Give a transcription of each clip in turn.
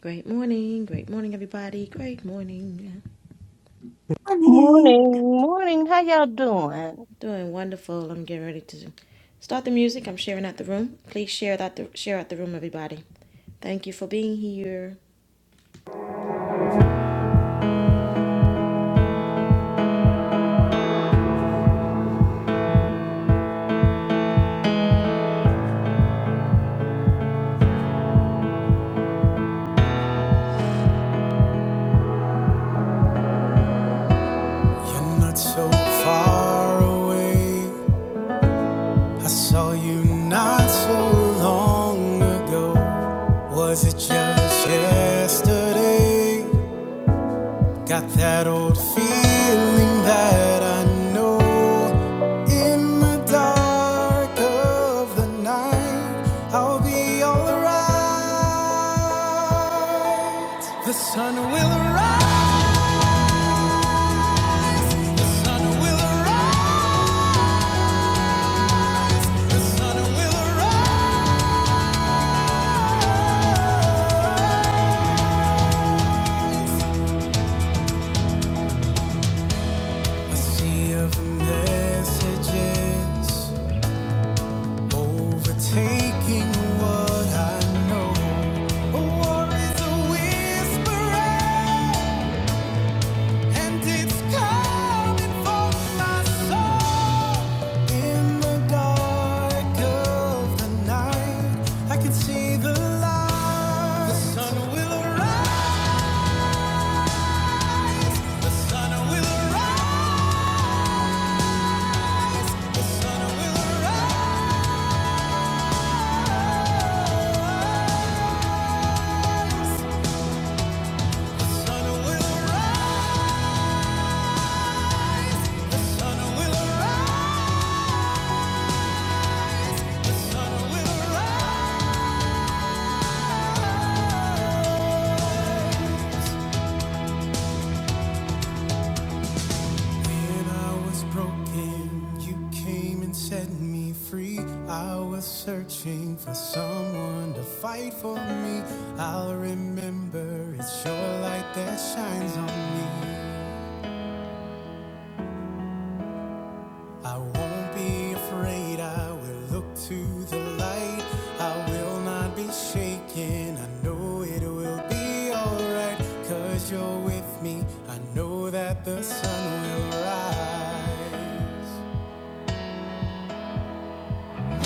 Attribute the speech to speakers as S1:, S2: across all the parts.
S1: Great morning, great morning, everybody. Great morning.
S2: Morning.
S3: Morning, morning. How y'all doing?
S1: Doing wonderful. I'm getting ready to start the music. I'm sharing out the room. Please share that the, share out the room, everybody. Thank you for being here. You're not so far away. I saw you not so long ago. Was it just yesterday? Got that old feeling that I know in the dark of the night I'll be alright. The sun will rise. A sea of messages overtaking what I know. A war is a whisper. And it's coming for my soul in the dark of the night. I can see the light. The sun will arise. The sun will arise. The sun will arise. The sun will arise. The sun will arise. The sun will arise. When I was broken, you came and set me free. I was searching for someone to fight for me. I'll remember it's your light that shines on me. I won't be afraid, I will look to the light. I will not be shaken, I know it will be alright. Cause you're with me, I know that the sun will rise.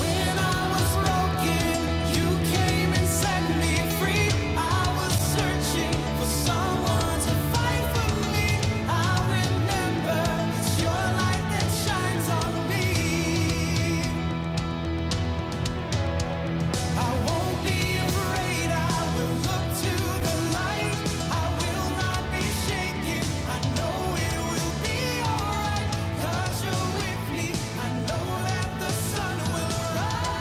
S1: When I was broken, you came and set me free. I was searching for someone to fight for me. I remember it's your light that shines on me. I won't be afraid. I will look to the light. I will not be shaken. I know it will be alright. you you're with me. I know that the sun will rise.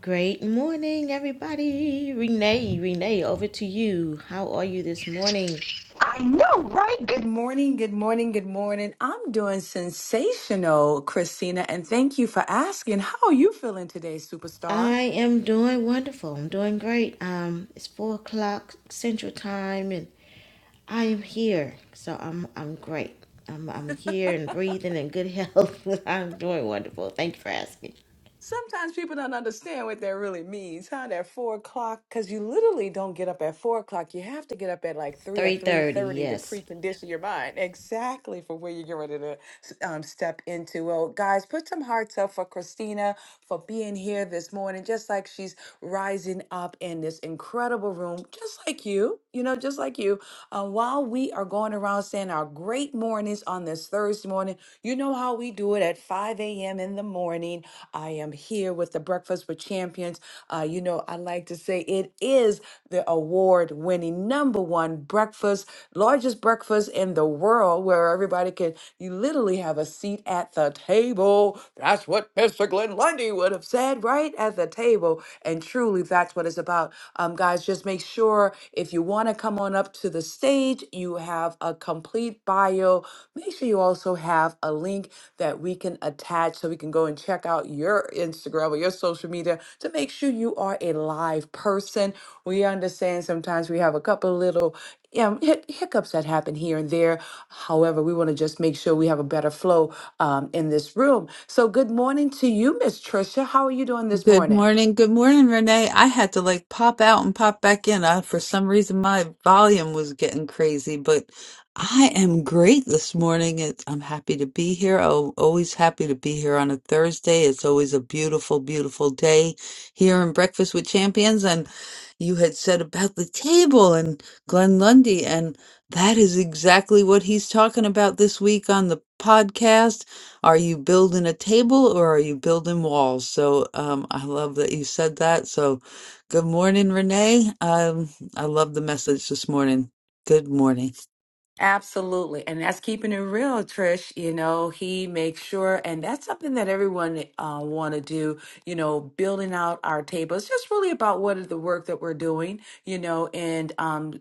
S1: Great morning, everybody. Renee, Renee, over to you. How are you this morning?
S4: I know, right? Good morning, good morning, good morning. I'm doing sensational, Christina, and thank you for asking. How are you feeling today, superstar?
S1: I am doing wonderful. I'm doing great. Um, it's four o'clock Central Time, and I am here, so I'm I'm great. I'm I'm here and breathing and good health. I'm doing wonderful. Thank you for asking.
S4: Sometimes people don't understand what that really means, huh? That four o'clock, because you literally don't get up at four o'clock. You have to get up at like three or
S1: Three
S4: three
S1: thirty,
S4: thirty to
S1: yes.
S4: precondition your mind exactly for where you're getting ready to um, step into. Well, guys, put some hearts up for Christina. for being here this morning, just like she's rising up in this incredible room, just like you, you know, just like you. Uh, while we are going around saying our great mornings on this Thursday morning, you know how we do it at 5 a.m. in the morning. I am here with the Breakfast with Champions. Uh, you know, I like to say it is the award winning number one breakfast, largest breakfast in the world, where everybody can, you literally have a seat at the table table. That's what Mr. Glenn Lundy would have said right at the table. And truly, that's what it's about. Um, guys, just make sure if you want to come on up to the stage, you have a complete bio. Make sure you also have a link that we can attach so we can go and check out your Instagram or your social media to make sure you are a live person. We understand sometimes we have a couple little um, hic- hiccups that happen here and there. However, we want to just make sure we have a better flow um, in this room. So, good morning to you, Miss Trisha. How are you doing this
S2: Good
S4: morning?
S2: morning. Good morning, Renee. I had to like pop out and pop back in. I, for some reason, my volume was getting crazy, but I am great this morning. It's, I'm happy to be here. Oh, always happy to be here on a Thursday. It's always a beautiful, beautiful day here in Breakfast with Champions. And you had said about the table and Glenn Lundy, and that is exactly what he's talking about this week on the podcast Are you building a table or are you building walls? So um, I love that you said that. So good morning, Renee. Um, I love the message this morning. Good morning.
S4: Absolutely. And that's keeping it real, Trish. You know, he makes sure, and that's something that everyone uh, want to do, you know, building out our table. It's just really about what is the work that we're doing, you know, and um,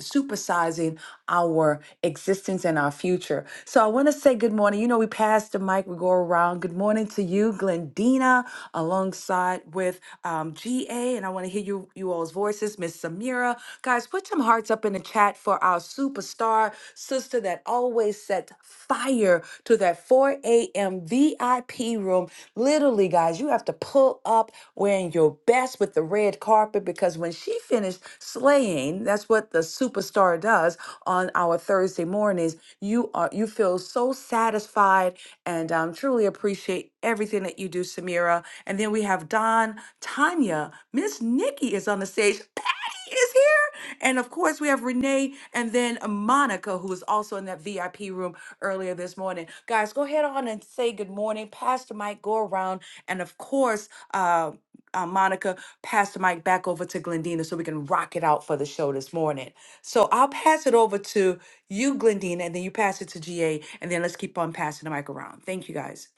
S4: supersizing our existence and our future. So I want to say good morning. You know, we pass the mic, we go around. Good morning to you, Glendina, alongside with um, GA, and I want to hear you you all's voices, Miss Samira. Guys, put some hearts up in the chat for our superstar sister that always set fire to that 4 a.m. VIP room. Literally, guys, you have to pull up wearing your best with the red carpet because when she finished slaying, that's what the superstar does on our Thursday mornings. You are you feel so satisfied and um, truly appreciate everything that you do, Samira. And then we have Don, Tanya, Miss Nikki is on the stage. Patty is here. And of course, we have Renee and then Monica, who was also in that VIP room earlier this morning. Guys, go ahead on and say good morning. Pastor Mike, go around. And of course, uh, uh, Monica, Pastor Mike back over to Glendina so we can rock it out for the show this morning. So I'll pass it over to you, Glendina, and then you pass it to GA. And then let's keep on passing the mic around. Thank you, guys.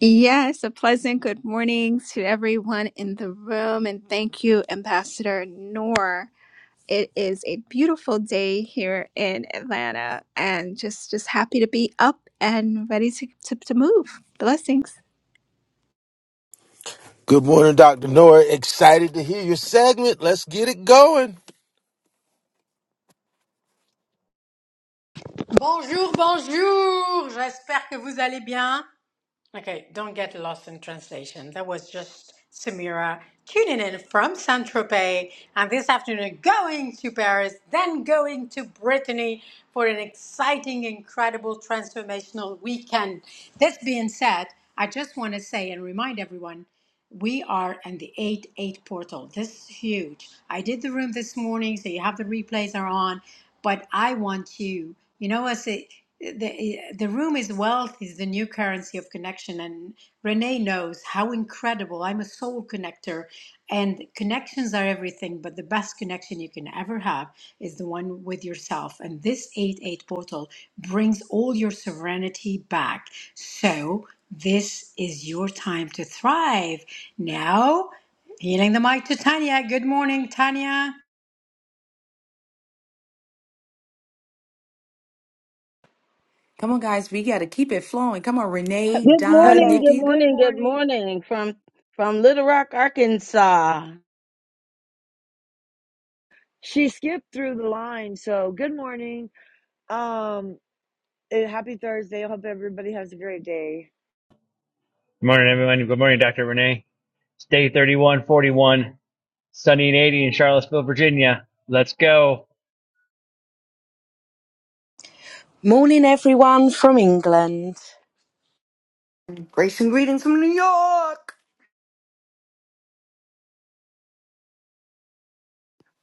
S5: Yes, a pleasant good morning to everyone in the room, and thank you, Ambassador Noor. It is a beautiful day here in Atlanta, and just just happy to be up and ready to to, to move. Blessings.
S6: Good morning, Dr. Nora. Excited to hear your segment. Let's get it going.
S7: Bonjour, bonjour. J'espère que vous allez bien. Okay, don't get lost in translation. That was just Samira tuning in from Saint Tropez, and this afternoon going to Paris, then going to Brittany for an exciting, incredible, transformational weekend. This being said, I just want to say and remind everyone. We are in the 8 8 portal. This is huge. I did the room this morning, so you have the replays are on. But I want you, you know, as a, the, the room is wealth, is the new currency of connection. And Renee knows how incredible. I'm a soul connector, and connections are everything, but the best connection you can ever have is the one with yourself. And this 8 8 portal brings all your serenity back. So, this is your time to thrive. Now, healing the mic to Tanya. Good morning, Tanya.
S4: Come on, guys. We got to keep it flowing. Come on, Renee,
S3: Good
S4: Don,
S3: morning,
S8: Hello,
S3: good
S4: Nikki,
S8: good
S3: morning, good
S8: morning.
S3: morning from from Little Rock, Arkansas.
S8: She skipped through the line, so good morning. Um, eh, happy Thursday. I hope everybody has a great day.
S9: Good morning, everyone. Good morning, Dr. Renee. It's day 3141, sunny and 80 in Charlottesville, Virginia. Let's go.
S10: Morning, everyone from England.
S11: Grace and greetings from New York.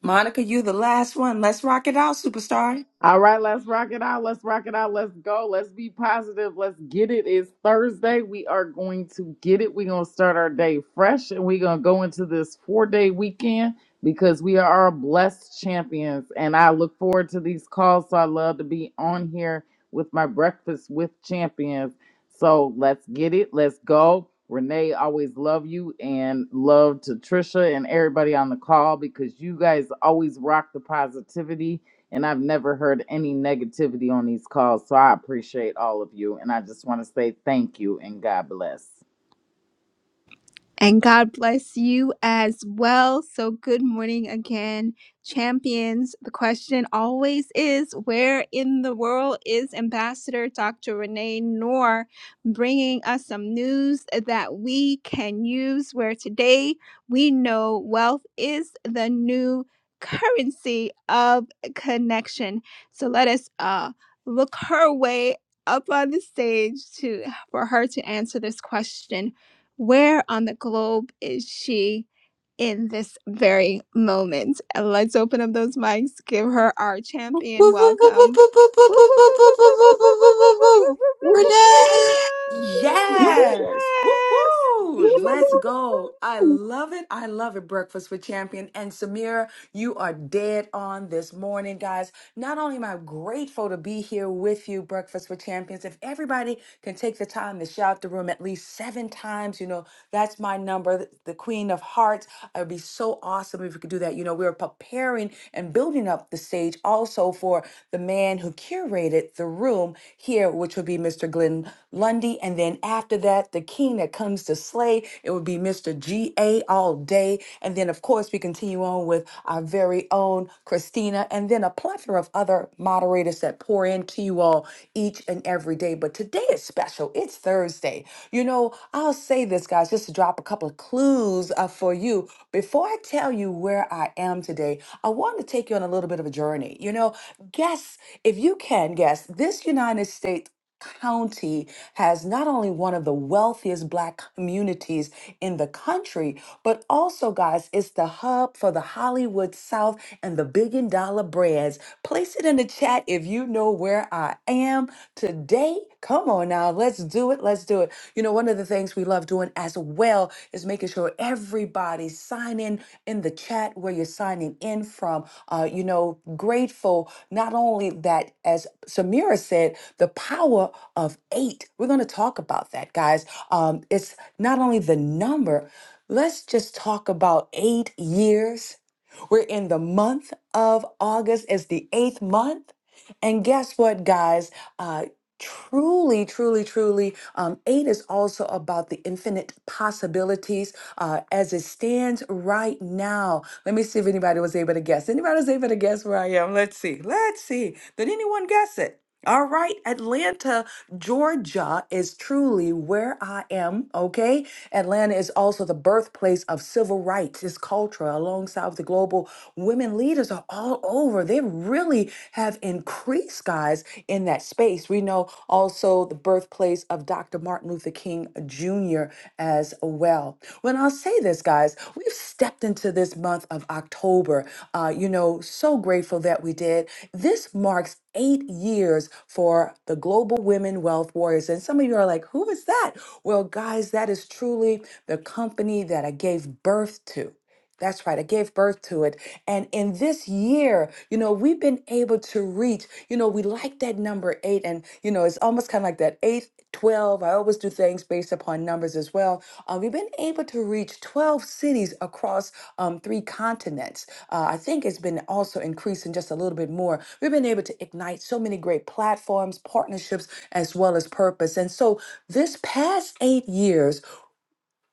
S4: Monica, you the last one. Let's rock it out, superstar.
S12: All right, let's rock it out. Let's rock it out. Let's go. Let's be positive. Let's get it. It's Thursday. We are going to get it. We're going to start our day fresh and we're going to go into this four day weekend because we are blessed champions. And I look forward to these calls. So I love to be on here with my breakfast with champions. So let's get it. Let's go. Renee, always love you and love to Trisha and everybody on the call because you guys always rock the positivity and I've never heard any negativity on these calls. So I appreciate all of you, and I just want to say thank you and God bless.
S5: And God bless you as well. So, good morning again, champions. The question always is where in the world is Ambassador Dr. Renee Noor bringing us some news that we can use? Where today we know wealth is the new currency of connection. So, let us uh, look her way up on the stage to for her to answer this question where on the globe is she in this very moment? And let's open up those mics, give her our champion welcome. Woo, woo, woo, woo, woo, woo, woo, woo, woo, woo,
S3: Woo-hoo,
S5: woo, woo, woo, woo.
S2: Renee.
S5: Yes,
S4: Yes. Woo woo.
S5: yes.
S3: woo-hoo.
S4: Let's go. I love it. I love it. Breakfast with Champion. And Samira, you are dead on this morning, guys. Not only am I grateful to be here with you, Breakfast with Champions, if everybody can take the time to shout the room at least seven times, you know, that's my number, the Queen of Hearts. It would be so awesome if we could do that. You know, we are preparing and building up the stage also for the man who curated the room here, which would be Mr. Glenn Lundy. Bundy. And then after that, the king that comes to slay, it would be Mr. G.A. all day. And then, of course, we continue on with our very own Christina, and then a plethora of other moderators that pour into you all each and every day. But today is special. It's Thursday. You know, I'll say this, guys, just to drop a couple of clues uh, for you. Before I tell you where I am today, I want to take you on a little bit of a journey. You know, guess if you can guess, this United States. County has not only one of the wealthiest black communities in the country, but also, guys, it's the hub for the Hollywood South and the billion dollar brands. Place it in the chat if you know where I am today. Come on now, let's do it. Let's do it. You know, one of the things we love doing as well is making sure everybody sign in in the chat where you're signing in from. Uh, you know, grateful not only that, as Samira said, the power of eight. We're going to talk about that, guys. Um, it's not only the number. Let's just talk about eight years. We're in the month of August. It's the eighth month. And guess what, guys? Uh, Truly, truly, truly. Um, eight is also about the infinite possibilities uh, as it stands right now. Let me see if anybody was able to guess. Anybody was able to guess where I am? Let's see. Let's see. Did anyone guess it? All right, Atlanta, Georgia is truly where I am, okay? Atlanta is also the birthplace of civil rights, its culture, alongside with the global Women leaders are all over. They really have increased, guys, in that space. We know also the birthplace of Dr. Martin Luther King Jr. as well. When I'll say this, guys, we've stepped into this month of October. Uh, you know, so grateful that we did. This marks eight years for the Global Women Wealth Warriors. And some of you are like, who is that? Well, guys, that is truly the company that I gave birth to. That's right. I gave birth to it. And in this year, you know, we've been able to reach, you know, we like that number eight. And, you know, it's almost kind of like that eight, twelve. I always do things based upon numbers as well. Uh, we've been able to reach 12 cities across um, three continents. Uh, I think it's been also increasing just a little bit more. We've been able to ignite so many great platforms, partnerships, as well as purpose. And so this past eight years,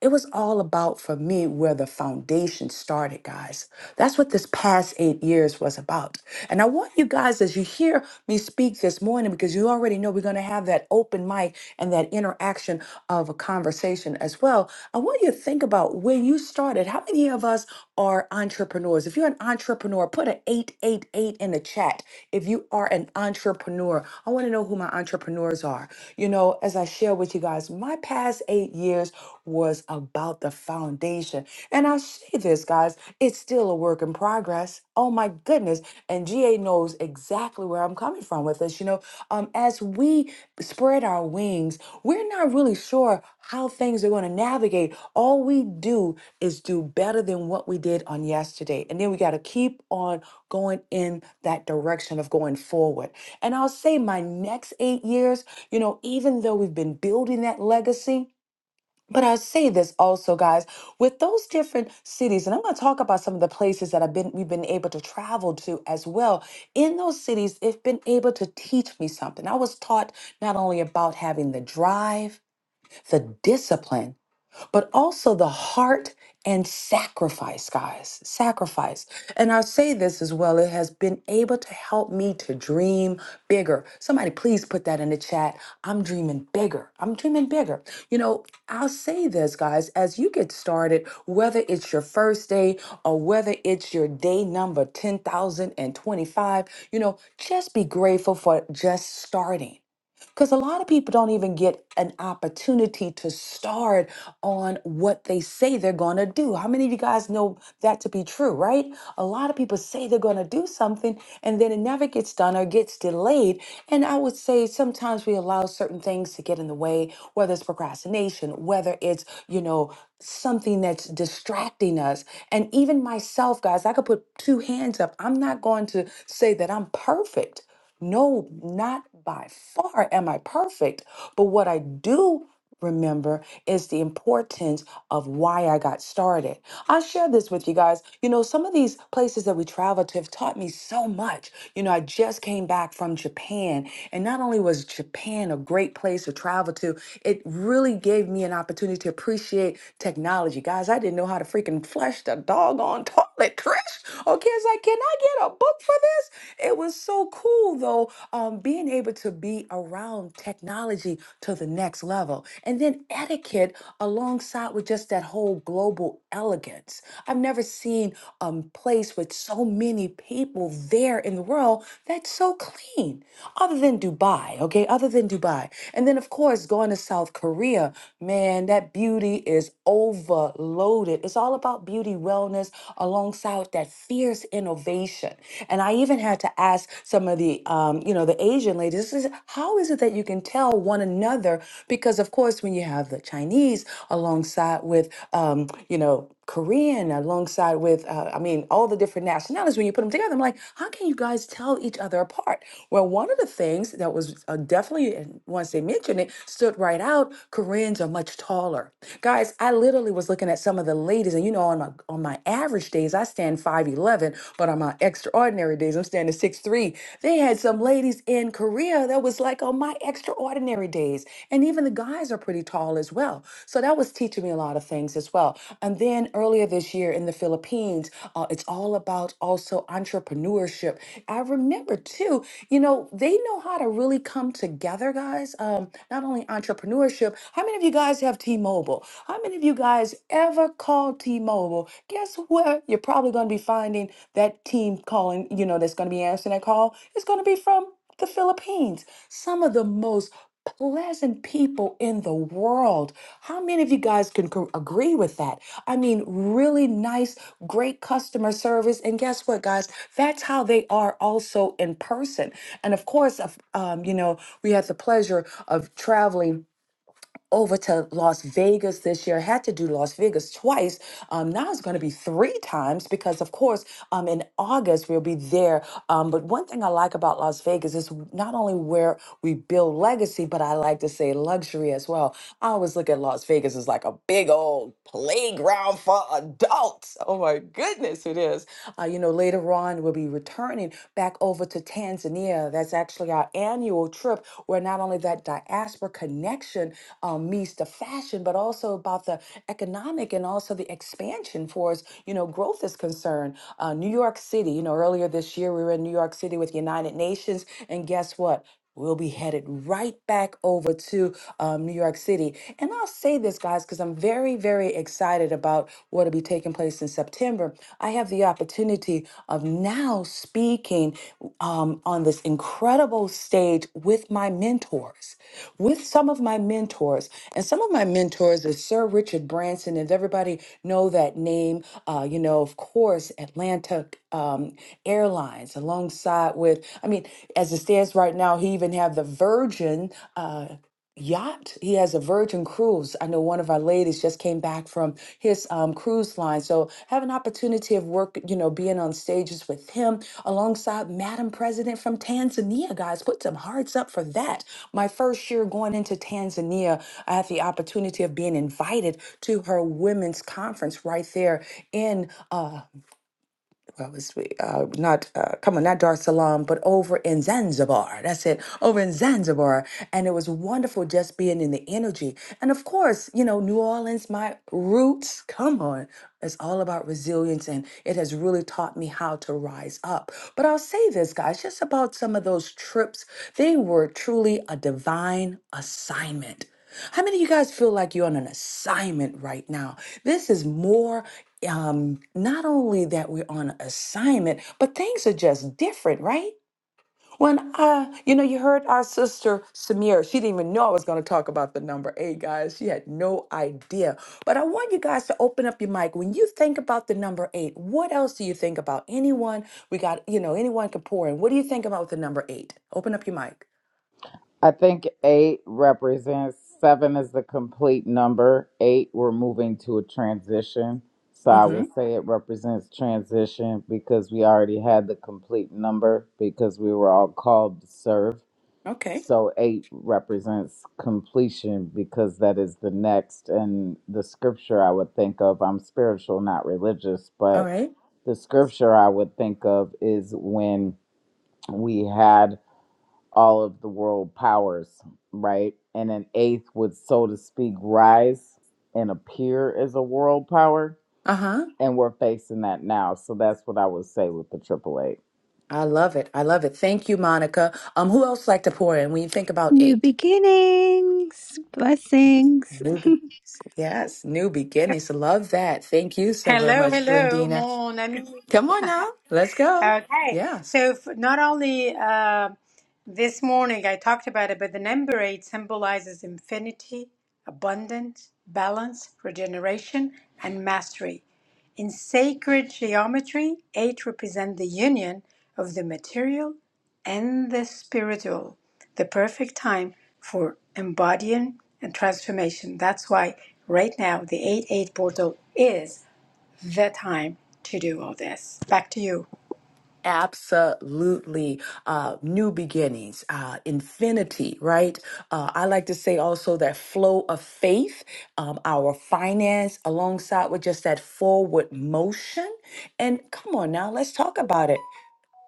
S4: it was all about for me where the foundation started, guys. That's what this past eight years was about. And I want you guys, as you hear me speak this morning, because you already know we're going to have that open mic and that interaction of a conversation as well. I want you to think about where you started. How many of us are entrepreneurs? If you're an entrepreneur, put an 888 in the chat. If you are an entrepreneur, I want to know who my entrepreneurs are. You know, as I share with you guys, my past eight years was about the foundation. And I say this, guys, it's still a work in progress. Oh my goodness. And GA knows exactly where I'm coming from with this. You know, um, as we spread our wings, we're not really sure how things are going to navigate. All we do is do better than what we did on yesterday. And then we got to keep on going in that direction of going forward. And I'll say my next eight years, you know, even though we've been building that legacy, but I say this also, guys, with those different cities, and I'm going to talk about some of the places that I've been we've been able to travel to as well. In those cities, it's been able to teach me something. I was taught not only about having the drive, the discipline, but also the heart and sacrifice, guys. Sacrifice. And I say this as well, it has been able to help me to dream bigger. Somebody, please put that in the chat. I'm dreaming bigger. I'm dreaming bigger. You know, I'll say this, guys, as you get started, whether it's your first day or whether it's your day number 10,025, you know, just be grateful for just starting. Because a lot of people don't even get an opportunity to start on what they say they're going to do. How many of you guys know that to be true, right? A lot of people say they're going to do something and then it never gets done or gets delayed. And I would say sometimes we allow certain things to get in the way, whether it's procrastination, whether it's, you know, something that's distracting us. And even myself, guys, I could put two hands up. I'm not going to say that I'm perfect. No, not by far am I perfect. But what I do remember is the importance of why I got started. I'll share this with you guys. You know, some of these places that we travel to have taught me so much. You know, I just came back from Japan, and not only was Japan a great place to travel to, it really gave me an opportunity to appreciate technology. Guys, I didn't know how to freaking flush the doggone toilet, Trish. Okay, it's like, can I book for this. It was so cool though, um, being able to be around technology to the next level. And then etiquette alongside with just that whole global elegance. I've never seen a place with so many people there in the world that's so clean, other than Dubai, okay? Other than Dubai. And then, of course, going to South Korea, man, that beauty is overloaded. It's all about beauty, wellness, alongside that fierce innovation. And I even had to ask some of the, um, you know, the Asian ladies, this is, how is it that you can tell one another? Because of course, when you have the Chinese alongside with, um, you know, Korean alongside with, uh, I mean, all the different nationalities, when you put them together, I'm like, how can you guys tell each other apart? Well, one of the things that was uh, definitely, and once they mentioned it, stood right out Koreans are much taller. Guys, I literally was looking at some of the ladies, and you know, on my on my average days, I stand 5'11, but on my extraordinary days, I'm standing six three. They had some ladies in Korea that was like on my extraordinary days. And even the guys are pretty tall as well. So that was teaching me a lot of things as well. And then earlier this year in the Philippines, uh, it's all about also entrepreneurship. I remember too, you know, they know how to really come together, guys. Um, not only entrepreneurship. How many of you guys have T-Mobile? T-Mobile. How many of you guys ever called T-Mobile? Guess where you're probably going to be finding that team calling, you know, that's going to be answering that call? It's going to be from the Philippines. Some of the most pleasant people in the world. How many of you guys can co- agree with that? I mean, really nice, great customer service. And guess what, guys? That's how they are also in person. And of course, of- um, you know, we had the pleasure of traveling over to Las Vegas this year. Had to do Las Vegas twice. Um, now it's going to be three times because, of course, um, in August we'll be there. Um, but one thing I like about Las Vegas is not only where we build legacy, but I like to say luxury as well. I always look at Las Vegas as like a big old playground for adults. Oh my goodness, it is. Uh, you know, later on we'll be returning back over to Tanzania. That's actually our annual trip where not only that diaspora connection um, meets the fashion, but also about the economic and also the expansion for us, you know, growth is concerned. Uh, New York City, you know, earlier this year we were in New York City with United Nations, and guess what? We'll be headed right back over to um, New York City. And I'll say this, guys, because I'm very, very excited about what will be taking place in September. I have the opportunity of now speaking um, on this incredible stage with my mentors mentors, with some of my mentors. And some of my mentors are Sir Richard Branson. If everybody know that name, uh, you know, of course, Atlantic um, Airlines, alongside with, I mean, as it stands right now, he even have the Virgin. Uh, yacht. He has a Virgin cruise. I know one of our ladies just came back from his um, cruise line. So have an opportunity of work, you know, being on stages with him alongside Madam President from Tanzania, guys. Put some hearts up for that. My first year going into Tanzania, I had the opportunity of being invited to her women's conference right there in uh, what was we, uh, not, uh, come on, not Dar es Salaam, but over in Zanzibar. That's it, over in Zanzibar. And it was wonderful just being in the energy. And of course, you know, New Orleans, my roots, come on. It's all about resilience and it has really taught me how to rise up. But I'll say this, guys, just about some of those trips, they were truly a divine assignment. How many of you guys feel like you're on an assignment right now? This is more um, not only that we're on assignment, but things are just different, right? When uh, you know, you heard our sister Samira, she didn't even know I was going to talk about the number eight, guys. She had no idea. But I want you guys to open up your mic. When you think about the number eight, what else do you think about? Anyone? We got you know, anyone can pour in. What do you think about with the number eight? Open up your mic.
S12: I think eight represents seven is the complete number. Eight, we're moving to a transition. So I
S4: Mm-hmm.
S12: would say it represents transition because we already had the complete number because we were all called to serve.
S4: Okay.
S12: So eight represents completion because that is the next. And the scripture I would think of, I'm spiritual, not religious,
S4: All
S12: but
S4: right.
S12: the scripture I would think of is when we had all of the world powers, right? And an eighth would, so to speak, rise and appear as a world power.
S4: Uh huh.
S12: And we're facing that now. So that's what I would say with the triple eight.
S4: I love it. I love it. Thank you, Monica. Um, who else like to pour in when you think about
S5: New
S4: eight?
S5: beginnings, blessings.
S4: Newbie. Yes, new beginnings. Love that. Thank you so very
S7: Hello,
S4: much,
S7: hello,
S4: Glendina.
S7: mon ami.
S4: Come on now. Let's go.
S7: Okay,
S4: Yes.
S7: so f not only uh, this morning I talked about it, but the number eight symbolizes infinity, abundance, balance, regeneration, and mastery. In sacred geometry, eight represent the union of the material and the spiritual, the perfect time for embodying and transformation. That's why right now the 8 8 portal is the time to do all this. Back to you.
S4: Absolutely. Uh, new beginnings, uh, infinity, right? Uh, I like to say also that flow of faith, um, our finance, alongside with just that forward motion. And come on now, let's talk about it.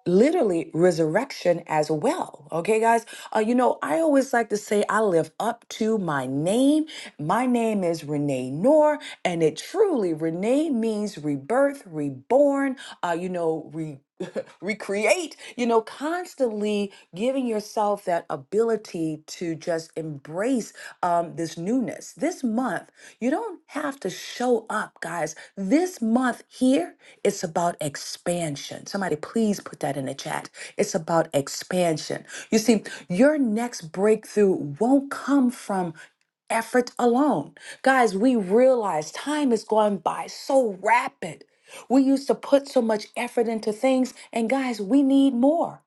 S4: literally resurrection as well. Okay, guys. Uh, you know, I always like to say I live up to my name. My name is Renee Noor, and it truly Renee means rebirth, reborn. Uh, you know, re. recreate you know constantly giving yourself that ability to to just embrace um, this newness. This month, you don't have to show up, guys. This month here, it's about expansion. Somebody, please put that in the chat. It's about expansion. You see, your next breakthrough won't come from effort alone. Guys, we realize time is going by so rapid. We used to put so much effort into things, and guys, we need more.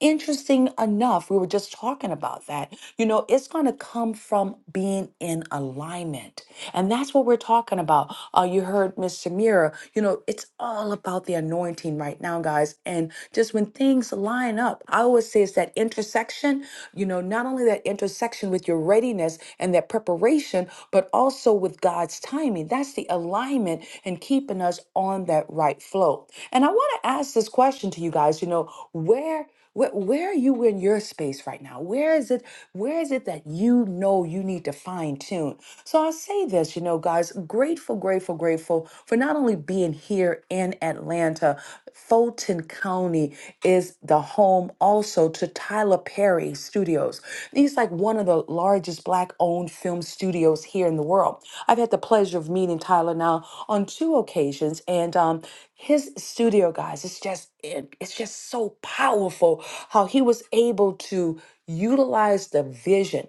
S4: Interesting enough, we were just talking about that. You know, it's going to come from being in alignment. And that's what we're talking about. Uh, you heard Miss Samira, you know, it's all about the anointing right now, guys. And just when things line up, I always say it's that intersection, you know, not only that intersection with your readiness and that preparation, but also with God's timing. That's the alignment and keeping us on that right flow. And I want to ask this question to you guys, you know, where where, where are you in your space right now? Where is it? Where is it that you know you need to fine tune? So I'll say this, you know, guys, grateful, grateful, grateful for not only being here in Atlanta, Fulton County is the home also to Tyler Perry. Studios. These like one of the largest black-owned film studios here in the world. I've had the pleasure of meeting Tyler now on two occasions, and um, his studio, guys, it's just it- it's just so powerful how he was able to utilize the vision.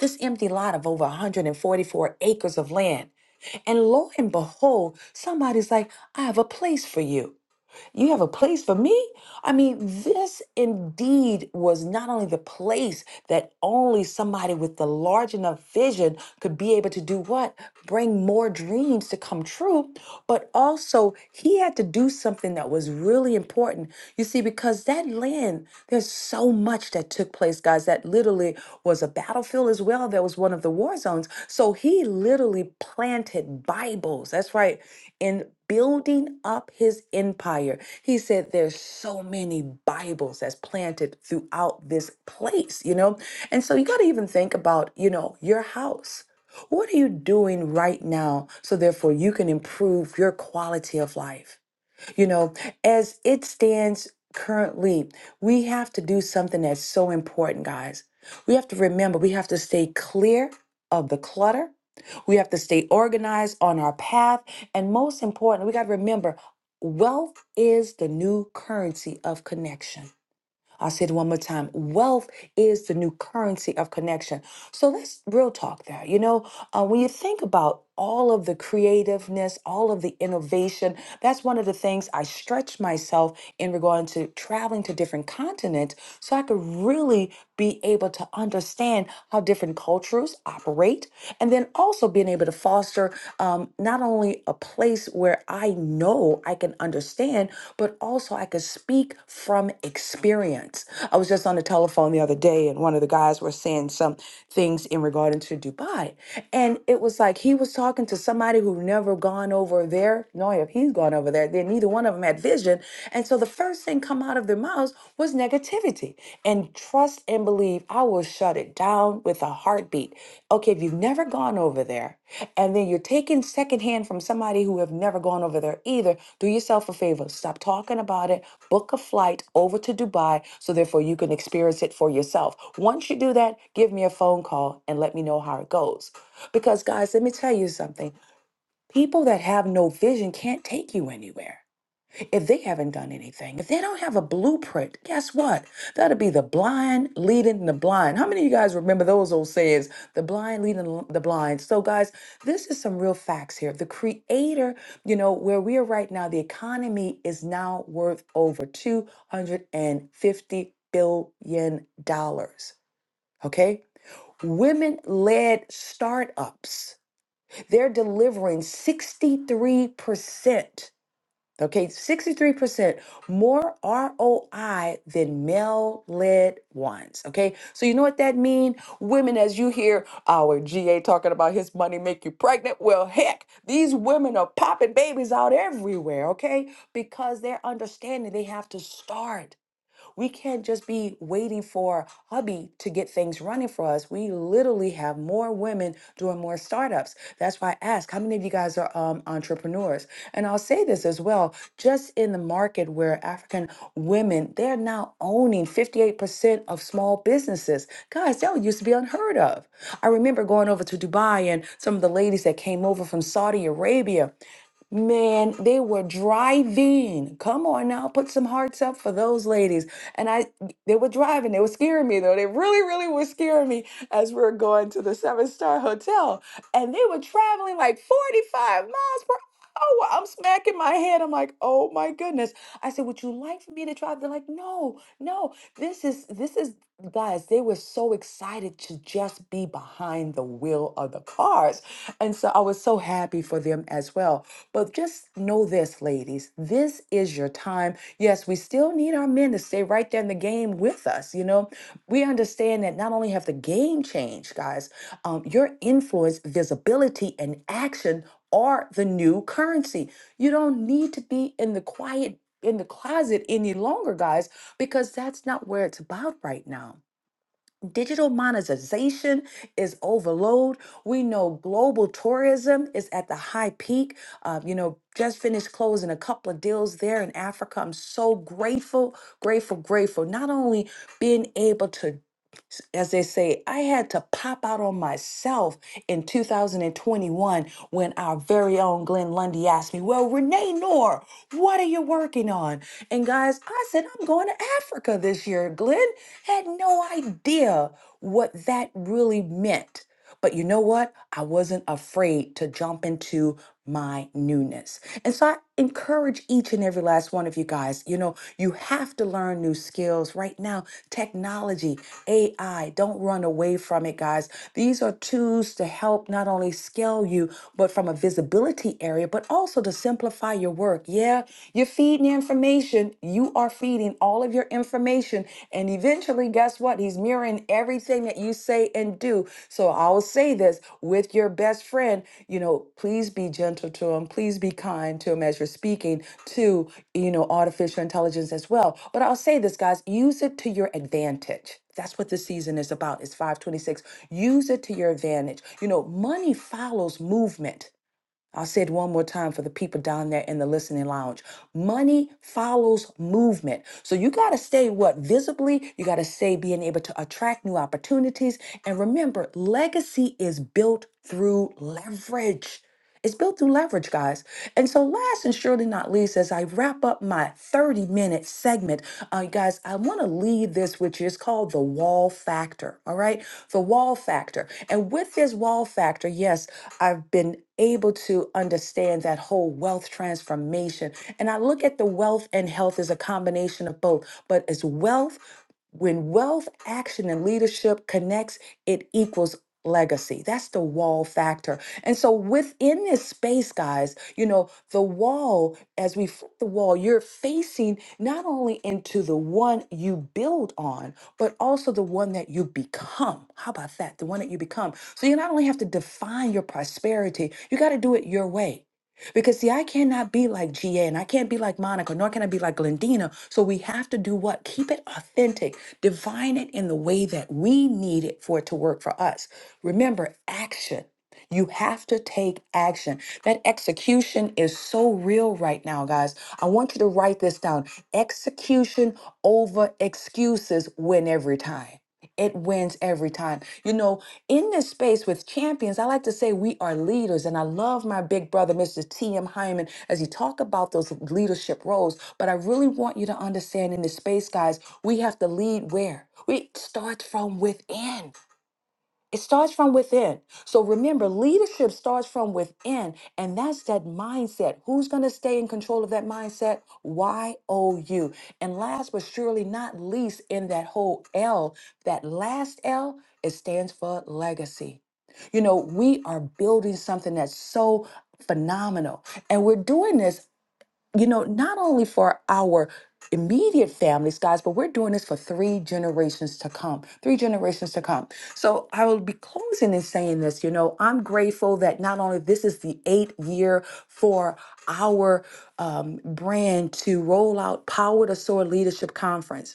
S4: This empty lot of over 144 acres of land, and lo and behold, somebody's like, "I have a place for you." You have a place for me? I mean, this indeed was not only the place that only somebody with the large enough vision could be able to do what? Bring more dreams to come true, but also he had to do something that was really important. You see, because that land, there's so much that took place, guys, that literally was a battlefield as well. That was one of the war zones. So he literally planted Bibles. That's right. in building up his empire. He said there's so many Bibles that's planted throughout this place, you know? And so you got to even think about, you know, your house. What are you doing right now so therefore you can improve your quality of life? You know, as it stands currently, we have to do something that's so important, guys. We have to remember we have to stay clear of the clutter. We have to stay organized on our path. And most important, we got to remember wealth is the new currency of connection. I'll say it one more time. Wealth is the new currency of connection. So let's real talk there. You know, uh, when you think about all of the creativeness, all of the innovation, that's one of the things I stretch myself in regard to traveling to different continents so I could really be able to understand how different cultures operate and then also being able to foster um, not only a place where I know I can understand, but also I could speak from experience. I was just on the telephone the other day, and one of the guys were saying some things in regard to Dubai, and it was like he was talking to somebody who never gone over over there. No, if he's gone over there, then neither one of them had vision. And so the first thing come out of their mouths was negativity. And trust and believe, I will shut it down with a heartbeat. Okay, if you've never gone over there, and then you're taking secondhand from somebody who have never gone over there either, do yourself a favor. Stop talking about it. Book a flight over to Dubai so therefore you can experience it for yourself. Once you do that, give me a phone call and let me know how it goes. Because, guys, let me tell you something. People that have no vision can't take you anywhere if they haven't done anything. If they don't have a blueprint, guess what? That'll be the blind leading the blind. How many of you guys remember those old sayings? The blind leading the blind. So, guys, this is some real facts here. The creator, you know, where we are right now, the economy is now worth over $250 billion. dollars. Okay? Women led startups. They're delivering 63%, okay, 63% more ROI than male led ones, okay? So you know what that means? Women, as you hear our GA talking about his money make you pregnant, well, heck, these women are popping babies out everywhere, okay? Because they're understanding they have to start. We can't just be waiting for hubby to get things running for us. We literally have more women doing more startups. That's why I ask how many of you guys are um, entrepreneurs? And I'll say this as well just in the market where African women, they're now owning 58% of small businesses. Guys, that used to be unheard of. I remember going over to Dubai and some of the ladies that came over from Saudi Arabia. Man, they were driving. Come on now, put some hearts up for those ladies. And I, they were driving. They were scaring me though. They really, really were scaring me as we were going to the seven star hotel. And they were traveling like 45 miles per oh, I'm smacking my head. I'm like, oh my goodness. I said, would you like for me to try? They're like, no, no. This is this is guys. They were so excited to just be behind the wheel of the cars, and so I was so happy for them as well. But just know this, ladies, this is your time. Yes, we still need our men to stay right there in the game with us. You know, we understand that not only have the game changed, guys, um, your influence, visibility, and action are the new currency. You don't need to be in the quiet in the closet any longer, guys, because that's not where it's about right now. Digital monetization is overload. We know global tourism is at the high peak. Uh, you know, just finished closing a couple of deals there in Africa. I'm so grateful, grateful, grateful. Not only being able to as they say, I had to pop out on myself in 2021 when our very own Glenn Lundy asked me, Well, Renee Noor, what are you working on? And guys, I said, I'm going to Africa this year. Glenn had no idea what that really meant but you know what? I wasn't afraid to jump into my newness. And so I encourage each and every last one of you guys, you know, you have to learn new skills right now. Technology, AI, don't run away from it, guys. These are tools to help not only scale you, but from a visibility area, but also to simplify your work. Yeah, you're feeding information. You are feeding getting all of your information. And eventually, guess what? He's mirroring everything that you say and do. So I will say this with your best friend, you know, please be gentle to him. Please be kind to him as you're speaking to, you know, artificial intelligence as well. But I'll say this, guys, use it to your advantage. That's what this season is about. It's 526. Use it to your advantage. You know, money follows movement. I'll say it one more time for the people down there in the listening lounge. Money follows movement. So you got to stay what visibly, you got to stay being able to attract new opportunities. And remember, legacy is built through leverage. It's built through leverage, guys. And so, last and surely not least, as I wrap wrap up my 30 minute segment, uh, you guys, I want to leave this, which is called the wall factor. All right. The wall factor. And with this wall factor, yes, I've been able to understand that whole wealth transformation. And I look at the wealth and health as a combination of both, but it's wealth when wealth, action, and leadership connects, it equals legacy. That's the wall factor. And so within this space, guys, you know, the wall, as we flip the wall, you're facing not only into the one you build on, but also the one that you become. How about that? The one that you become. So you not only have to define your prosperity, you got to do it your way. Because see, I cannot be like GA and I can't be like Monica, nor can I be like Glendina. So we have to do what? Keep it authentic, divine it in the way that we need it for it to work for us. Remember, action. You have to take action. That execution is so real right now, guys. I want you to write this down. Execution over excuses win every time. It wins every time. You know, in this space with champions, I like to say we are leaders, and I love my big brother, Mr. T.M. Hyman, as he talk about those leadership roles. But I really want you to understand in this space, guys, we have to lead where? We start from within. It starts from within. So remember, leadership starts from within, and that's that mindset. Who's going to stay in control of that mindset? Y O U. And last but surely not least, in that whole L, that last L, it stands for legacy. You know, we are building something that's so phenomenal, and we're doing this you know, not only for our immediate families, guys, but we're doing this for three generations to come, three generations to come. So I will be closing and saying this, you know, I'm grateful that not only this is the eighth year for our um, brand to roll out Power to Soar Leadership Conference,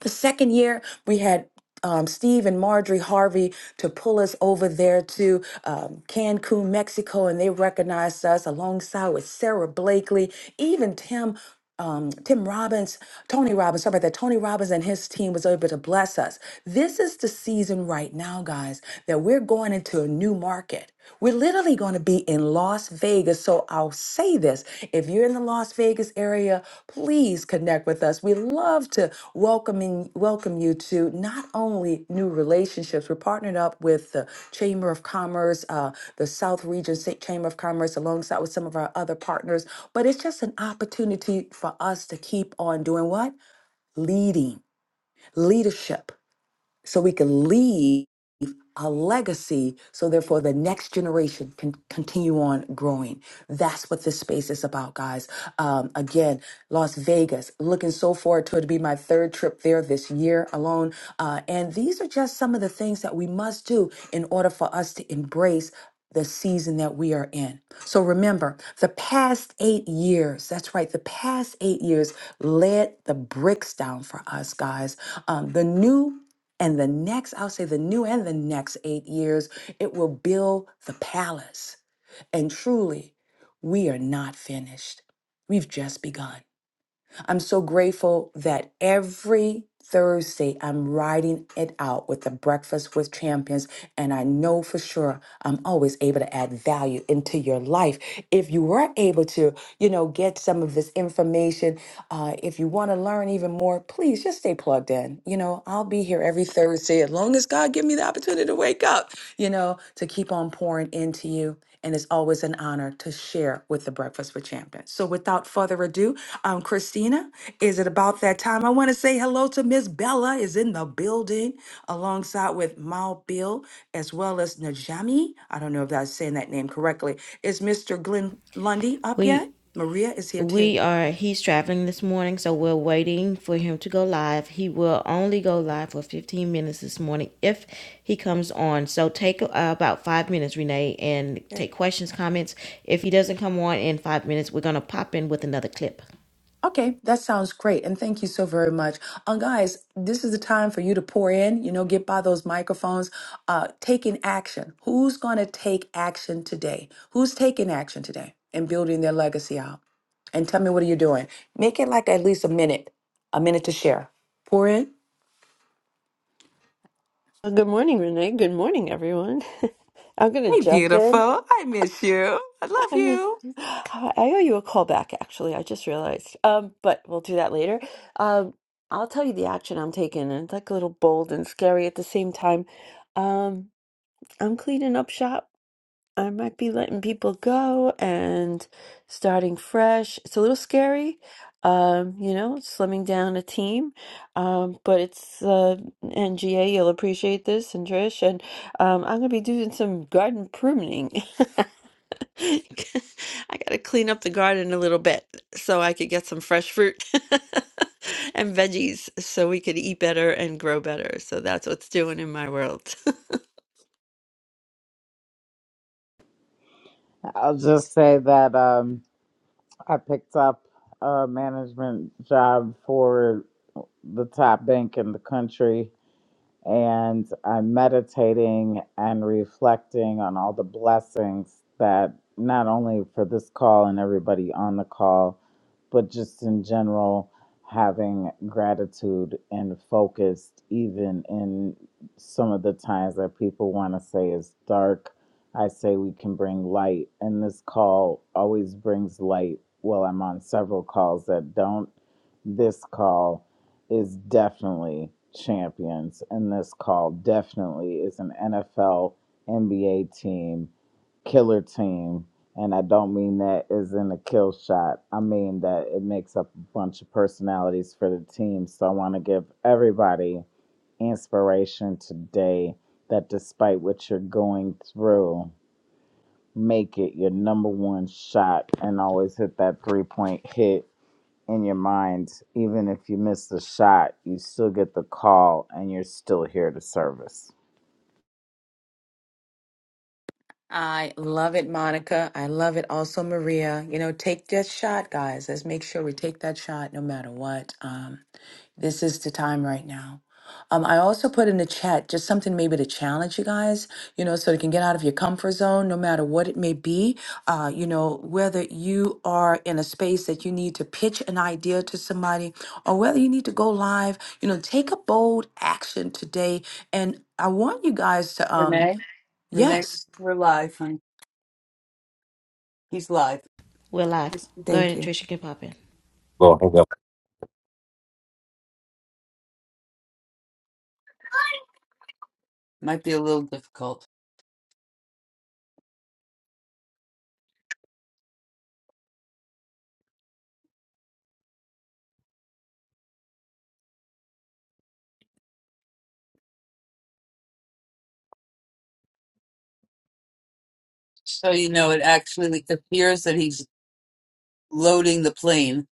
S4: the second year, we had um, Steve and Marjorie Harvey to pull us over there to um, Cancun, Mexico, and they recognized us alongside with Sarah Blakely, even Tim. Um, Tim Robbins, Tony Robbins, sorry about that. Tony Robbins and his team was able to bless us. This is the season right now, guys, that we're going into a new market. We're literally going to be in Las Vegas. So I'll say this if you're in the Las Vegas area, please connect with us. We love to welcoming, welcome you to not only new relationships, we're partnered up with the Chamber of Commerce, uh, the South Region Sa- Chamber of Commerce, alongside with some of our other partners, but it's just an opportunity for us to keep on doing what? Leading, leadership, so we can lead a legacy so therefore the next generation can continue on growing that's what this space is about guys um, again las vegas looking so forward to it to be my third trip there this year alone uh, and these are just some of the things that we must do in order for us to embrace the season that we are in. So remember, the past eight years, that's right, the past eight years led the bricks down for us, guys. Um, the new and the next, I'll say the new and the next eight years, it will build the palace. And truly, we are not finished. We've just begun. I'm so grateful that every Thursday I'm riding it out with the Breakfast with Champions, and I know for sure I'm always able to add value into your life. If you were able to, you know, get some of this information, uh, if you want to learn even more, please just stay plugged in. You know, I'll be here every Thursday as long as God give me the opportunity to wake up you know, to keep on pouring into you. And it's always an honor to share with the Breakfast with Champions. So without further ado, um, Christina, is it about that time? I want to say hello to Miss Bella is in the building alongside with Mal Bill as well as Najami. I don't know if that's saying that name correctly. Is Mr. Glenn Lundy up yet?
S1: We
S4: Maria is here too.
S1: we are he's traveling this morning so we're waiting for him to go live he will only go live for 15 minutes this morning if he comes on so take uh, about five minutes renee and
S4: Yeah.
S1: take questions comments if he doesn't come on in five minutes we're gonna pop in with another clip
S4: Okay, that sounds great. And thank you so very much. Uh, guys, this is the time for you to pour in, you know, get by those microphones, uh, taking action. Who's going to take action today? Who's taking action today and building their legacy out? And tell me, what are you doing? Make it like at least a minute, a minute to share. Pour in.
S13: Well, Good morning, Renee. Good morning, everyone. I'm going to
S4: Hey,
S13: jump in.
S4: beautiful. I miss you. I love
S13: I miss.
S4: you.
S13: I owe you a call back, actually. I just realized. Um, but we'll do that later. Um, I'll tell you the action I'm taking, and it's like a little bold and scary at the same time. Um, I'm cleaning up shop. I might be letting people go and starting fresh. It's a little scary, um, you know, slimming down a team, um, but it's uh, NGA. You'll appreciate this, and Trish, and um, I'm gonna be doing some garden pruning. I gotta clean up the garden a little bit so I could get some fresh fruit and veggies, so we could eat better and grow better. So that's what's doing in my world.
S12: I'll just say that. Um, I picked up a management job for the top bank in the country, and I'm meditating and reflecting on all the blessings that not only for this call and everybody on the call, but just in general, having gratitude and focused, even in some of the times that people want to say is dark, I say we can bring light. And this call always brings light. Well, I'm on several calls that don't. This call is definitely champions, and this call definitely is an NFL, NBA team, killer team and I don't mean that as in a kill shot. I mean that it makes up a bunch of personalities for the team. So I want to give everybody inspiration today that despite what you're going through, make it your number one shot and always hit that three point hit in your mind. Even if you miss the shot, you still get the call and you're still here to service.
S4: I love it, Monica. I love it also, Maria. You know, take that shot, guys. Let's make sure we take that shot no matter what. Um, this is the time right now. Um, I also put in the chat just something maybe to challenge you guys, you know, so you can get out of your comfort zone, no matter what it may be. Uh, you know, whether you are in a space that you need to pitch an idea to somebody or whether you need to go live, you know, take a bold action today. And I want you guys to, um,
S2: Renee, Renee,
S4: yes.
S2: we're live, honey. He's live.
S1: we're live go ahead
S4: Thank
S1: and
S4: you.
S1: trisha can pop in
S2: Well, hang up. Might be a little difficult. So you know, it actually appears that he's loading the plane.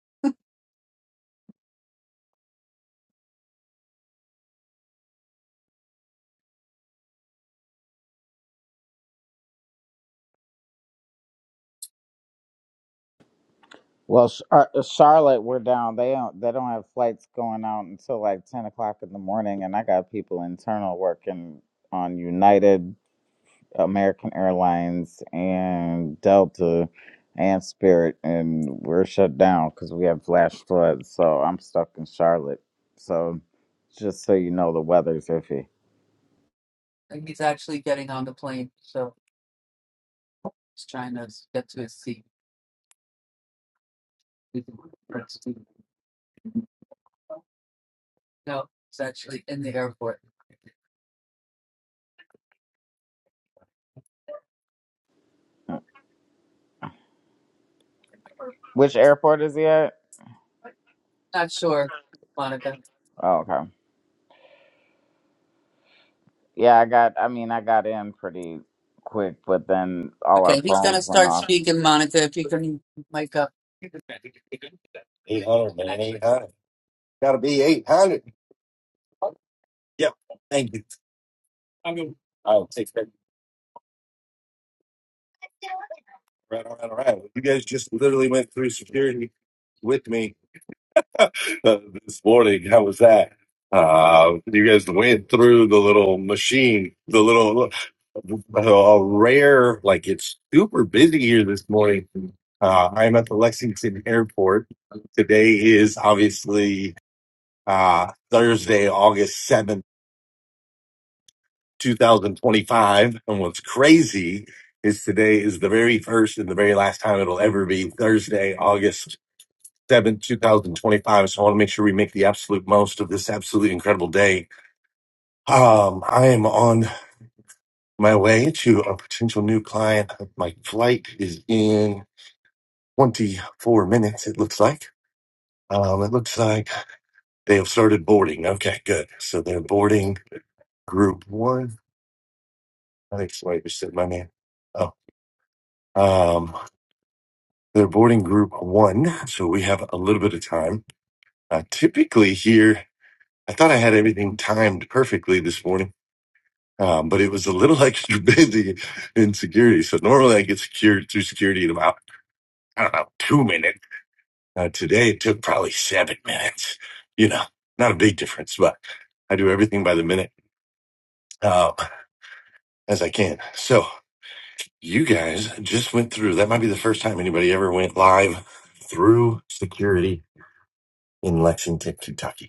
S12: Well, Sh- uh, uh, Charlotte, we're down. They don't. They don't have flights going out until like ten o'clock in the morning, and I got people internal working on United, American Airlines, and Delta, and Spirit, and we're shut down because we have flash floods. So I'm stuck in Charlotte. So just so you know, the weather's iffy.
S2: and He's actually getting on the plane, so he's trying to get to his seat. No, it's actually in the airport.
S12: Which airport is he at?
S2: Not sure, Monica.
S12: Oh, okay. Yeah, I got. I mean, I got in pretty quick, but then all our
S2: Okay, he's
S12: phones
S2: gonna
S12: went
S2: start
S12: off.
S2: speaking, Monica, if you can mic up. 800, man. 800. Gotta be 800. Yep. Thank you. I'm going I'll take that. Right, all right, all right. You guys just literally went through security with me. Uh, this morning. How was that? Uh, you guys went through the little machine, the little uh, rare, like it's super busy here this morning. Uh, I'm at the Lexington Airport. Today is obviously uh, Thursday, August 7th, 2025. And what's crazy is today is the very first and the very last time it'll ever be Thursday, August 7th, 2025. So I want to make sure we make the absolute most of this absolutely incredible day. Um, I am on my way to a potential new client. My flight is in 24 minutes, it looks like. Um, it looks like they have started boarding. Okay, good. So they're boarding group one. I think somebody just said my name. Oh, um, they're boarding group one. So we have a little bit of time. Uh, typically here, I thought I had everything timed perfectly this morning Um, but it was a little extra busy in security. So normally I get secured through security in about, I don't know, two minutes. Uh, today it took probably seven minutes. You know, not a big difference, but I do everything by the minute um, as I can. So you guys just went through. That might be the first time anybody ever went live through security in Lexington, Kentucky.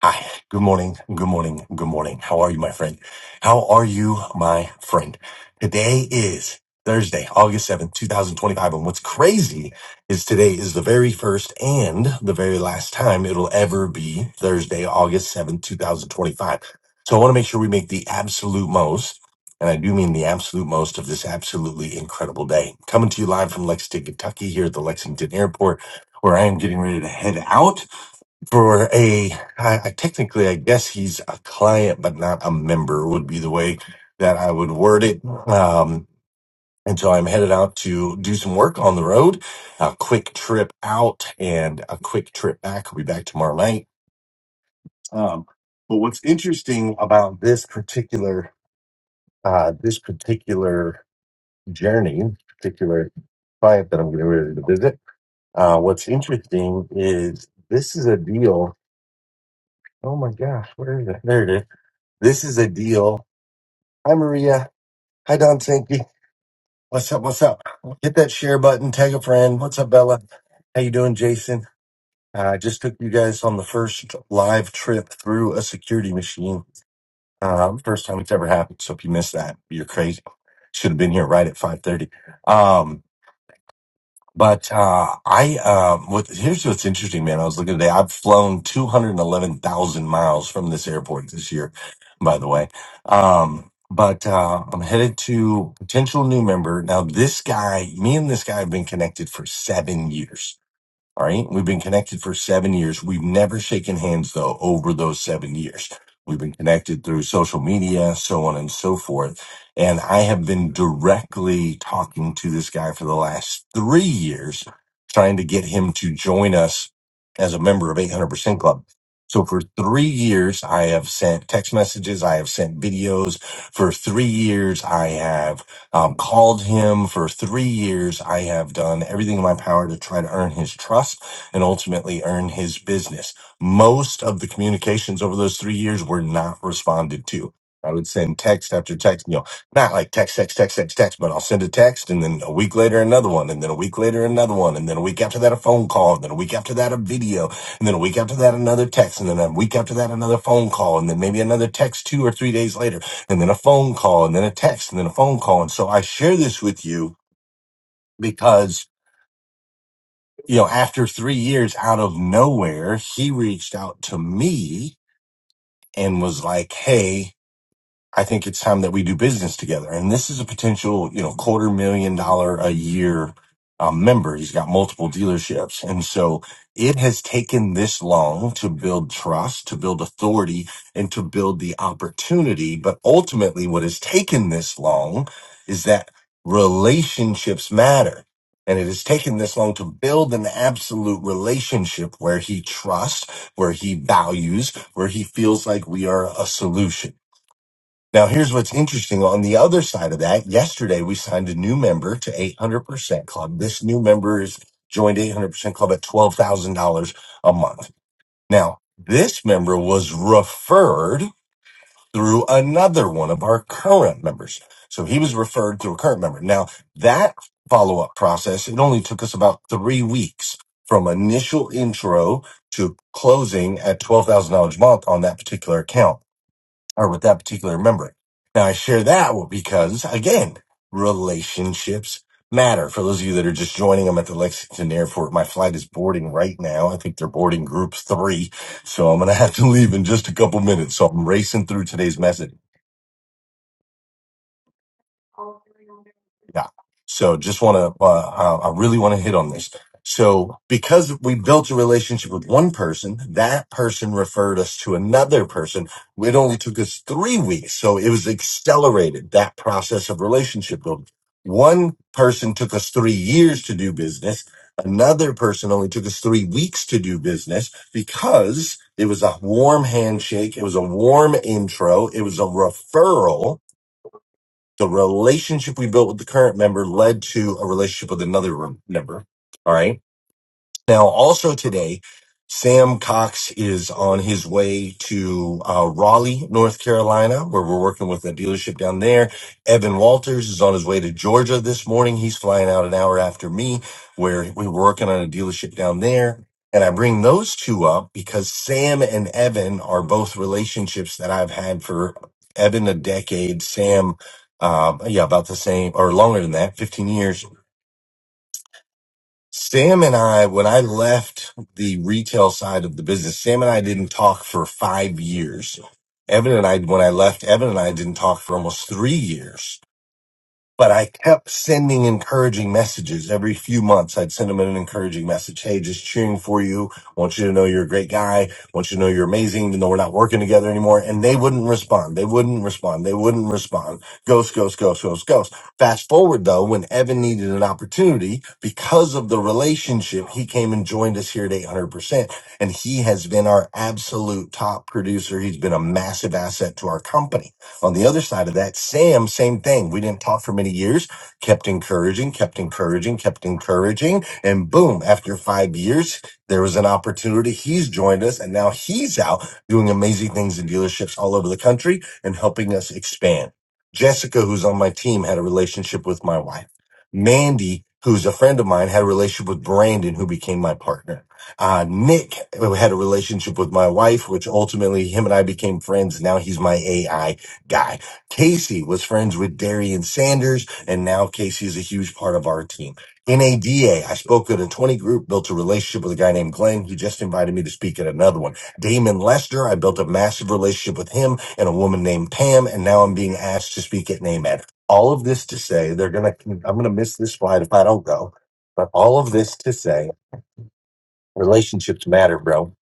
S2: Hi, good morning, good morning, good morning. How are you, my friend? How are you, my friend? Today is Thursday, August 7th, 2025. And what's crazy is today is the very first and the very last time it'll ever be Thursday, August 7th, 2025. So I want to make sure we make the absolute most, and I do mean the absolute most of this absolutely incredible day. Coming to you live from Lexington, Kentucky, here at the Lexington Airport, where I am getting ready to head out for a I, I technically I guess he's a client but not a member would be the way that I would word it. Um and so I'm headed out to do some work on the road, a quick trip out and a quick trip back. I'll be back tomorrow night. Um but what's interesting about this particular uh this particular journey, particular client that I'm getting ready to visit, uh what's interesting is this is a deal. Oh my gosh, where is it? There it is This is a deal. Hi, Maria. Hi, Don Sankey. What's up? What's up? Hit that share button. Tag a friend. What's up, Bella? How you doing, Jason? Uh, I just took you guys on the first live trip through a security machine. Um, first time it's ever happened. So if you missed that, you're crazy. Should have been here right at 5:30. But uh, I, uh, what, here's what's interesting, man. I was looking today. I've flown 211,000 miles from this airport this year, by the way. Um, but uh, I'm headed to potential new member. Now, this guy, me and this guy have been connected for seven years all right. We've been connected for seven years. We've never shaken hands though over those seven years. We've been connected through social media, so on and so forth. And I have been directly talking to this guy for the last three years, trying to get him to join us as a member of 800% Club. So for three years, I have sent text messages. I have sent videos for three years. I have um, called him for three years. I have done everything in my power to try to earn his trust and ultimately earn his business. Most of the communications over those three years were not responded to. I would send text after text, you know, not like text, text, text, text, text, but I'll send a text and then a week later another one and then a week later another one and then a week after that a phone call and then a week after that a video and then a week after that another text and then a week after that another phone call and then maybe another text two or three days later and then a phone call and then a text and then a phone call. And so I share this with you because, you know, after three years out of nowhere, he reached out to me and was like, Hey, I think it's time that we do business together. And this is a potential, you know, quarter million dollar a year um, member. He's got multiple dealerships. And so it has taken this long to build trust, to build authority and to build the opportunity. But ultimately what has taken this long is that relationships matter. And it has taken this long to build an absolute relationship where he trusts, where he values, where he feels like we are a solution. Now, here's what's interesting. On the other side of that, yesterday we signed a new member to 800% Club. This new member is joined 800% Club at $12,000 a month. Now, this member was referred through another one of our current members. So he was referred through a current member. Now, that follow up process, it only took us about three weeks from initial intro to closing at $12,000 a month on that particular account or with that particular member. Now I share that because again, relationships matter. For those of you that are just joining, I'm at the Lexington airport. My flight is boarding right now. I think they're boarding group three. So I'm going to have to leave in just a couple minutes. So I'm racing through today's message. Yeah. So just want to, uh, I I really want to hit on this. So because we built a relationship with one person, that person referred us to another person. It only took us three weeks. So it was accelerated that process of relationship building. One person took us three years to do business. Another person only took us three weeks to do business because it was a warm handshake. It was a warm intro. It was a referral the relationship we built with the current member led to a relationship with another member. All right. Now, also today, Sam Cox is on his way to uh, Raleigh, North Carolina, where we're working with a dealership down there. Evan Walters is on his way to Georgia this morning. He's flying out an hour after me, where we were working on a dealership down there. And I bring those two up because Sam and Evan are both relationships that I've had for Evan a decade, Sam, uh, yeah, about the same or longer than that, 15 years Sam and I, when I left the retail side of the business, Sam and I didn't talk for five years. Evan and I, when I left, Evan and I didn't talk for almost three years but I kept sending encouraging messages every few months. I'd send him an encouraging message. Hey, just cheering for you. Want you to know you're a great guy. Want you to know you're amazing, even though we're not working together anymore. And they wouldn't respond. They wouldn't respond. They wouldn't respond. Ghost, ghost, ghost, ghost, ghost. Fast forward though, when Evan needed an opportunity because of the relationship, he came and joined us here at 800%. And he has been our absolute top producer. He's been a massive asset to our company. On the other side of that, Sam, same thing. We didn't talk for many years, kept encouraging, kept encouraging, kept encouraging. And boom, after five years, there was an opportunity. He's joined us and now he's out doing amazing things in dealerships all over the country and helping us expand. Jessica, who's on my team, had a relationship with my wife. Mandy, who's a friend of mine, had a relationship with Brandon, who became my partner. Uh, Nick had a relationship with my wife, which ultimately him and I became friends. Now he's my AI guy. Casey was friends with Darian Sanders, and now Casey is a huge part of our team. NADA, I spoke at a 20 group, built a relationship with a guy named Glenn. He just invited me to speak at another one. Damon Lester, I built a massive relationship with him and a woman named Pam, and now I'm being asked to speak at NAMED. All of this to say, they're gonna, I'm gonna miss this slide if I don't go, but all of this to say, relationships matter, bro,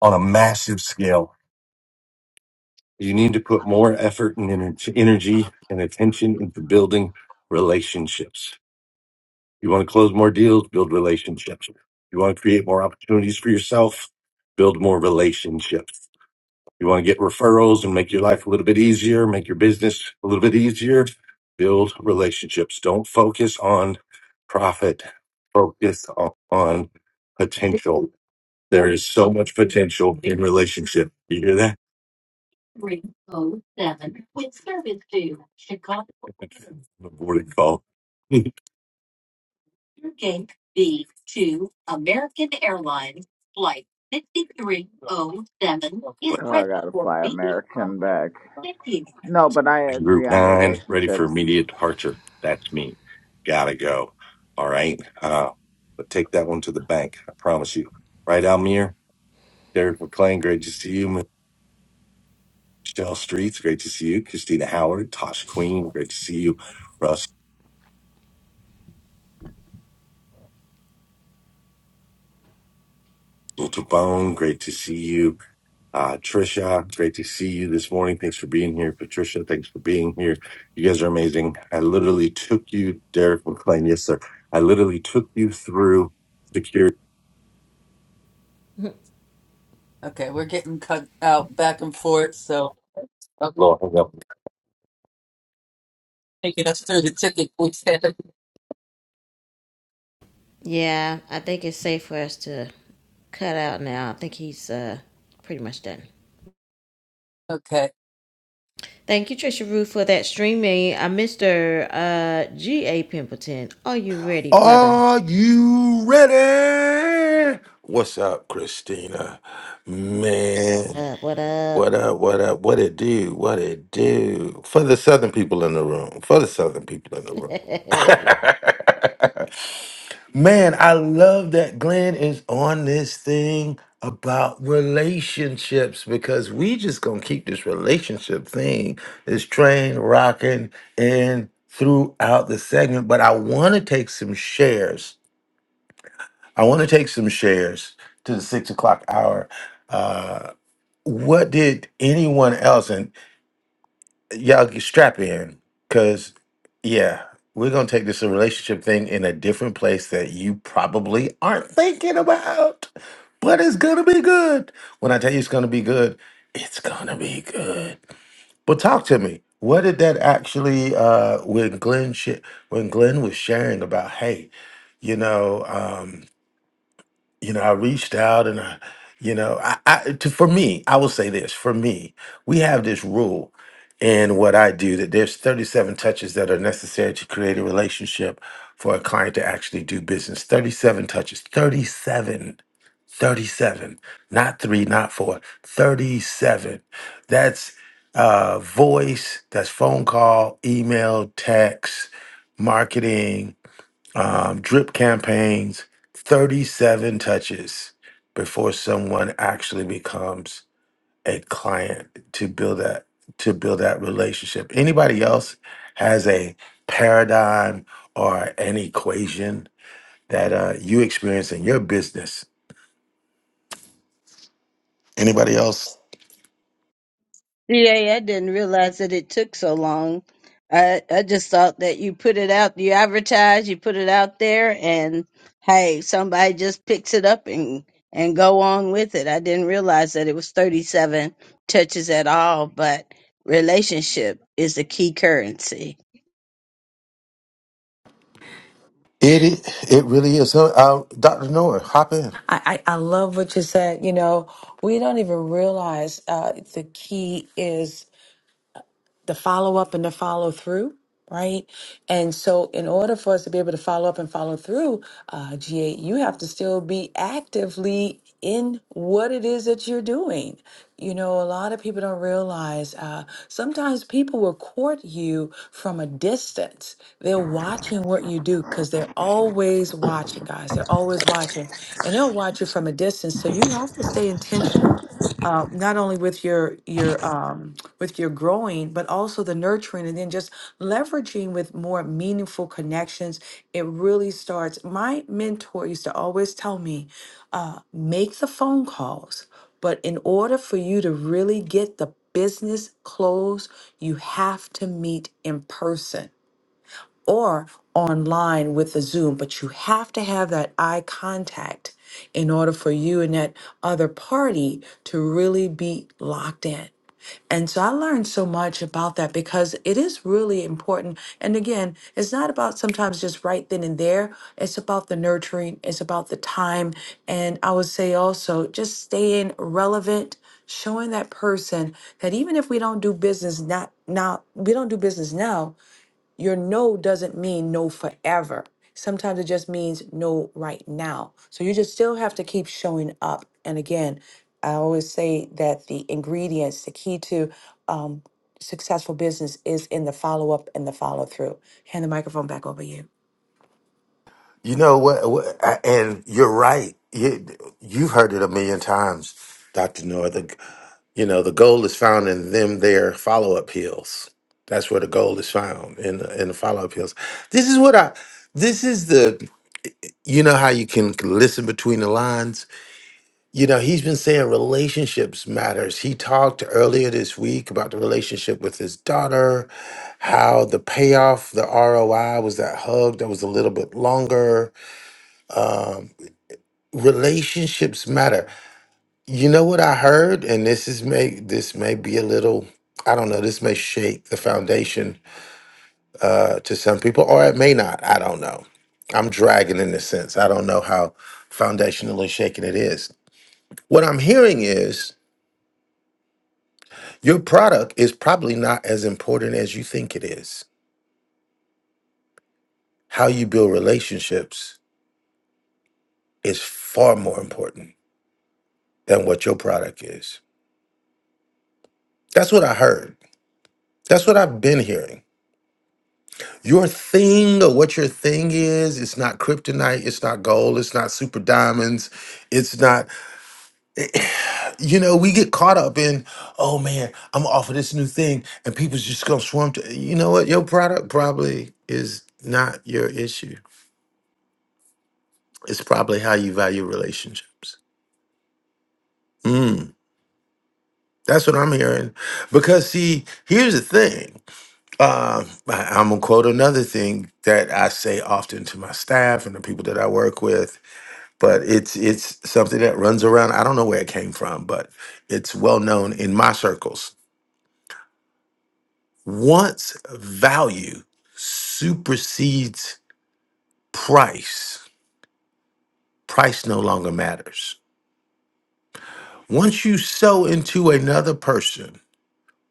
S2: on a massive scale You need to put more effort and ener- energy and attention into building relationships. You want to close more deals, build relationships. You want to create more opportunities for yourself, build more relationships. You want to get referrals and make your life a little bit easier, make your business a little bit easier, build relationships. Don't focus on profit, focus on, on potential. There is so much potential in relationship. You hear that? I'm a Boarding call.
S12: Oh, I gotta fly American back. No, but I agree
S2: Group
S12: on
S2: nine, ready for
S12: relationships.
S2: immediate departure. That's me. Gotta go. All right. Uh, but take that one to the bank. I promise you. Right, Almir? Derek McClain, great to see you. Michelle Streets, great to see you. Christina Howard, Tosh Queen, great to see you. Russ Dr. Bone, great to see you. Uh, Trisha, great to see you this morning. Thanks for being here. Patricia, thanks for being here. You guys are amazing. I literally took you, Derek McLean. Yes, sir. I literally took you through security. Okay, we're getting cut out back and forth, so okay, Lord, taking us through the ticket we said.
S1: yeah i think it's safe for us to cut out now i think he's uh pretty much done
S2: Okay.
S1: Thank you, Trisha Rue, for that streaming. Uh, Mr. Uh, G.A. Pimpleton, are you ready, brother?
S6: Are you ready? What's up, Christina? Man.
S1: up? What
S6: What
S1: up?
S6: up? What up? What it do? What it do? For the Southern people in the room. For the Southern people in the room.
S1: hey,
S6: Man, I love that Glenn is on this thing about relationships because we just gonna keep this relationship thing, this train rocking in throughout the segment. But I want to take some shares. I want to take some shares to the six o'clock hour. uh, what did anyone else and y'all get strap in because yeah we're gonna take this relationship thing in a different place that you probably aren't thinking about but it's gonna be good when i tell you it's gonna be good it's gonna be good but talk to me what did that actually uh when glenn sh- when glenn was sharing about hey you know Um, you know, I reached out and I, you know, I, I to, for me, I will say this for me, we have this rule in what I do that there's 37 touches that are necessary to create a relationship for a client to actually do business. 37 touches, 37. 37, not three, not four, 37. That's uh, voice, that's phone call, email, text, marketing, um, drip campaigns, 37 touches before someone actually becomes a client to build that to build that relationship. Anybody else has a paradigm or an equation that uh, you experience in your business? Anybody else?
S3: Yeah, I didn't realize that it took so long. I I just thought that you put it out, you advertise, you put it out there, and hey, somebody just picks it up and and go on with it. I didn't realize that it was thirty seven touches at all, but relationship is the key currency.
S6: It i- it really is. So, uh, Dr. Noah, hop in.
S4: I, I, I love what you said. You know, we don't even realize uh, the key is. the follow up and the follow through, right? And so, in order for us to be able to follow up and follow through, uh, GA, you have to still be actively in what it is that you're doing. You know, a lot of people don't realize uh, sometimes people will court you from a distance. They're watching what you do because they're always watching, guys. They're always watching and they'll watch you from a distance. So you have to stay intentional uh, not only with your your um, with your growing, but also the nurturing, and then just leveraging with more meaningful connections. It really starts. My mentor used to always tell me, uh, make the phone calls, but in order for you to really get the business closed, you have to meet in person or online with the Zoom, but you have to have that eye contact in order for you and that other party to really be locked in. And so I learned so much about that because it is really important. And again, it's not about sometimes just right then and there. It's about the nurturing, it's about the time. And I would say also just staying relevant, showing that person that even if we don't do business not now, we don't do business now, your no doesn't mean no forever. Sometimes it just means no right now. So you just still have to keep showing up. And again, I always say that the ingredients, the key to um, successful business is in the follow up and the follow through. Hand the microphone back over you.
S6: You know what? what I- and you're right. You, you've heard it a million times, Dr. Noah. You know, the gold is found in them their follow up hills. That's where the gold is found in the, in the follow up hills. This is what I. This is the. You know how you can listen between the lines. You know he's been saying relationships matters. He talked earlier this week about the relationship with his daughter, how the payoff, the ROI was that hug that was a little bit longer. Um, relationships matter you know what I heard, and this is may this may be a little I don't know. This may shake the foundation uh, to some people, or it may not. I don't know. I'm dragging in a sense. I don't know how foundationally shaken it is. What I'm hearing is your product is probably not as important as you think it is. How you build relationships is far more important than what your product is. That's what I heard. That's what I've been hearing. Your thing or what your thing is, it's not kryptonite, it's not gold, it's not super diamonds, it's not, you know, we get caught up in, oh man, I'm off of this new thing and people's just gonna swarm to, you know what? Your product probably is not your issue. It's probably how you value relationships. Mm, that's what I'm hearing. Because, see, here's the thing. Uh, I, I'm gonna quote another thing that I say often to my staff and the people that I work with but it's it's something that runs around. I don't know where it came from, but it's well known in my circles. Once value supersedes price, price no longer matters. Once you sow into another person,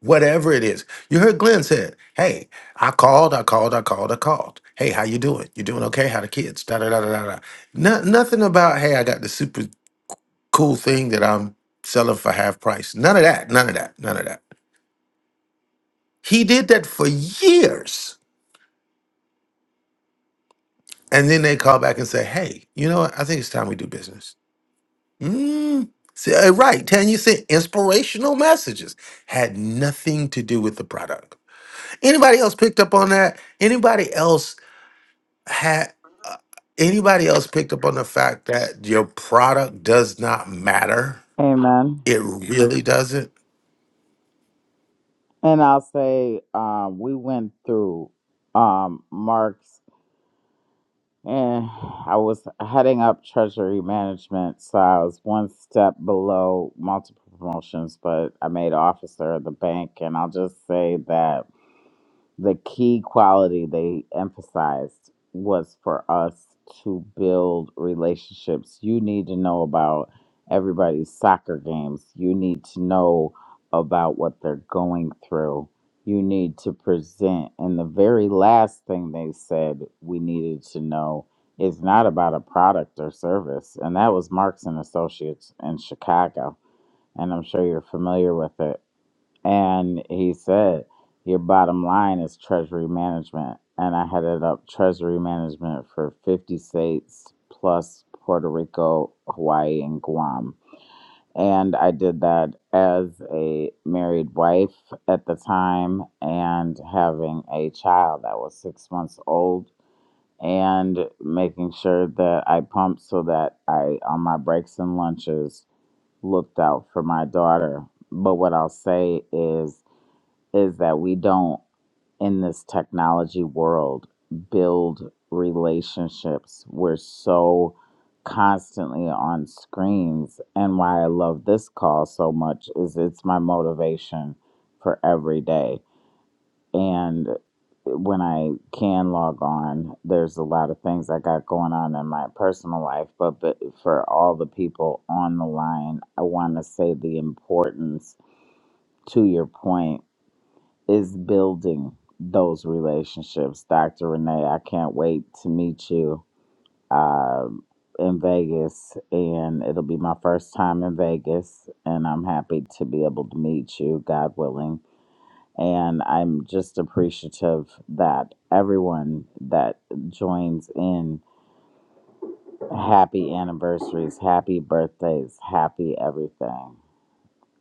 S6: whatever it is, you heard Glenn said, "Hey, I called, I called, I called, I called. Hey, how you doing? You doing okay? How the kids? Da da da da da." da. No, nothing about hey, I got the super cool thing that I'm selling for half price. None of that. None of that. None of that He did that for years. And then they call back and say, hey, you know what? I think it's time we do business. Mm. See, uh, right. Tan, you said inspirational messages had nothing to do with the product. Anybody else picked up on that? Anybody else had, uh, anybody else picked up on the fact that your product does not matter?
S12: Amen.
S6: It really doesn't?
S12: And I'll say, um, we went through um Mark's and I was heading up treasury management, so I was one step below multiple promotions, but I made officer of the bank and I'll just say that the key quality they emphasized was for us to build relationships. You need to know about everybody's soccer games. You need to know about what they're going through. You need to present. And the very last thing they said we needed to know is not about a product or service. And that was Marks and Associates in Chicago. And I'm sure you're familiar with it and he said, Your bottom line is treasury management. And I headed up treasury management for 50 states plus Puerto Rico, Hawaii, and Guam. And I did that as a married wife at the time and having a child that was six months old and making sure that I pumped so that I, on my breaks and lunches, looked out for my daughter. But what I'll say is, is that we don't in this technology world build relationships we're so constantly on screens and why i love this call so much is it's my motivation for every day and when i can log on there's a lot of things i got going on in my personal life but, but for all the people on the line i want to say the importance to your point is building those relationships. Dr. Renee, I can't wait to meet you um, in Vegas, and it'll be my first time in Vegas, and I'm happy to be able to meet you, God willing. And I'm just appreciative that everyone that joins in, happy anniversaries, happy birthdays, happy everything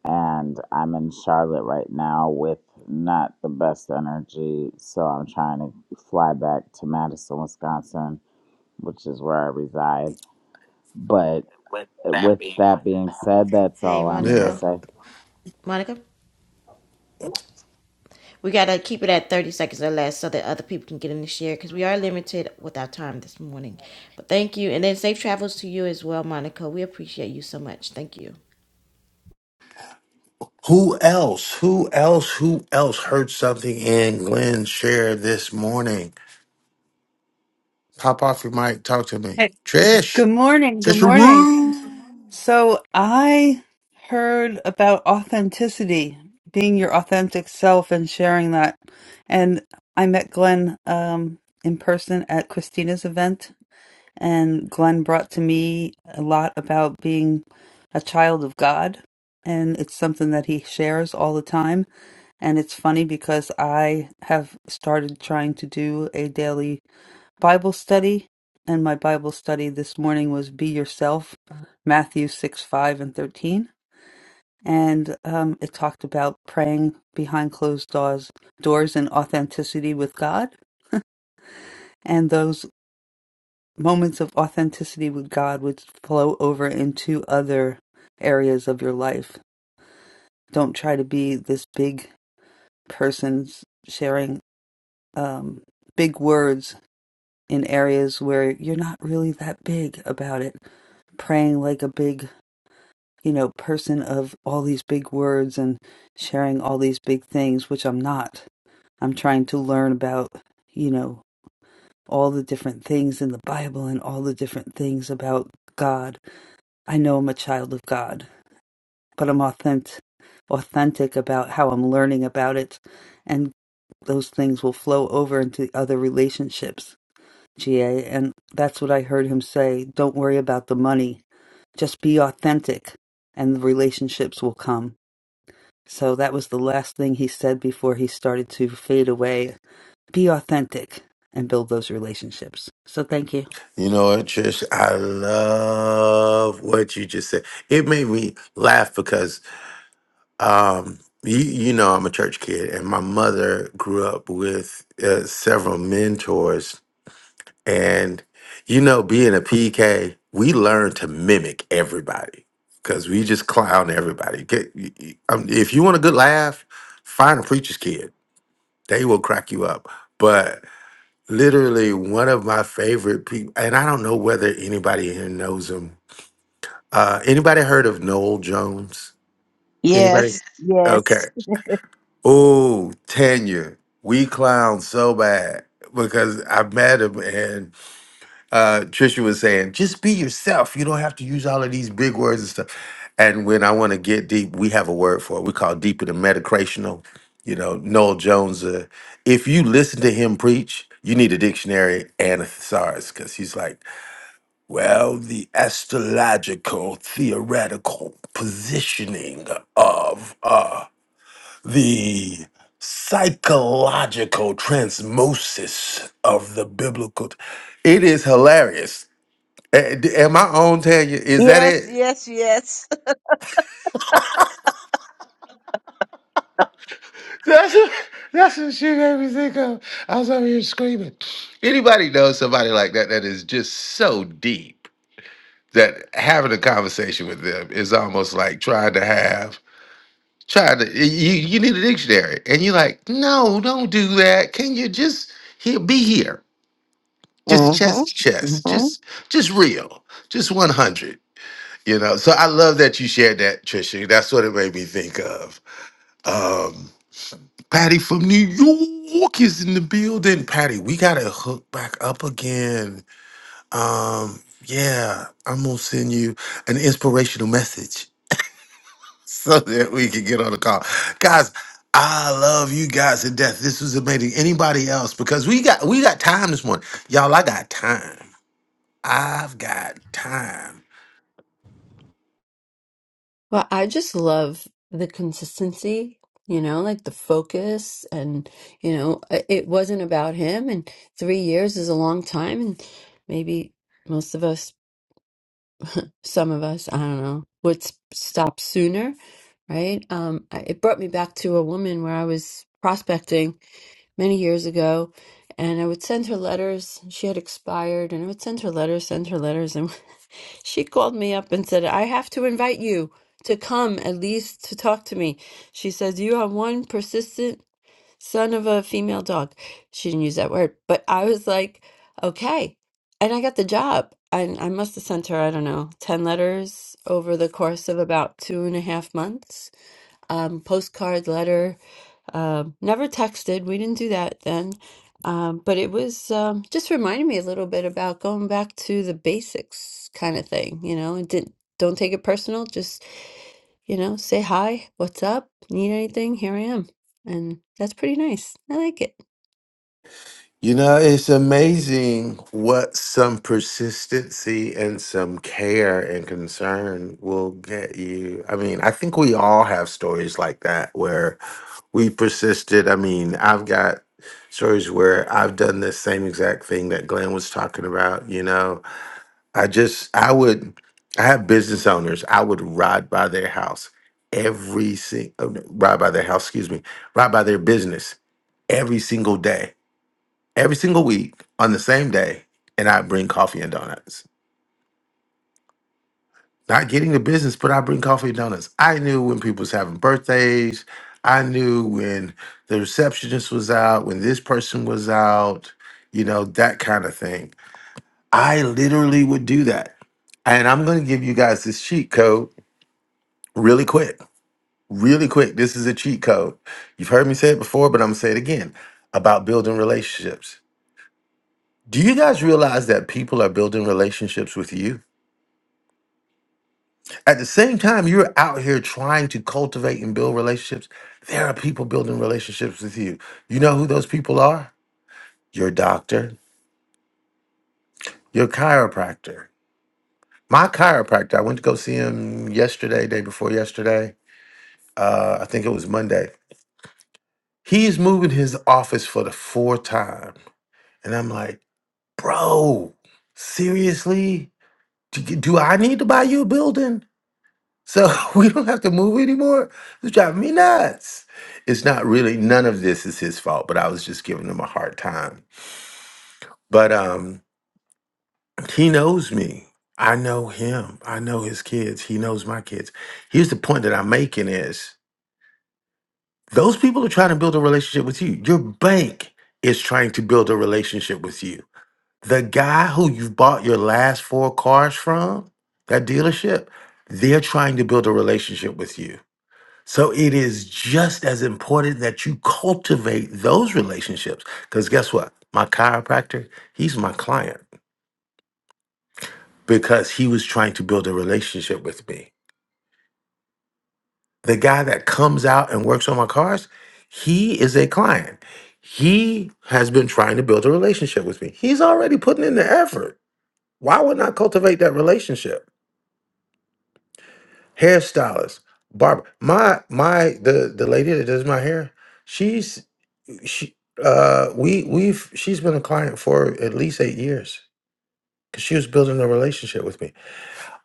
S12: and I'm in Charlotte right now with not the best energy, so I'm trying to fly back to Madison, Wisconsin, which is where I reside. But with that being said, that's all I'm
S6: Yeah.
S1: Monica.
S12: going
S1: Monica, we gotta keep it at 30 seconds or less so that other people can get in the share because we are limited with our time this morning. But thank you. And then safe travels to you as well, Monica. We appreciate you so much. Thank you.
S6: Who else? Who else? Who else heard something in Glenn share this morning? Pop off your mic. Talk to me.
S2: Hey,
S6: Trish.
S2: good morning. Good
S6: Trish
S2: morning.
S6: Rue.
S2: So I heard about authenticity, being your authentic self and sharing that. And I met Glenn um, in person at Christina's event, and Glenn brought to me a lot about being a child of God. And it's something that he shares all the time. And it's funny because I have started trying to do a daily Bible study, and my Bible study this morning was Be Yourself, Matthew 6, 5, and 13. And um, it talked about praying behind closed doors, doors and authenticity with God. And those moments of authenticity with God would flow over into other areas of your life. Don't try to be this big person sharing um, big words in areas where you're not really that big about it, praying like a big, you know, person of all these big words and sharing all these big things, which I'm not. I'm trying to learn about, you know, all the different things in the Bible and all the different things about God. I know I'm a child of God, but I'm authentic authentic about how I'm learning about it and those things will flow over into other relationships GA, and that's what I heard him say. Don't worry about the money, just be authentic, and the relationships will come. So that was the last thing he said before he started to fade away. Be authentic and build those relationships. So thank you.
S6: You know what, Trish? I love what you just said. It made me laugh because um, you, you know I'm a church kid, and my mother grew up with uh, several mentors. And, you know, being a PK, we learn to mimic everybody because we just clown everybody. Get, y- y- um, if you want a good laugh, find a preacher's kid. They will crack you up. literally one of my favorite people, and I don't know whether anybody here knows him. Uh, anybody heard of Noel Jones? Anybody? Yes.
S3: Yes, yes.
S6: Okay. Oh, Tanya, we clown so bad because I met him and uh Trisha was saying, just be yourself. You don't have to use all of these big words and stuff. And when I want to get deep, we have a word for it. We call it deeper than metacrational. You know, Noel Jones. Uh, if you listen to him preach, you need a dictionary and a thesaurus because he's like, well, the astrological theoretical positioning of uh, the psychological transmosis of the biblical. It is hilarious Eh, d- Am I on, Tanya? Is that
S3: Yes,
S6: it?
S3: yes, yes.
S6: That's that's what she made me think of. I was over here screaming. Anybody know somebody like that that is just so deep that having a conversation with them is almost like trying to have trying to you you need a dictionary and you're like, no, don't do that. Can you just here be here? Just
S3: Mm-hmm.
S6: chest to chest,
S3: Mm-hmm.
S6: just just real, just one hundred. You know. So I love that you shared that, Trisha. That's what it made me think of. Um, Patty from New York is in the building. Patty, we gotta hook back up again. Um, yeah, I'm gonna send you an inspirational message so that we can get on the call. Guys, I love you guys to death. This was amazing. Anybody else? Because we got we got time this morning. Y'all, I got time. I've got time.
S13: Well, I just love the consistency, you know, like the focus and, you know, i- it wasn't about him and 3 years is a long time and maybe most of us, some of us, I don't know, would s- stop sooner, right? Um I- it brought me back to a woman where I was prospecting many years ago and I would send her letters, she had expired and I would send her letters, send her letters she called me up and said, I have to invite you to come at least to talk to me. She says, You are one persistent son of a female dog. She didn't use that word, but I was like, Okay. And I got the job. And I must have sent her, I don't know, 10 letters over the course of about two and a half months. Um, postcard letter. Um, never texted. We didn't do that then. Um, but it was um, just reminded me a little bit about going back to the basics kind of thing, you know, and didn't, don't take it personal. Just, you know, say hi, what's up, need anything, here I am. And that's pretty nice. I like it.
S6: You know, it's amazing what some persistency and some care and concern will get you. I mean, I think we all have stories like that where we persisted. I mean, I've got stories where I've done the same exact thing that Glenn was talking about. You know, I just, I would, I have business owners, I would ride by their house every single, ride by their house, excuse me, ride by their business every single day every single week on the same day, and I bring coffee and donuts. Not getting the business, but I bring coffee and donuts. I knew when people was having birthdays. I knew when the receptionist was out, when this person was out, you know, that kind of thing. I literally would do that. And I'm going to give you guys this cheat code really quick. Really quick. This is a cheat code. You've heard me say it before, but I'm going to say it again about building relationships. Do you guys realize that people are building relationships with you? At the same time, you're out here trying to cultivate and build relationships. There are people building relationships with you. You know who those people are? Your doctor, your chiropractor. My chiropractor, I went to go see him yesterday, day before yesterday. Uh, I think it was Monday. He's moving his office for the fourth time. And I'm like, bro, seriously? Do, you- do I need to buy you a building? So we don't have to move anymore. It's driving me nuts. It's not really none of this is his fault, but I was just giving him a hard time. But um he knows me. I know him. I know his kids. He knows my kids. Here's the point that I'm making is those people are trying to build a relationship with you. Your bank is trying to build a relationship with you. The guy who you bought your last four cars from, that dealership, they're trying to build a relationship with you So it is just as important that you cultivate those relationships. Because guess what? My chiropractor, he's my client because he was trying to build a relationship with me. The guy that comes out and works on my cars, he is a client. He has been trying to build a relationship with me. He's already putting in the effort. Why would not cultivate that relationship? Hairstylist, barber. My my the the lady that does my hair, she's she, uh, we we've she's been a client for at least eight years because she was building a relationship with me.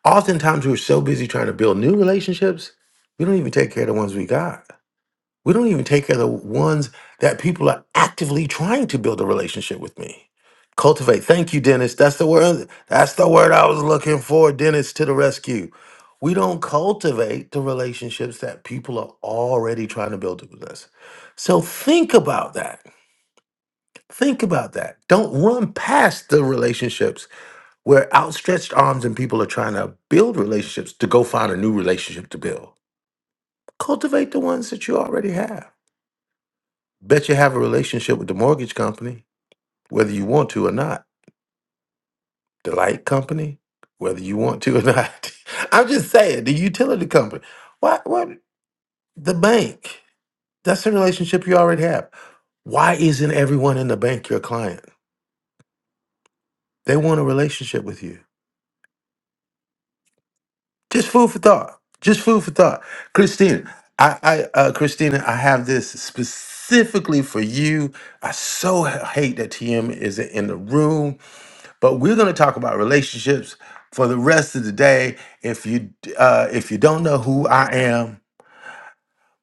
S6: Oftentimes, we're so busy trying to build new relationships, we don't even take care of the ones we got. We don't even take care of the ones that people are actively trying to build a relationship with me. Cultivate. Thank you, Dennis. That's the word. That's the word I was looking for. Dennis to the rescue. We don't cultivate the relationships that people are already trying to build with us. So think about that Think about that. Don't run past the relationships where outstretched arms and people are trying to build relationships to go find a new relationship to build. Cultivate the ones that you already have. Bet you have a relationship with the mortgage company, whether you want to or not. The light company, whether you want to or not. I'm just saying, the utility company. What what the bank? That's a relationship you already have. Why isn't everyone in the bank your client? They want a relationship with you. Just food for thought. Just food for thought. Christina, I, I uh Christina, I have this specifically for you. I so h- hate that TM isn't in the room, but we're gonna talk about relationships for the rest of the day. If you d- uh if you don't know who I am,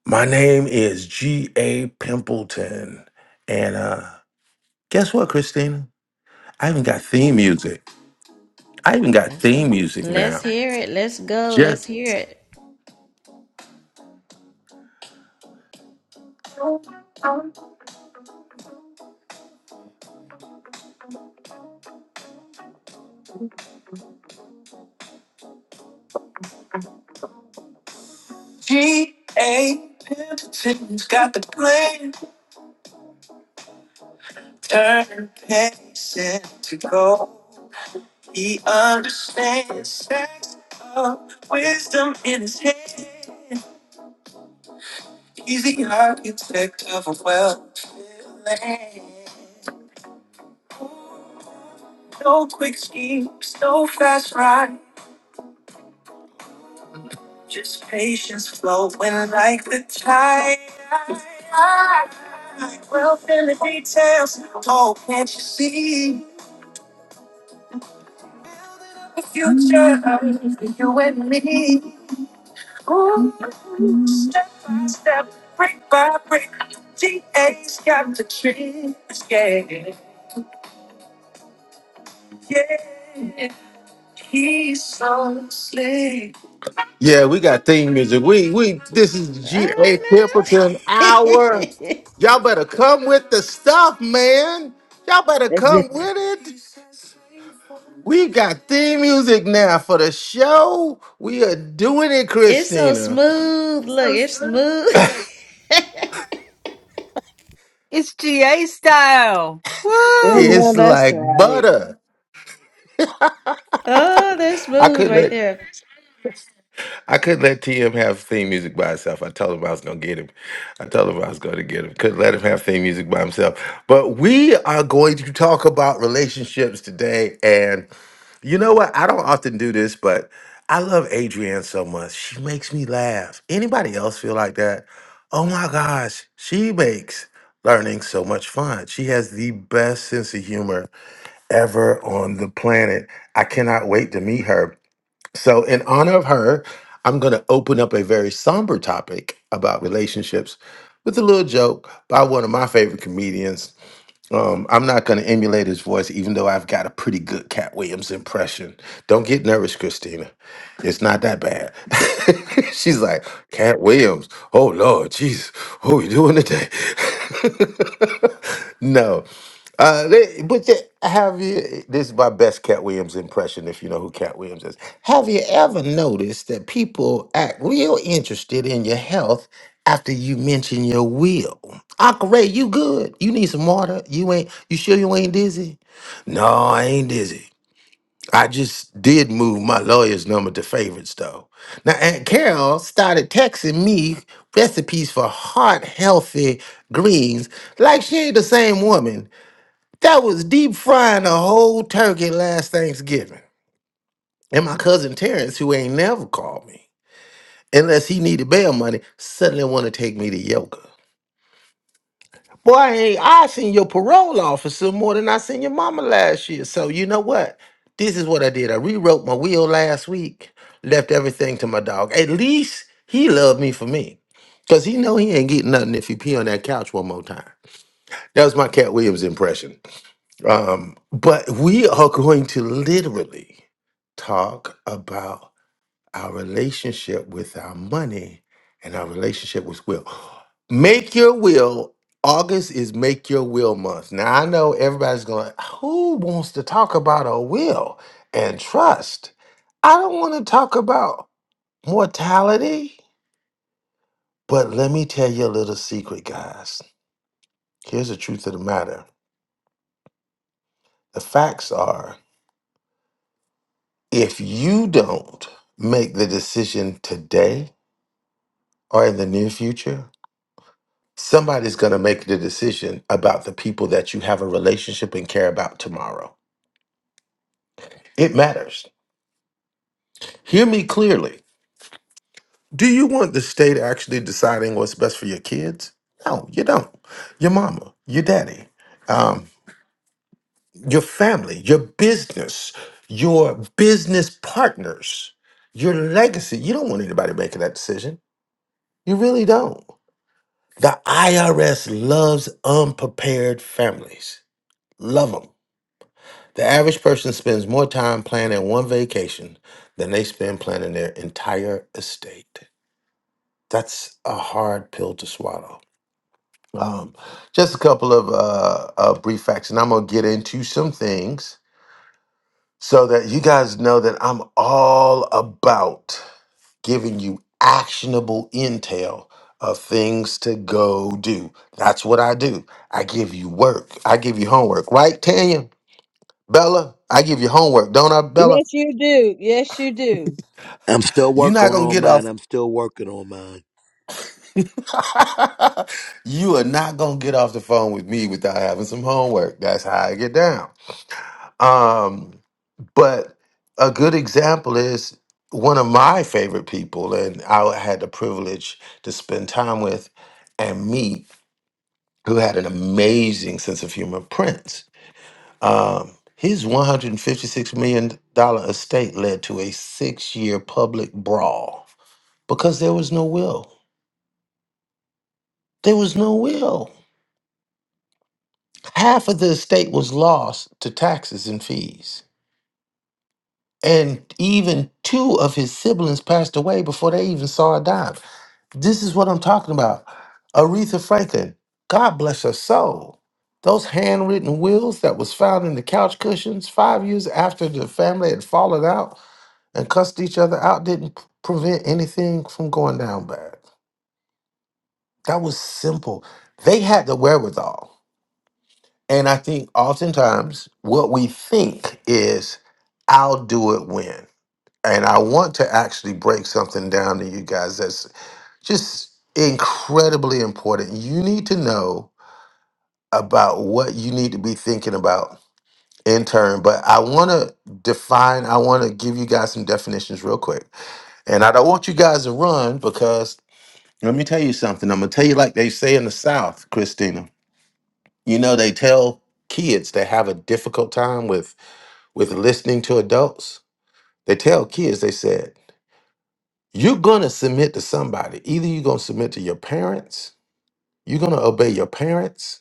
S6: my name is G.A. Pimpleton. And uh guess what, Christina? I even got theme music. I even got
S1: Let's go.
S6: theme music now.
S1: Let's hear it. Let's go. Let's hear it.
S6: G.A. Pimpleton's got the plan. Turn pains into gold. He understands sex of wisdom in his head. He's the architect of a well land. No quick schemes, no fast ride. Just patience flowing like the tide. Wealth in the details. Oh, can't you see? The future of you and me. Ooh,
S12: to
S6: step by
S12: say.
S6: step, brick by brick, GA's got the tricks, yeah, yeah. He's so slick. Yeah, we got theme music. We we this is
S1: All
S6: GA
S1: right now.
S6: Pimpleton hour. Y'all better come with the stuff, man. Y'all better
S3: Yes.
S6: come with it. We got theme music now for the show. We are doing it,
S1: it's so
S6: Christina.
S1: smooth. Look, it's smooth.
S3: I know
S6: It's
S3: that's
S6: like
S3: right.
S6: butter.
S1: oh, they're
S6: I
S1: smooth right
S6: couldn't.
S1: there.
S6: I could let TM have theme music by itself. I told him I was gonna get him. I told him I was gonna get him. Could let him have theme music by himself. But we are going to talk about relationships today. And you know what? I don't often do this, but I love Adrienne so much. She makes me laugh. Anybody else feel like that? Oh my gosh, she makes learning so much fun. She has the best sense of humor ever on the planet. I cannot wait to meet her. So, in honor of her, I'm going to open up a very somber topic about relationships with a little joke by one of my favorite comedians. Um, I'm not going to emulate his voice, even though I've got a pretty good Cat Williams impression. Don't get nervous, Christina. It's not that bad. She's like, Cat Williams. Oh, Lord, jeez. What are we doing today? no. Uh, they, but they, have you? This is my best Cat Williams impression. If you know who Cat Williams is, have you ever noticed that people act real interested in your health after you mention your will? Uncle Ray, you good? You need some water? You ain't? You sure you ain't dizzy? No, I ain't dizzy. I just did move my lawyer's number to favorites though. Now Aunt Carol started texting me recipes for heart healthy greens like she ain't the same woman that was deep frying a whole turkey last Thanksgiving. And my cousin Terrence, who ain't never called me, unless he needed bail money, suddenly want to take me to yoga. Boy, I, ain't, I seen your parole officer more than I seen your mama last year. So you know what? This is what I did. I rewrote my will last week, left everything to my dog. At least he loved me for me. Cause he know he ain't getting nothing if he pee on that couch one more time. That was my Cat Williams impression. Um, but we are going to literally talk about our relationship with our money and our relationship with will. Make your will. August is make your will month. Now I know everybody's going, who wants to talk about a will and trust? I don't want to talk about mortality. But let me tell you a little secret, guys. Here's the truth of the matter. The facts are If you don't make the decision today or in the near future, somebody's going to make the decision about the people that you have a relationship and care about tomorrow. It matters. Hear me clearly. Do you want the state actually deciding what's best for your kids? No, you don't. Your mama, your daddy, um, your family, your business, your business partners, your legacy. You don't want anybody making that decision. You really don't. The IRS loves unprepared families. Love them. The average person spends more time planning one vacation than they spend planning their entire estate. That's a hard pill to swallow. Um, just a couple of uh, uh, brief facts, and I'm going to get into some things so that you guys know that I'm all about giving you actionable intel of things to go do. That's what I do. I give you work. I give you homework, right, Tanya? Bella, I give you homework, don't I, Bella?
S3: Yes, you do. Yes, you do.
S14: I'm still
S6: You're not
S14: working
S6: gonna
S14: on
S6: get
S14: mine.
S6: off.
S14: I'm still working on mine.
S6: you are not gonna get off the phone with me without having some homework. That's how I get down. Um, But a good example is one of my favorite people, and I had the privilege to spend time with and meet, who had an amazing sense of humor, Prince. Um, his $156 million dollar estate led to a six year public brawl because there was no will. There was no will. Half of the estate was lost to taxes and fees. And even two of his siblings passed away before they even saw a dime. This is what I'm talking about. Aretha Franklin, God bless her soul. Those handwritten wills that was found in the couch cushions five years after the family had fallen out and cussed each other out didn't p- prevent anything from going down bad. That was simple. They had the wherewithal. And I think oftentimes what we think is, I'll do it when. And I want to actually break something down to you guys just incredibly important. You need to know about what you need to be thinking about in turn. But I want to define, I want to give you guys some definitions real quick. And I don't want you guys to run because let me tell you something. I'm going to tell you, like they say in the South, Christina, you know, they tell kids that have a difficult time with with listening to adults they tell kids they said you're going to submit to somebody either you're going to submit to your parents you're going to obey your parents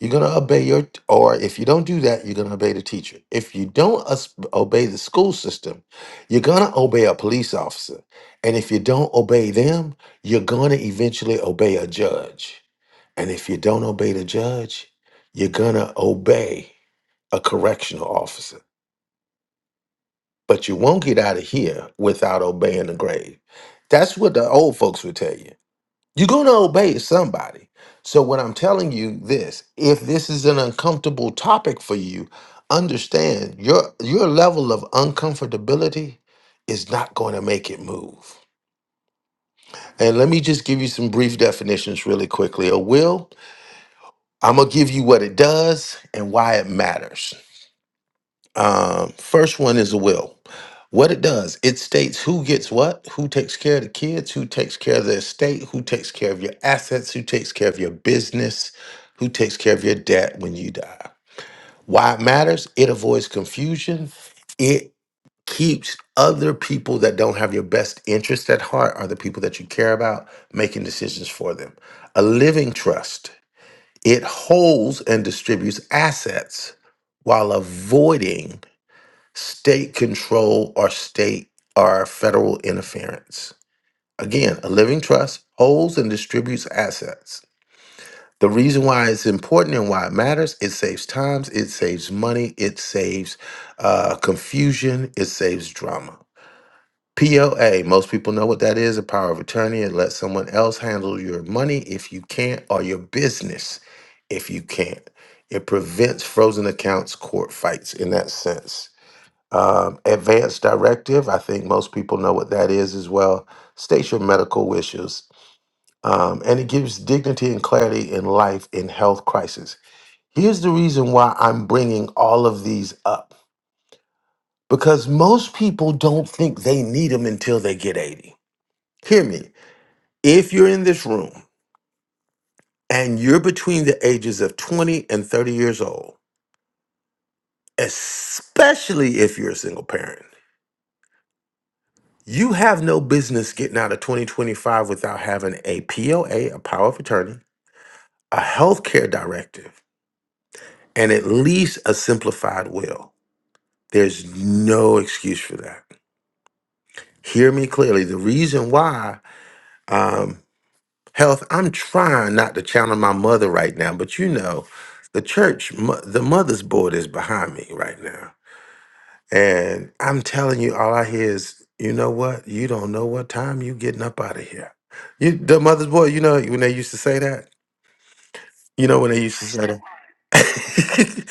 S6: You're going to obey your, or if you don't do that, you're going to obey the teacher. If you don't us- obey the school system, you're going to obey a police officer. And if you don't obey them, you're going to eventually obey a judge. And if you don't obey the judge, you're going to obey a correctional officer. But you won't get out of here without obeying the grave. That's what the old folks would tell you. You're going to obey somebody. So, when I'm telling you this, if this is an uncomfortable topic for you, understand your, your level of uncomfortability is not going to make it move. And let me just give you some brief definitions really quickly. A will, I'm going to give you what it does and why it matters. Um, first one is a will. What it does, it states who gets what, who takes care of the kids, who takes care of the estate, who takes care of your assets, who takes care of your business, who takes care of your debt when you die. Why it matters, it avoids confusion. It keeps other people that don't have your best interest at heart are the people that you care about making decisions for them. A living trust, it holds and distributes assets while avoiding state control or state or federal interference. Again, a living trust holds and distributes assets. The reason why it's important and why it matters, it saves times, it saves money, it saves uh, confusion, it saves drama. POA, most people know what that is a power of attorney. It lets someone else handle your money if you can't, or your business if you can't. It prevents frozen accounts, court fights in that sense. Um, advanced directive, I think most people know what that is as well. State your medical wishes. Um, and it gives dignity and clarity in life in health crisis. Here's the reason why I'm bringing all of these up because most people don't think they need them until they get 80. Hear me. If you're in this room and you're between the ages of 20 and 30 years old, especially if you're a single parent, You have no business getting out of 2025 without having a POA, a a power of attorney, a healthcare directive, and at least a simplified will. There's no excuse for that. Hear me clearly. The reason why, um, health, I'm trying not to channel my mother right now, but you know, the church, mo- the mother's board is behind me right now And I'm telling you, all I hear is, you know what? You don't know what time you getting up out of here. You the mother's boy, you know when they used to say that? You know when they used to say that.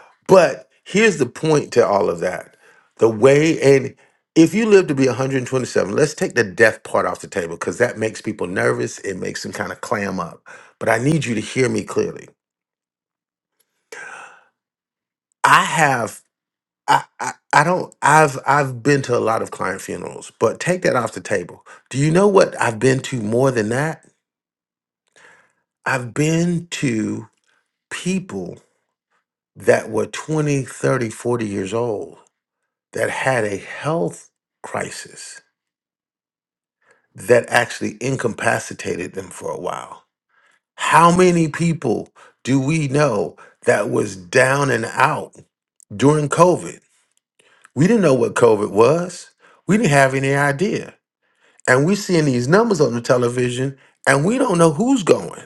S6: but here's the point to all of that. The way and if you live to be 127, let's take the death part off the table because that makes people nervous. It makes them kind of clam up. But I need you to hear me clearly. I have I, I I don't I've I've been to a lot of client funerals, but take that off the table. Do you know what I've been to more than that? I've been to people that were 20, 30, 40 years old that had a health crisis that actually incapacitated them for a while. How many people do we know that was down and out during COVID? We didn't know what COVID was. We didn't have any idea. and we're seeing these numbers on the television and we don't know who's going.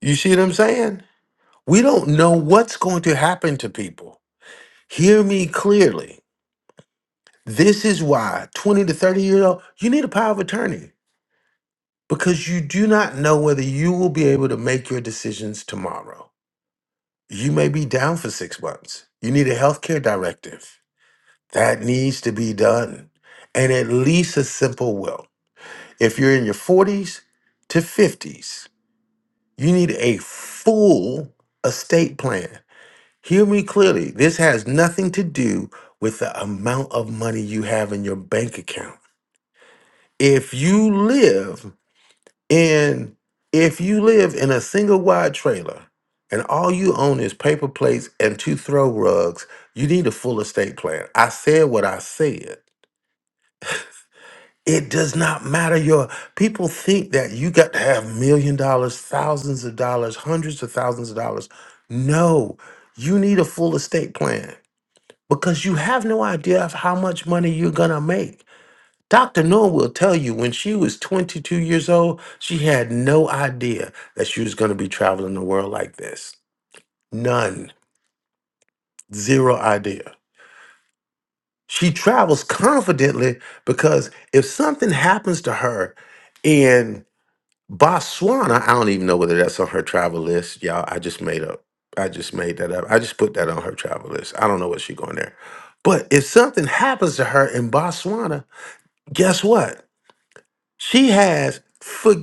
S6: You see what I'm saying? We don't know what's going to happen to people. Hear me clearly. This is why 20 to 30 year old, you need a power of attorney because you do not know whether you will be able to make your decisions tomorrow. You may be down for six months. You need a healthcare directive. That needs to be done. And at least a simple will. If you're in your 40s to 50s, You need a full estate plan. Hear me clearly. This has nothing to do with the amount of money you have in your bank account. If you live in if you live in a single wide trailer and all you own is paper plates and two throw rugs, you need a full estate plan. I said what I said. It does not matter your people think that you got to have million dollars, thousands of dollars, hundreds of thousands of dollars. No, you need a full estate plan because you have no idea of how much money you're gonna make. Dr. Noor will tell you when she was 22 years old, she had no idea that she was gonna be traveling the world like this. None, zero idea. She travels confidently because if something happens to her and Botswana, I don't even know whether that's on her travel list, y'all. I just made up. I just made that up. I just put that on her travel list. I don't know what she going there. But if something happens to her in Botswana, guess what? She has for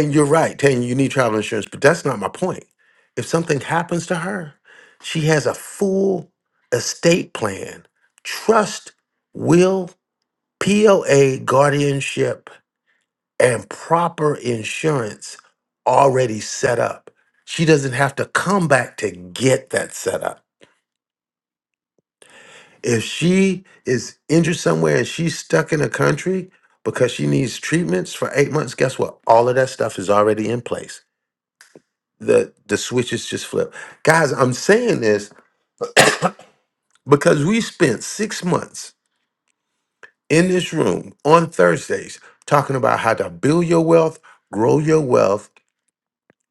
S6: and you're right, Tanya, you need travel insurance, but that's not my point. If something happens to her, she has a full estate plan, trust, will, POA, guardianship, and proper insurance already set up. She doesn't have to come back to get that set up. If she is injured somewhere and she's stuck in a country because she needs treatments for eight months, guess what? All of that stuff is already in place. The the switches just flip. Guys, I'm saying this because we spent six months in this room on Thursdays talking about how to build your wealth, grow your wealth,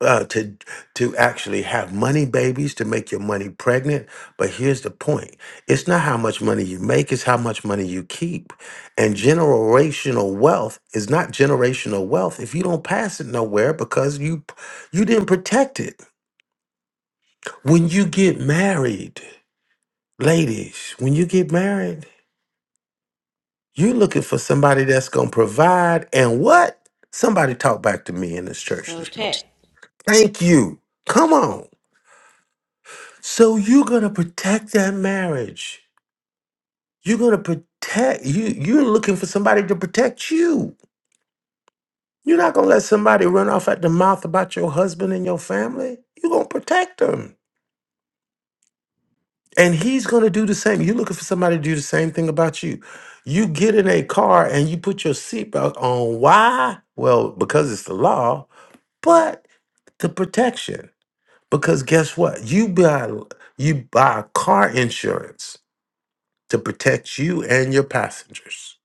S6: uh, to to actually have money babies to make your money pregnant. But here's the point: it's not how much money you make; it's how much money you keep. And generational wealth is not generational wealth if you don't pass it nowhere because you you didn't protect it. When you get married, ladies, when you get married, you're looking for somebody that's gonna provide. And what? Somebody talk back to me in this church this morning.
S1: Protect.
S6: Thank you. Come on. So you're gonna protect that marriage. You're gonna protect you. You're looking for somebody to protect you. You're not gonna let somebody run off at the mouth about your husband and your family. You're gonna protect them, and he's gonna do the same. You're looking for somebody to do the same thing about you. You get in a car and you put your seatbelt on. Why? Well, because it's the law, but the protection. Because guess what? You buy you buy car insurance to protect you and your passengers.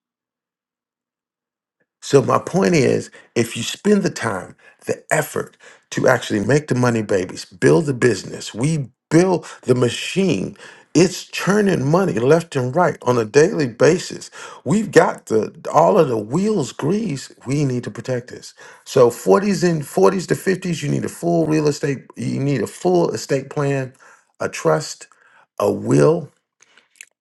S6: So, my point is if you spend the time, the effort to actually make the money babies, build the business, we build the machine. It's churning money left and right on a daily basis. We've got the all of the wheels grease. We need to protect this. So 40s and 40s to 50s, you need a full real estate, you need a full estate plan, a trust, a will,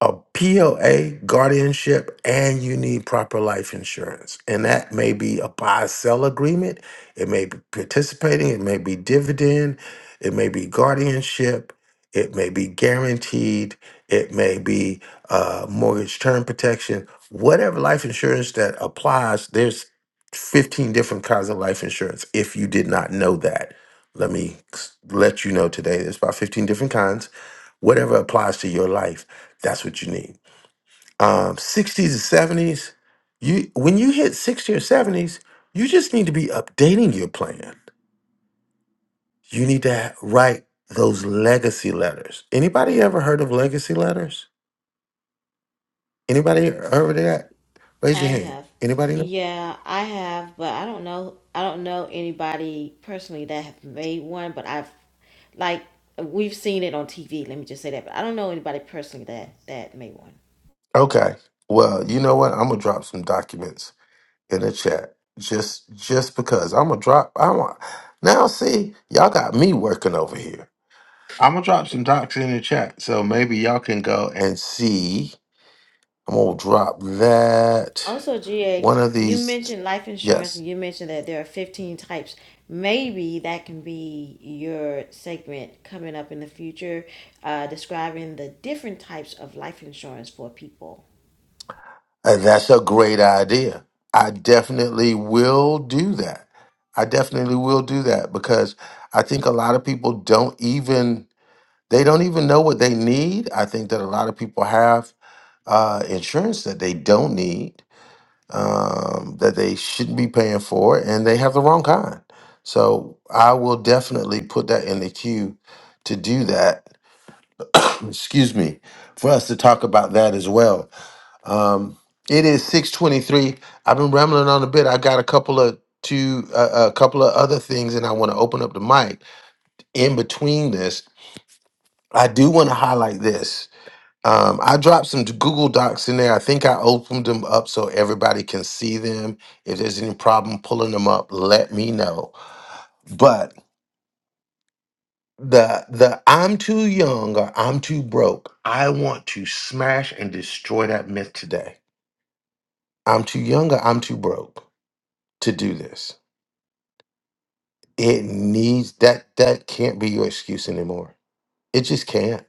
S6: a POA, guardianship, and you need proper life insurance. And that may be a buy sell agreement, it may be participating, it may be dividend, it may be guardianship, it may be guaranteed, it may be uh, mortgage term protection, whatever life insurance that applies, there's 15 different kinds of life insurance if you did not know that. Let me s- let you know today. There's about 15 different kinds whatever applies to your life, that's what you need. Um, 60s and 70s, you when you hit 60 or 70s, you just need to be updating your plan. You need to ha- write those legacy letters. Anybody ever heard of legacy letters? Anybody heard of that? Raise
S1: I
S6: your hand.
S1: have.
S6: Anybody know?
S1: Yeah, I have, but I don't know. I don't know anybody personally that have made one, but I've like we've seen it on TV. Let me just say that, but I don't know anybody personally that that made one.
S6: Okay. Well, you know what? I'm gonna drop some documents in the chat just just because I'm gonna drop. I want now. See, y'all got me working over here. I'm gonna drop some docs in the chat, so maybe y'all can go and see. I'm gonna drop that
S1: Also,
S6: one
S1: GA,
S6: of
S1: you
S6: these.
S1: mentioned life insurance,
S6: Yes,
S1: and you mentioned that there are 15 types. Maybe that can be your segment coming up in the future, uh, describing the different types of life insurance for people.
S6: Uh, that's a great idea. I definitely will do that. I definitely will do that because I think a lot of people don't even they don't even know what they need. I think that a lot of people have uh, insurance that they don't need um, that they shouldn't be paying for, and they have the wrong kind. So I will definitely put that in the queue to do that. Excuse me, for us to talk about that as well. Um, it is six twenty-three. I've been rambling on a bit. I got a couple of two, uh, a couple of other things, and I want to open up the mic in between this. I do want to highlight this. Um, I dropped some Google Docs in there. I think I opened them up so everybody can see them. If there's any problem pulling them up, let me know. But the the I'm too young or I'm too broke. I want to smash and destroy that myth today. I'm too young or I'm too broke to do this. It needs that that can't be your excuse anymore. It just can't.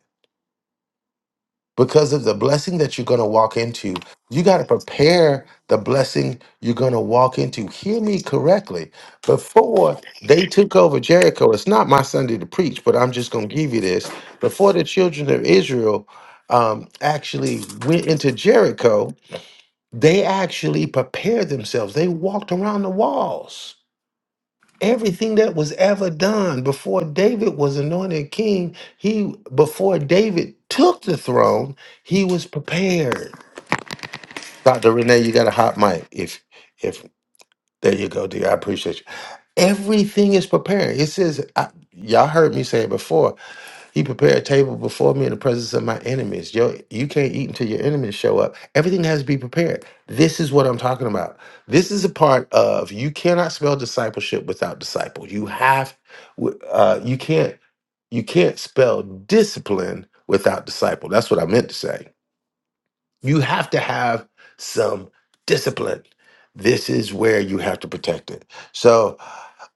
S6: because of the blessing that you're going to walk into you got to prepare the blessing you're going to walk into hear me correctly before they took over jericho it's not my sunday to preach but i'm just going to give you this before the children of israel um, actually went into jericho they actually prepared themselves they walked around the walls everything that was ever done before David was anointed king, he before David took the throne, he was prepared. Dr. Renee, you got a hot mic. If if there you go, dear. I appreciate you. Everything is prepared. It says I, y'all heard me say it before he prepared a table before me in the presence of my enemies. Yo, you can't eat until your enemies show up. Everything has to be prepared. This is what I'm talking about. This is a part of you cannot spell discipleship without disciple. You have, w- uh, you can't, you can't spell discipline without disciple. That's what I meant to say you have to have some discipline. This is where you have to protect it. So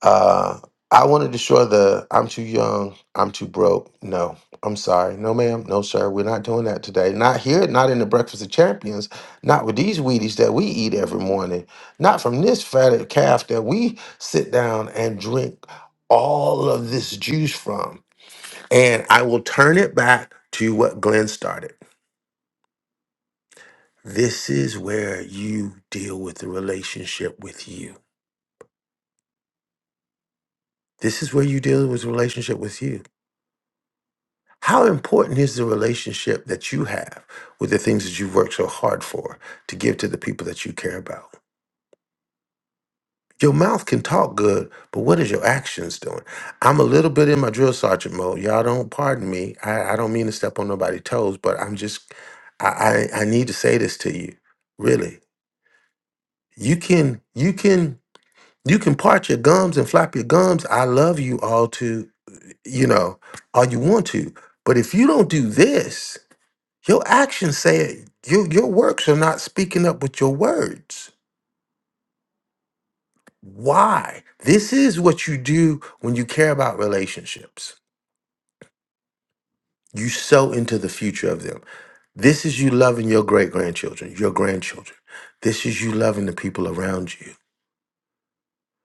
S6: uh, I want to destroy the I'm too young, I'm too broke. No, I'm sorry. No, ma'am. No, sir. We're not doing that today. Not here, not in the Breakfast of Champions, not with these Wheaties that we eat every morning, not from this fatted calf that we sit down and drink all of this juice from. And I will turn it back to what Glenn started. This is where you deal with the relationship with you. This is where you deal with the relationship with you. How important is the relationship that you have with the things that you've worked so hard for to give to the people that you care about? Your mouth can talk good, but what is your actions doing? I'm a little bit in my drill sergeant mode. Y'all don't pardon me. I, I don't mean to step on nobody's toes, but I'm just I, I I need to say this to you. Really. You can you can You can part your gums and flap your gums. I love you all to, you know, all you want to. But if you don't do this, your actions say it. Your, your works are not speaking up with your words. Why? This is what you do when you care about relationships. You sow into the future of them. This is you loving your great grandchildren, your grandchildren. This is you loving the people around you.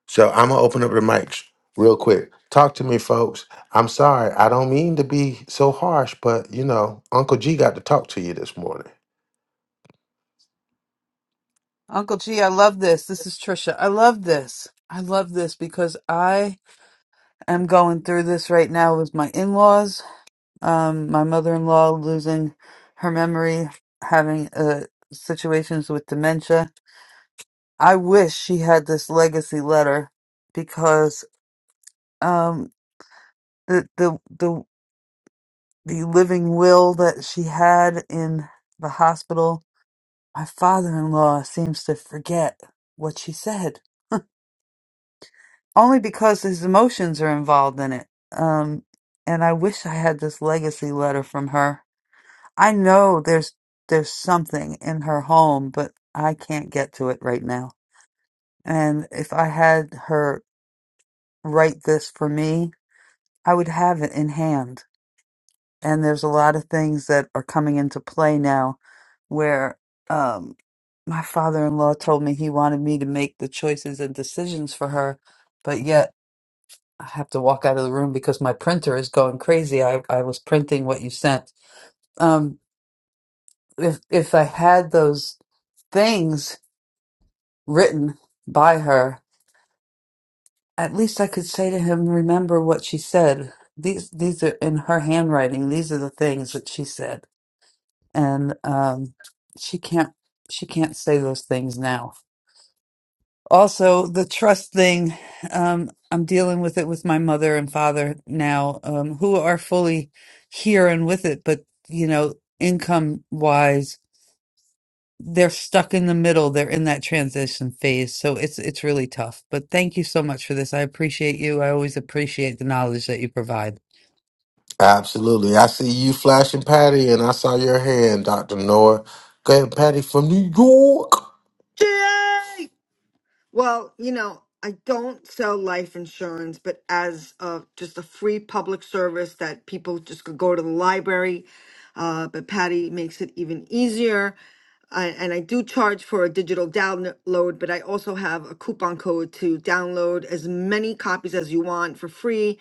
S6: So I'm gonna open up the mics real quick. Talk to me, folks. I'm sorry. I don't mean to be so harsh, but you know, Uncle G got to talk to you this morning.
S2: Uncle G, I love this. This is Trisha. I love this. I love this because I am going through this right now with my in-laws. Um, my mother-in-law losing her memory, having uh situations with dementia. I wish she had this legacy letter because um, the the the the living will that she had in the hospital, my father-in-law seems to forget what she said, only because his emotions are involved in it. Um, and I wish I had this legacy letter from her. I know there's there's something in her home, but I can't get to it right now. And if I had her write this for me, I would have it in hand. And there's a lot of things that are coming into play now where um, my father in law told me he wanted me to make the choices and decisions for her, but yet I have to walk out of the room because my printer is going crazy. I, I was printing what you sent. Um, if if I had those things written by her, at least I could say to him, "Remember what she said. These these are in her handwriting. These are the things that she said." and um, she can't she can't say those things now. Also, the trust thing, um, I'm dealing with it with my mother and father now, um, who are fully here and with it, but you know, income wise, they're stuck in the middle. They're in that transition phase, so it's it's really tough. But thank you so much for this. I appreciate you. I always appreciate the knowledge that you provide.
S6: Absolutely. I see you flashing Patty, and I saw your hand, Dr. Noah. Go ahead, Patty from New York.
S11: Yay! Well, you know, I don't sell life insurance, but as uh, just a free public service that people just could go to the library. Uh, but Patty makes it even easier. I, and I do charge for a digital download, but I also have a coupon code to download as many copies as you want for free.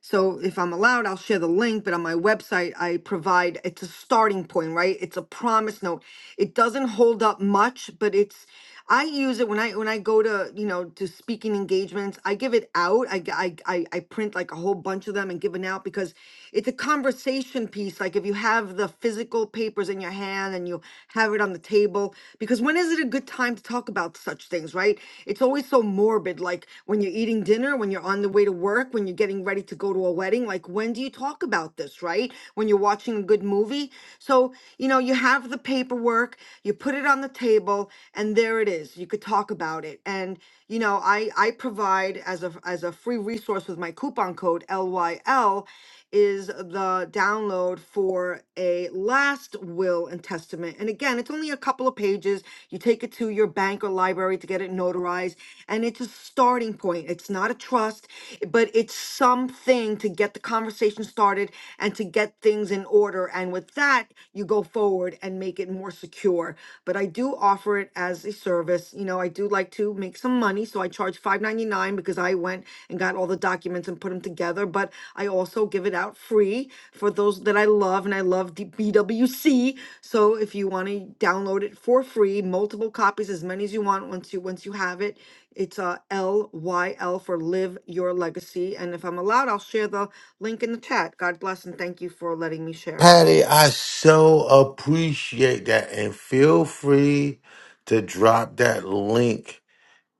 S11: So if I'm allowed, I'll share the link, but on my website, I provide, it's a starting point, right? It's a promise note. It doesn't hold up much, but it's, I use it when I, when I go to, you know, to speaking engagements, I give it out. I, g- I, I, I print like a whole bunch of them and give it out because it's a conversation piece. Like if you have the physical papers in your hand hand and you have it on the table. Because when is it a good time to talk about such things, right? It's always so morbid, like when you're eating dinner, when you're on the way to work, when you're getting ready to go to a wedding. Like, when do you talk about this, right? When you're watching a good movie. So, you know, you have the paperwork, you put it on the table, and there it is. You could talk about it. And, you know, I, I provide as a, as a free resource with my coupon code LYL is the download for a last will and testament. And again, it's only a couple of pages. You take it to your bank or library to get it notarized, and it's a starting point. It's not a trust, but it's something to get the conversation started and to get things in order. And with that, you go forward and make it make it more secure. But I do offer it as a service. You know, I do like to make some money, so I charge $5.99 because I went and got all the documents and put them together. But I also give it out free for those that I love, and I love D- BWC. So if you want to download it for free, multiple copies, as many as you want. Once you once you have it, it's uh, L Y L for Live Your Legacy. And if I'm allowed, I'll share the link in the chat. God bless and thank you for letting me share.
S6: Patty, I so appreciate that. And feel free to drop that link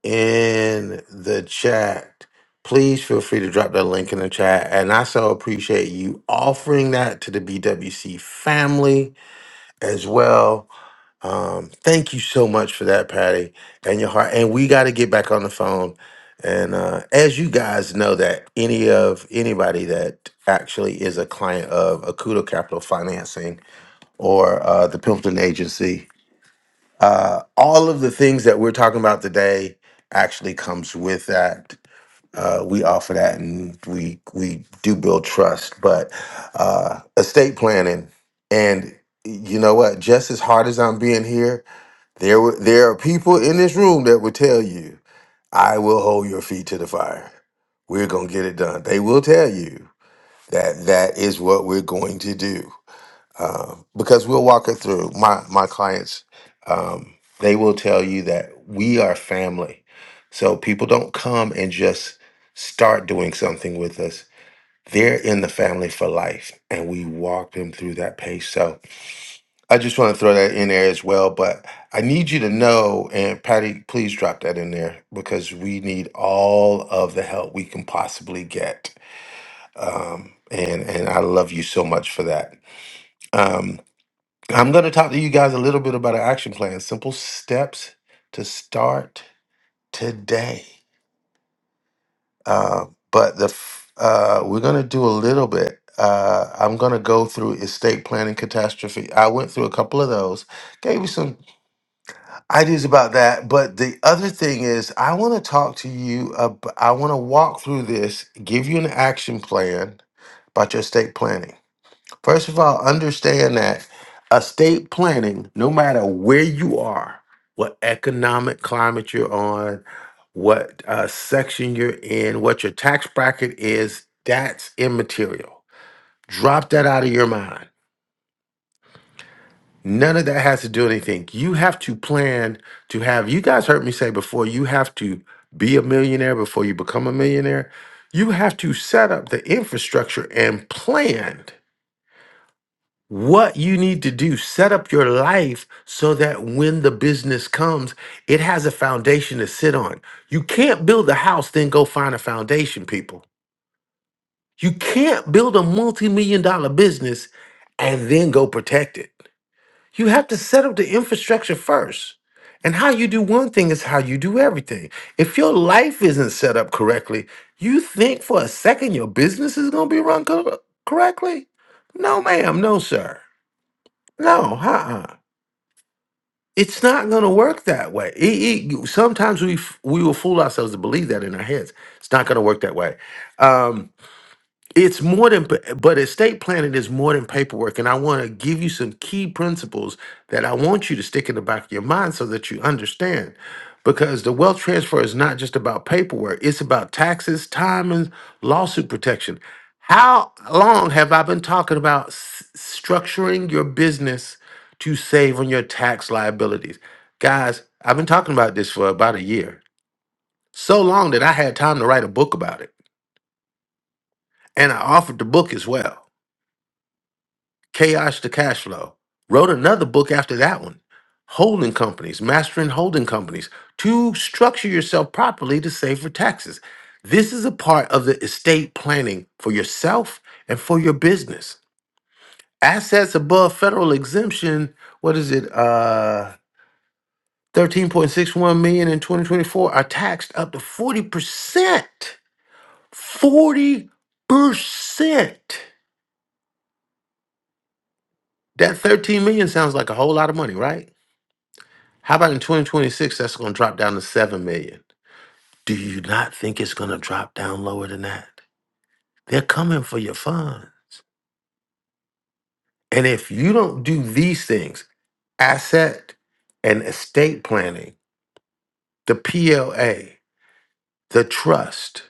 S6: in the chat. Please feel free to drop that link in the chat. And I so appreciate you offering that to the BWC family as well. Um, thank you so much for that, Patty, and your heart. And we got to get back on the phone. And uh, as you guys know, that any of anybody that actually is a client of Akuto Capital Financing or uh, the Pimpton Agency, uh, all of the things that we're talking about today actually comes with that. Uh, we offer that, and we we do build trust. But uh, estate planning, and you know what? Just as hard as I'm being here, there were, there are people in this room that would tell you, "I will hold your feet to the fire. We're gonna get it done." They will tell you that that is what we're going to do uh, because we'll walk it through. My my clients, um, they will tell you that we are family. So people don't come and just start doing something with us. They're in the family for life, and we walk them through that pace. So I just want to throw that in there as well. But I need you to know, and Patty, please drop that in there because we need all of the help we can possibly get. Um, and and I love you so much for that. Um, I'm going to talk to you guys a little bit about an action plan, simple steps to start today. Uh, but the f- uh, we're going to do a little bit. Uh, I'm going to go through estate planning catastrophe. I went through a couple of those, gave you some ideas about that. But the other thing is, I want to talk to you. Ab- I want to walk through this, give you an action plan about your estate planning First of all, understand that estate planning, no matter where you are, what economic climate you're on, what uh, section you're in, what your tax bracket is, that's immaterial. Drop that out of your mind. None of that has to do anything. You have to plan to have, you guys heard me say before, you have to be a millionaire before you become a millionaire. You have to set up the infrastructure and plan what you need to do. Set up your life so that when the business comes, it has a foundation to sit on. You can't build a house, then go find a foundation, people. You can't build a multi million dollar business and then go protect it. You have to set up the infrastructure first. And how you do one thing is how you do everything. If your life isn't set up correctly, you think for a second your business is going to be run cor- correctly? No, ma'am. No, sir. No, uh uh It's not going to work that way. It, it, sometimes we f- we will fool ourselves to believe that in our heads. It's not going to work that way. Um, it's more than, pa- but estate planning is more than paperwork. And I want to give you some key principles that I want you to stick in the back of your mind so that you understand. Because the wealth transfer is not just about paperwork, it's about taxes, time, and lawsuit protection. How long have I been talking about s- structuring your business to save on your tax liabilities? Guys, I've been talking about this for about a year. So long that I had time to write a book about it. And I offered the book as well. Chaos to Cash Flow. Wrote another book after that one. Holding companies, mastering holding companies to structure yourself properly to save for taxes. This is a part of the estate planning for yourself and for your business. Assets above federal exemption, what is it? Uh 13.61 million in 2024 are taxed up to 40%. 40%. That 13 million sounds like a whole lot of money, right? How about in 2026, that's going to drop down to 7 million? Do you not think it's going to drop down lower than that? They're coming for your fund. And if you don't do these things asset and estate planning, the PLA, the trust,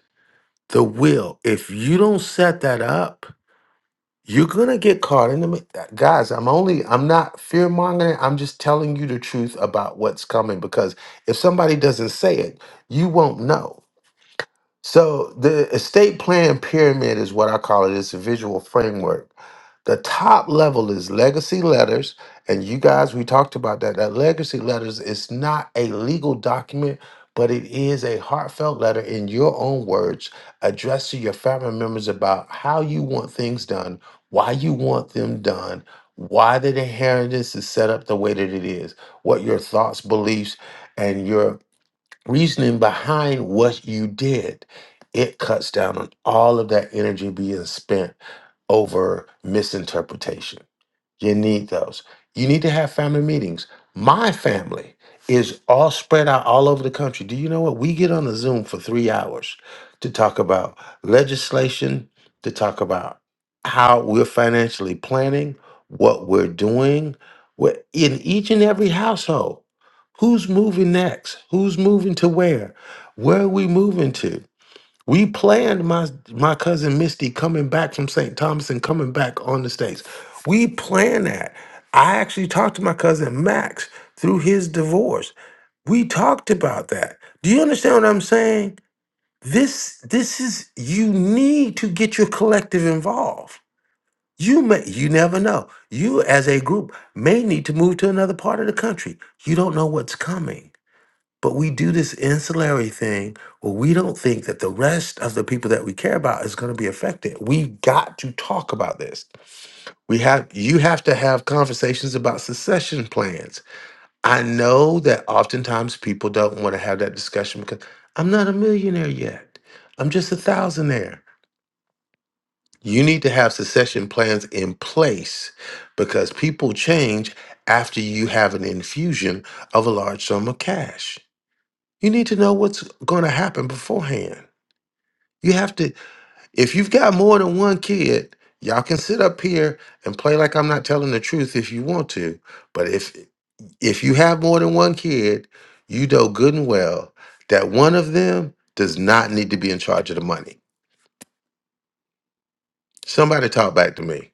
S6: the will if you don't set that up, you're going to get caught in the mi- uh, guys. I'm only, I'm not fear mongering. I'm just telling you the truth about what's coming because if somebody doesn't say it, you won't know. So the estate plan pyramid is what I call it. It's a visual framework. The top level is legacy letters. And you guys, we talked about that. That legacy letters is not a legal document, but it is a heartfelt letter in your own words addressed to your family members about how you want things done, why you want them done, why the inheritance is set up the way that it is, what your thoughts, beliefs, and your reasoning behind what you did, it cuts down on all of that energy being spent over misinterpretation. You need those. You need to have family meetings. My family is all spread out all over the country. Do you know what? We get on a Zoom for three hours to talk about legislation, to talk about how we're financially planning, what we're doing. We're in each and every household. Who's moving next? Who's moving to where? Where are we moving to? We planned my my cousin Misty coming back from St. Thomas and coming back on the States. We planned that. I actually talked to my cousin Max through his divorce. We talked about that. Do you understand what I'm saying? This this is you need to get your collective involved. You may you never know. You as a group may need to move to another part of the country. You don't know what's coming. But we do this ancillary thing where we don't think that the rest of the people that we care about is going to be affected. We got to talk about this. We have you have to have conversations about succession plans. I know that oftentimes people don't want to have that discussion because I'm not a millionaire yet. I'm just a thousandaire. You need to have succession plans in place because people change after you have an infusion of a large sum of cash. You need to know what's going to happen beforehand. You have to, if you've got more than one kid, y'all can sit up here and play like I'm not telling the truth if you want to. But if if you have more than one kid, you know good and well that one of them does not need to be in charge of the money. Somebody talk back to me.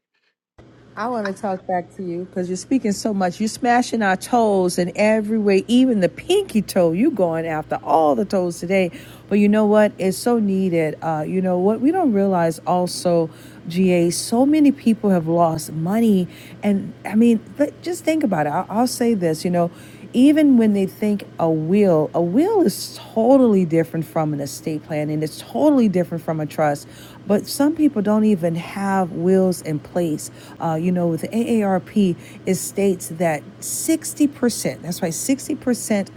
S4: I want to talk back to you because you're speaking so much. You're smashing our toes in every way, even the pinky toe. You going after all the toes today, but you know what? It's so needed. Uh, you know what? We don't realize also, GA. So many people have lost money, and I mean, but just think about it. I'll, I'll say this. You know, even when they think a will, a will is totally different from an estate plan and it's totally different from a trust. But some people don't even have wills in place. Uh, you know, with the AARP, it states that 60%, that's right, 60%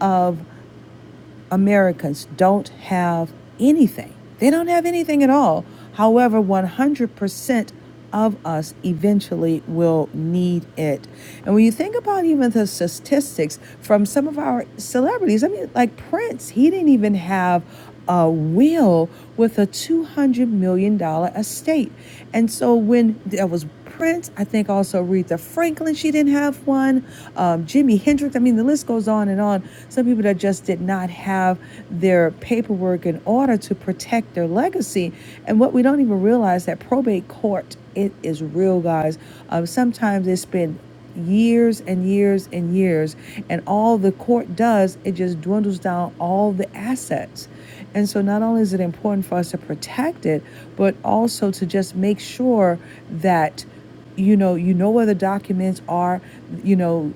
S4: of Americans don't have anything. They don't have anything at all. However, 100% of us eventually will need it. And when you think about even the statistics from some of our celebrities, I mean, like Prince, he didn't even have a will with a $200 million dollar estate. And so when there was Prince. I think also Aretha Franklin, she didn't have one. Um, Jimi Hendrix. I mean, the list goes on and on. Some people that just did not have their paperwork in order to protect their legacy. And what we don't even realize that probate court, it is real, guys. Um, sometimes it's been years and years and years and all the court does it just dwindles down all the assets and so not only is it important for us to protect it, but also to just make sure that you know you know where the documents are you know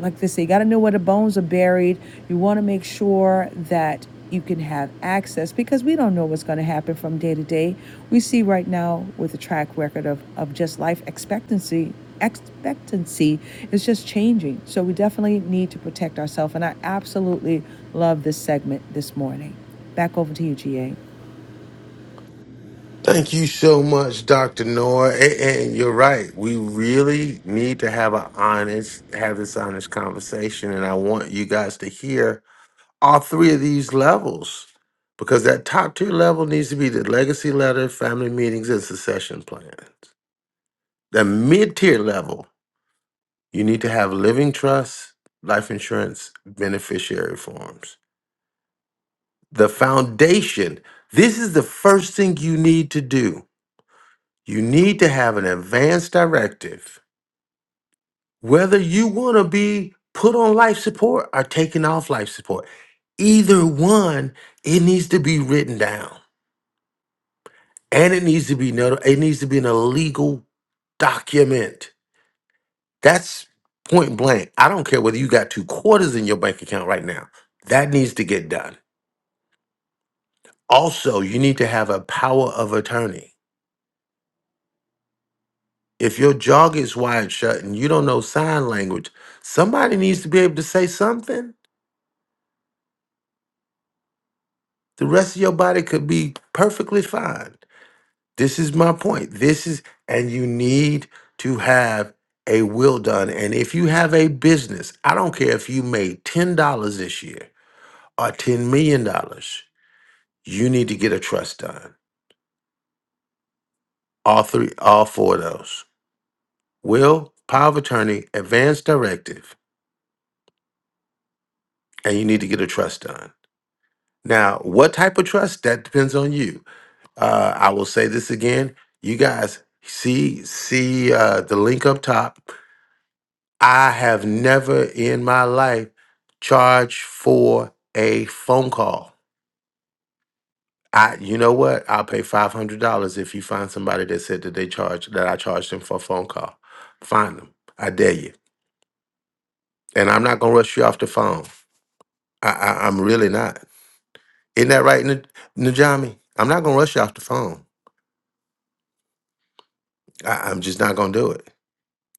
S4: like they say you got to know where the bones are buried you want to make sure that you can have access because we don't know what's going to happen from day to day we see right now with the track record of, of just life expectancy expectancy is just changing so we definitely need to protect ourselves and i absolutely love this segment this morning Back over to you, GA.
S6: Thank you so much, Dr. Noor. A- And you're right. We really need to have a honest, have this honest conversation. And I want you guys to hear all three of these levels because that top tier level needs to be the legacy letter, family meetings, and succession plans. The mid tier level, you need to have living trust, life insurance, beneficiary forms. The foundation, this is the first thing you need to do. You need to have an advance directive, whether you want to be put on life support or taken off life support. Either one, it needs to be written down and it needs to be not- it needs to be in a legal document. That's point blank. I don't care whether you got two quarters in your bank account right now. That needs to get done. Also, you need to have a power of attorney. If your jaw gets wired shut and you don't know sign language, somebody needs to be able to say something. The rest of your body could be perfectly fine. This is my point. This is, and you need to have a will done. And if you have a business, I don't care if you made $10 this year or $10 million, dollars, you need to get a trust done. All three, all four of those will, power of attorney, advance directive, and you need to get a trust done. Now, what type of trust? That depends on you. Uh, I will say this again. You guys see see uh, the link up top I have never in my life charged for a phone call. I, you know what? I'll pay five hundred dollars if you find somebody that said that they charged that I charged them for a phone call. Find them. I dare you. And I'm not gonna rush you off the phone. I, I I'm really not. Isn't that right, N- Najami? I'm not gonna rush you off the phone. I, I'm just not gonna do it.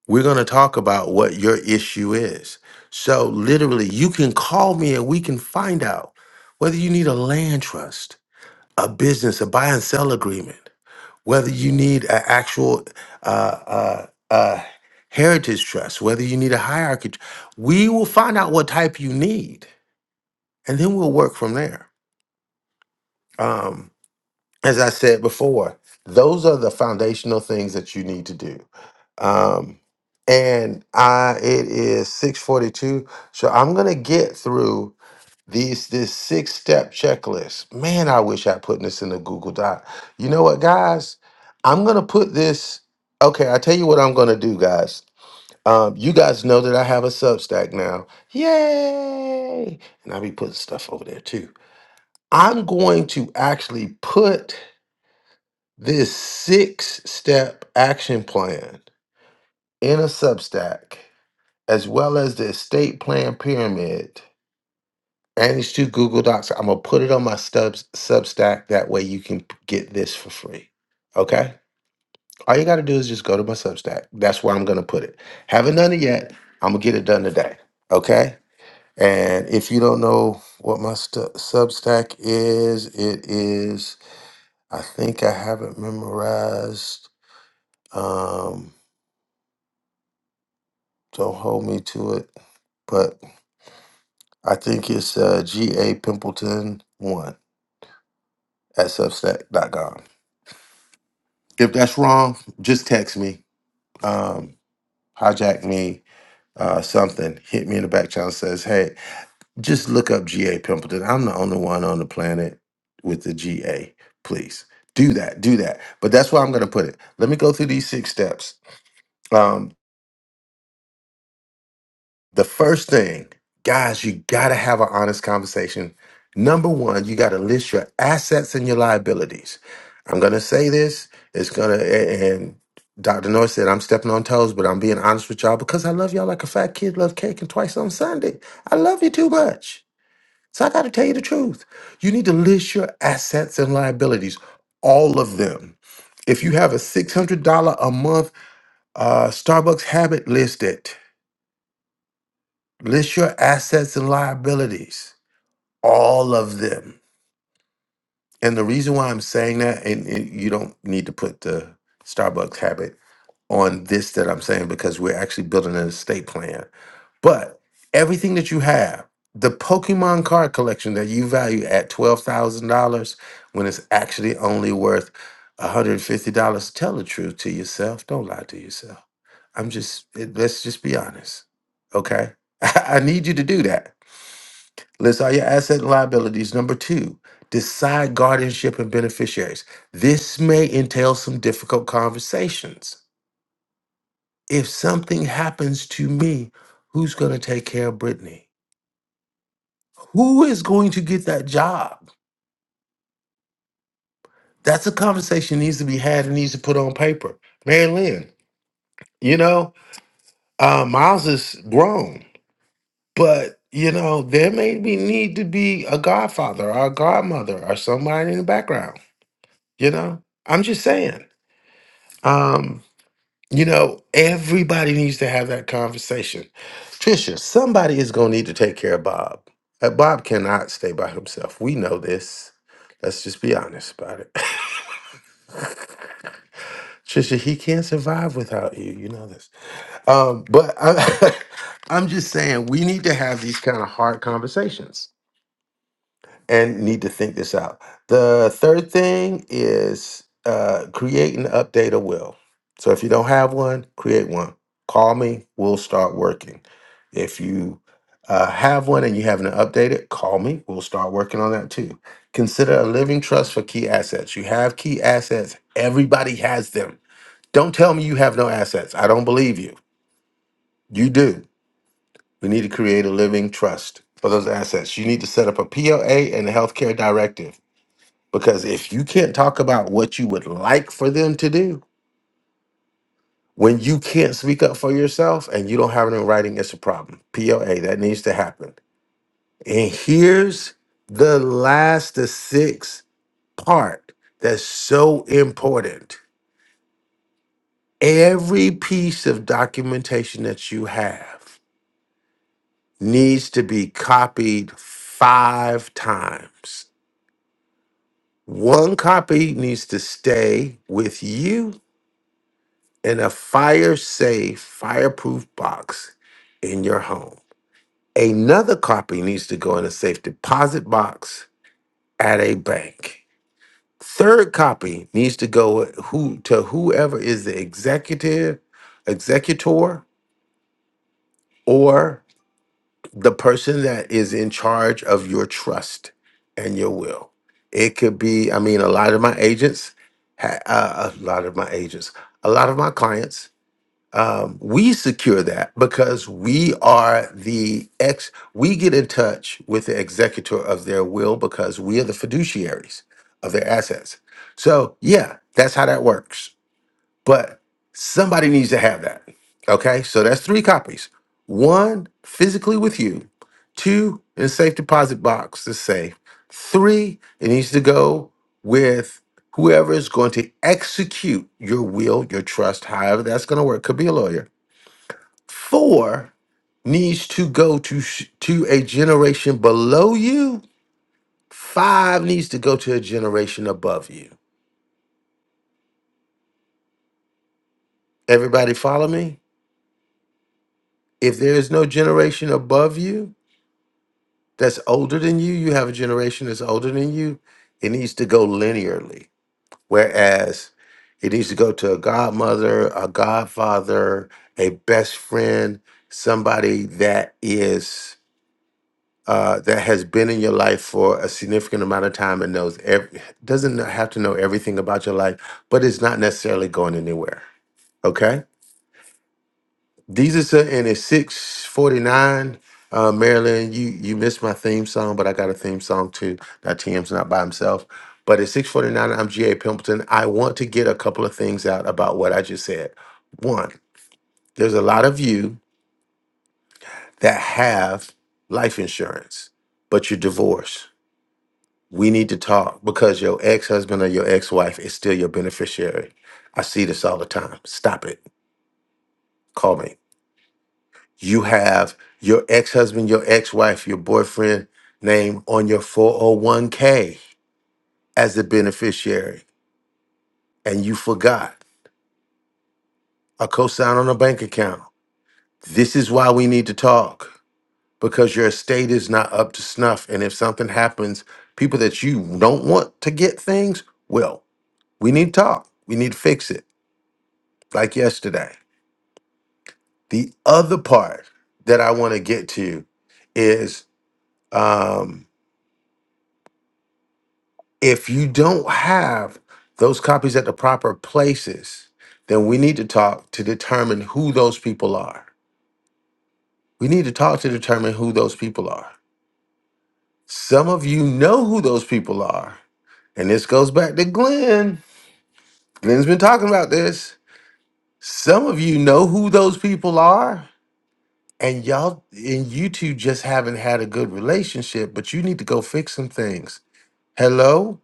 S6: We're going to talk about what your issue is. So, literally, you can call me and we can find out whether you need a land trust, a business, a buy and sell agreement, whether you need an actual uh, uh, uh, heritage trust, whether you need a hierarchy. tr- We will find out what type you need and then we'll work from there. Um, as I said before, those are the foundational things that you need to do. Um, and I, it is six forty-two, so I'm gonna get through these this six-step checklist. Man, I wish I put this in a Google Doc. You know what, guys? I'm gonna put this. Okay, I tell you what I'm gonna do, guys. Um, you guys know that I have a Substack now. Yay! And I'll be putting stuff over there too. I'm going to actually put this six step action plan in a Substack, as well as the estate plan pyramid, and these two Google Docs, I'm going to put it on my stubs, Substack. That way you can p- get this for free. Okay? All you got to do is just go to my Substack. That's where I'm going to put it. Haven't done it yet. I'm going to get it done today. Okay? And if you don't know what my stu Substack is, it is, I think I have it memorized. um, Don't hold me to it. But I think it's uh, GA Pimpleton1 at Substack dot com. If that's wrong, just text me, um, hijack me, uh, something, hit me in the back channel says, hey, just look up GA Pimpleton. I'm the only one on the planet with the GA. Please do that, do that. But that's where I'm going to put it. Let me go through these six steps. Um, The first thing, guys, you got to have an honest conversation. Number one, you got to list your assets and your liabilities. I'm going to say this. It's going to, a- and Dr. North said, I'm stepping on toes, but I'm being honest with y'all because I love y'all like a fat kid love cake and twice on Sunday. I love you too much. So I got to tell you the truth. You need to list your assets and liabilities, all of them. If you have a $600 a month uh, Starbucks habit, list it. List your assets and liabilities, all of them. And the reason why I'm saying that, and, and you don't need to put the Starbucks habit on this that I'm saying because we're actually building an estate plan. But everything that you have, the Pokemon card collection that you value at $12,000 when it's actually only worth $150, tell the truth to yourself. Don't lie to yourself. I'm just, it- let's just be honest. Okay. I need you to do that. List all your assets and liabilities. Number two, decide guardianship and beneficiaries. This may entail some difficult conversations. If something happens to me, who's going to take care of Brittany? Who is going to get that job? That's a conversation that needs to be had and needs to put on paper. Mary Lynn, you know, uh, Miles is grown, but you know, there may be need to be a godfather or a godmother or somebody in the background, you know? I'm just saying. Um, you know, everybody needs to have that conversation. Trisha, somebody is going to need to take care of Bob. Uh, Bob cannot stay by himself. We know this. Let's just be honest about it. Trisha, he can't survive without you. You know this. Um, but I, I'm just saying, we need to have these kind of hard conversations and need to think this out. The third thing is uh, create and update a will. So if you don't have one, create one. Call me, we'll start working. If you uh, have one and you haven't updated, it, call me, we'll start working on that too. Consider a living trust for key assets. You have key assets, everybody has them. Don't tell me you have no assets. I don't believe you. You do. We need to create a living trust for those assets. You need to set up a POA and a healthcare directive because if you can't talk about what you would like for them to do, when you can't speak up for yourself and you don't have it in writing, it's a problem. POA, that needs to happen. And here's the last, the sixth part that's so important. Every piece of documentation that you have needs to be copied five times. One copy needs to stay with you and a fire safe, fireproof box in your home. Another copy needs to go in a safe deposit box at a bank. Third copy needs to go who to whoever is the executive, executor, or the person that is in charge of your trust and your will. It could be, I mean, a lot of my agents, ha- uh, a lot of my agents, a lot of my clients um, we secure that because we are the ex we get in touch with the executor of their will because we are the fiduciaries of their assets so yeah that's how that works but somebody needs to have that okay so that's three copies one physically with you two in a safe deposit box to safe three it needs to go with whoever is going to execute your will your trust however that's going to work could be a lawyer Four needs to go to sh- to a generation below you. Five needs to go to a generation above you. Everybody follow me? If there is no generation above you that's older than you, you have a generation that's older than you, it needs to go linearly. Whereas it needs to go to a godmother, a godfather, a best friend, somebody that is uh, that has been in your life for a significant amount of time and knows ev- doesn't have to know everything about your life, but it's not necessarily going anywhere. Okay, these are some- and it's six forty nine. Uh, Marilyn, you you missed my theme song, but I got a theme song too. Now TM's not by himself, but at six forty nine, I'm GA Pimpleton. I want to get a couple of things out about what I just said. One, there's a lot of you that have life insurance, but you're divorced We need to talk because your ex husband or your ex wife is still your beneficiary. I see this all the time. Stop it. Call me. You have your ex husband, your ex wife, your boyfriend name on your 401k as the beneficiary, and you forgot a cosign on a bank account. This is why we need to talk because your estate is not up to snuff. And if something happens, people that you don't want to get things will. We need to talk. We need to fix it like yesterday. The other part that I want to get to is um, if you don't have those copies at the proper places, then we need to talk to determine who those people are. We need to talk to determine who those people are. Some of you know who those people are. And this goes back to Glenn. Glenn's been talking about this. Some of you know who those people are and y'all and you two just haven't had a good relationship but you need to go fix some things hello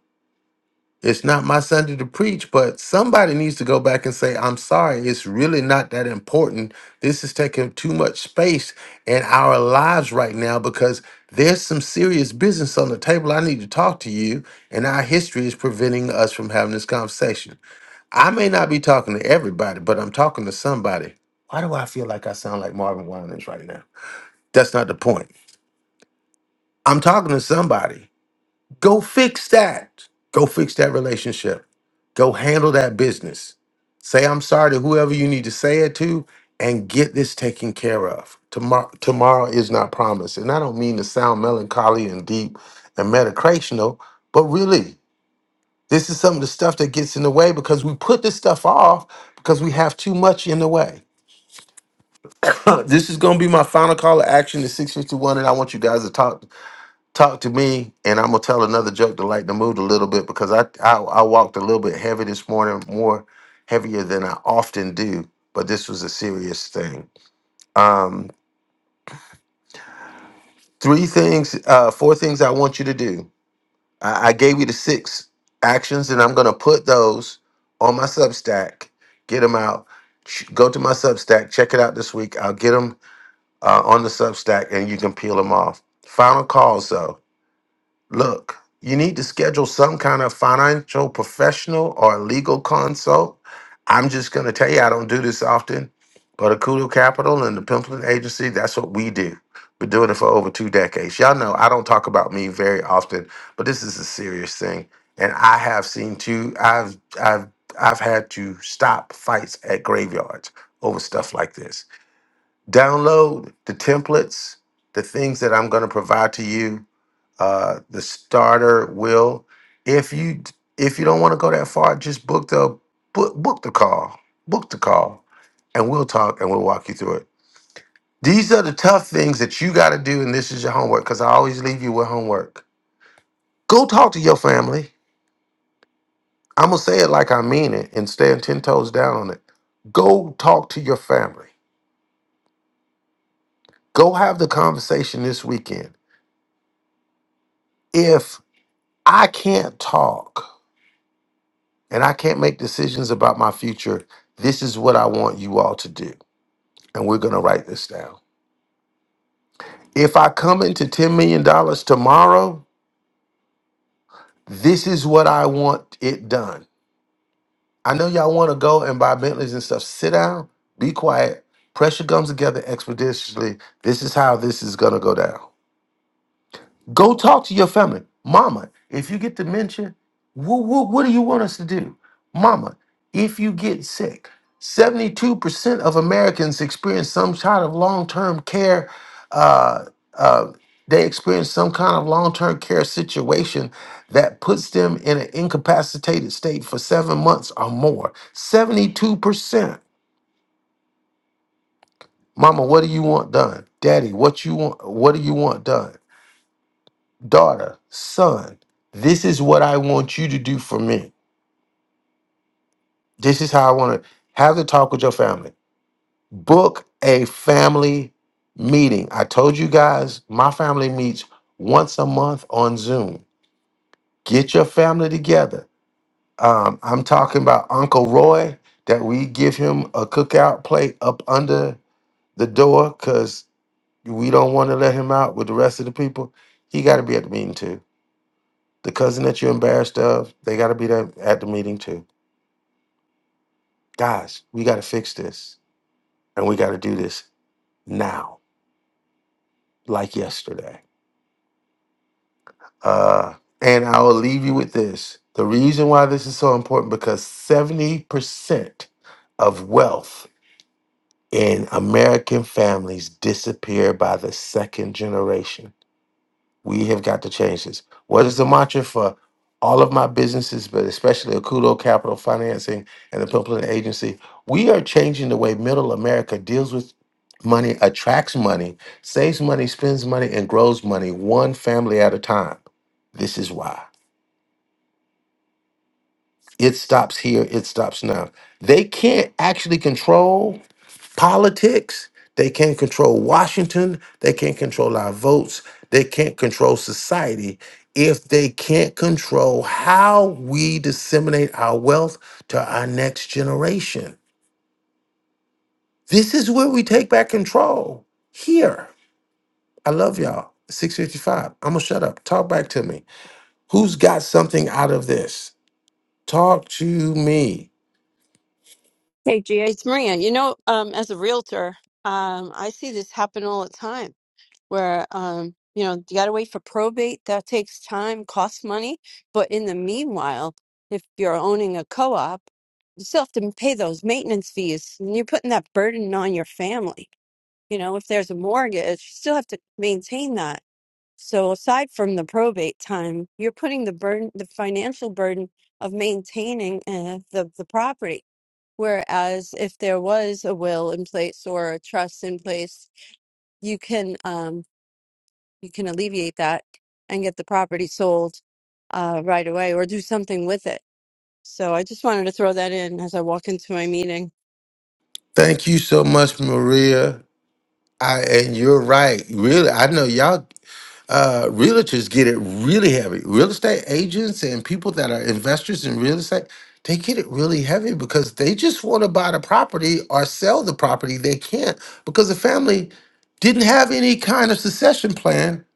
S6: it's not my sunday to preach but somebody needs to go back and say i'm sorry it's really not that important this is taking too much space in our lives right now because there's some serious business on the table i need to talk to you and our history is preventing us from having this conversation i may not be talking to everybody but i'm talking to somebody why do i feel like i sound like marvin winans right now that's not the point. I'm talking to somebody. Go fix that. Go fix that relationship. Go handle that business. Say I'm sorry to whoever you need to say it to and get this taken care of. Tomorrow tomorrow is not promised. And I don't mean to sound melancholy and deep and metacrational, but really, this is some of the stuff that gets in the way because we put this stuff off because we have too much in the way. this is going to be my final call to action to 651 and I want you guys to talk talk to me and i'm gonna tell another joke to lighten the mood a little bit because I, I i walked a little bit heavy this morning more heavier than i often do but this was a serious thing um three things uh four things i want you to do i, I gave you the six actions and i'm gonna put those on my substack get them out Ch- go to my substack check it out this week i'll get them uh, on the substack and you can peel them off final calls though Look, you need to schedule some kind of financial professional or a legal consult. I'm just going to tell you, I don't do this often, but Akudo Capital and the Pimpleton Agency, that's what we do. Been doing it for over two decades. Y'all know I don't talk about me very often, but this is a serious thing. And I have seen too, I've I've I've had to stop fights at graveyards over stuff like this. Download the templates, the things that I'm going to provide to you uh, the starter will. If you if you don't want to go that far, just book the book book the call, book the call, and we'll talk and we'll walk you through it. These are the tough things that you got to do, and this is your homework because I always leave you with homework. Go talk to your family. I'm gonna say it like I mean it and stand ten toes down on it. Go talk to your family. Go have the conversation this weekend. If I can't talk, and I can't make decisions about my future, this is what I want you all to do. And we're going to write this down. If I come into $10 million dollars tomorrow, this is what I want it done. I know y'all want to go and buy Bentleys and stuff. Sit down, be quiet, Pressure comes together expeditiously. This is how this is going to go down. Go talk to your family. Mama, if you get dementia, what, what, what do you want us to do? Mama, if you get sick, 72% of Americans experience some kind of long term care. Uh, uh, they experience some kind of long term care situation that puts them in an incapacitated state for seven months or more. 72%. Mama, what do you want done? Daddy, what you want? What do you want done? daughter, son, this is what I want you to do for me. This is how I want to have the talk with your family. Book a family meeting. I told you guys, my family meets once a month on Zoom. Get your family together. Um, I'm talking about Uncle Roy, that we give him a cookout plate up under the door because we don't want to let him out with the rest of the people. He got to be at the meeting too The cousin that you're embarrassed of, they got to be there at the meeting too. Guys, we got to fix this, and we got to do this now, like yesterday. Uh, and I will leave you with this: the reason why this is so important because seventy percent of wealth in American families disappear by the second generation. We have got to change this. What is the mantra for all of my businesses, but especially Akudo Capital Financing and the Pimpleton Agency? We are changing the way middle America deals with money, attracts money, saves money, spends money, and grows money one family at a time. This is why. It stops here, it stops now. They can't actually control politics. They can't control Washington. They can't control our votes. They can't control society if they can't control how we disseminate our wealth to our next generation. This is where we take back control. Here. I love y'all. 655. I'm going to shut up. Talk back to me. Who's got something out of this? Talk to me.
S13: Hey, Gia, it's Maria. You know, um, as a realtor, um, I see this happen all the time. where um you know you got to wait for probate that takes time costs money but in the meanwhile if you're owning a co-op you still have to pay those maintenance fees and you're putting that burden on your family you know if there's a mortgage you still have to maintain that so aside from the probate time you're putting the burden the financial burden of maintaining uh, the the property whereas if there was a will in place or a trust in place you can um you can alleviate that and get the property sold uh, right away or do something with it. So I just wanted to throw that in as I walk into my meeting.
S6: Thank you so much, Maria. I and you're right. Really, I know y'all uh realtors get it really heavy. Real estate agents and people that are investors in real estate, they get it really heavy because they just want to buy the property or sell the property. They can't because the family didn't have any kind of succession plan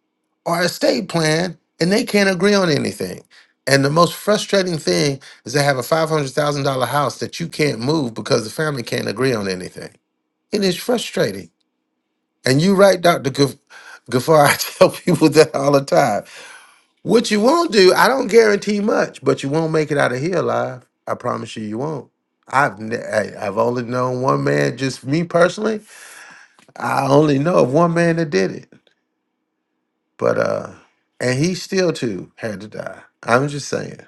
S6: or estate plan and they can't agree on anything. And the most frustrating thing is they have a $500,000 house that you can't move because the family can't agree on anything and it's frustrating. And you right, Dr. Gaf- Gafar, I tell people that all the time. What you won't do, I don't guarantee much, but you won't make it out of here alive. I promise you, you won't. I've ne- I- I've only known one man, just me personally. I only know of one man that did it, but uh, and he still too had to die. I'm just saying,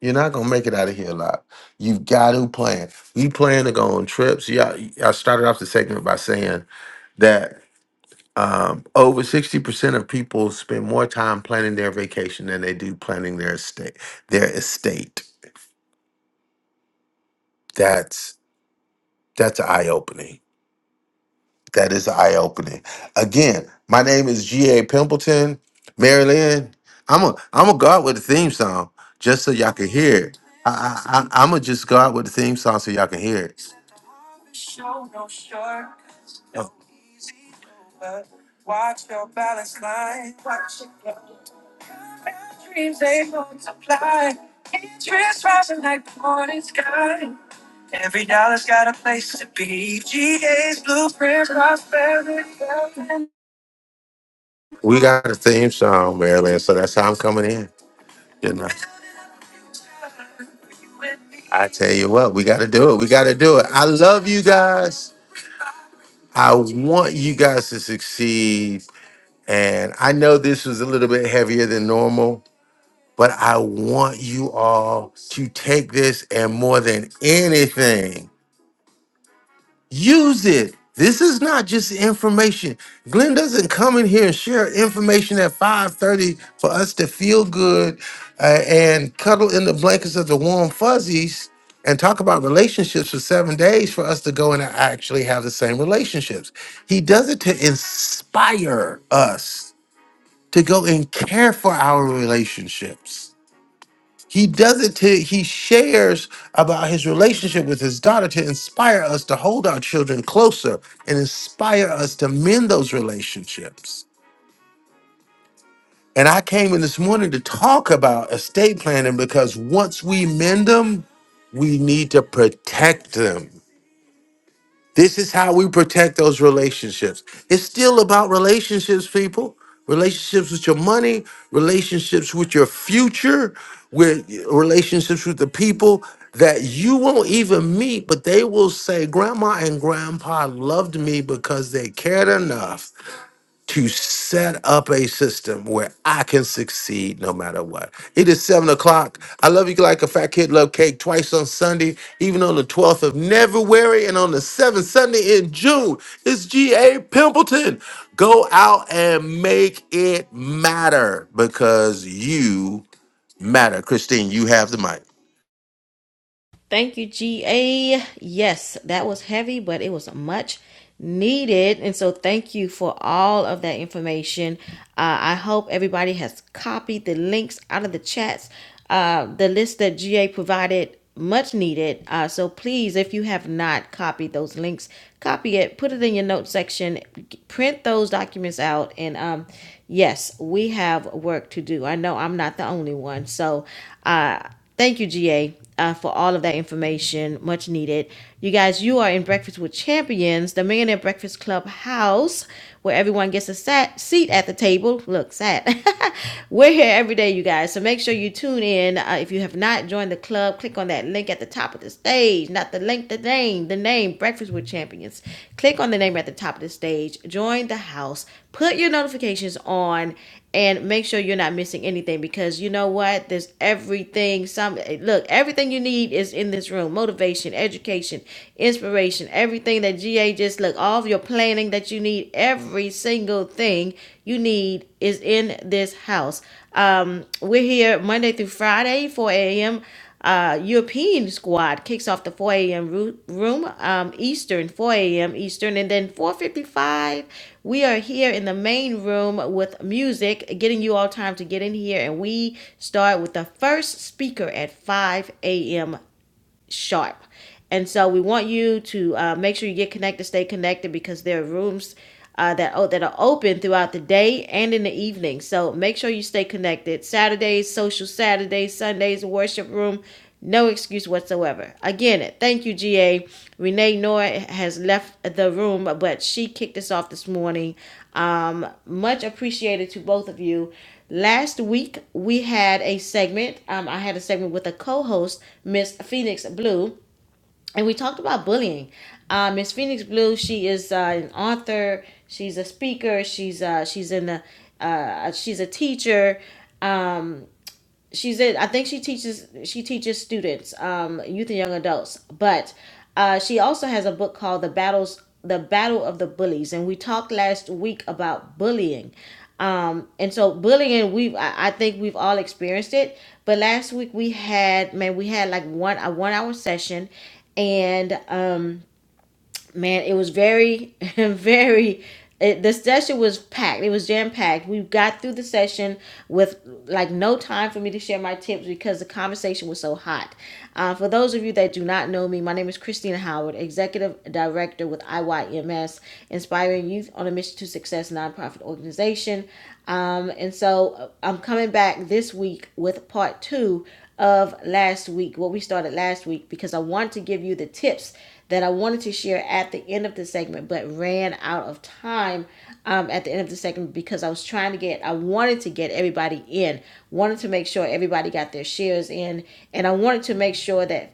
S6: you're not gonna make it out of here alive. You've got to plan. You plan to go on trips. Yeah, I started off the segment by saying that Um, over 60% of people spend more time planning their vacation than they do planning their estate. Their estate. That's that's eye opening. That is eye opening. Again, my name is G.A. Pimpleton, Mary Lynn. I'm a I'm a go out with a theme song just so y'all can hear it. I, I, I, I'm gonna just go out with the theme song so y'all can hear it. Show no shortcuts, no easy, but watch your balance line. Watch it. Dreams they multiply. Interest rising like the morning sky. Every dollar's got a place to be. GA's blueprint, prosperity, wealth, and- We got a theme song, Marilyn, so that's how I'm coming in. You know, I tell you what, we got to do it. We got to do it. I love you guys. I want you guys to succeed. And I know this was a little bit heavier than normal. But I want you all to take this and more than anything, use it. This is not just information. Glenn doesn't come in here and share information at 5:30 for us to feel good uh, and cuddle in the blankets of the warm fuzzies and talk about relationships for 7 days for us to go and actually have the same relationships. He does it to inspire us to go and care for our relationships he does it to, he shares about his relationship with his daughter to inspire us to hold our children closer and inspire us to mend those relationships. And I came in this morning to talk about estate planning because once we mend them, we need to protect them. This is how we protect those relationships. It's still about relationships, people. Relationships with your money, relationships with your future, with relationships with the people that you won't even meet, but they will say, Grandma and Grandpa loved me because they cared enough to set up a system where I can succeed no matter what. It is seven o'clock. I love you like a fat kid love cake twice on Sunday, even on the 12th of February and on the seventh Sunday in June. It's G.A. Pimpleton. Go out and make it matter because you matter. Christine, you have the mic.
S1: Thank you, GA. Yes, that was heavy, but it was much needed. And so, thank you for all of that information. Uh, I hope everybody has copied the links out of the chats. Uh, the list that GA provided, much needed. Uh, so, please, if you have not copied those links, copy it, put it in your notes section, print those documents out. And um, yes, we have work to do. I know I'm not the only one. So, uh, Thank you, GA, uh, for all of that information. Much needed. You guys, you are in Breakfast with Champions, the Millionaire Breakfast Club house, where everyone gets a sat- seat at the table. Look, sat. We're here every day, you guys. So make sure you tune in. Uh, if you have not joined the club, click on that link at the top of the stage. Not the link, the name, the name, Breakfast with Champions. Click on the name at the top of the stage. Join the house. Put your notifications on and make sure you're not missing anything because you know what there's everything some look everything you need is in this room motivation education inspiration everything that ga just look all of your planning that you need every single thing you need is in this house um we're here monday through friday 4 a.m uh, European squad kicks off the 4 a.m. ru- room um, Eastern, 4 a.m. Eastern, and then 4:55. We are here in the main room with music, getting you all time to get in here, and we start with the first speaker at 5 a.m sharp. And so we want you to uh, make sure you get connected, stay connected because there are rooms uh, that oh, that are open throughout the day and in the evening. So make sure you stay connected. Saturdays, social Saturdays, Sundays, worship room. No excuse whatsoever. Again, thank you, GA. Renee Noor has left the room, but she kicked us off this morning. Um, much appreciated to both of you. Last week we had a segment. Um, I had a segment with a co-host, Miss Phoenix Blue, and we talked about bullying. Uh, Miss Phoenix Blue, she is uh, an author. She's a speaker. She's uh, she's in a uh, she's a teacher Um, she's in i think she teaches she teaches students um youth and young adults but uh she also has a book called the battles the battle of the bullies and we talked last week about bullying um and so bullying we've i, I think we've all experienced it but last week we had man we had like one a one hour session and um man, it was very, very. It, the session was packed. It was jam packed. We got through the session with like no time for me to share my tips because the conversation was so hot. Uh, for those of you that do not know me, my name is Christina Howard, Executive Director with IYMS, Inspiring Youth on a Mission to Success nonprofit organization. Um, and so uh, I'm coming back this week with part two of last week, what we started last week, because I wanted to give you the tips that I wanted to share at the end of the segment, but ran out of time um, at the end of the segment because I was trying to get, I wanted to get everybody in, wanted to make sure everybody got their shares in, and I wanted to make sure that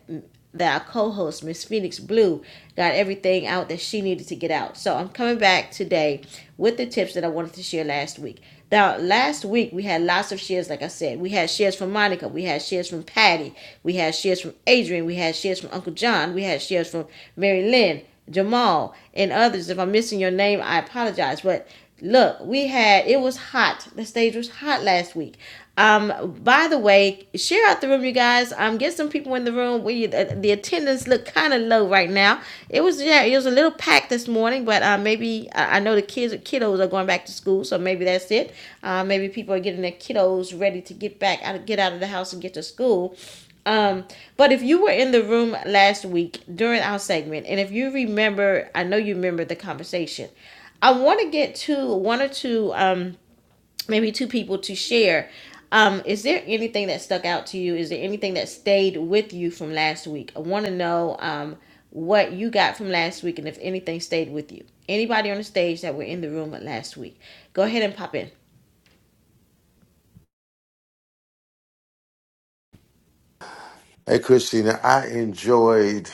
S1: that our co-host miss phoenix blue got everything out that she needed to get out so i'm coming back today with the tips that i wanted to share last week now last week we had lots of shares like i said we had shares from monica we had shares from patty we had shares from adrian we had shares from uncle john we had shares from mary lynn jamal and others if i'm missing your name i apologize but look we had it was hot the stage was hot last week um, by the way, share out the room, you guys. Um, get some people in the room. We the, the attendance look kind of low right now. It was yeah, it was a little packed this morning, but uh, maybe I, I know the kids kiddos are going back to school, so maybe that's it. Uh, maybe people are getting their kiddos ready to get back out, get out of the house and get to school. Um, but if you were in the room last week during our segment, and if you remember, I know you remember the conversation. I want to get to one or two. Um, maybe two people to share. Um, is there anything that stuck out to you? Is there anything that stayed with you from last week? I want to know um, what you got from last week and if anything stayed with you. Anybody on the stage that were in the room last week, go ahead and pop in.
S6: Hey, Christina, I enjoyed.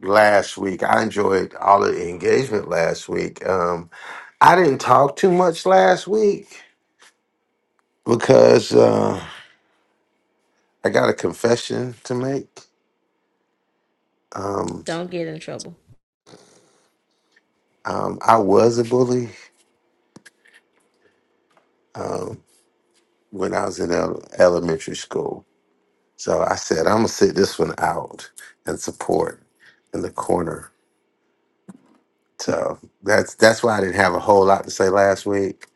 S6: last week. I enjoyed all of the engagement last week. Um, I didn't talk too much last week because uh, I got a confession to make. Um,
S1: Don't get in trouble.
S6: um, I was a bully um, when I was in el- elementary school. So I said, I'm going to sit this one out and support in the corner. So that's that's why I didn't have a whole lot to say last week.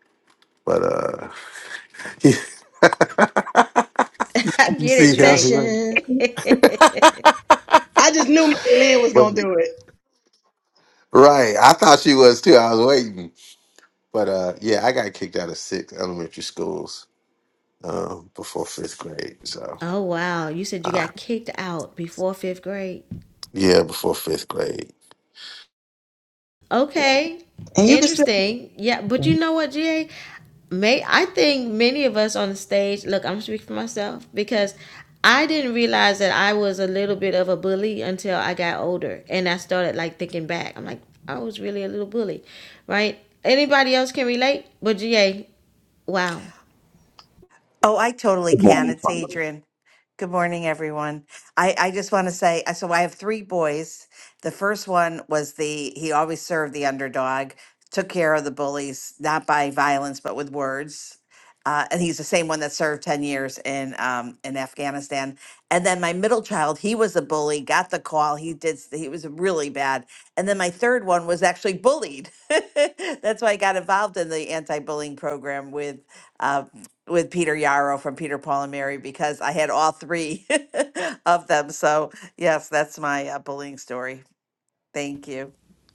S6: But uh, you
S1: I get it,
S6: see, that's
S1: GA.
S6: right.
S15: session. I just knew Mary Lynn was gonna do it.
S6: Right. I thought she was too. I was waiting. But uh yeah, I got kicked out of six elementary schools um before fifth grade. So
S1: Oh, wow. You said you
S6: um,
S1: got kicked out before fifth grade.
S6: yeah, before fifth grade.
S1: Okay.
S15: And you can still
S1: Interesting. Yeah, but you know what, GA? May I think many of us on the stage, look, I'm speaking for myself because I didn't realize that I was a little bit of a bully until I got older and I started like thinking back. I'm like, I was really a little bully, right? Anybody else can relate? But GA, wow.
S16: Oh, I totally
S17: Good
S16: can.
S17: morning,
S16: It's
S17: Carmen.
S16: Adrian. Good morning, everyone. I, I just want to say I- so I have three boys. The first one was the, he always served the underdog, took care of the bullies, not by violence, but with words. Uh, and he's the same one that served 10 years in um, in Afghanistan. And then my middle child, he was a bully, got the call. He did, s- he was really bad. And then my third one was actually bullied. That's why I got involved in the anti bullying program with. uh, with Peter Yarrow from Peter Paul and Mary because I had all three of them. So yes, that's my uh, bullying story. Thank you.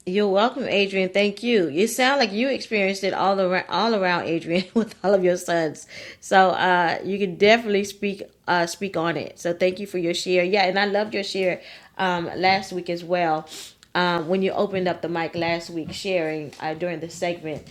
S1: You're welcome, Adrian. Thank you. You sound like you experienced it all around, all around, Adrian, with all of your sons. So uh, you can definitely speak uh, speak on it. So thank you for your share. Yeah, and I loved your share um, last week as well. Um, when you opened up the mic last week, sharing uh, during the segment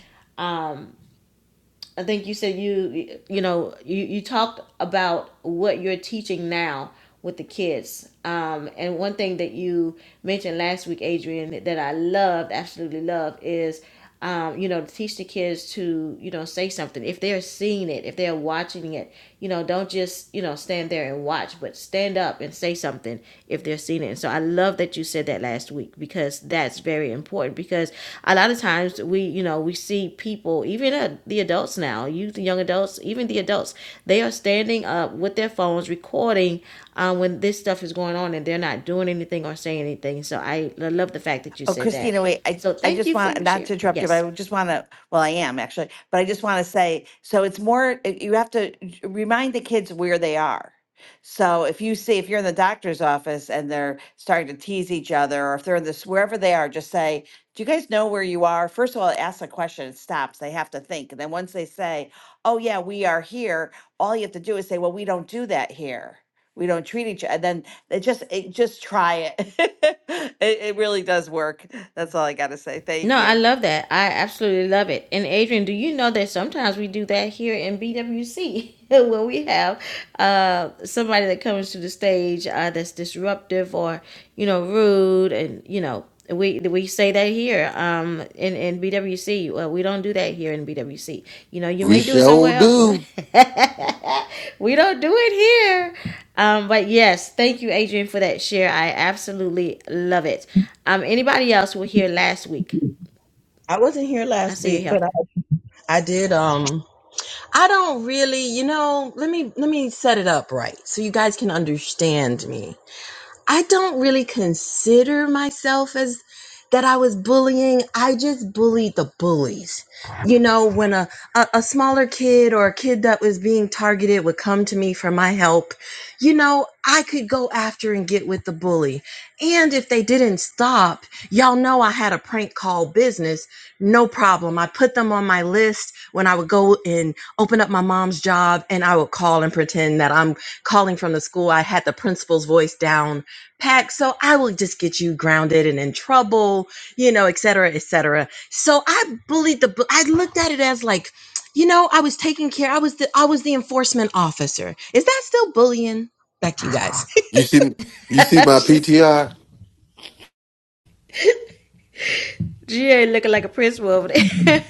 S1: I think you said you you know you you talked about what you're teaching now with the kids. Um, and one thing that you mentioned last week, Adrian, that I loved, absolutely love, is um, you know, to teach the kids to, you know, say something. If they're seeing it, if they're watching it, you know, don't just, you know, stand there and watch, but stand up and say something something if they're seeing it. And so I love that you said that last week because that's very important because a lot of times we, you know, we see people, even uh, the adults now, youth, young adults, even the adults, they are standing up with their phones recording um, when this stuff is going on and they're not doing anything or saying anything. So I love the fact that you
S16: Oh,
S1: said that.
S16: Christina, wait, I,
S1: So
S16: I
S1: thank
S16: just
S1: you for
S16: want,
S1: your
S16: not
S1: share.
S16: to interrupt you, but I
S1: Yes.
S16: would just want to, well, I am actually, but I just want to say, so it's more, uh, you have to j- remind the kids where they are. So if you see, if you're in the doctor's office and they're starting to tease each other, or if they're in this, wherever they are, just say, do you guys know where you are? First of all, ask a question, it stops, they have to think. And then once they say, oh yeah, we are here, all you have to do is say, well, we don't do that here. We don't treat each, other." then it just it, just try it. it it really does work that's all i gotta say
S1: No,
S16: thank
S1: I
S16: you
S1: love that. I absolutely love it. And Adrian, do you know that sometimes we do that here in BWC when we have uh, somebody that comes to the stage uh, that's disruptive or you know rude, and you know we we say that here um, in in BWC. Well, we don't do that here in BWC. You know, you
S6: We
S1: may do it
S6: sure
S1: somewhere else, but
S6: do.
S1: we, we don't do it here. Um, but yes, thank you, Adrian, for that share. I absolutely love it. Um, anybody else were here last week?
S15: I wasn't here
S1: I
S15: last
S1: see you
S15: week,
S1: here.
S15: but I, I did um I don't really, you know, let me let me set it up right so you guys can understand me. I don't really consider myself as that I was bullying. I just bullied the bullies. You know, when a, a, a smaller kid or a kid that was being targeted would come to me for my help, you know, I could go after and get with the bully. And if they didn't stop, y'all know I had a prank call business. No problem. I put them on my list when I would go and open up my mom's job and I would call and pretend that I'm calling from the school. I had the principal's voice down pack so i will just get you grounded and in trouble you know et cetera et cetera so i bullied the bu- i looked at it as like you know i was taking care i was the i was the enforcement officer is that still bullying back to you guys
S6: You see you see my
S1: She's,
S6: PTR?
S1: she looking like a prince over there.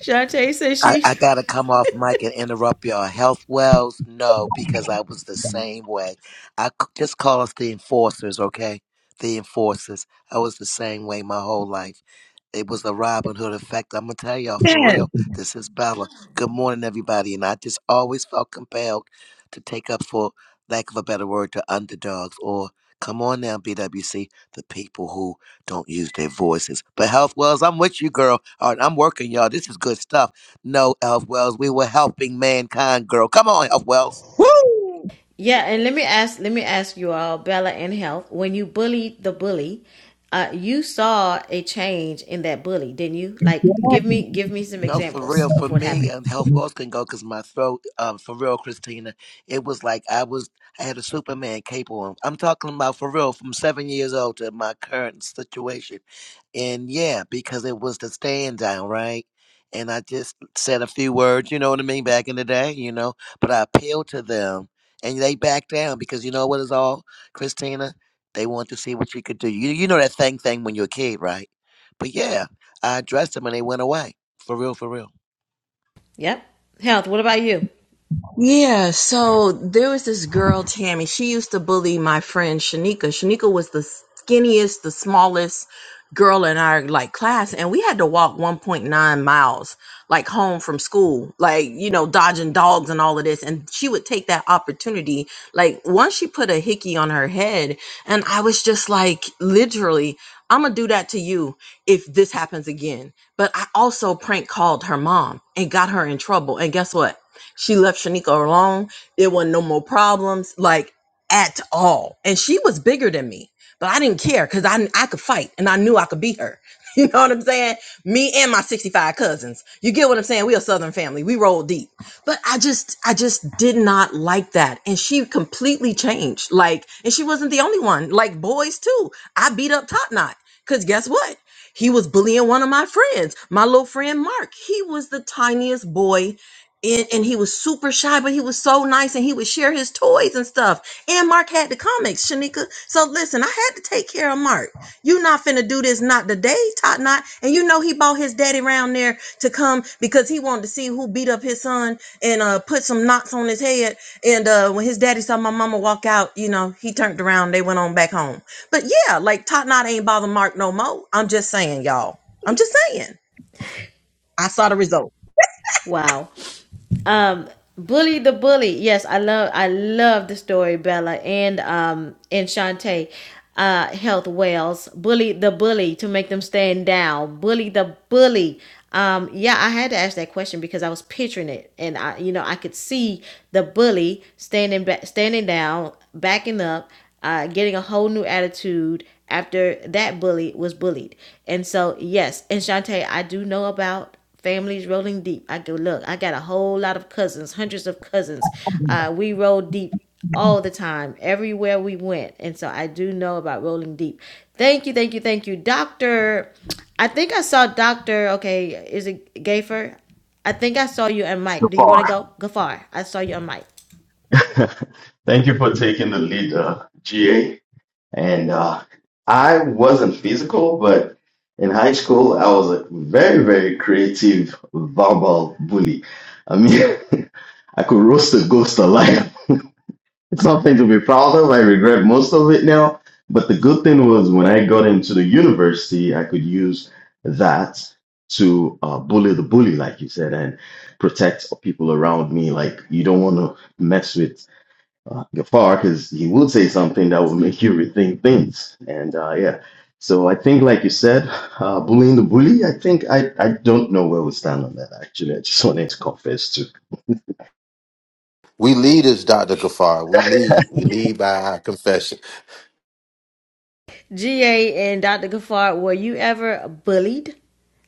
S1: Shantae says
S14: I,
S1: she.
S14: I gotta come off mic and interrupt y'all. Health wells, no, because I was the same way. I c- just call us the enforcers, okay? The enforcers. I was the same way my whole life. It was the Robin Hood effect. I'm gonna tell y'all for real. This is Bella. Good morning, everybody. And I just always felt compelled to take up, for lack of a better word, to underdogs or come on now, BWC, the people who don't use their voices. But health wells, I'm with you, girl. All right, I'm working, y'all. This is good stuff. No, Health Wells, we were helping mankind, girl. Come on, Health Wells.
S15: Woo!
S1: Yeah, and let me ask, let me ask you all, Bella and Health, when you bullied the bully, uh, you saw a change in that bully, didn't you? Like, give me, give me some
S14: No, for
S1: examples
S14: real. For
S1: of what
S14: me,
S1: happened.
S14: and health wells can go because my throat. Um, for real, Christina, it was like I was. I had a Superman cape on. I'm talking about for real, from seven years old to my current situation, and yeah, because it was the stand down, right? And I just said a few words, you know what I mean, back in the day, you know. But I appealed to them, and they backed down because you know what is all, Christina. They want to see what you could do. You you know that thing thing when you're a kid, right? But yeah, I addressed them and they went away. For real, for real.
S1: Yep. Health, what about you?
S15: Yeah, so there was this girl, Tammy. She used to bully my friend Shanika. Shanika was the skinniest, the smallest girl in our like class, and we had to walk 1.9 miles like home from school, like you know, dodging dogs and all of this. And she would take that opportunity. Like once she put a hickey on her head, and I was just like, literally, I'm gonna do that to you if this happens again. But I also prank called her mom and got her in trouble. And guess what? She left Shanika alone. There wasn't no more problems, like at all. And she was bigger than me, but I didn't care because I I could fight and I knew I could beat her. You know what I'm saying? Me and my 65 cousins. You get what I'm saying? We a Southern family. We roll deep. But I just, I just did not like that. And she completely changed. Like, and she wasn't the only one. Like boys too. I beat up Top Knot. Cause guess what? He was bullying one of my friends, my little friend Mark. He was the tiniest boy and, and he was super shy, but he was so nice and he would share his toys and stuff. And Mark had the comics, Shanika. So listen, I had to take care of Mark. You not finna do this not today, Tot Not. And you know he bought his daddy round there to come because he wanted to see who beat up his son and uh put some knots on his head. And uh when his daddy saw my mama walk out, you know, he turned around, they went on back home. But yeah, like Tot Not ain't bother Mark no more. I'm just saying, y'all. I'm just saying. I saw the result.
S1: Wow. Um, Bully the Bully. Yes, I love I love the story, Bella and um and Shantae. Uh, health Wells. Bully the bully to make them stand down. Bully the bully. Um, yeah, I had to ask that question because I was picturing it, and I, you know, I could see the bully standing back, standing down, backing up, uh, getting a whole new attitude after that bully was bullied. And so, yes, and Shantae, I do know about Families rolling deep. I go, look, I got a whole lot of cousins, hundreds of cousins. Uh, we roll deep all the time, everywhere we went. And so I do know about rolling deep. Thank you, thank you, thank you. Doctor, I think I saw Doctor, okay, is it Gafer? I think I saw you and
S17: So
S1: Mike. Do you want
S17: far,
S1: to go? Gafar, I saw you and Mike.
S17: thank you for taking the lead, uh, GA. And uh, I wasn't physical, but in high school, I was a very, very creative verbal bully. I mean, I could roast a ghost alive. It's something to be proud of. I regret most of it now. But the good thing was when I got into the university, I could use that to uh, bully the bully, like you said, and protect people around me. Like you don't want to mess with uh, Gafar because he will say something that will make you rethink things. And uh, yeah, so I think, like you said, uh, bullying the bully. I think I I don't know where we stand on that. Actually, I just wanted to confess to.
S6: We leaders, Dr. Kafar. We lead. We lead by our confession.
S1: GA and Dr. Gafar, were you ever bullied?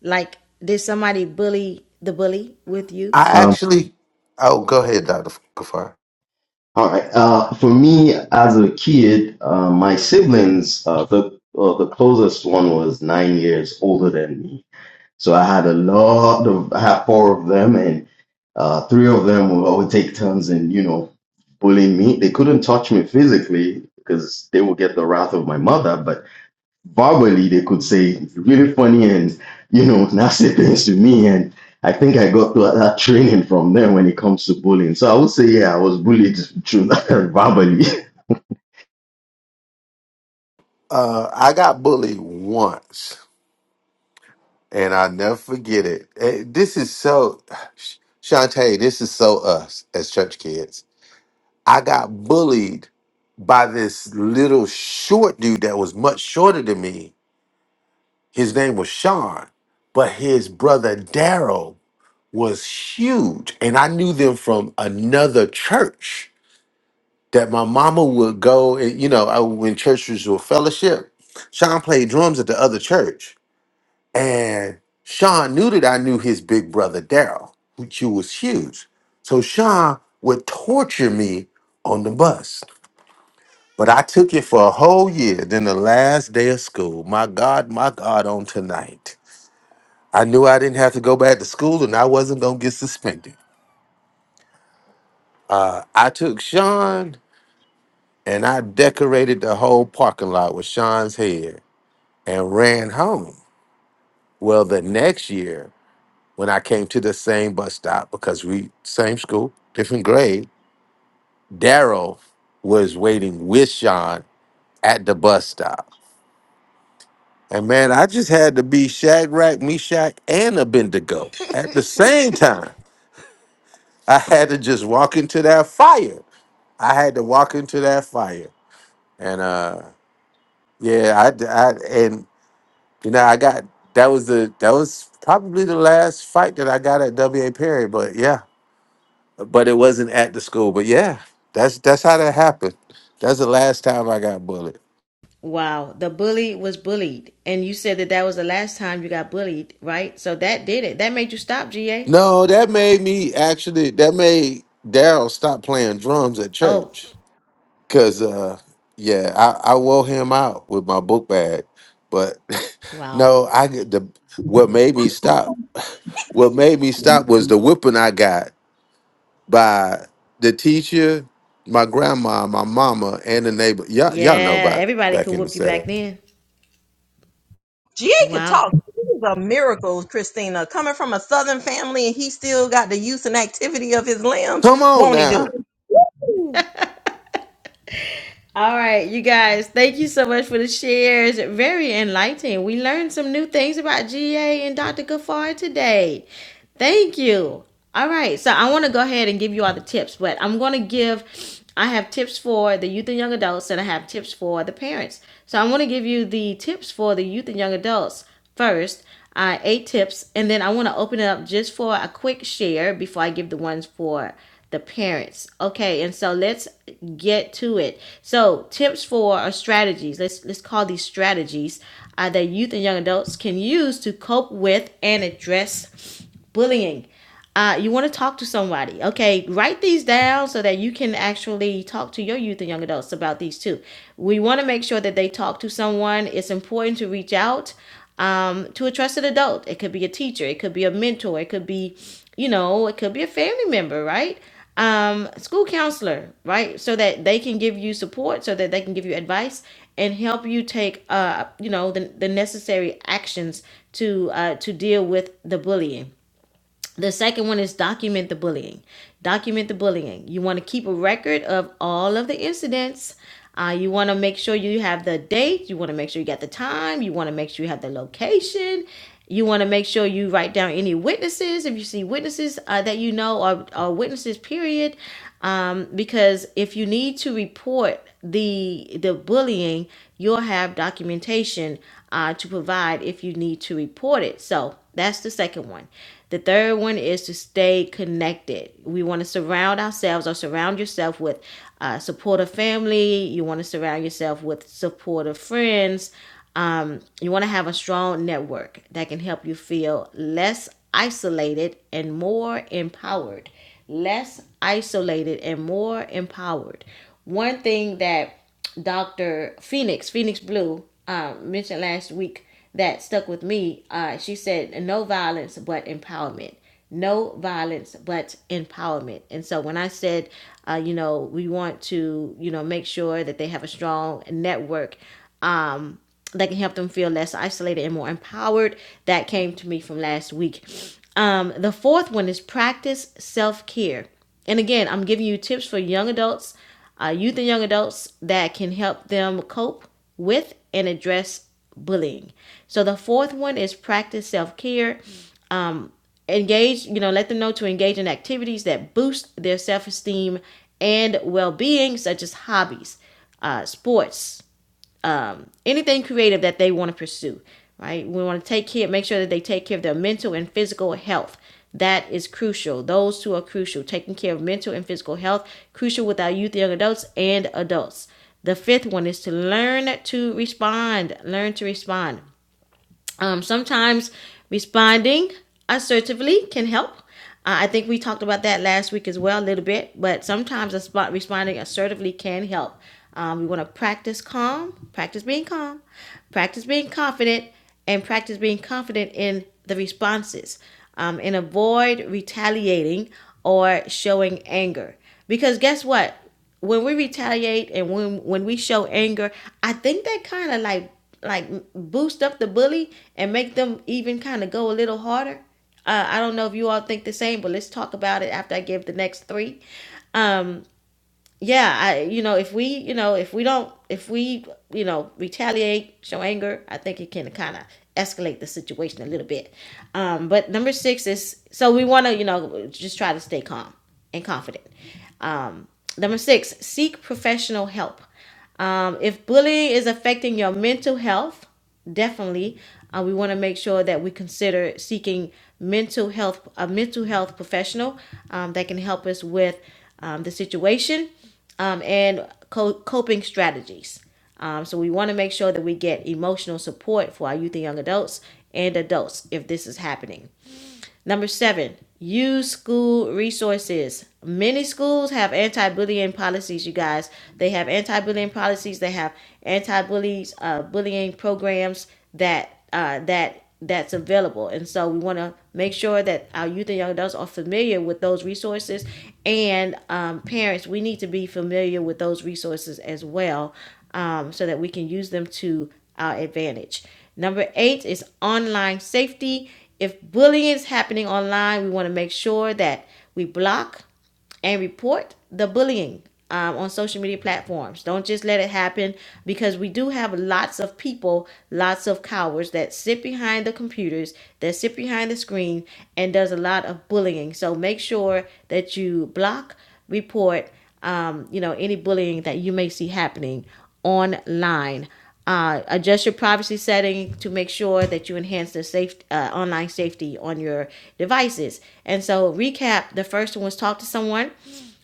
S1: Like, did somebody bully the bully with you?
S6: I actually oh go ahead, Dr. Kafar.
S17: All right. Uh, for me, as a kid, uh, my siblings, uh, the uh, the closest one was nine years older than me, so I had a lot of I had four of them, and uh, three of them would always take turns and you know bullying me. They couldn't touch me physically because they would get the wrath of my mother, but verbally they could say really funny and you know nasty things to me and i think i got that that training from them when it comes to bullying so i would say yeah i was bullied through verbally
S6: Uh I got bullied once and I'll never forget it. Eh, This is so Shantae, this is so us as church kids I got bullied by this little short dude that was much shorter than me. His name was Sean, but his brother Daryl was huge. And I knew them from another church that my mama would go, and you know, I, when churches were fellowship, Sean played drums at the other church. And Sean knew that I knew his big brother Daryl, which was huge. So Sean would torture me on the bus. But I took it for a whole year. Then the last day of school, my God, my God, on tonight. I knew I didn't have to go back to school and I wasn't going to get suspended. I took Sean and I decorated the whole parking lot with Sean's hair and ran home. Well, the next year, when I came to the same bus stop, because we, same school, different grade, Daryl was waiting with Sean at the bus stop. And man, I just had to be Shadrach, Meshach, and Abednego at the same time. I had to just walk into that fire. I had to walk into that fire. And uh yeah, I, I and you know I got that was the that was probably the last fight that I got at WA Perry. But yeah, but it wasn't at the school. But yeah, that's that's how that happened. That's the last time I got bullied.
S1: Wow, the bully was bullied, and you said that that was the last time you got bullied, right? So that did it. That made you stop, GA.
S6: No, that made me actually. That made Daryl stop playing drums at
S1: Oh,
S6: church. Cause uh yeah, I, I wore him out with my book bag. But
S1: wow.
S6: no, I get the what made me stop what made me stop was the whipping I got by the teacher, my grandma, my mama, and the neighbor. Y'all, y'all know
S1: Yeah,
S6: about
S1: everybody could
S6: back in the
S1: whoop you back
S6: 70s.
S1: then.
S15: GA could
S1: Wow.
S15: talk. This is a miracle, Christina. Coming from a southern family and he still got the use and activity of his limbs,
S6: Come on
S15: won't he do
S6: now.
S15: it?
S1: All right, you guys, thank you so much for the shares. Very enlightening. We learned some new things about GA and Dr. Gafar today. Thank you. All right, so I want to go ahead and give you all the tips, but I'm going to give, I have tips for the youth and young adults, and I have tips for the parents. So I want to give you the tips for the youth and young adults first, uh, eight tips, and then I want to open it up just for a quick share before I give the ones for the parents. Okay, and so let's get to it. So tips for or strategies. Let's let's call these strategies uh, that youth and young adults can use to cope with and address bullying. Uh, you want to talk to somebody. Okay, write these down so that you can actually talk to your youth and young adults about these too. We want to make sure that they talk to someone. It's important to reach out um, to a trusted adult. It could be a teacher, it could be a mentor, it could be, you know, it could be a family member, right? Um, school counselor, right? So that they can give you support, so that they can give you advice and help you take, uh, you know, the, the necessary actions to uh, to deal with the bullying the second one is document the bullying. Document the bullying. You want to keep a record of all of the incidents. Uh, you want to make sure you have the date. You want to make sure you got the time. You want to make sure you have the location. You want to make sure you write down any witnesses if you see witnesses uh, that you know or, or witnesses, period. Um, because if you need to report the the bullying, you'll have documentation uh, to provide if you need to report it. So that's the second one. The third one is to stay connected. We want to surround ourselves or surround yourself with uh, supportive family. You want to surround yourself with supportive friends. Um, you want to have a strong network that can help you feel less isolated and more empowered less isolated and more empowered. One thing that Dr. Phoenix, Phoenix Blue, um, mentioned last week that stuck with me, uh, she said, no violence but empowerment. No violence but empowerment. And so when I said, uh, you know, we want to, you know, make sure that they have a strong network um, that can help them feel less isolated and more empowered. That came to me from last week. Um, the fourth one is practice self care. And again, I'm giving you tips for young adults, uh, youth and young adults that can help them cope with and address bullying. So the fourth one is practice self care. Engage, you know, let them know to engage in activities that boost their self esteem and well being, such as hobbies, uh, sports, um, anything creative that they want to pursue, right? We want to take care, make sure that they take care of their mental and physical health. That is crucial. Those two are crucial. Taking care of mental and physical health, crucial with our youth, young adults, and adults. The fifth one is to learn to respond. Learn to respond. Um, sometimes responding assertively can help. Uh, I think we talked about that last week as well, a little bit, but sometimes a spot responding assertively can help. Um, we want to practice calm, practice being calm, practice being confident, and practice being confident in the responses um, and avoid retaliating or showing anger. Because guess what? when we retaliate and when when we show anger, I think that kind of like like boost up the bully and make them even kind of go a little harder. Uh, I don't know if you all think the same, but let's talk about it after I give the next three. Um, yeah, I you know, if we, you know, if we don't if we, you know, retaliate, show anger, I think it can kind of escalate the situation a little bit. Um but number 6 is so we want to, you know, just try to stay calm and confident. Um number 6, seek professional help. Um, if bullying is affecting your mental health, definitely uh, we want to make sure that we consider seeking mental health a mental health professional um, that can help us with um, the situation um, and co- coping strategies. Um, so we want to make sure that we get emotional support for our youth and young adults and adults if this is happening. Number seven, use school resources. Many schools have anti-bullying policies. You guys, they have anti-bullying policies. They have anti-bullies, uh, bullying programs that uh, that that's available. And so we want to make sure that our youth and young adults are familiar with those resources, and um, parents, we need to be familiar with those resources as well, um, so that we can use them to our advantage. Number eight is online safety. If bullying is happening online, we want to make sure that we block and report the bullying um, on social media platforms. Don't just let it happen because we do have lots of people, lots of cowards that sit behind the computers, that sit behind the screen, and does a lot of bullying. So make sure that you block, report, um, you know, any bullying that you may see happening online. Uh, adjust your privacy setting to make sure that you enhance the safe uh, online safety on your devices. And so, recap: the first one was talk to someone.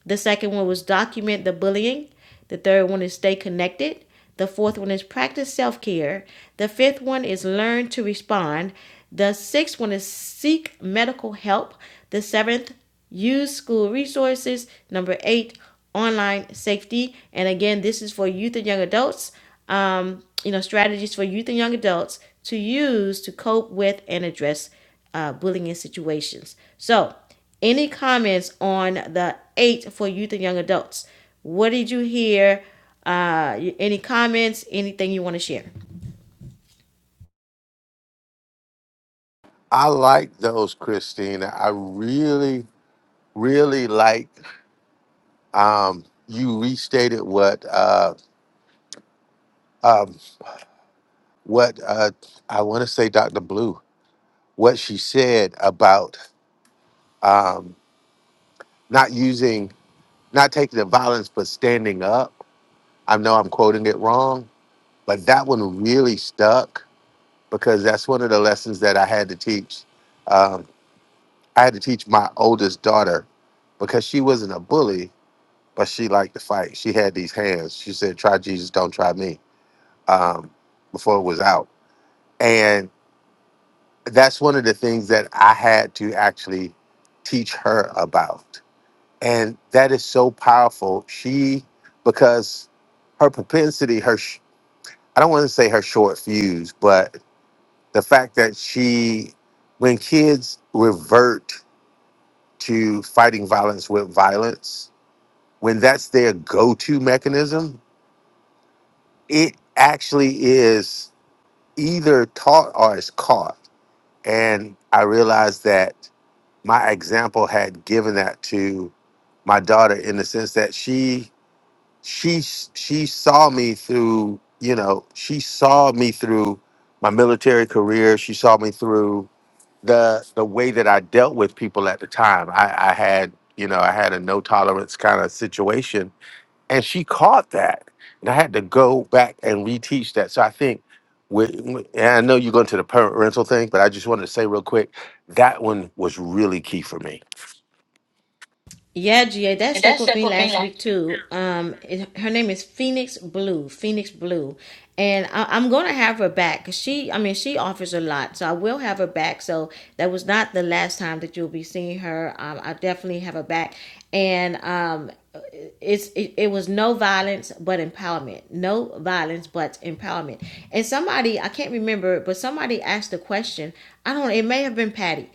S1: The second one was document the bullying. The third one is stay connected. The fourth one is practice self care. The fifth one is learn to respond. The sixth one is seek medical help. The seventh Use school resources. Number eight, online safety. And again, this is for youth and young adults. Um, you know, strategies for youth and young adults to use to cope with and address uh, bullying in situations. So, any comments on the eight for youth and young adults? What did you hear? Uh, any comments? Anything you want to share?
S6: I like those, Christina. I really, really like um you restated what uh um what uh I want to say Dr. Blue. what she said about um, not using, not taking the violence, but standing up. I know I'm quoting it wrong, but that one really stuck because that's one of the lessons that I had to teach. Um, I had to teach my oldest daughter because she wasn't a bully, but she liked to fight. She had these hands. She said, "Try Jesus, don't try me." Um, before it was out, and that's one of the things that I had to actually teach her about and that is so powerful she because her propensity her sh- i don't want to say her short fuse but the fact that she when kids revert to fighting violence with violence when that's their go-to mechanism it actually is either taught or is caught and i realized that my example had given that to my daughter in the sense that she she she saw me through you know she saw me through my military career she saw me through the the way that i dealt with people at the time i i had you know i had a no tolerance kind of situation and she caught that and i had to go back and reteach that so i think with, and i know you're going to the parental thing but i just wanted to say real quick that one was really key for me
S1: Yeah, GA, that
S6: And
S1: stuck
S6: that's
S1: with
S6: like
S1: me
S6: what being
S1: last
S6: like.
S1: week too. Um, it, her name is Phoenix Blue. Phoenix Blue, and I, I'm gonna have her back. 'cause she, I mean, she offers a lot, so I will have her back. So that was not the last time that you'll be seeing her. Um, I definitely have her back, and um, it's it, it was no violence but empowerment no violence but empowerment and somebody i can't remember but somebody asked the question i don't it may have been patty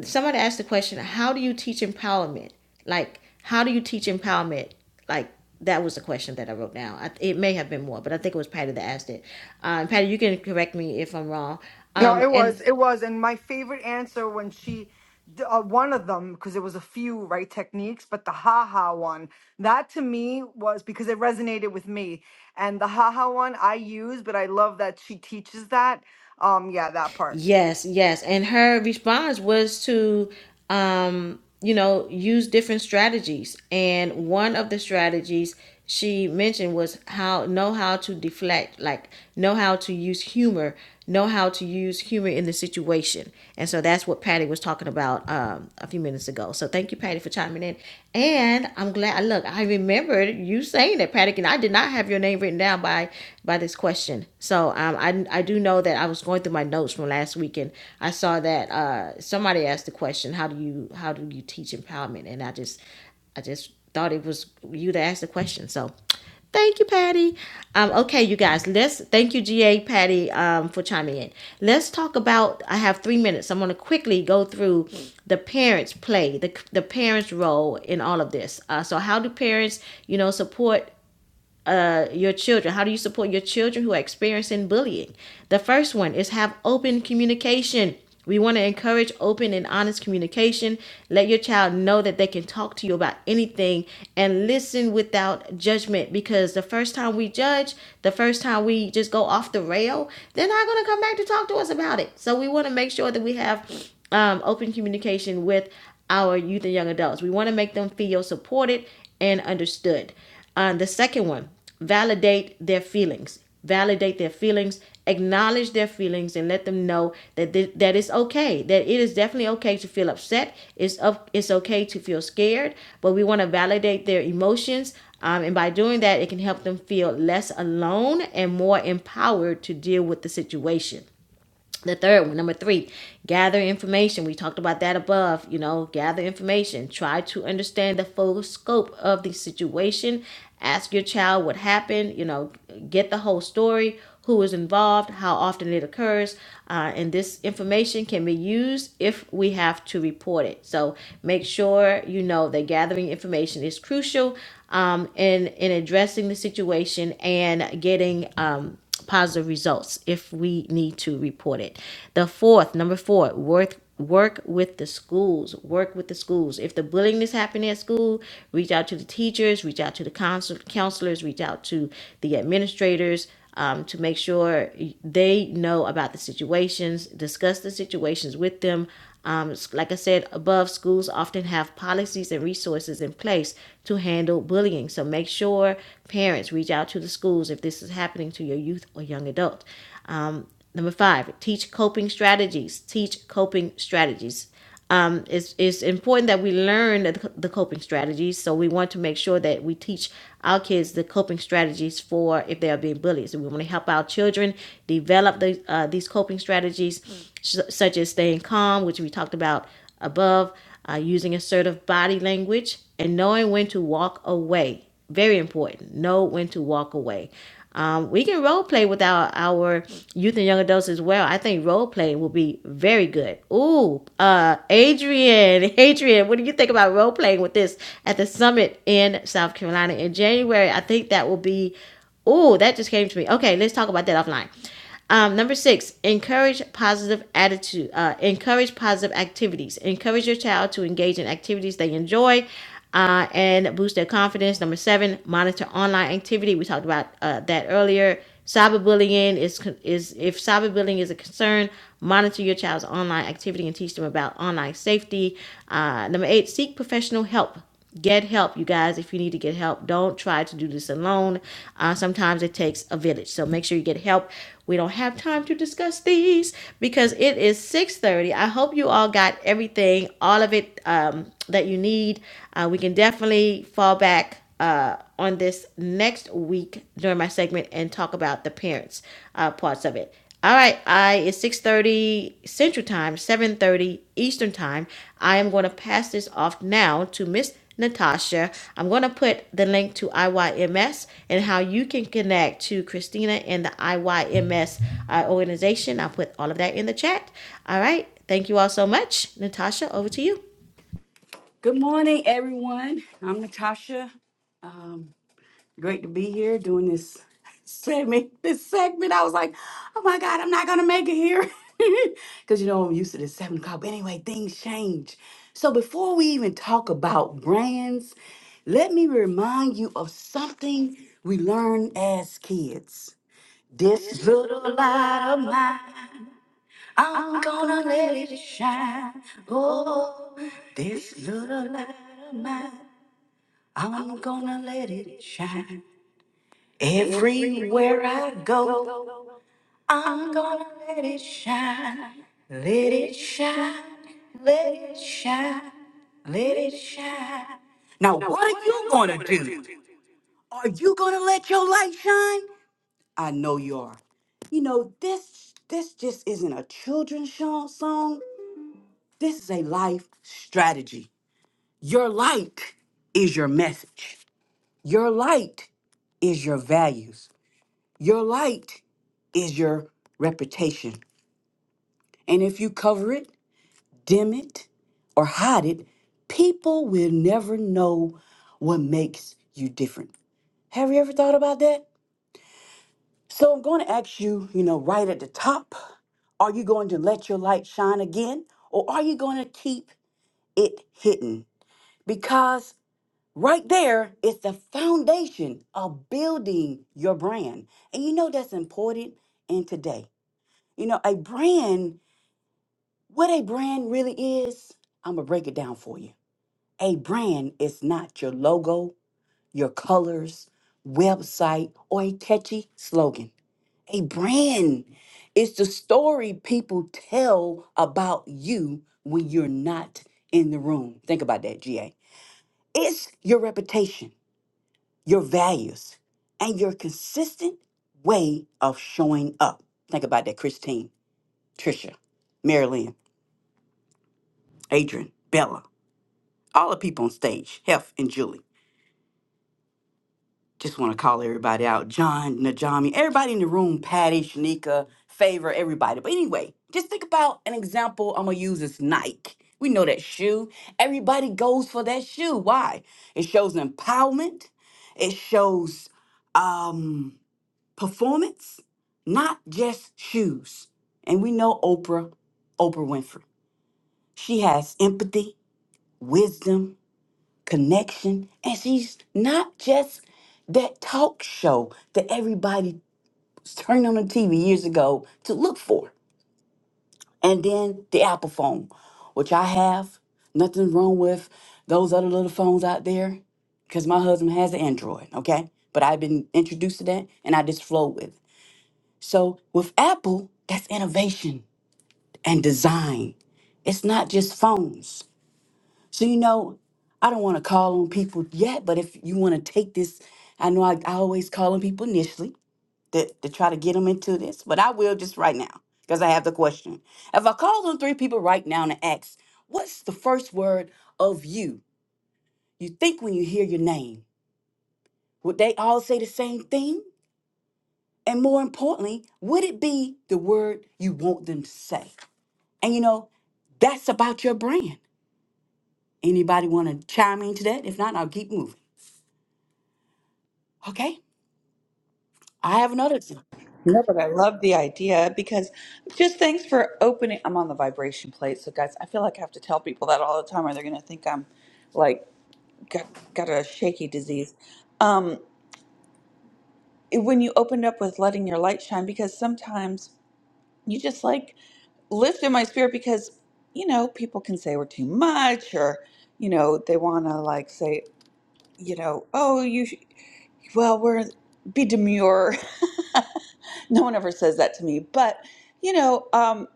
S1: somebody asked the question how do you teach empowerment like, how do you teach empowerment? Like, that was the question that I wrote down. I, it may have been more, but I think it was Patty that asked it. Um, Patty, you can correct me if I'm wrong.
S11: No,
S1: Um,
S11: it was,
S1: and
S11: it was, and my favorite answer when she, d- uh, one of them, because there was a few right techniques, but the ha ha one, that to me was because it resonated with me, and the ha ha one I use, but I love that she teaches that. Um, yeah, that part.
S1: Yes, yes. And her response was to, um, you know, use different strategies. And one of the strategies she mentioned was how know how to deflect, like know how to use humor, know how to use humor in the situation. And so that's what Patty was talking about um, a few minutes ago. So thank you, Patty, for chiming in. And I'm glad. Look, I remembered you saying that, Patty, and I did not have your name written down by by this question question. So um, I I do know that I was going through my notes from last week and I saw that uh, somebody asked the question, how do you how do you teach empowerment? And I just I just thought it was you to ask the question. So thank you, Patty. Um, okay, you guys, let's thank you, GA Patty, um, for chiming in. Let's talk about. I have three minutes. I'm going to quickly go through the parents' play, the the parents' role in all of this. Uh, so how do parents, you know, support uh, your children? How do you support your children who are experiencing bullying? The first one is have open communication. We want to encourage open and honest communication. Let your child know that they can talk to you about anything and listen without judgment because the first time we judge, the first time we just go off the rail, they're not going to come back to talk to us about it. So we want to make sure that we have um, open communication with our youth and young adults. We want to make them feel supported and understood. Um, the second one, validate their feelings. Validate their feelings, acknowledge their feelings, and let them know that th- that it's okay. That it is definitely okay to feel upset. It's up. It's okay to feel scared. But we want to validate their emotions, um, and by doing that, it can help them feel less alone and more empowered to deal with the situation the third one number three gather information we talked about that above you know gather information try to understand the full scope of the situation ask your child what happened you know get the whole story who is involved how often it occurs uh, and this information can be used if we have to report it so make sure you know that gathering information is crucial um, in in addressing the situation and getting um, positive results if we need to report it. The fourth, number four, worth work with the schools work with the schools if the bullying is happening at school reach out to the teachers reach out to the counsel- counselors reach out to the administrators um, to make sure they know about the situations discuss the situations with them um, like I said above, schools often have policies and resources in place to handle bullying. So make sure parents reach out to the schools if this is happening to your youth or young adult. Um, number five, teach coping strategies. Teach coping strategies um, it's, it's important that we learn the, the coping strategies. So we want to make sure that we teach our kids the coping strategies for if they are being bullied. So we want to help our children develop the, uh, these coping strategies, mm. s- such as staying calm, which we talked about above, uh, using assertive body language, and knowing when to walk away very important. Know when to walk away. Um, we can role play with our, our youth and young adults as well. I think role play will be very good. Ooh, uh, Adrian, Adrian, what do you think about role playing with this at the summit in South Carolina in January? I think that will be. Ooh, that just came to me. Okay, let's talk about that offline. Um, number six, encourage positive attitude. Uh, encourage positive activities. Encourage your child to engage in activities they enjoy, uh, and boost their confidence. Number seven, monitor online activity. We talked about uh, that earlier. Cyberbullying is is if cyberbullying is a concern, monitor your child's online activity and teach them about online safety. Uh, number eight, seek professional help Get help, you guys, if you need to get help. Don't try to do this alone. Uh, sometimes it takes a village. So make sure you get help. We don't have time to discuss these because it is 6.30. I hope you all got everything, all of it um, that you need. Uh, we can definitely fall back uh, on this next week during my segment and talk about the parents uh, parts of it. All right, I it's 6:30 Central Time, 7:30 Eastern Time. I am going to pass this off now to Miss Natasha. I'm going to put the link to IYMS and how you can connect to Christina and the IYMS uh, organization. I'll put all of that in the chat. All right. Thank you all so much. Natasha, over to you.
S18: Good morning, everyone. I'm Natasha. Um, great to be here doing this segment. This segment, I was like, oh my God, I'm not gonna make it here because you know I'm used to this seven o'clock. But anyway, things change. So before we even talk about brands, let me remind you of something we learned as kids. This little light of mine. I'm gonna let it shine. Oh, this little light of mine. I'm gonna let it shine. Everywhere I go, I'm gonna let it shine. Let it shine. Let it shine. Let it shine. Now, what are you gonna do? Are you gonna let your light shine? I know you are. You know this. This just isn't a children's sho- song. This is a life strategy. Your light is your message. Your light is your values. Your light is your reputation. And if you cover it, dim it, or hide it, people will never know what makes you different. Have you ever thought about that? So I'm going to ask you, you know, right at the top, are you going to let your light shine again or are you going to keep it hidden? Because Right there is the foundation of building your brand. And you know that's important in today. You know, a brand, what a brand really is, I'm going to break it down for you. A brand is not your logo, your colors, website, or a catchy slogan. A brand is the story people tell about you when you're not in the room. Think about that, GA. It's your reputation your values, and your consistent way of showing up. Think about that, Christine, Trisha, Marilyn, Adrian, Bella, all the people on stage, Hef and Julie. Just want to call everybody out. John, Najami, everybody in the room, Patty, Shanika, Favor, everybody. But anyway, just think about an example I'm gonna use is Nike. We know that shoe. Everybody goes for that shoe. Why? It shows empowerment. It shows um performance, not just shoes. And we know Oprah, Oprah Winfrey. She has empathy, wisdom, connection, and she's not just that talk show that everybody turned on the TV years ago to look for. And then the Apple phone, which I have. Nothing wrong with those other little phones out there because my husband has an Android, okay? But I've been introduced to that and I just flow with it. So with Apple, that's innovation and design. It's not just phones. So you know, I don't want to call on people yet, but if you want to take this, I know I, I always call on people initially to, to try to get them into this, but I will just right now because I have the question. If I call on three people right now and ask, what's the first word of you? You think when you hear your name, would they all say the same thing? And more importantly, would it be the word you want them to say? And you know, that's about your brand. Anybody want to chime into that? If not, I'll keep moving. Okay. I have another thing.
S19: No, but I love the idea because just thanks for opening. I'm on the vibration plate, so guys, I feel like I have to tell people that all the time, or they're gonna think I'm like got got a shaky disease. Um, when you opened up with letting your light shine, because sometimes you just like lift in my spirit because you know people can say we're too much, or you know they wanna like say you know oh you sh- well we're be demure No one ever says that to me, but you know, um,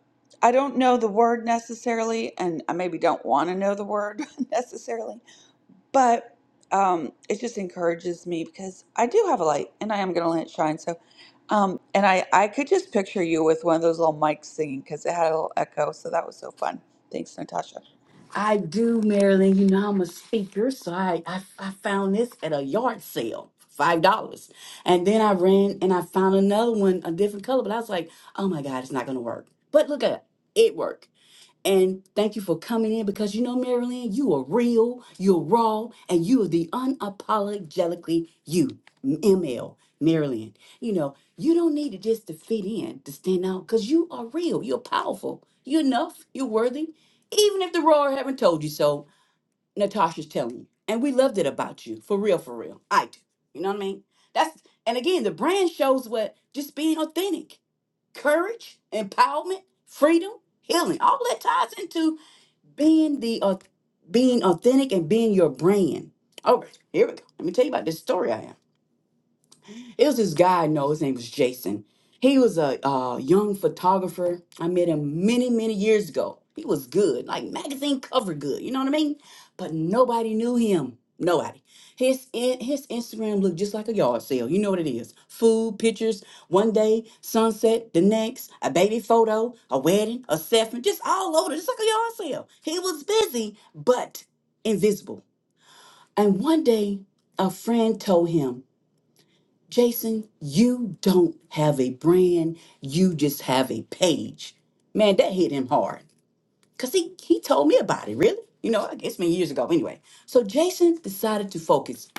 S19: I don't know the word necessarily, and I maybe don't want to know the word necessarily, but um, it just encourages me because I do have a light and I am going to let it shine. So, um, and I, I could just picture you with one of those little mics singing because it had a little echo. So that was so fun. Thanks, Natasha.
S18: I do, Marilyn. You know, I'm a speaker, so I, I, I found this at a yard sale, five dollars. And then I ran and I found another one, a different color, but I was like, oh my God, it's not gonna work. But look at it, it worked. And thank you for coming in because you know, Marilyn, you are real, you're raw, and you are the unapologetically you, ML, Marilyn. You know, you don't need to just to fit in, to stand out, because you are real, you're powerful, you're enough, you're worthy. Even if the roar haven't told you so, Natasha's telling you. And we loved it about you, for real, for real. I do. You know what I mean? That's and again, the brand shows what just being authentic, courage, empowerment, freedom, healing. All that ties into being the au- being authentic and being your brand. Oh, here we go. Let me tell you about this story I have. It was this guy I know, his name was Jason. He was a uh, young photographer. I met him many, many years ago. He was good, like magazine cover good, you know what I mean? But nobody knew him. Nobody. His in, his Instagram looked just like a yard sale. You know what it is. Food, pictures, one day, sunset, the next, a baby photo, a wedding, a seven, just all over, just like a yard sale. He was busy, but invisible. And one day, a friend told him Jason, you don't have a brand, you just have a page. Man, that hit him hard. Cause he he told me about it, really. You know, it's been years ago anyway. So Jason decided to focus.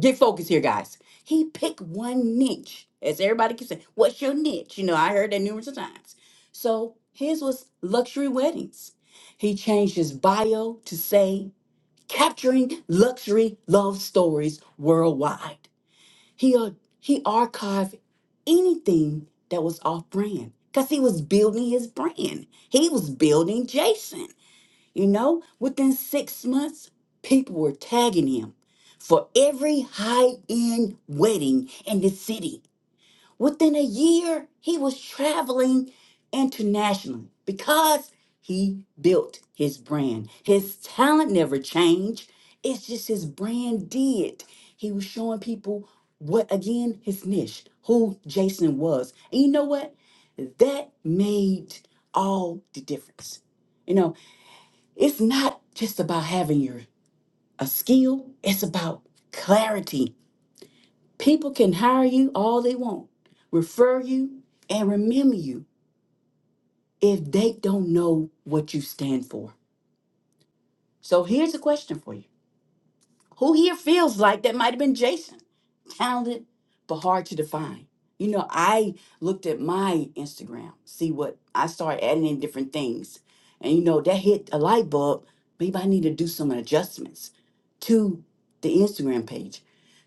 S18: Get focused here, guys. He picked one niche. As everybody keeps saying, what's your niche? You know, I heard that numerous of times. So his was luxury weddings. He changed his bio to say capturing luxury love stories worldwide. He uh, he archived anything that was off brand because he was building his brand. He was building Jason. You know, within six months, people were tagging him for every high end wedding in the city. Within a year, he was traveling internationally because he built his brand. His talent never changed. It's just his brand did. He was showing people what, again, his niche, who Jason was. And you know what? That made all the difference. You know, it's not just about having your a skill, it's about clarity People can hire you all they want, refer you, and remember you if they don't know what you stand for. So here's a question for you Who here feels like that might have been Jason? Talented, but hard to define. You know, I looked at my Instagram, see what I started adding in different things. And you know, that hit a light bulb. Maybe I need to do some adjustments to the Instagram page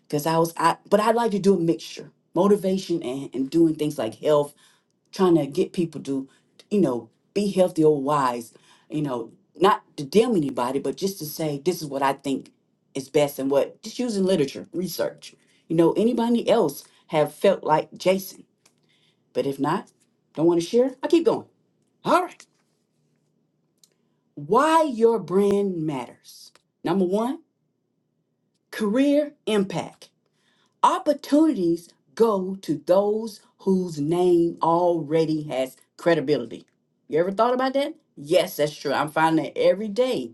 S18: because I was I but I like to do a mixture motivation and, and doing things like health trying to get people to, you know, be healthy or wise, you know, not to damn anybody, but just to say this is what I think is best and what just using literature, research. You know, anybody else have felt like Jason, but if not, don't want to share, I keep going. All right. Why your brand matters. Number one, career impact. Opportunities go to those whose name already has credibility. You ever thought about that? Yes, that's true. I'm finding that every day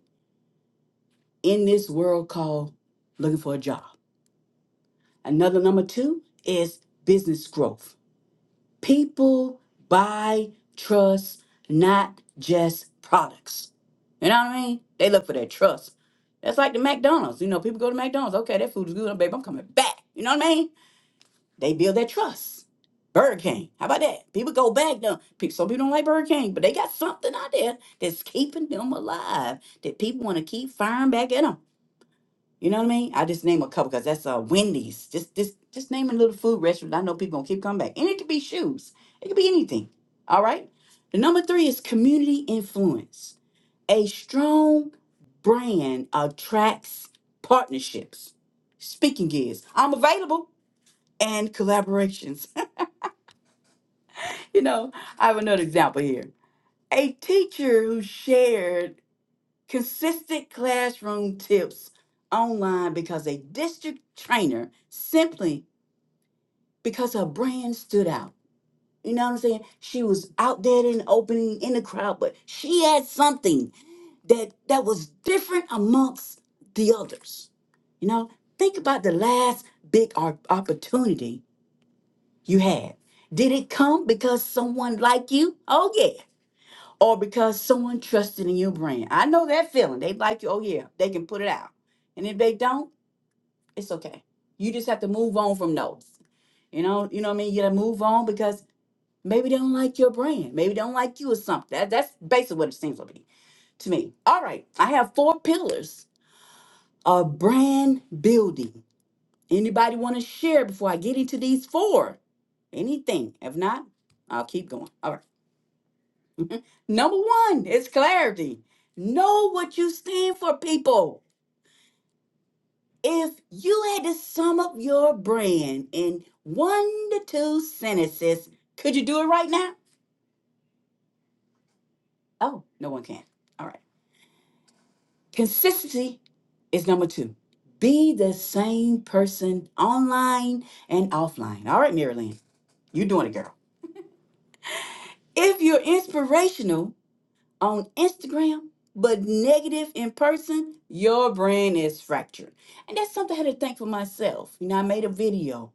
S18: in this world called looking for a job. Another number two is business growth. People buy, trust, not just products. You know what I mean? They look for their trust. That's like the McDonald's. You know, people go to McDonald's. Okay, that food is good, babe. I'm coming back. You know what I mean? They build their trust. Burger King. How about that? People go back now. People, some people don't like Burger King, but they got something out there that's keeping them alive that people want to keep firing back at them. You know what I mean? I just name a couple because that's uh Wendy's. Just just just name a little food restaurant. I know people gonna keep coming back. And it could be shoes. It could be anything. All right. The number three is community influence. A strong brand attracts partnerships. Speaking gigs. I'm available and collaborations. You know, I have another example here. A teacher who shared consistent classroom tips online because a district trainer simply because her brand stood out. You know what I'm saying? She was out there in the opening in the crowd, but she had something that that was different amongst the others. You know, think about the last big op- opportunity you had. Did it come because someone like you? Oh yeah. or because someone trusted in your brand. I know that feeling. They like you. Oh yeah, they can put it out. And if they don't, it's okay. You just have to move on from those. You know, you know what I mean. You gotta move on because maybe they don't like your brand. Maybe they don't like you or something. That, that's basically what it seems to be to me. All right, I have four pillars of brand building. Anybody want to share before I get into these four? Anything? If not, I'll keep going. All right. Number one is clarity. Know what you stand for, people. If you had to sum up your brand in one to two sentences, could you do it right now? Oh, no one can. All right. Consistency is number two. Be the same person online and offline. All right, Marilyn, you're doing it, girl. If you're inspirational, on Instagram but negative in person, your brand is fractured. And that's something I had to think for myself. You know, I made a video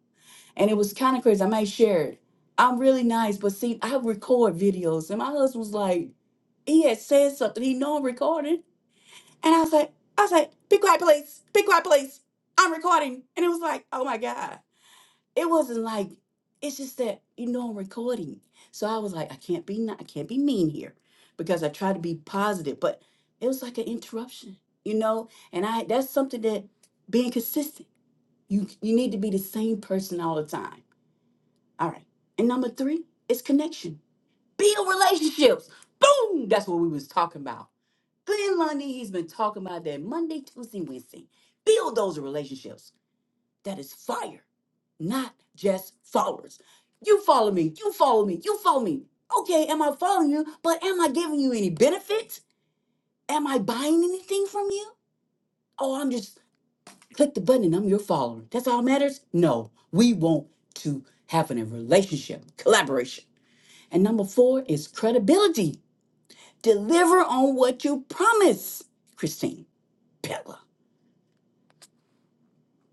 S18: and it was kind of crazy. I may share it. I'm really nice, but see, I record videos. And my husband was like, he had said something. He know I'm recording. And I was like, I was like, be quiet, please. Be quiet, please. I'm recording. And it was like, oh my God it wasn't like it's just that you know I'm recording. So I was like, I can't be not, I can't be mean here because I try to be positive, but it was like an interruption, you know. And I that's something that being consistent. You you need to be the same person all the time. All right. And number three is connection. Build relationships. Boom. That's what we was talking about. Glenn Lundy, he's been talking about that Monday, Tuesday, Wednesday. Build those relationships that is fire, not just followers. You follow me, you follow me, you follow me. Okay, am I following you? But am I giving you any benefits? Am I buying anything from you? Oh, I'm just click the button and I'm your follower. That's all that matters? No, we want to have a relationship, collaboration. And number four is credibility. Deliver on what you promise. Christine, Pella,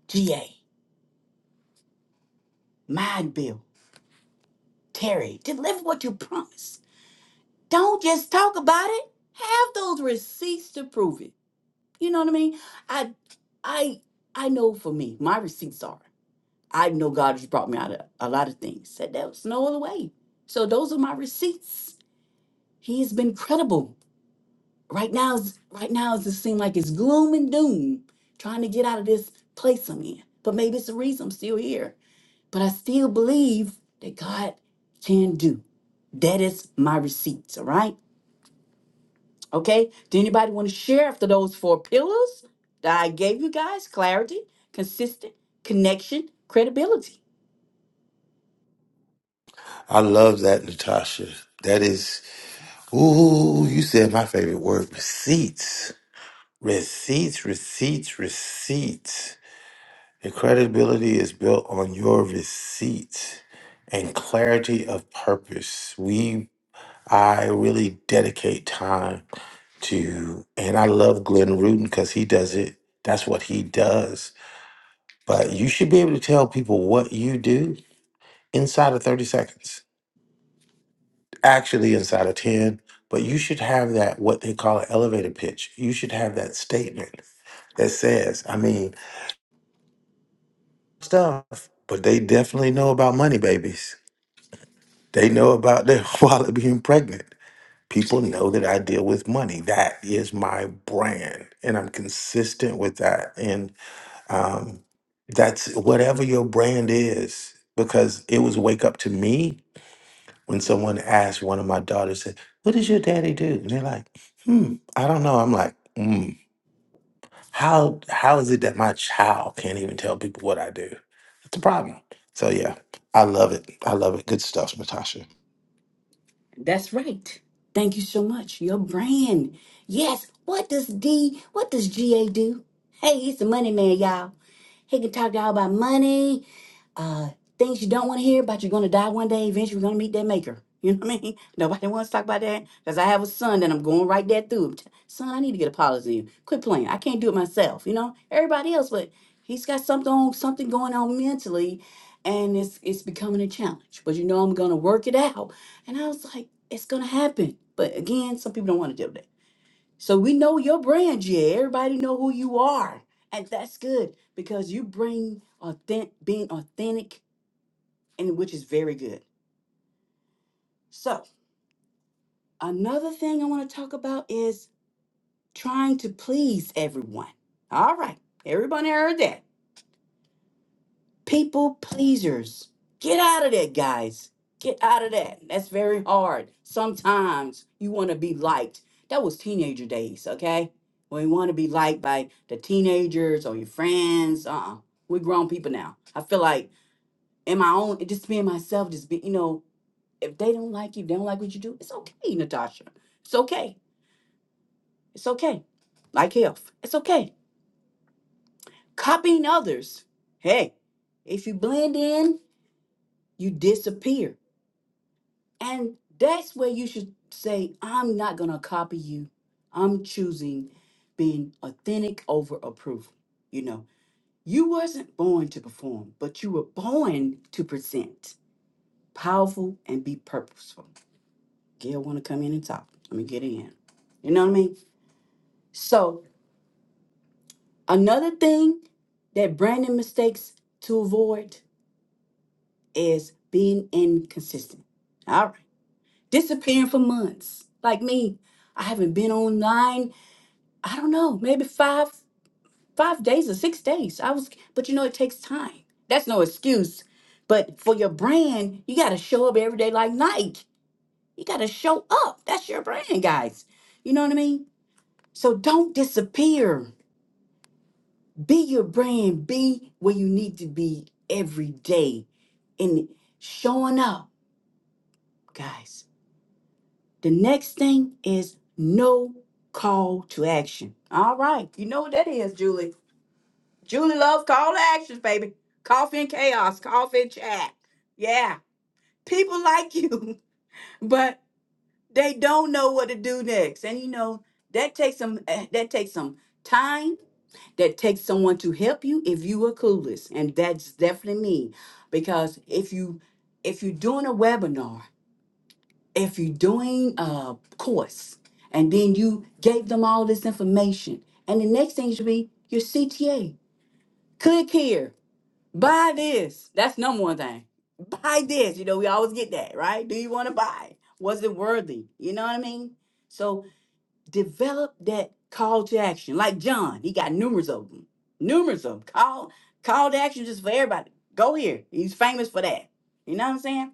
S18: GA, Mind Bill, Terry, deliver what you promise. Don't just talk about it. Have those receipts to prove it. You know what I mean? I I I know for me, my receipts are. I know God has brought me out of a lot of things. Said there was no other way. So those are my receipts. He has been credible. Right now, is- right now it just seems like it's gloom and doom, trying to get out of this place I'm in. But maybe it's the reason I'm still here. But I still believe that God can do. That is my receipts, all right? Okay. Do anybody want to share after those four pillars that I gave you guys? Clarity, consistent, connection, credibility.
S6: I love that, Natasha. That is. Ooh, you said my favorite word receipts. Receipts, receipts, receipts. The credibility is built on your receipts and clarity of purpose. We, I really dedicate time to, and I love Glenn Rudin because he does it. That's what he does. But you should be able to tell people what you do inside of 30 seconds actually inside of 10 but you should have that what they call an elevator pitch you should have that statement that says i mean stuff but they definitely know about money babies they know about their wallet being pregnant people know that i deal with money that is my brand and i'm consistent with that and um, that's whatever your brand is because it was wake up to me when someone asked one of my daughters, said, "What does your daddy do?" And they're like, "Hmm, I don't know." I'm like, "Hmm, how how is it that my child can't even tell people what I do?" That's a problem. So yeah, I love it. I love it. Good stuff, Natasha.
S18: That's right. Thank you so much. Your brand. Yes. What does D, what does GA do? Hey, he's the money man, y'all. He can talk to y'all about money, uh, things you don't want to hear about. You're going to die one day. Eventually, we are going to meet that maker. You know what I mean? Nobody wants to talk about that because I have a son that I'm going right there through. Son, I need to get a policy. in. Quit playing. I can't do it myself. You know, everybody else, but he's got something on, something going on mentally, and it's it's becoming a challenge. But you know, I'm going to work it out and I was like, it's gonna happen. But again, some people don't want to deal with that. So we know your brand, yeah. Everybody know who you are. And that's good because you bring authentic being authentic and which is very good. So another thing I want to talk about is trying to please everyone. All right. Everybody heard that. people pleasers. Get out of that, guys. Get out of that. That's very hard. Sometimes you want to be liked. That was teenager days, okay? When you want to be liked by the teenagers or your friends. Uh-uh. We're grown people now. I feel like in my own, just being myself, just be, you know, if they don't like you, they don't like what you do, it's okay, Natasha. It's okay. It's okay. Like health. It's okay. Copying others. Hey, if you blend in, you disappear And that's where you should say, I'm not going to copy you. I'm choosing being authentic over approval. You know, you wasn't born to perform, but you were born to present powerful and be purposeful. Gail want to come in and talk. Let me get in. You know what I mean? So another thing that branding mistakes to avoid is being inconsistent. All right. Disappearing for months. Like me, I haven't been online I don't know, maybe five five days or six days. I was, but you know, it takes time. That's no excuse. But for your brand, you got to show up every day like Nike. You got to show up. That's your brand, guys. You know what I mean? So don't disappear. Be your brand. Be where you need to be every day in showing up, guys. The next thing is no call to action. All right. You know what that is, Julie. Julie loves call to actions, baby. Coffee and chaos, coffee and chat. Yeah, people like you, but they don't know what to do next. And you know that takes some eh, that takes some time. That takes someone to help you if you are clueless, and that's definitely me. Because if you if you're doing a webinar, if you're doing a course, and then you gave them all this information, and the next thing should be your CTA. Click here Buy this. That's number one thing. Buy this. You know, we always get that, right? Do you want to buy? Was it worthy? You know what I mean? So develop that call to action. Like John, he got numerous of them. Numerous of them. Call call to action just for everybody. Go here. He's famous for that. You know what I'm saying?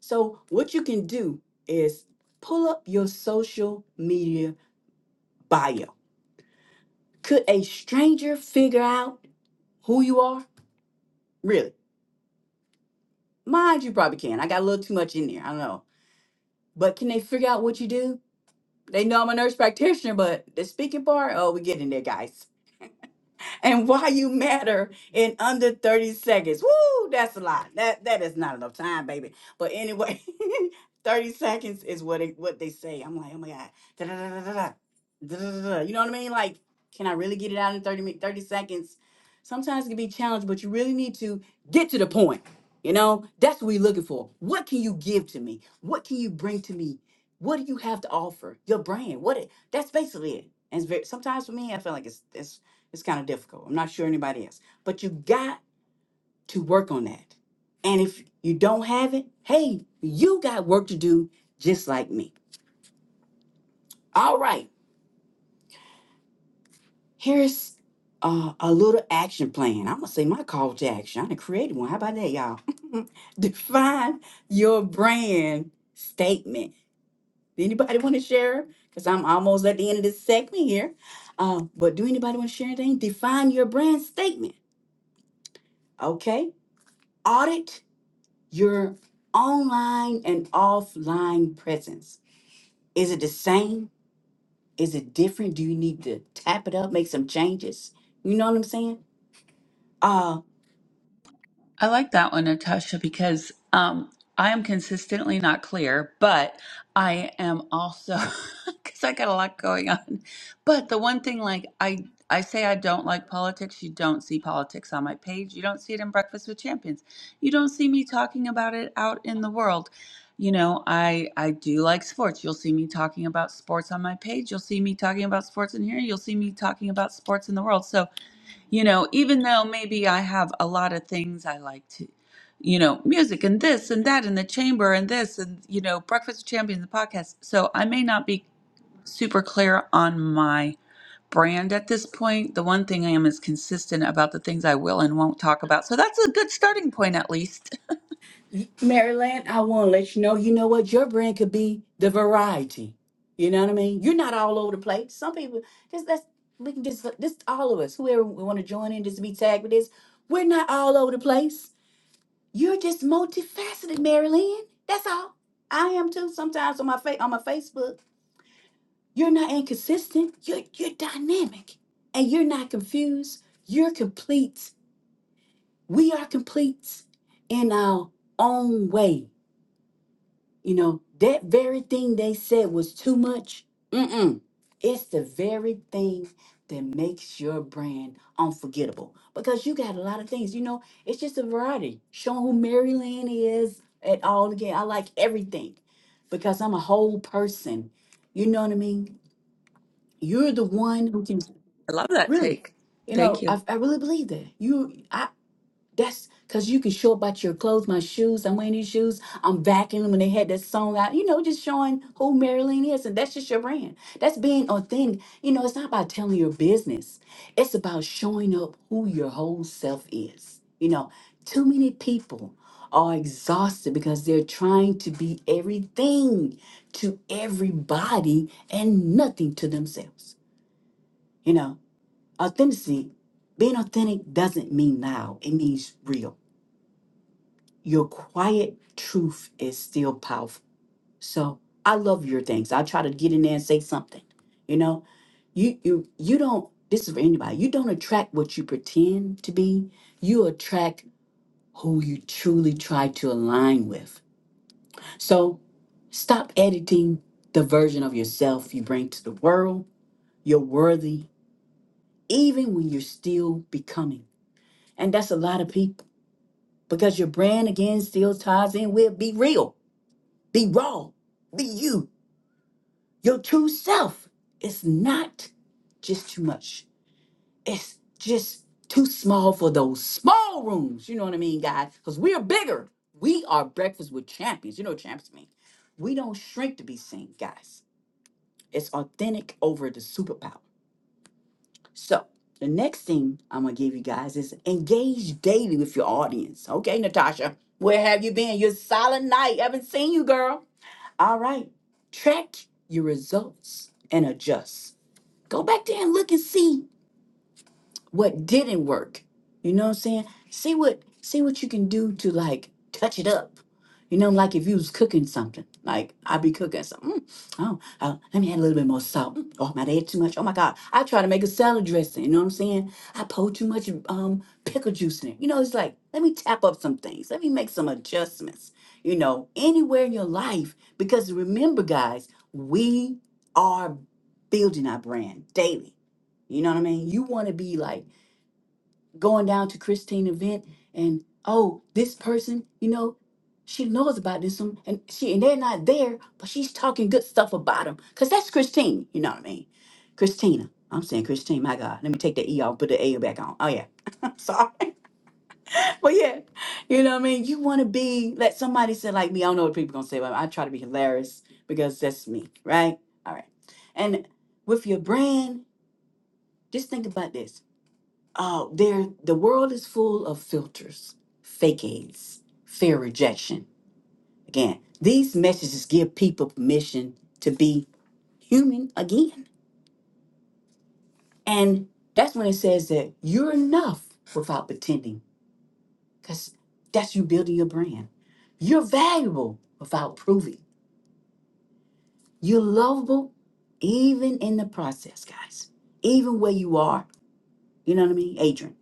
S18: So what you can do is pull up your social media bio. Could a stranger figure out who you are? Really? Mind you probably can. I got a little too much in there. I don't know But can they figure out what you do? They know I'm a nurse practitioner, but the speaking part, oh, we getting there, guys and why you matter in under 30 seconds. Woo, that's a lot. That that is not enough time, baby. But anyway, 30 seconds is what it, what they say. I'm like, oh my God. Da-da-da-da-da-da. da da da da, da, da, da, da. You know what I mean? Like, can I really get it out in 30 min- 30 seconds? Sometimes it can be challenged, but you really need to get to the point. You know, that's what we're looking for. What can you give to me? What can you bring to me? What do you have to offer? Your brand. What it, that's basically it. And it's very, sometimes for me, I feel like it's it's kind of difficult. I'm not sure anybody else. But you got to work on that. And if you don't have it, hey, you got work to do just like me. All right. Here's uh, a little action plan. I'm going to say my call to action. I done created one. How about that, y'all? Define your brand statement. Anybody want to share? Because I'm almost at the end of this segment here. Uh, but do anybody want to share anything? Define your brand statement. Okay. Audit your online and offline presence. Is it the same? Is it different? Do you need to tap it up, make some changes? You know what I'm saying? Uh
S19: I like that one, Natasha, because um, I am consistently not clear, but I am also because I got a lot going on. But the one thing, like I, I say I don't like politics. You don't see politics on my page. You don't see it in Breakfast with Champions. You don't see me talking about it out in the world. You know, I I do like sports. You'll see me talking about sports on my page. You'll see me talking about sports in here. You'll see me talking about sports in the world. So you know, even though maybe I have a lot of things I like to, you know, music and this and that and the chamber and this and, you know, Breakfast with Champions, the podcast. So I may not be super clear on my brand at this point. The one thing I am is consistent about the things I will and won't talk about. So that's a good starting point, at least.
S18: Maryland, I want to let you know, you know what? Your brand could be the variety. You know what I mean? You're not all over the place. Some people just that's we can just this all of us, whoever we want to join in, just be tagged with this. We're not all over the place. You're just multifaceted, Marilyn. That's all. I am too. Sometimes on my fa- on my Facebook. You're not inconsistent. You're, you're dynamic and you're not confused. You're complete. We are complete in our own way. You know, that very thing they said was too much. Mm-mm. It's the very thing that makes your brand unforgettable because you got a lot of things. You know, it's just a variety. Showing who Mary Lynn is at all again. I like everything because I'm a whole person. You know what I mean? You're the one who can.
S19: I love that
S18: Really?
S19: take.
S18: You
S19: Thank
S18: know,
S19: you.
S18: I, I really believe that. You, I, that's because you can show up about your clothes, my shoes. I'm wearing these shoes. I'm vacuuming when they had that song out, you know, just showing who Marilyn is. And that's just your brand. That's being authentic. You know, it's not about telling your business, it's about showing up who your whole self is. You know, too many people are exhausted because they're trying to be everything to everybody and nothing to themselves, you know. Authenticity, being authentic doesn't mean loud, it means real. Your quiet truth is still powerful. So I love your things. I try to get in there and say something. You know, you you you don't this is for anybody. You don't attract what you pretend to be. You attract who you truly try to align with. So stop editing the version of yourself you bring to the world. You're worthy even when you're still becoming. And that's a lot of people. because your brand again still ties in with be real, be raw, be you, your true self. It's not just too much. It's just too small for those small rooms. You know what I mean, guys? Because we're bigger. We are breakfast with champions. You know what champions mean? We don't shrink to be seen, guys. It's authentic over the superpower. So the next thing I'm gonna give you guys is engage daily with your audience. Okay, Natasha, where have you been? You're silent night. Haven't seen you, girl. All right, track your results and adjust. Go back there and look and see what didn't work. You know what I'm saying? See what see what you can do to like touch it up. You know, like if you was cooking something, like I be cooking something. "Mm, oh, uh, let me add a little bit more salt. Mm, Oh, I might add too much. Oh my God, I try to make a salad dressing. You know what I'm saying? I pour too much um pickle juice in it. You know, it's like let me tap up some things. Let me make some adjustments. You know, anywhere in your life, because remember, guys, we are building our brand daily. You know what I mean? You want to be like going down to Christine event and oh, this person, you know, she knows about this one and she and they're not there, but she's talking good stuff about them. Cause that's Christine, you know what I mean? Christina. I'm saying Christine, my God. Let me take that E off, put the A back on. Oh yeah. I'm sorry. But yeah, you know what I mean? You wanna be like somebody said like me, I don't know what people gonna say, but I try to be hilarious because that's me, right? All right. And with your brand, just think about this uh, there the world is full of filters, fake aids, fear rejection. Again, these messages give people permission to be human again. And that's when it says that you're enough without pretending, because that's you building your brand. You're valuable without proving. You're lovable even in the process, guys. Even where you are. You know what I mean? Adrian.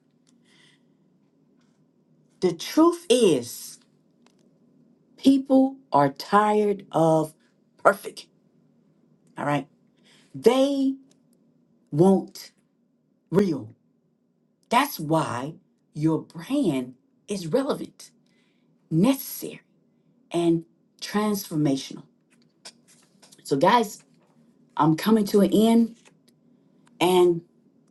S18: The truth is People are tired of perfect, all right? They want real. That's why your brand is relevant, necessary, and transformational. So, guys, I'm coming to an end. And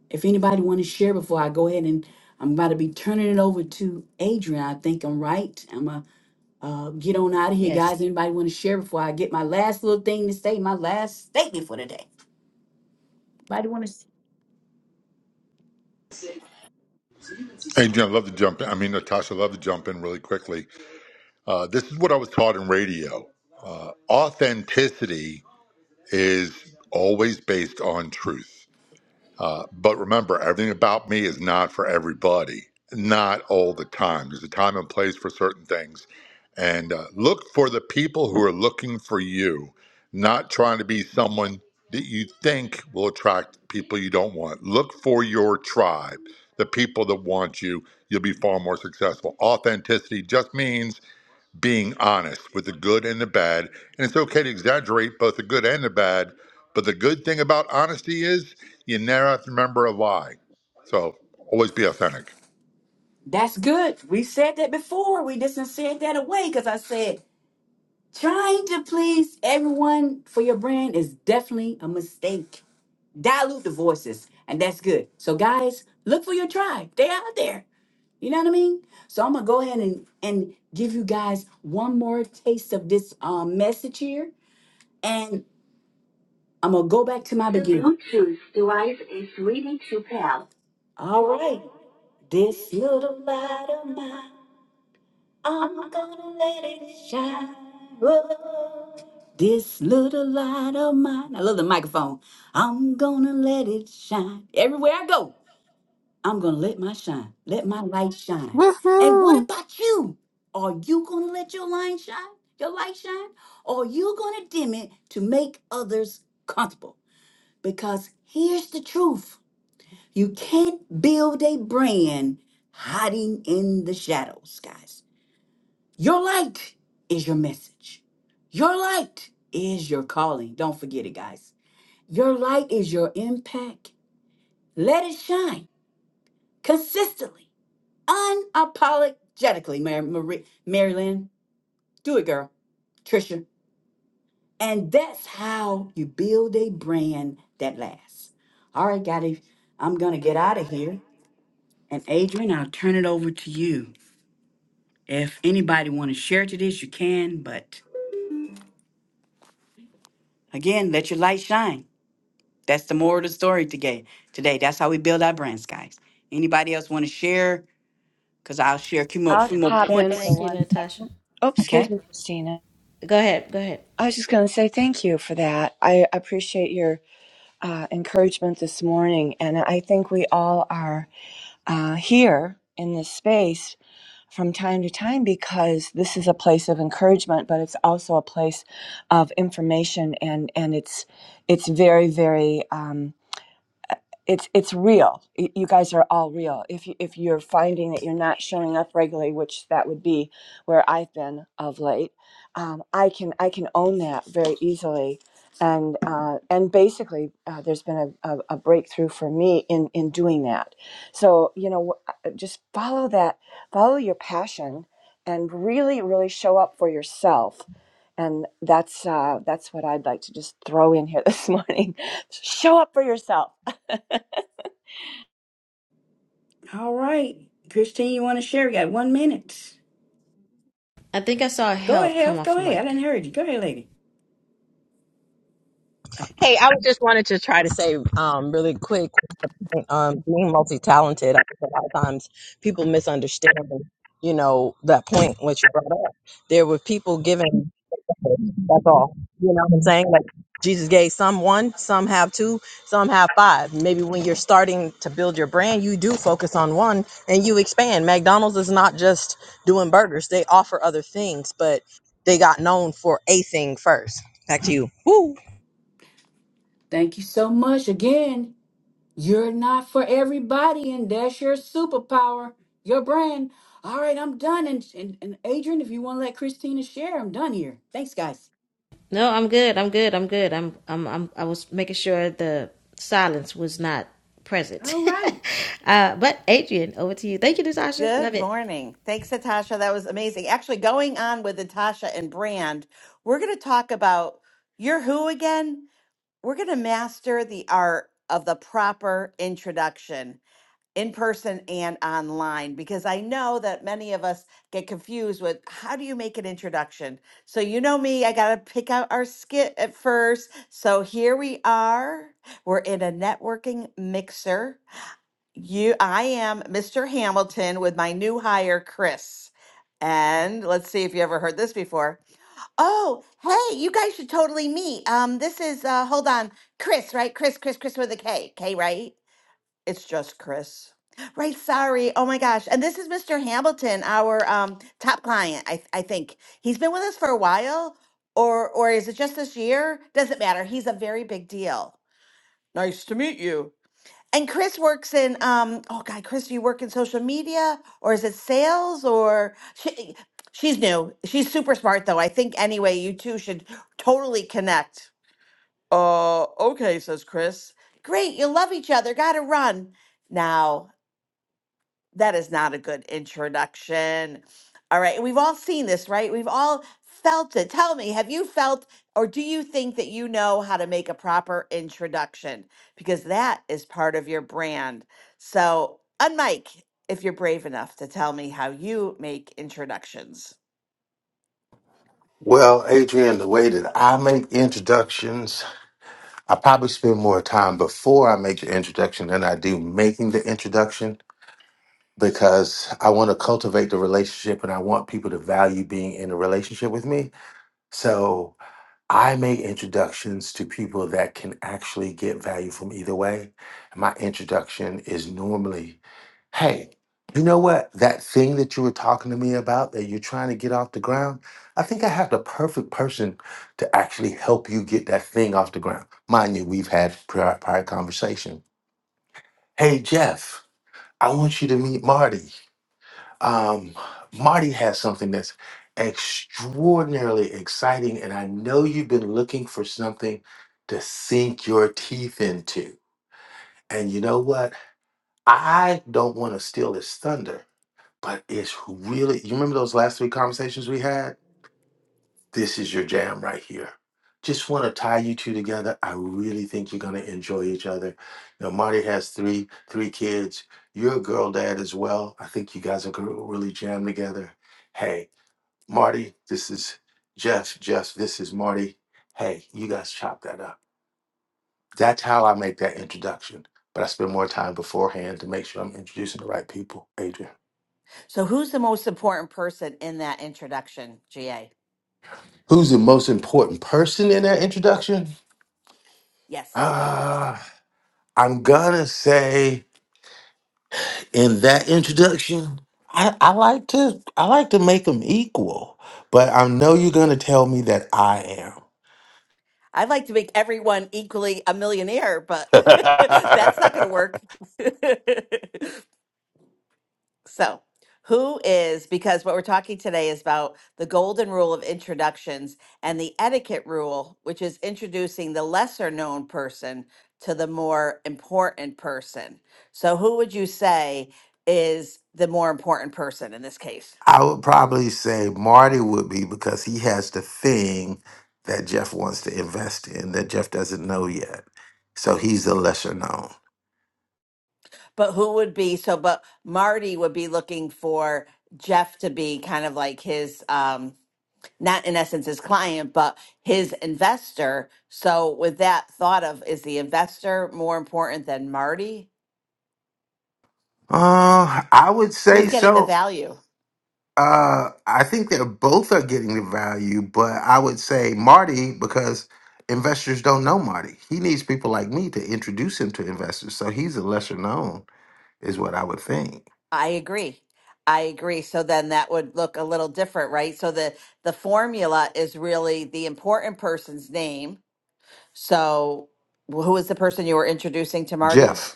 S18: if anybody want to share before I go ahead and I'm about to be turning it over to Adrian. I think I'm right. I'm going to uh, get on out of here,
S1: Yes.
S18: guys. Anybody want to share before I get my last little thing to say, my last statement for today? Anybody want to?
S20: Hey, Jim, love to jump in. I mean, Natasha, love to jump in really quickly. Uh, this is what I was taught in radio. Uh, authenticity is always based on truth. Uh, but remember, everything about me is not for everybody, not all the time. There's a time and place for certain things. And uh, look for the people who are looking for you, not trying to be someone that you think will attract people you don't want. Look for your tribe, the people that want you. You'll be far more successful. Authenticity just means being honest with the good and the bad. And it's okay to exaggerate both the good and the bad. But the good thing about honesty is you never have to remember a lie. So always be authentic.
S18: That's good. We said that before. We just done said that away because I said trying to please everyone for your brand is definitely a mistake. Dilute the voices, and that's good. So guys, look for your tribe. They out there. You know what I mean? So I'm gonna go ahead and and give you guys one more taste of this um, message here, and I'm gonna go back to my The beginning. Bluetooth device is ready to pair. All right, this little light of mine. I'm gonna let it shine. Whoa. This little light of mine. I love the microphone. I'm gonna let it shine. Everywhere I go, I'm gonna let my shine. Let my light shine. And what
S2: Woohoo!
S18: about you? Are you gonna let your light shine? Your light shine? Or are you gonna dim it to make others comfortable? Because here's the truth. You can't build a brand hiding in the shadows, guys. Your light is your message. Your light is your calling. Don't forget it, guys. Your light is your impact. Let it shine consistently, unapologetically, Mary, Marie, Mary Lynn. Do it, girl. Trisha. And that's how you build a brand that lasts. All right, Gotti, I'm going to get out of here. And Adrian, I'll turn it over to you. If anybody want to share to this, you can. But again, let your light shine. That's the moral of the story today. Today, that's how we build our brands, guys. Anybody else want to share? Because I'll share a few more,
S21: I'll
S18: few more
S21: pop in for
S1: Thank
S18: points.
S1: you,
S21: one
S1: Natasha.
S21: second. Oh,
S18: Okay.
S21: excuse me, Christina.
S1: Go ahead. Go ahead.
S21: I was just going to say thank you for that. I appreciate your uh, encouragement this morning. And I think we all are uh, here in this space from time to time because this is a place of encouragement, but it's also a place of information. And, and it's, it's very, very. um, it's it's real. Y- You guys are all real. If you, if you're finding that you're not showing up regularly, which that would be where I've been of late, um, I can I can own that very easily, and uh, and basically uh, there's been a, a, a breakthrough for me in in doing that. So you know, wh- uh, just follow that, follow your passion, and really really show up for yourself. And that's uh, that's what I'd like to just throw in here this morning. Show up for yourself.
S18: All right. Christine, you want to share? We got one minute.
S1: I think I saw
S18: Go ahead.
S1: health come
S18: Go
S1: off
S18: ahead. I
S1: mic.
S18: didn't hear you. Go ahead, lady. Oh,
S15: Hey, I was just wanted to try to say um, really quick. um, being multi-talented, I think a lot of times people misunderstand, you know, that point which you brought up. There were people giving. That's all. You know what I'm saying? Like Jesus gave some one, some have two, some have five. Maybe when you're starting to build your brand, you do focus on one and you expand. McDonald's is not just doing burgers; they offer other things, but they got known for a thing first. Back to you. Woo.
S18: Thank you so much again. You're not for everybody, and that's your superpower, your brand. All right, I'm done. And and, and Adrian, if you want to let Christina share, I'm done here. Thanks, guys.
S1: No, I'm good. I'm good. I'm good. I'm I'm, I'm I was making sure the silence was not present.
S18: All right.
S1: uh, but Adrian, over to you. Thank you, Natasha.
S16: good
S1: Love it.
S16: morning thanks natasha that was amazing actually going on with natasha and brand we're gonna talk about your who again we're gonna master the art of the proper introduction in person and online because I know that many of us get confused with how do you make an introduction? So, you know me, I got to pick out our skit at first. So, here we are. We're in a networking mixer. You I am Mr. Hamilton with my new hire Chris. And let's see if you ever heard this before. Oh, hey, you guys should totally meet. Um this is uh hold on, Chris, right? Chris, Chris, Chris with a K. K, right? It's just Chris. Right, sorry. Oh my gosh. And this is Mr. Hamilton, our um top client, I I think. He's been with us for a while or or is it just this year? Doesn't matter. He's a very big deal. Nice to meet you. And Chris works in um oh god, Chris, do you work in social media or is it sales or she, she's new. She's super smart though. I think anyway, you two should totally connect. Uh okay, says Chris. Great, you love each other. Got to run. Now, that is not a good introduction. All right. And We've all seen this, right? We've all felt it. Tell me, have you felt or do you think that you know how to make a proper introduction? Because that is part of your brand. So, unmike if you're brave enough to tell me how you make introductions.
S6: Well, Adrian, the way that I make introductions, I probably spend more time before I make the introduction than I do making the introduction because I want to cultivate the relationship and I want people to value being in a relationship with me. So I make introductions to people that can actually get value from either way. And my introduction is normally, hey, you know what? That thing that you were talking to me about that you're trying to get off the ground, I think I have the perfect person to actually help you get that thing off the ground. Mind you, we've had prior, prior conversation. Hey, Jeff, I want you to meet Marty um, Marty has something that's extraordinarily exciting, and I know you've been looking for something to sink your teeth into. And you know what? I don't want to steal his thunder, but it's really, you remember those last three conversations we had? This is your jam right here. Just want to tie you two together. I really think you're going to enjoy each other. You know, Marty has three three kids. You're a girl dad as well. I think you guys are going to really jam together. Hey, Marty, this is Jeff. Jeff, this is Marty. Hey, you guys chop that up. That's how I make that introduction. But I spend more time beforehand to make sure I'm introducing the right people. Adrian.
S16: So, who's the most important person in that introduction, GA?
S6: Who's the most important person in that introduction?
S16: Yes.
S6: Uh, I'm gonna say in that introduction, I, I like to I like to make them equal, but I know you're gonna tell me that I
S16: I'd like to make everyone equally a millionaire, but that's not
S6: am.
S16: going to work. So, who is, because what we're talking today is about the golden rule of introductions and the etiquette rule, which is introducing the lesser known person to the more important person. So, who would you say is the more important person in this case?
S6: I would probably say Marty would be because he has the thing that Jeff wants to invest in that Jeff doesn't know yet. So he's the lesser known.
S16: But who would be, so, but Marty would be looking for Jeff to be kind of like his, um, not in essence his client, but his investor. So, with that thought of, is the investor more important than Marty?
S6: Uh, I would
S16: Who's
S6: say
S16: getting the
S6: so.
S16: value?
S6: Uh, I think they're both are getting the value, but I would say Marty because investors don't know Marty. He needs people like me to introduce him to investors, so he's a lesser known, is what I would think.
S16: I agree. I agree. So then that would look a little different, right? So the the formula is really the important person's name. So wh- who is the person you were introducing to Marty?
S6: Jeff.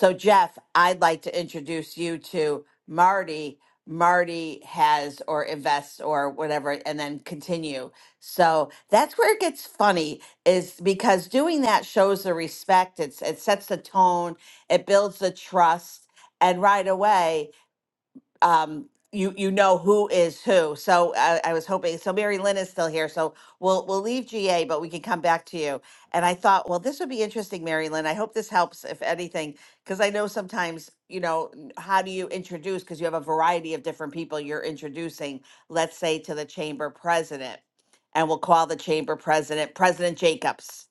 S16: So, Jeff, I'd like to introduce you to Marty. Marty has or invests or whatever, and then continue. So that's where it gets funny, is because doing that shows the respect. It's it sets the tone, it builds the trust, and right away um, you you know who is who. So I, I was hoping. So Mary Lynn is still here. So we'll we'll leave GA, but we can come back to you. And I thought, well, this would be interesting, Mary Lynn. I hope this helps, if anything, because I know sometimes you know n- how do you introduce because you have a variety of different people you're introducing. Let's say to the chamber president, and we'll call the chamber president President Jacobs,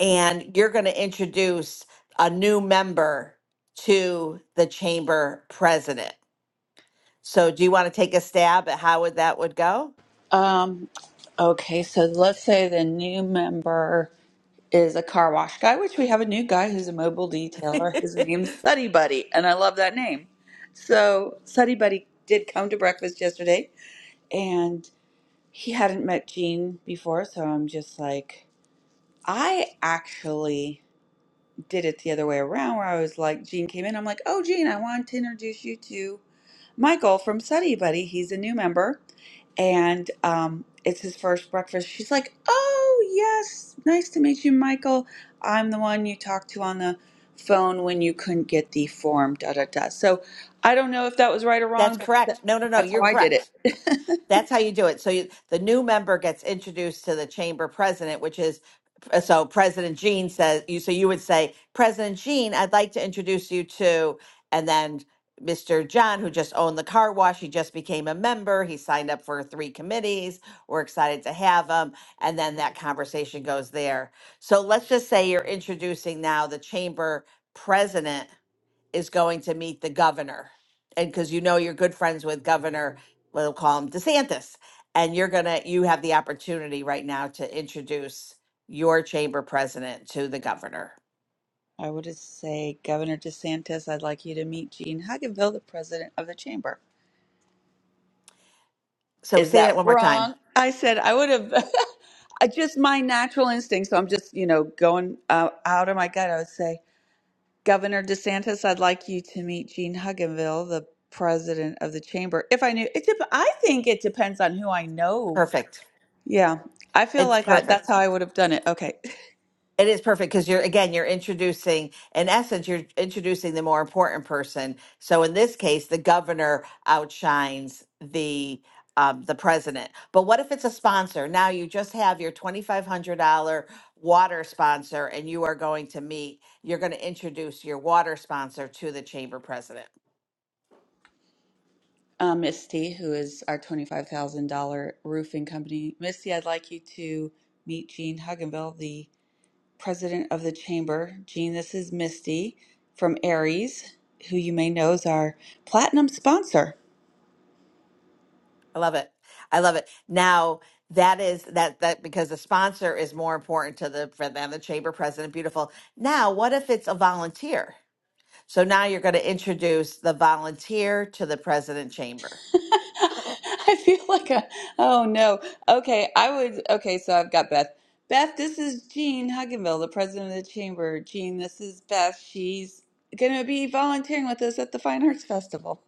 S16: and you're going to introduce a new member to the chamber president so do you want to take a stab at how would that would go?
S19: Um, okay, so let's say the new member. is a car wash guy, which we have a new guy who's a mobile detailer. His name's Suddy Buddy, and I love that name. So Suddy Buddy did come to breakfast yesterday, and he hadn't met Jean before, so I'm just like, I actually did it the other way around, where I was like, Jean came in, I'm like, oh Jean, I want to introduce you to Michael from Suddy Buddy. He's a new member, and um, it's his first breakfast. She's like, "Oh yes, nice to meet you, Michael. I'm the one you talked to on the phone when you couldn't get the form." Da da da. So I don't know if that was right or
S16: That's
S19: wrong, but tha-
S16: correct. No, no, no,
S19: that's how
S16: you're
S19: I did
S16: correct.
S19: it.
S16: That's how you do it. So you, the new member gets introduced to the chamber president, which is uh, so President Jean says you. So you would say, President Jean, I'd like to introduce you to, and then Mr. John, who just owned the car wash, he just became a member. He signed up for three committees. We're excited to have him, and then that conversation goes there. So let's just say you're introducing now the chamber president is going to meet the governor. And because you know you're good friends with Governor, we'll call him DeSantis. And you're going to, you have the opportunity right now to introduce your chamber president to the governor.
S19: I would say, Governor DeSantis, I'd like you to meet Gene Hugginville, the president of the chamber.
S16: So
S19: Is
S16: say that
S19: that
S16: one more time.
S19: wrong? I said I would have. I just my natural instinct. So I'm just, you know, going uh, out of my gut. I would say. Governor DeSantis, I'd like you to meet Gene Hugginville, the president of the chamber. If I knew, it dep- I think it depends on who I know.
S16: Perfect.
S19: Yeah, I feel
S16: It's
S19: like I,
S16: perfect.
S19: that's how I would have done it. Okay.
S16: It is perfect because you're again, you're introducing, in essence, you're introducing the more important person. So in this case, the governor outshines the um, the president. But what if it's a sponsor? Now you just have your twenty five hundred dollar water sponsor, and you are going to meet. You're going to introduce your water sponsor to the chamber president.
S19: Uh, Misty, who is our $25,000 roofing company. Misty, I'd like you to meet Gene Hugginville, the president of the chamber. Gene, this is Misty from Aries, who you may know is our platinum sponsor.
S16: I love it. I love it. Now that is that that because the sponsor is more important to the for than the chamber president. Beautiful. Now, what if it's a volunteer? So now you're going to introduce the volunteer to the president chamber.
S19: I feel like a oh no. Okay, I would okay, so I've got Beth. Beth, this is Jean Hugginville, the president of the chamber. Jean, this is Beth. She's gonna be volunteering with us at the Fine Arts Festival.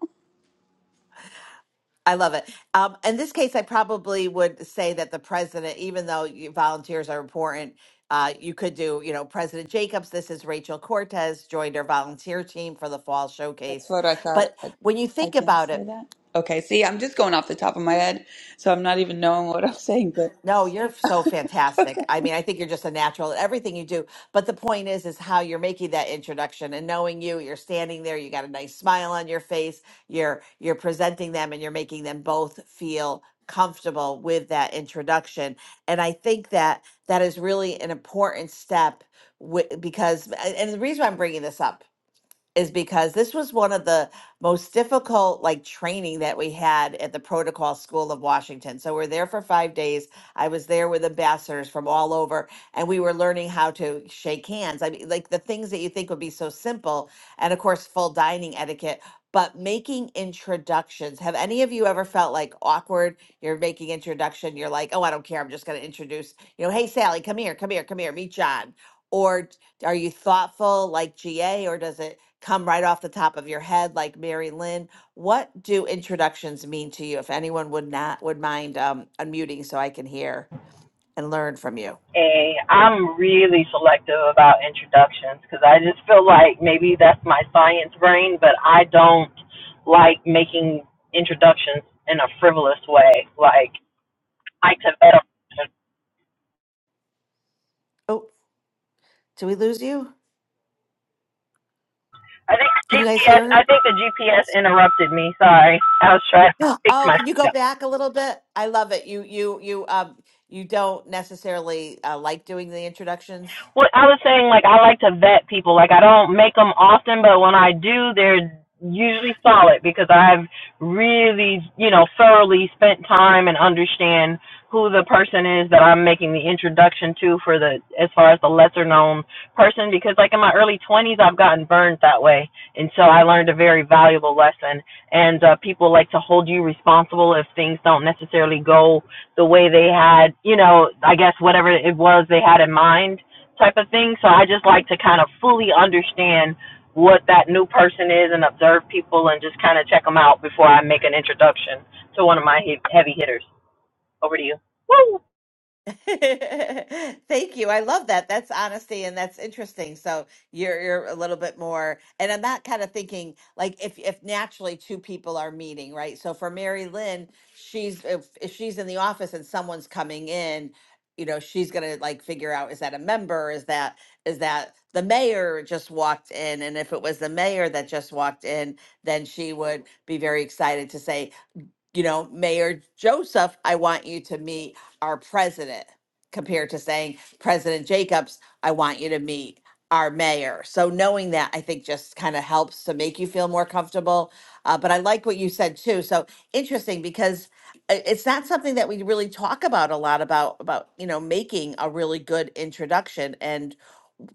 S16: I love it. Um, in this case, I probably would say that the president, even though you, volunteers are important, uh, you could do, you know, President Jacobs. This is Rachel Cortez joined our volunteer team for the fall
S19: That's
S16: showcase.
S19: what I thought.
S16: But
S19: I,
S16: when you
S19: I
S16: think
S19: didn't
S16: about
S19: say
S16: it,
S19: that. Okay, see, I'm just going off the top of my head, so I'm not even knowing what I'm saying, but
S16: No, you're so
S19: okay.
S16: fantastic. I mean, I think you're just a natural at everything you do. But the point is, is how you're making that introduction and knowing you, you're standing there, you got a nice smile on your face, you're you're presenting them and you're making them both feel comfortable with that introduction. And I think that that is really an important step wi- because and the reason why I'm bringing this up is because this was one of the most difficult like training that we had at the protocol school of washington so we're there for five days i was there with ambassadors from all over and we were learning how to shake hands i mean like the things that you think would be so simple and of course full dining etiquette but making introductions have any of you ever felt like awkward you're making introduction you're like oh i don't care i'm just going to introduce you know hey sally come here come here come here meet john or are you thoughtful like GA or does it come right off the top of your head, like Mary Lynn. What do introductions mean to you? If anyone would not would mind um, unmuting so I can hear and learn from you.
S15: a I'm really selective about introductions because I just feel like maybe that's my science brain, but I don't like making introductions in a frivolous way. Like I to
S16: Oh, did we lose you?
S15: I think the
S16: Can you guys
S15: GPS.
S16: hear her?
S15: I think the GPS interrupted me. Sorry, I was trying to fix
S16: Oh, can you
S15: myself.
S16: go back a little bit? I love it. You you you um you don't necessarily uh, like doing the introductions.
S15: Well, I was saying like I like to vet people. Like I don't make them often, but when I do, they're usually solid because I've really, you know, thoroughly spent time and understand who the person is that I'm making the introduction to for the as far as the lesser known person because like in my early 20s I've gotten burned that way and so I learned a very valuable lesson and uh people like to hold you responsible if things don't necessarily go the way they had, you know, I guess whatever it was they had in mind type of thing. So I just like to kind of fully understand what that new person is and observe people and just kind of check them out before I make an introduction to one of my he- heavy hitters. Over to you.
S16: Thank you. I love that. That's honesty and that's interesting. So you're you're a little bit more and I'm not kind of thinking like if if naturally two people are meeting, right? So for Mary Lynn, she's if, if she's in the office and someone's coming in, you know, she's gonna like figure out is that a member? Is that is that the mayor just walked in? And if it was the mayor that just walked in, then she would be very excited to say, you know, Mayor Joseph, I want you to meet our president, compared to saying, President Jacobs, I want you to meet our mayor. So knowing that, I think just kind of helps to make you feel more comfortable. Uh, but I like what you said too. So interesting because i- it's not something that we really talk about a lot about about you know making a really good introduction. And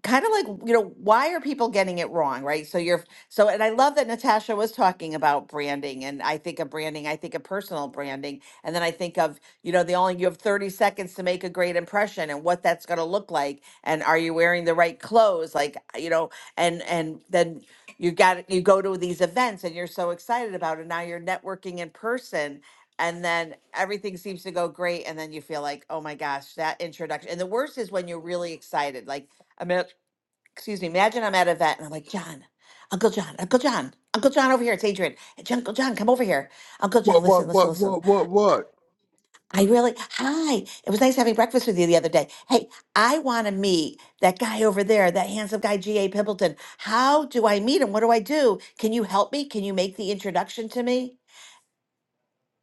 S16: kind of like you know why are people getting it wrong right so you're so and i love that natasha was talking about branding and i think of branding i think of personal branding and then i think of you know the only you have 30 seconds to make a great impression and what that's going to look like and are you wearing the right clothes like uh, you know and and then you got you go to these events and you're so excited about it now you're networking in person and then everything seems to go great and then you feel like oh my gosh that introduction and the worst is when you're really excited like I mean excuse me, imagine I'm at an event and I'm like, John, Uncle John, Uncle John, Uncle John over here. It's Adrian. Hey, John- Uncle John, come over here. Uncle John,
S20: What,
S16: listen,
S20: what,
S16: listen,
S20: what,
S16: listen.
S20: what, what, what?
S16: I really, hi. It was nice having breakfast with you the other day. Hey, I want to meet that guy over there, that handsome guy, G.A. Pimpleton. How do I meet him? What do I do? Can you help me? Can you make the introduction to me?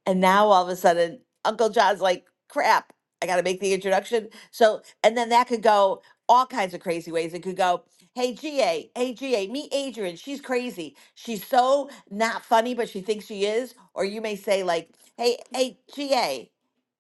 S16: And now all of a sudden, Uncle John's like, crap, I got to make the introduction. So, and then that could go all kinds of crazy ways. It could go, hey, GA, hey, GA, meet Adrian. She's crazy. She's so not funny, but she thinks she is. Or you may say, like, hey, hey, GA.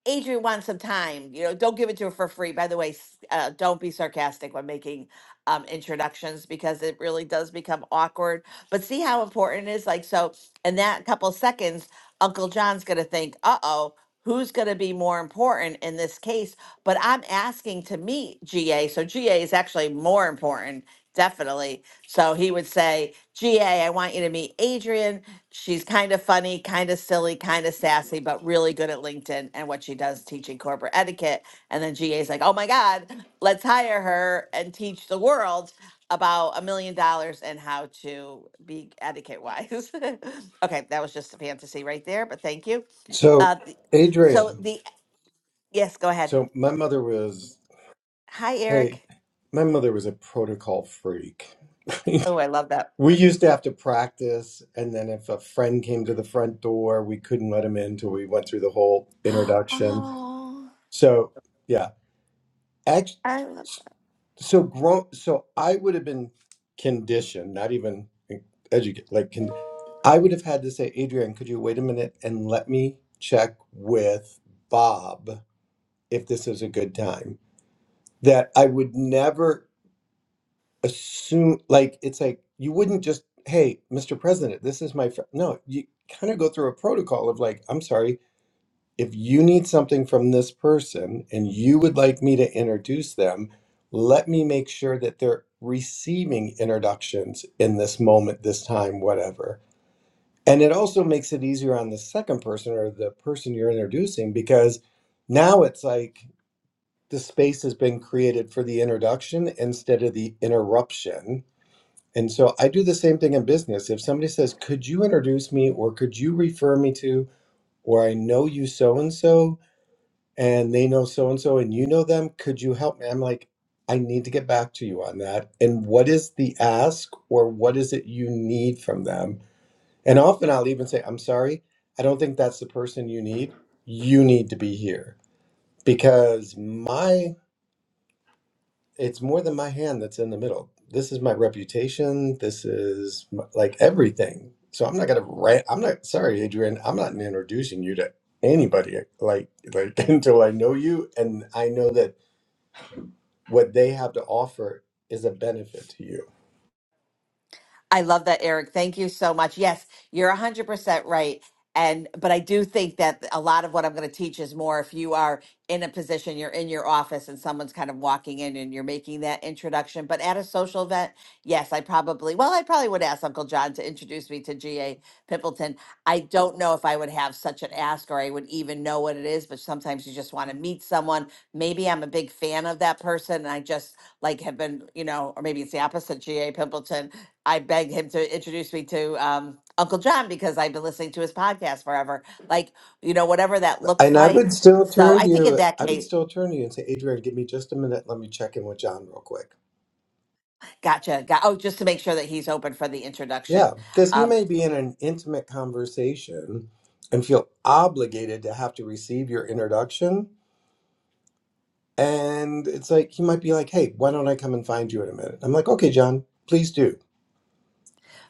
S16: Adrian wants some time. You know, don't give it to her for free. By the way, s- uh, don't be sarcastic when making um, introductions because it really does become awkward. But see how important it is. Like so, in that couple seconds, Uncle John's gonna think, "Uh oh." Who's going to be more important in this case? But I'm asking to meet GA. So GA is actually more important, definitely. So he would say, GA, I want you to meet Adrian. She's kind of funny, kind of silly, kind of sassy, but really good at LinkedIn and what she does teaching corporate etiquette. And then GA's like, oh my God, let's hire her and teach the world about a million dollars and how to be etiquette wise. okay, that was just a fantasy right there, but thank you. Uh,
S22: So,
S16: the, so
S22: Adrian,
S16: the, yes, go ahead.
S22: so my mother was,
S16: Hi,
S22: hey,
S16: Eric.
S22: my mother was a protocol freak.
S16: Oh, I love that.
S22: we used to have to practice, and then if a friend came to the front door, we couldn't let him in till we went through the whole introduction.
S16: Oh,
S22: So, yeah. Act-
S16: I love
S22: so grown, so I would have been conditioned, not even educated, like con- I would have had to say, Adrian, could you wait a minute and let me check with Bob if this is a good time? that I would never assume like it's like you wouldn't just hey Mr. President this is my fr-. no you kind of go through a protocol of like I'm sorry if you need something from this person and you would like me to introduce them let me make sure that they're receiving introductions in this moment this time whatever and it also makes it easier on the second person or the person you're introducing because now it's like the space has been created for the introduction instead of the interruption. And so I do the same thing in business. If somebody says, Could you introduce me, or could you refer me to, or I know you so and so, and they know so and so, and you know them, could you help me? I'm like, I need to get back to you on that. And what is the ask, or what is it you need from them? And often I'll even say, I'm sorry, I don't think that's the person you need. You need to be here because my it's more than my hand that's in the middle. This is my reputation. This is my, like everything. So I'm not gonna rant. I'm not sorry, Adrian. I'm not introducing you to anybody like like until I know you and I know that what they have to offer is a benefit to you.
S16: I love that, Eric. Thank you so much. Yes, you're 100% right. And, but I do think that a lot of what I'm going to teach is more if you are in a position, you're in your office and someone's kind of walking in and you're making that introduction. But at a social event, yes, I probably, well, I probably would ask Uncle John to introduce me to G.A. Pimpleton. I don't know if I would have such an ask or I would even know what it is, but sometimes you just want to meet someone. Maybe I'm a big fan of that person and I just like have been, you know, or maybe it's the opposite, G.A. Pimpleton I begged him to introduce me to um, Uncle John because I've been listening to his podcast forever. Like, you know, whatever that looks
S22: And I
S16: like.
S22: would still
S16: So
S22: turn
S16: I think in
S22: you.
S16: that
S22: I would
S16: case,
S22: still turn to you and say, Adrian, give me just a minute. Let me check in with John real quick.
S16: gotcha. Got, oh, just to make sure that he's open for the
S22: Yeah,
S16: introduction.
S22: because he
S16: Um,
S22: may be in an intimate conversation and feel obligated to have to receive your introduction And it's like, he might be like, hey, why don't I come and find you in a minute? I'm like, okay, John, please do.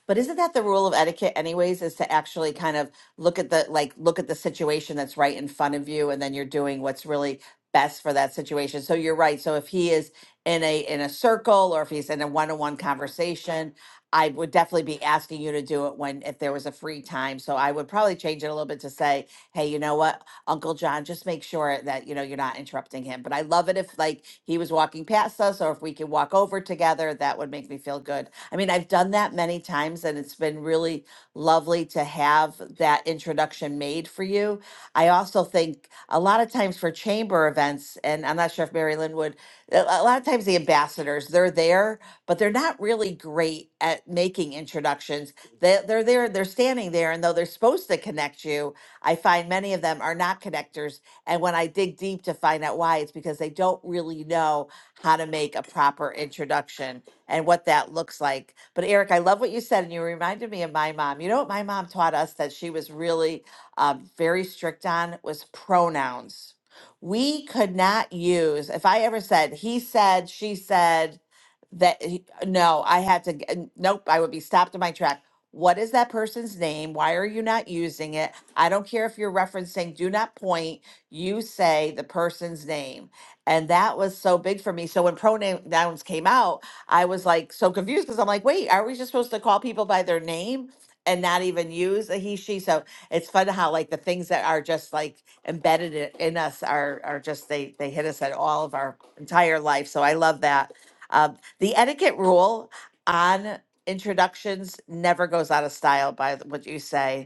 S16: But isn't that the rule of etiquette anyways, is to actually kind of look at the like look at the situation that's right in front of you and then you're doing what's really best for that situation. So you're right. So if he is in a in a circle or if he's in a one-on-one conversation, I would definitely be asking you to do it when if there was a free time. So I would probably change it a little bit to say, "Hey, you know what? Uncle John, just make sure that you know you're not interrupting him." But I love it if like he was walking past us or if we could walk over together, that would make me feel good I mean, I've done that many times and it's been really lovely to have that introduction made for you. I also think a lot of times for chamber events, and I'm not sure if Mary Lynn would, a a lot of times the ambassadors, they're there, but they're not really great at making introductions. They, they're there, they're standing there, and though they're supposed to connect you, I find many of them are not connectors. And when I dig deep to find out why, it's because they don't really know how to make a proper introduction and what that looks like. But Eric, I love what you said, and you reminded me of my mom. You know what my mom taught us that she was really um, very strict on was pronouns. We could not use, if I ever said, he said, she said, that he- no, I had to, g- n- nope, I would be stopped in my track. What is that person's name? Why are you not using it? I don't care if you're referencing, do not point. You say the person's name. And that was so big for me. So when pronouns came out, I was like so confused because I'm like, wait, are we just supposed to call people by their name and not even use a he, she? So it's fun how like the things that are just like embedded i- in us are are just they they hit us at all of our entire life. So I love that. Um, the etiquette rule on introductions never goes out of style by th- what you say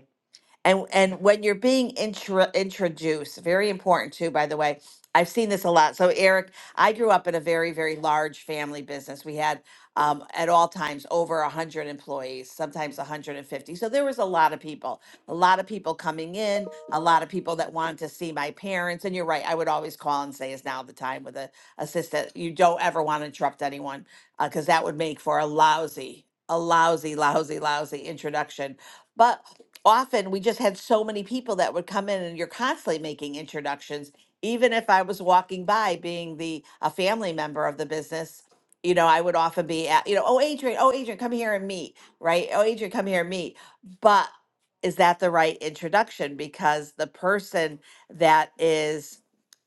S16: and and when you're being intro, introduced very important too by the way i've seen this a lot so eric i grew up in a very very large family business we had um, at all times over 100 employees sometimes 150 so there was a lot of people a lot of people coming in a lot of people that wanted to see my parents and you're right i would always call and say is now the time with a assistant you don't ever want to interrupt anyone because that would make for a lousy a lousy lousy lousy introduction but often we just had so many people that would come in and you're constantly making introductions even if i was walking by being the a family member of the business you know i would often be at you know oh adrian oh adrian come here and meet right oh adrian come here and meet but is that the right introduction because the person that is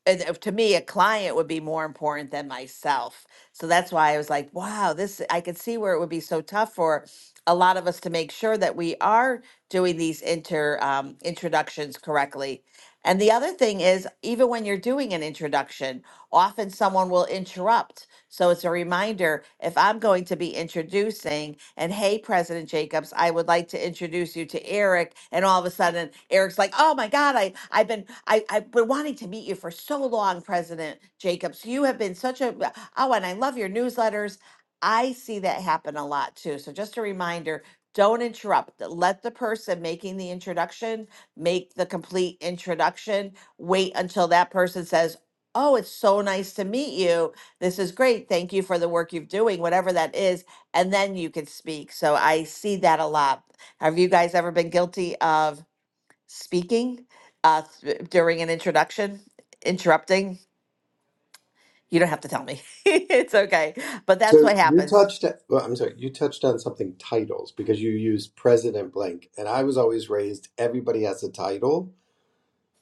S16: and uh, to me a client would be more important than myself so that's why i was like wow this i could see where it would be so tough for a lot of us to make sure that we are doing these inter um, introductions correctly and the other thing is even when you're doing an introduction often someone will interrupt so it's a reminder if I'm going to be introducing, and hey, President Jacobs, I would like to introduce you to Eric. And all of a sudden, Eric's like, oh my God, I, I've been I, I've been wanting to meet you for so long, President Jacobs. You have been such a oh, and I love your newsletters. I see that happen a lot too. So just a reminder, don't interrupt. Let the person making the introduction make the complete introduction. Wait until that person says, Oh, it's so nice to meet you this is great. Thank you for the work you're doing, whatever that is. And then you can speak. So I see that a lot. Have you guys ever been guilty of speaking uh, th- during an introduction, interrupting? You don't have to tell me. it's okay. But that's
S22: So
S16: what
S22: you
S16: happens.
S22: touched, well, I'm sorry, you touched on something titles because you use President Blank. And I was always raised, everybody has a title.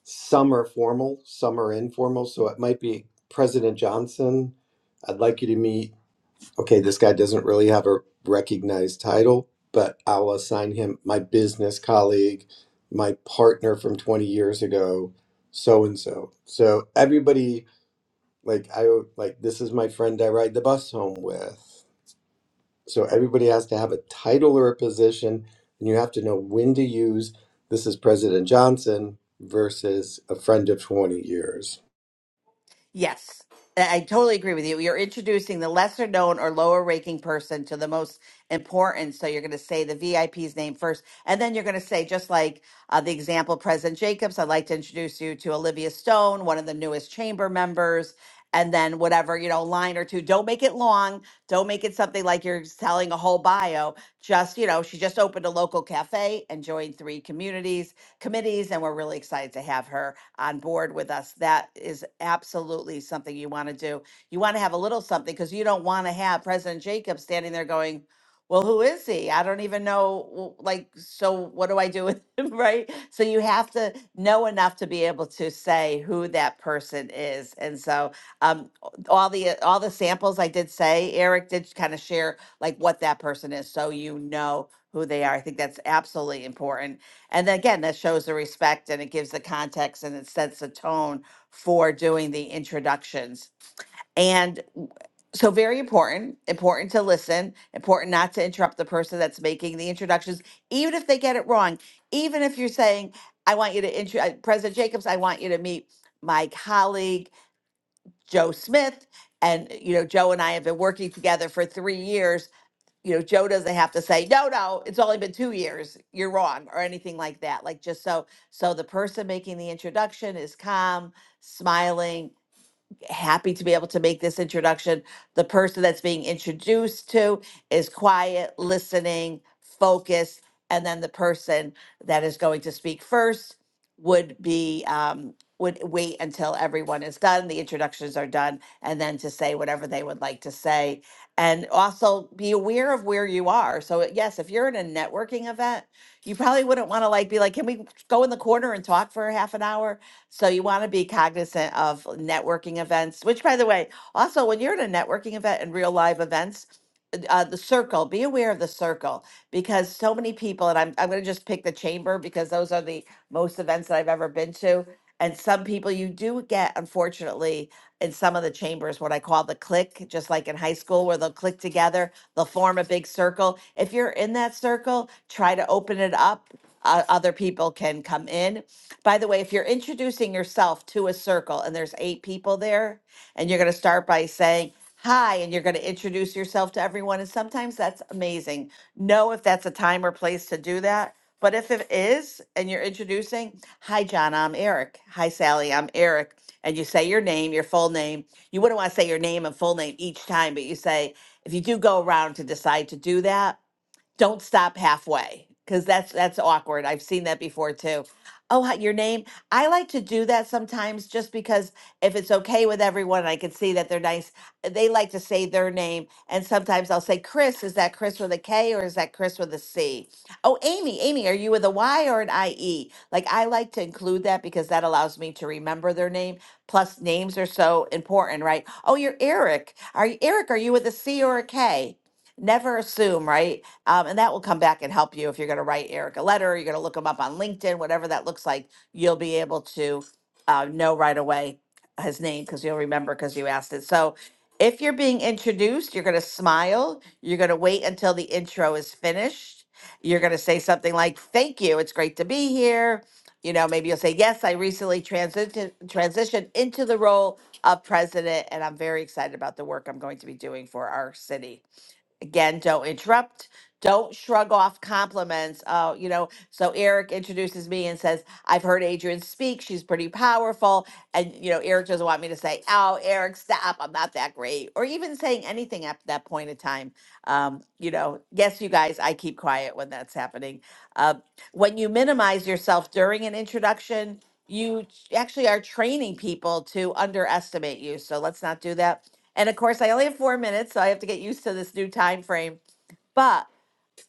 S22: Some are formal, some are informal. So it might be President Johnson. I'd like you to meet okay, this guy doesn't really have a recognized title, but I'll assign him my business colleague, my partner from 20 years ago, so and so. So everybody, like, I like this is my friend I ride the bus home with. So everybody has to have a title or a position, and you have to know when to use this is President Johnson versus a friend of 20 years.
S16: Yes, I I totally agree with you. You're introducing the lesser known or lower ranking person to the most important. So you're going to say the VIP's name first. And then you're going to say, just like uh, the example, President Jacobs, I'd like to introduce you to Olivia Stone, one of the newest chamber members. And then whatever, you know, line or two. Don't make it long. Don't make it something like you're telling a whole bio. Just, you know, she just opened a local cafe and joined three communities, committees, and we're really excited to have her on board with us, that is absolutely something you want to do. You want to have a little something because you don't want to have President Jacob standing there going, well, who is he? I don't even know. w- Like, so what do I do with him, right? So you have to know enough to be able to say who that person is. And so, um, all the all the samples I did say, Eric did kind of share like what that person is, so you know who they are. I think that's absolutely important and then again, that shows the respect and it gives the context and it sets the tone for doing the introductions. And w- so, very important, important to listen, important not to interrupt the person that's making the introductions, even if they get it wrong. Even if you're saying, I want you to, intro- uh, President Jacobs, I want you to meet my colleague, Joe Smith. And, you know, Joe and I have been working together for three years you know, Joe doesn't have to say, no, no, it's only been two years, you're wrong, or anything like that. Like just so, so the person making the introduction is calm, smiling happy to be able to make this introduction. The person that's being introduced to is quiet, listening, focused, and then the person that is going to speak first would be um, would wait until everyone is done, the introductions are done, and then to say whatever they would like to say. And also be aware of where you are. So yes, if you're in a networking event, you probably wouldn't want to like be like, can we go in the corner and talk for a half an hour? So you want to be cognizant of networking events, which, by the way, also when you're at a networking event and real live events, uh, uh, the circle, be aware of the circle because so many people, and I'm, I'm going to just pick the chamber because those are the most events that I've ever been to. And some people you do get, unfortunately, in some of the chambers, what I call the click, just like in high school, where they'll click together, they'll form a big circle. If you're in that circle, try to open it up. Uh, other people can come in. By the way, if you're introducing yourself to a circle and there's eight people there, and you're going to start by saying, Hi, and you're going to introduce yourself to everyone. And sometimes that's amazing. Know if that's a time or place to do that but if it is, and you're introducing, hi, John, I'm Eric. Hi, Sally, I'm Eric. And you say your name, your full name. You wouldn't want to say your name and full name each time, but you say, if you do go around to decide to do that, don't stop halfway because that's that's awkward. I've seen that before too. Oh, hi- your name. I like to do that sometimes just because if it's okay with everyone, I can see that they're nice. eh, They like to say their name, and sometimes I'll say Chris. Is that Chris with a K or is that Chris with a C? Oh, Amy, Amy, are you with a Y or an I E? Like I like to include that because that allows me to remember their name. Plus, names are so important, right? Oh, you're Eric. Are you Eric? Are you with a C or a K? Never assume, right? Um, and that will come back and help you if you're going to write Eric a letter, you're going to look him up on LinkedIn, whatever that looks like, you'll be able to uh, know right away his name because you'll remember because you asked it. So if you're being introduced, you're going to smile, you're going to wait until the intro is finished. You're going to say something like, Thank you. It's great to be here. You know, maybe you'll say, Yes, I recently transited, transitioned into the role of president, and I'm very excited about the work I'm going to be doing for our city again, don't interrupt. Don't shrug off compliments. Oh, you know, so Eric introduces me and says, I've heard Adrian speak. She's pretty powerful. And, you know, Eric doesn't want me to say, Oh, Eric, stop. I'm not that great. Or even saying anything at that point in time. Um, you know, yes, you guys, I keep quiet when that's happening. Uh, when you minimize yourself during an introduction, you ch- actually are training people to underestimate you. So let's not do that. And of course, I only have four minutes, so I have to get used to this new time frame. But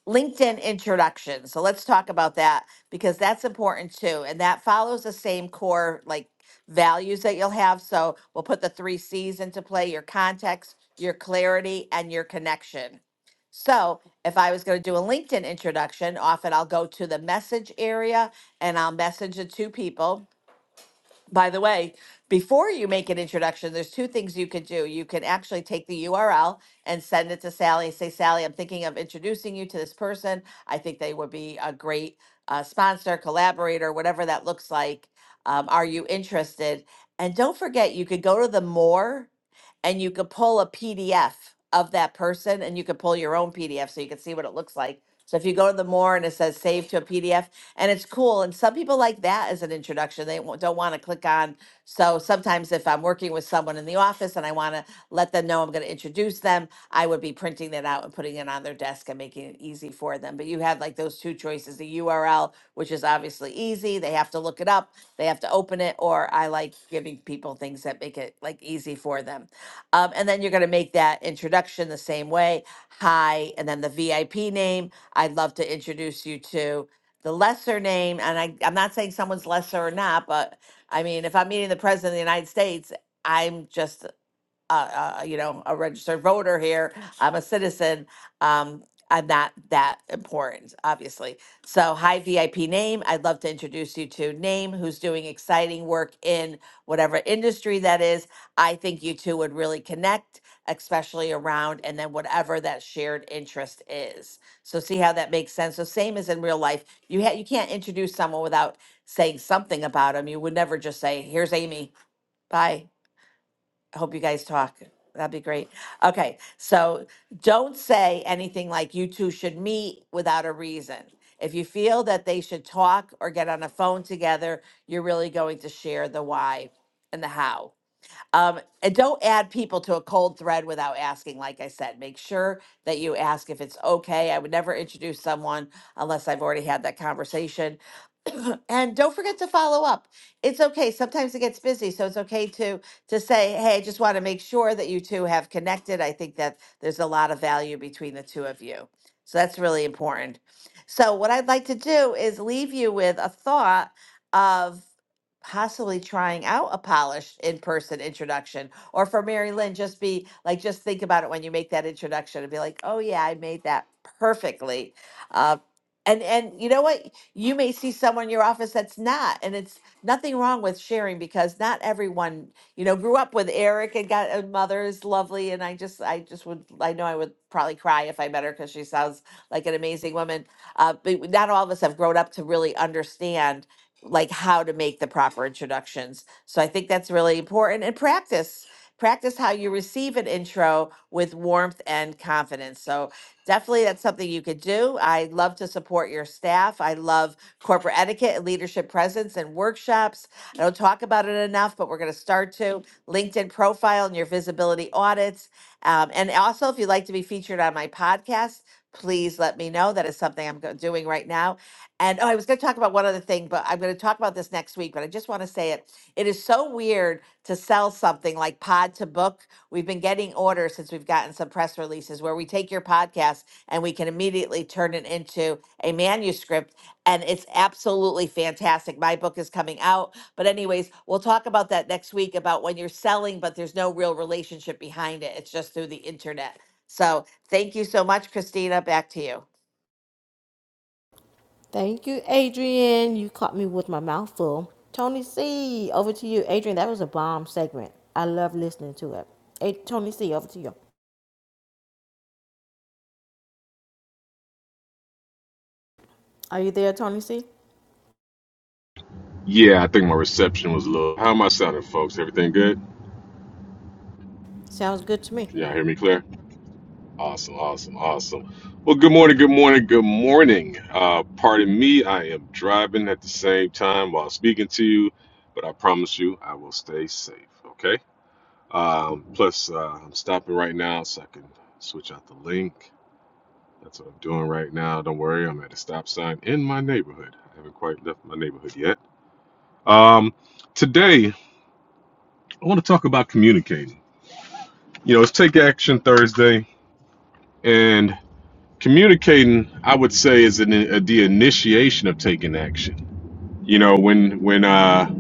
S16: LinkedIn introduction. So let's talk about that because that's important too. And that follows the same core like values that you'll have. So we'll put the three C's into play your context, your clarity, and your connection. So if I was going to do a LinkedIn introduction, often I'll go to the message area and I'll message the two people by the way, before you make an introduction, there's two things you could do. You can actually take the URL and send it to Sally and say, Sally, I'm thinking of introducing you to this person. I think they would be a great uh, sponsor, collaborator, whatever that looks like. Um, are you interested? And don't forget, you could go to the more and you could pull a PDF of that person and you could pull your own PDF so you can see what it looks like. So if you go to the more and it says save to a PDF, and it's cool. And some people like that as an introduction. They won't- don't want to click on. So sometimes if I'm working with someone in the office and I want to let them know I'm going to introduce them, I would be printing that out and putting it on their desk and making it easy for them. But you have like those two choices: the URL, which is obviously easy. They have to look it up. They have to open it. Or I like giving people things that make it like easy for them. Um, and then you're going to make that introduction the same way. Hi, and then the VIP name. I'd love to introduce you to the lesser name, and I, I'm not saying someone's lesser or not, but I mean, if I'm meeting the president of the United States, I'm just uh, uh, you know, a registered voter here. I'm a citizen. Um, I'm not that important, obviously. So, hi, VIP name. I'd love to introduce you to Name, who's doing exciting work in whatever industry that is. I think you two would really connect, especially around and then whatever that shared interest is. So, see how that makes sense. So, same as in real life, you ha- you can't introduce someone without saying something about them. You would never just say, "Here's Amy, bye." I hope you guys talk. That'd be great. Okay, so don't say anything like you two should meet without a reason. If you feel that they should talk or get on a phone together, you're really going to share the why and the how. Um, and don't add people to a cold thread without asking. Like I said, make sure that you ask if it's okay. I would never introduce someone unless I've already had that conversation. and don't forget to follow up. It's okay. Sometimes it gets busy, so it's okay to to say, "Hey, I just want to make sure that you two have connected." I think that there's a lot of value between the two of you. So that's really important. So what I'd like to do is leave you with a thought of possibly trying out a polished in-person introduction or for Mary Lynn just be like just think about it when you make that introduction and be like oh yeah I made that perfectly uh, and and you know what you may see someone in your office that's not and it's nothing wrong with sharing because not everyone you know grew up with Eric and got a mother is lovely and I just I just would I know I would probably cry if I met her because she sounds like an amazing woman uh, but not all of us have grown up to really understand like how to make the proper introductions. So I think that's really important and practice. Practice how you receive an intro with warmth and confidence. So, definitely that's something you could do. I love to support your staff. I love corporate etiquette and leadership presence and workshops. I don't talk about it enough, but we're going to start to LinkedIn profile and your visibility audits. Um, and also, if you'd like to be featured on my podcast, please let me know. That is something I'm go- doing right now and oh, I was going to talk about one other thing, but I'm going to talk about this next week. But I just want to say it. It is so weird to sell something like Pod to Book. We've been getting orders since we've gotten some press releases where we take your podcast and we can immediately turn it into a manuscript. And it's absolutely fantastic. My book is coming out. But, anyways, we'll talk about that next week about when you're selling, but there's no real relationship behind it. It's just through the internet. So, thank you so much, Christina. Back to you.
S1: Thank you, Adrian. You caught me with my mouth full. Tony C, over to you. Adrian, that was a bomb segment. I love listening to it. Hey, Tony C, over to you. Are you there, Tony C?
S23: Yeah, I think my reception was low. How am I sounding, folks? Everything good?
S1: Sounds good to me.
S23: Can y'all hear me clear? Awesome, awesome, awesome. Well, good morning, good morning, good morning. Uh, pardon me, I am driving at the same time while speaking to you, but I promise you I will stay safe, okay? Um, plus, uh, I'm stopping right now so I can switch out the link. That's what I'm doing right now. Don't worry, I'm at a stop sign in my neighborhood. I haven't quite left my neighborhood yet. Um, today, I want to talk about communicating you know, it's Take Action Thursday, and communicating, I would say, is an, a, the initiation of taking action. You know, when when uh,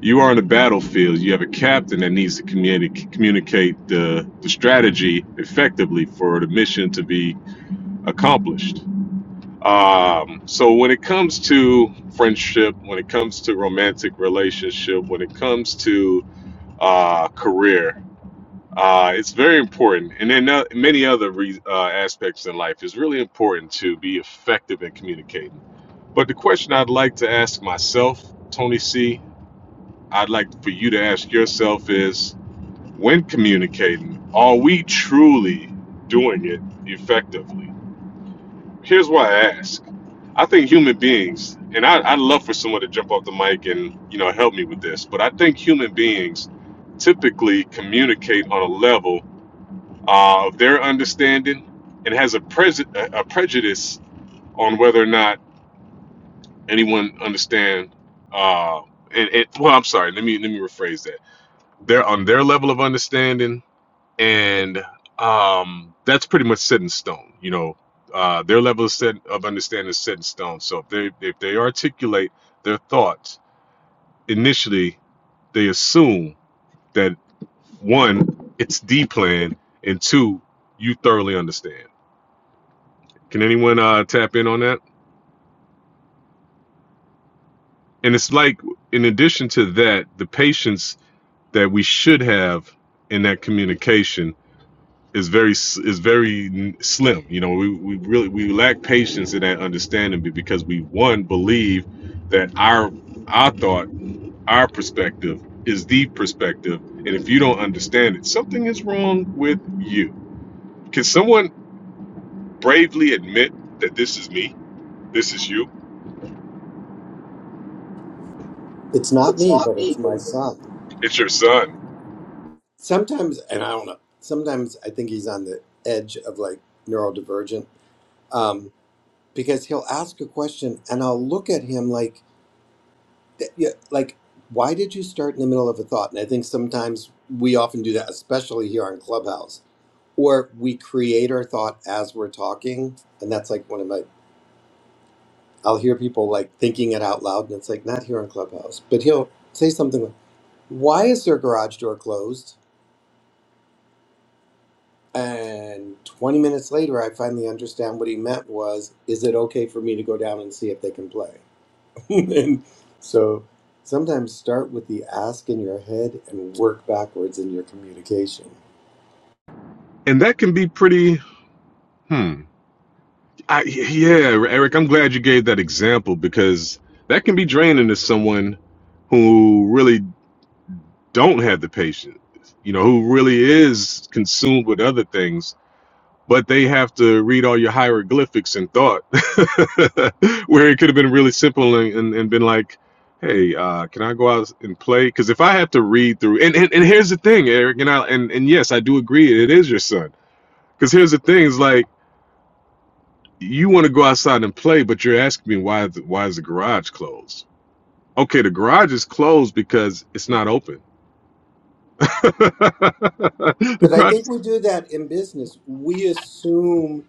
S23: you are on the battlefield, you have a captain that needs to communi- communicate the, the strategy effectively for the mission to be accomplished. Um, so when it comes to friendship, when it comes to romantic relationship, when it comes to uh, career, Uh, it's very important, and then uh, many other re- uh, aspects in life. It's really important to be effective in communicating. But the question I'd like to ask myself, Tony C, I'd like for you to ask yourself is: When communicating, are we truly doing it effectively? Here's why I ask. I think human beings, and I, I'd love for someone to jump off the mic and you know help me with this, but I think human beings typically communicate on a level uh, of their understanding and has a, prejud a a prejudice on whether or not anyone understand. Uh, and, and well, I'm sorry. Let me let me rephrase that. They're on their level of understanding, and um, that's pretty much set in stone. You know, uh, their level of, set, of understanding is set in stone. So if they if they articulate their thoughts initially, they assume that one, it's D plan, and two, you thoroughly understand. Can anyone uh, tap in on that? And it's like, in addition to that, the patience that we should have in that communication is very s- is very n- slim. You know, we, we really we lack patience in that understanding be- because we one believe that our our thought, our perspective is the perspective, and if you don't understand it, something is wrong with you. Can someone bravely admit that this is me? This is you.
S22: It's not me, but it's my son.
S23: It's your son,
S22: sometimes and i don't know sometimes i think he's on the edge of like neurodivergent um because he'll ask a question and i'll look at him like th- yeah, like why did you start in the middle of a thought and i think sometimes we often do that especially here on clubhouse or we create our thought as we're talking and that's like one of my i'll hear people like thinking it out loud and it's like not here on clubhouse but he'll say something like why is their garage door closed And 20 minutes later, I finally understand what he meant was, is it okay for me to go down and see if they can play? and so sometimes start with the ask in your head and work backwards in your communication.
S23: and that can be pretty. Hmm I, yeah, Eric, I'm glad you gave that example because that can be draining to someone who really don't have the patience, you know, who really is consumed with other things, but they have to read all your hieroglyphics and thought, where it could have been really simple and, and, and been like, hey, uh, can I go out and play? Because if I have to read through, and, and, and here's the thing, Eric, and I and, and yes, I do agree, it is your son. Because here's the thing, is like you want to go outside and play, but you're asking me why the, why is the garage closed? Okay, the garage is closed because it's not open. the
S22: But I
S23: garage.
S22: think
S23: Is,
S22: we do that in business. We assume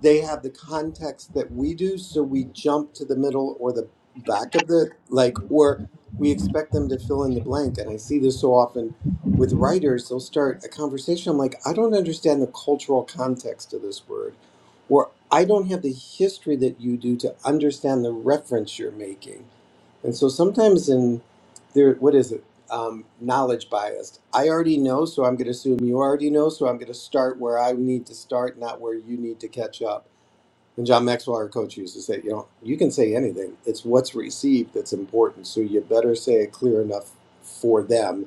S22: they have the context that we do so we jump to the middle or the back of the like or we expect them to fill in the blank and i see this so often with writers they'll start a conversation i'm like i don't understand the cultural context of this word or i don't have the history that you do to understand the reference you're making and so sometimes in there what is it um, knowledge bias. I already know, so I'm going to assume you already know, so I'm going to start where I need to start, not where you need to catch up. And John Maxwell, our coach, used to say, you know, you can say anything. It's what's received that's important. So you better say it clear enough for them.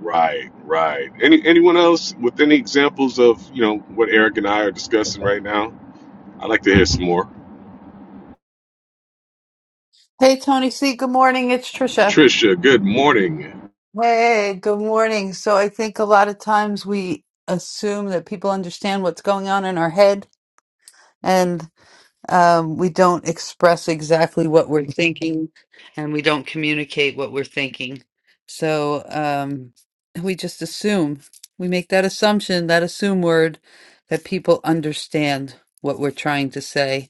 S23: right, right. Any anyone else with any examples of you know what Eric and I are discussing right now? I'd like to hear some more.
S2: Hey, Tony C. Good morning. It's Trisha.
S23: Trisha, good morning.
S2: Hey, good morning. So I think a lot of times we assume that people understand what's going on in our head and um, we don't express exactly what we're thinking and we don't communicate what we're thinking. So um, we just assume, we make that assumption, that assume word that people understand what we're trying to say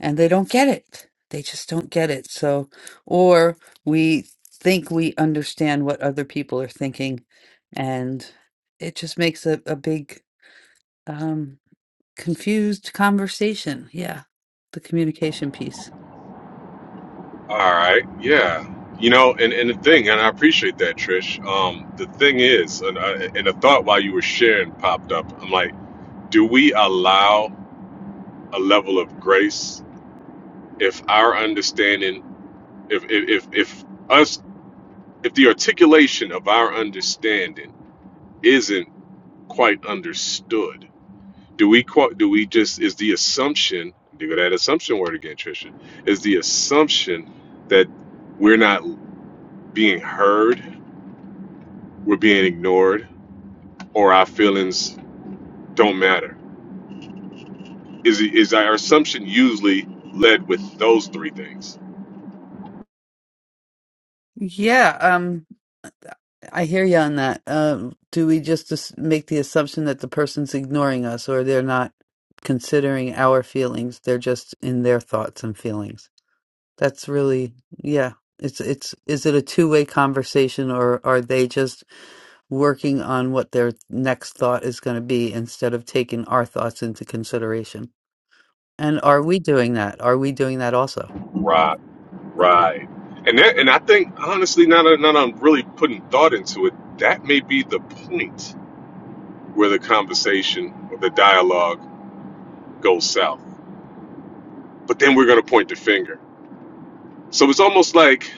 S2: and they don't get it. They just don't get it. So, or we think we understand what other people are thinking, and it just makes a, a big um, confused conversation. Yeah, the communication piece.
S23: All right, yeah. You know, and, and the thing, and I appreciate that, Trish. Um, the thing is, and, I, and a thought while you were sharing popped up. I'm like, do we allow a level of grace if our understanding if if if, if us if the articulation of our understanding isn't quite understood do we quote do we just is the assumption do that assumption word again trisha is the assumption that we're not being heard we're being ignored or our feelings don't matter is is our assumption usually led with those three things
S2: Yeah. Um, uh, I hear you on that. Um, do we just as- make the assumption that the person's ignoring us or they're not considering our feelings? They're just in their thoughts and feelings. That's really, yeah. It's it's is it a two-way conversation or are they just working on what their next thought is going to be instead of taking our thoughts into consideration? And are we doing that? Are we doing that also?
S23: Right. Right. And that, and I think honestly, now that, now that I'm really putting thought into it, that may be the point where the conversation or the dialogue goes south. But then we're going to point the finger. So it's almost like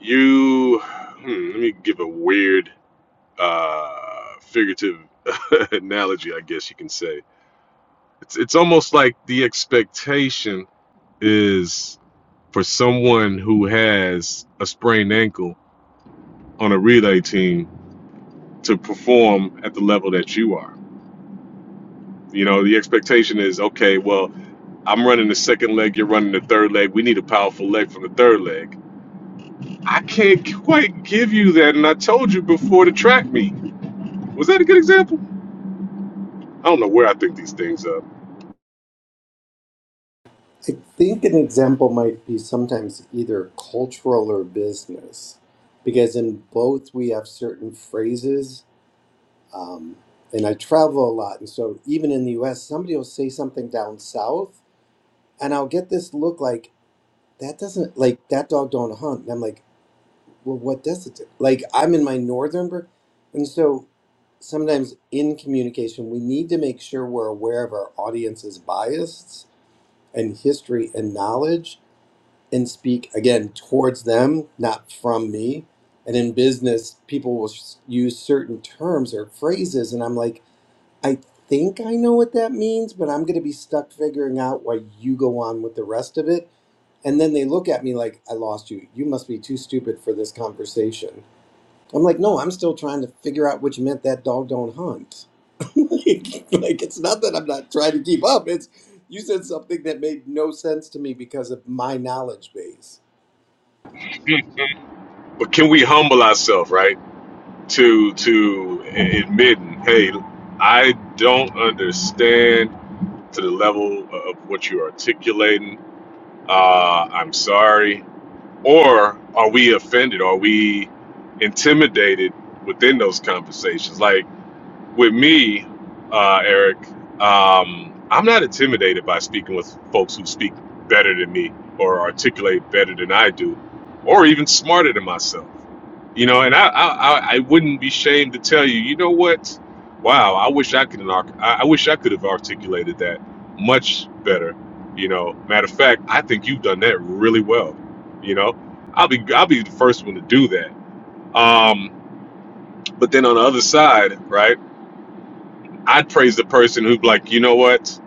S23: you. Hmm, let me give a weird, uh, figurative analogy, I guess you can say. It's it's almost like the expectation is for someone who has a sprained ankle on a relay team to perform at the level that you are. You know, the expectation is okay, well, I'm running the second leg, you're running the third leg. We need a powerful leg from the third leg. I can't quite give you that. And I told you before to track me. Was that a good example? I don't know where I think these things up.
S22: I think an example might be sometimes either cultural or business, because in both we have certain phrases. Um, and I travel a lot. And so even in the US, somebody will say something down south and I'll get this look like that doesn't like that dog don't hunt. And I'm like, well, what does it do? Like I'm in my northern, br- and so sometimes in communication we need to make sure we're aware of our audience's bias and history and knowledge, and speak again towards them, not from me. And in business, people will s- use certain terms or phrases, and I'm like, I think I know what that means, but I'm going to be stuck figuring out why you go on with the rest of it and then they look at me like, I lost you. You must be too stupid for this conversation. I'm like, no, I'm still trying to figure out which meant that dog don't hunt. like, like, it's not that I'm not trying to keep up. It's you said something that made no sense to me because of my knowledge base.
S23: But can we humble ourselves, right? To to admitting, hey, I don't understand to the level of what you're articulating. Uh, I'm sorry. or are we offended? Are we intimidated within those conversations? Like with me, uh, Eric, um, I'm not intimidated by speaking with folks who speak better than me or articulate better than I do, or even smarter than myself. You know, and I I, I I wouldn't be ashamed to tell you, you know what? Wow, I wish I could arc- I I wish I could have articulated that much better. You know, matter of fact, I think you've done that really well. You know, I'll be I'll be the first one to do that. Um, but then on the other side, right? I'd praise the person who'd be like, you know what?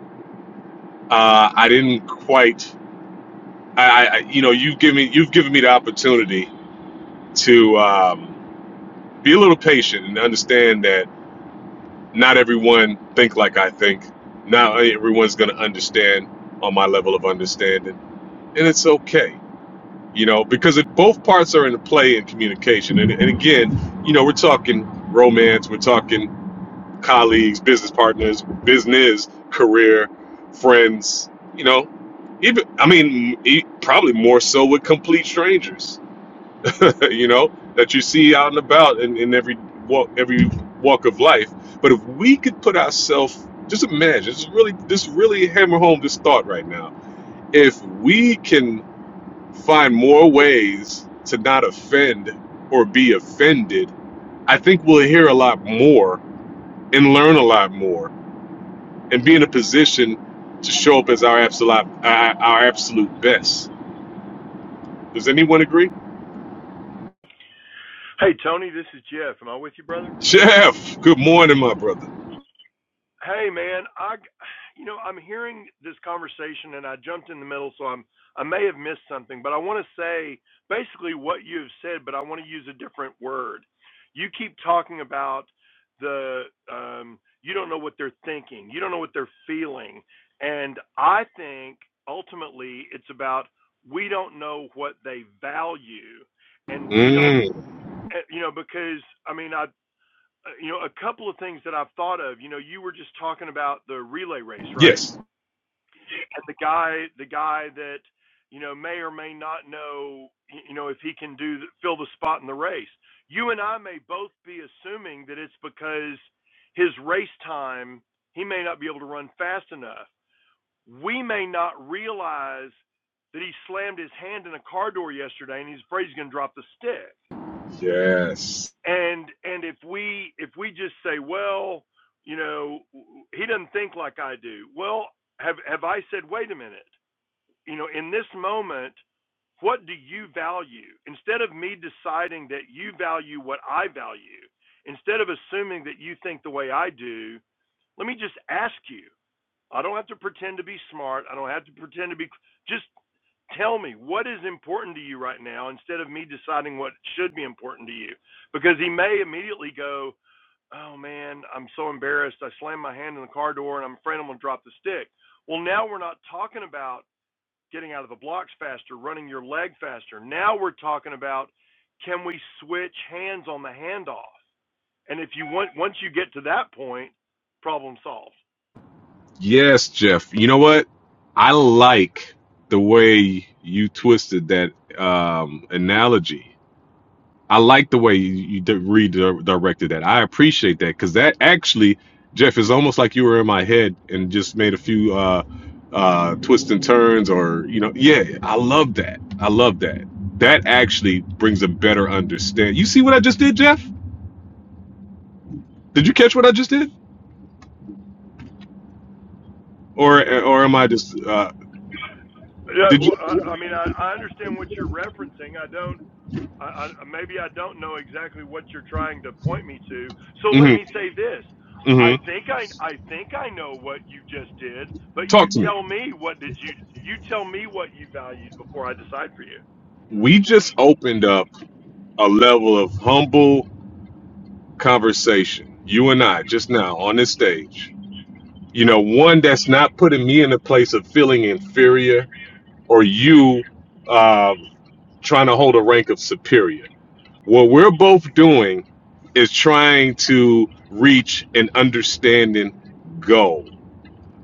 S23: Uh, I didn't quite. I, I, you know, you've given me, you've given me the opportunity to um, be a little patient and understand that not everyone think like I think. Not everyone's going to understand on my level of understanding, and it's okay. You know, because it, both parts are in play in communication. And, and again, you know, we're talking romance, we're talking colleagues, business partners, business, career, friends, you know, even, I mean, e- probably more so with complete strangers, you know, that you see out and about in, in every walk, every walk of life. But if we could put ourselves, just imagine, just really, just really hammer home this thought right now. If we can find more ways to not offend or be offended, I think we'll hear a lot more and learn a lot more and be in a position to show up as our absolute our, our absolute best. Does anyone agree?
S24: Hey Tony, this is Jeff. Am I with you, brother?
S23: Jeff, good morning, my brother.
S24: Hey man, I, you know, I'm hearing this conversation and I jumped in the middle, so I'm I may have missed something, but I want to say basically what you have said, but I want to use a different word. You keep talking about the um, you don't know what they're thinking, you don't know what they're feeling, and I think ultimately it's about we don't know what they value, and we don't,
S23: Mm,
S24: eh, you know, because I mean I uh, you know, a couple of things that I've thought of. You know, you were just talking about the relay race, right?
S23: yes,
S24: And the guy, the guy that you know may or may not know, you know, if he can do fill the spot in the race. You and I may both be assuming that it's because his race time he may not be able to run fast enough. We may not realize that he slammed his hand in a car door yesterday and he's afraid he's going to drop the stick
S23: yes,
S24: and and if we if we just say well you know he doesn't think like i do well have have i said wait a minute you know in this moment what do you value instead of me deciding that you value what i value instead of assuming that you think the way i do let me just ask you i don't have to pretend to be smart i don't have to pretend to be just tell me what is important to you right now instead of me deciding what should be important to you because he may immediately go oh man i'm so embarrassed i slammed my hand in the car door and i'm afraid i'm going to drop the stick well now we're not talking about getting out of the blocks faster running your leg faster now we're talking about can we switch hands on the handoff and if you want once you get to that point problem solved
S23: yes, Jeff. You know what? I like the way you twisted that um, analogy I like the way you, you di- redirected that. I appreciate that because that actually, Jeff, is almost like you were in my head and just made a few uh, uh, twists and turns, or you know, yeah. I love that. I love that. That actually brings a better understand. You see what I just did, Jeff? Did you catch what I just did, or or am I just? Uh,
S24: yeah
S23: did you?
S24: well, i mean I, I understand what you're referencing i don't I, I, maybe I don't know exactly what you're trying to point me to. So let me
S23: Mm-hmm,
S24: say this. I
S23: mm-hmm.
S24: think I I think I know what you just did, but you
S23: Talk to me.
S24: tell me what did you you tell me what you valued before I decide for you.
S23: We just opened up a level of humble conversation. You and I just now on this stage you know one that's not putting me in a place of feeling inferior or you uh, trying to hold a rank of superior what we're both doing is trying to reach an understanding goal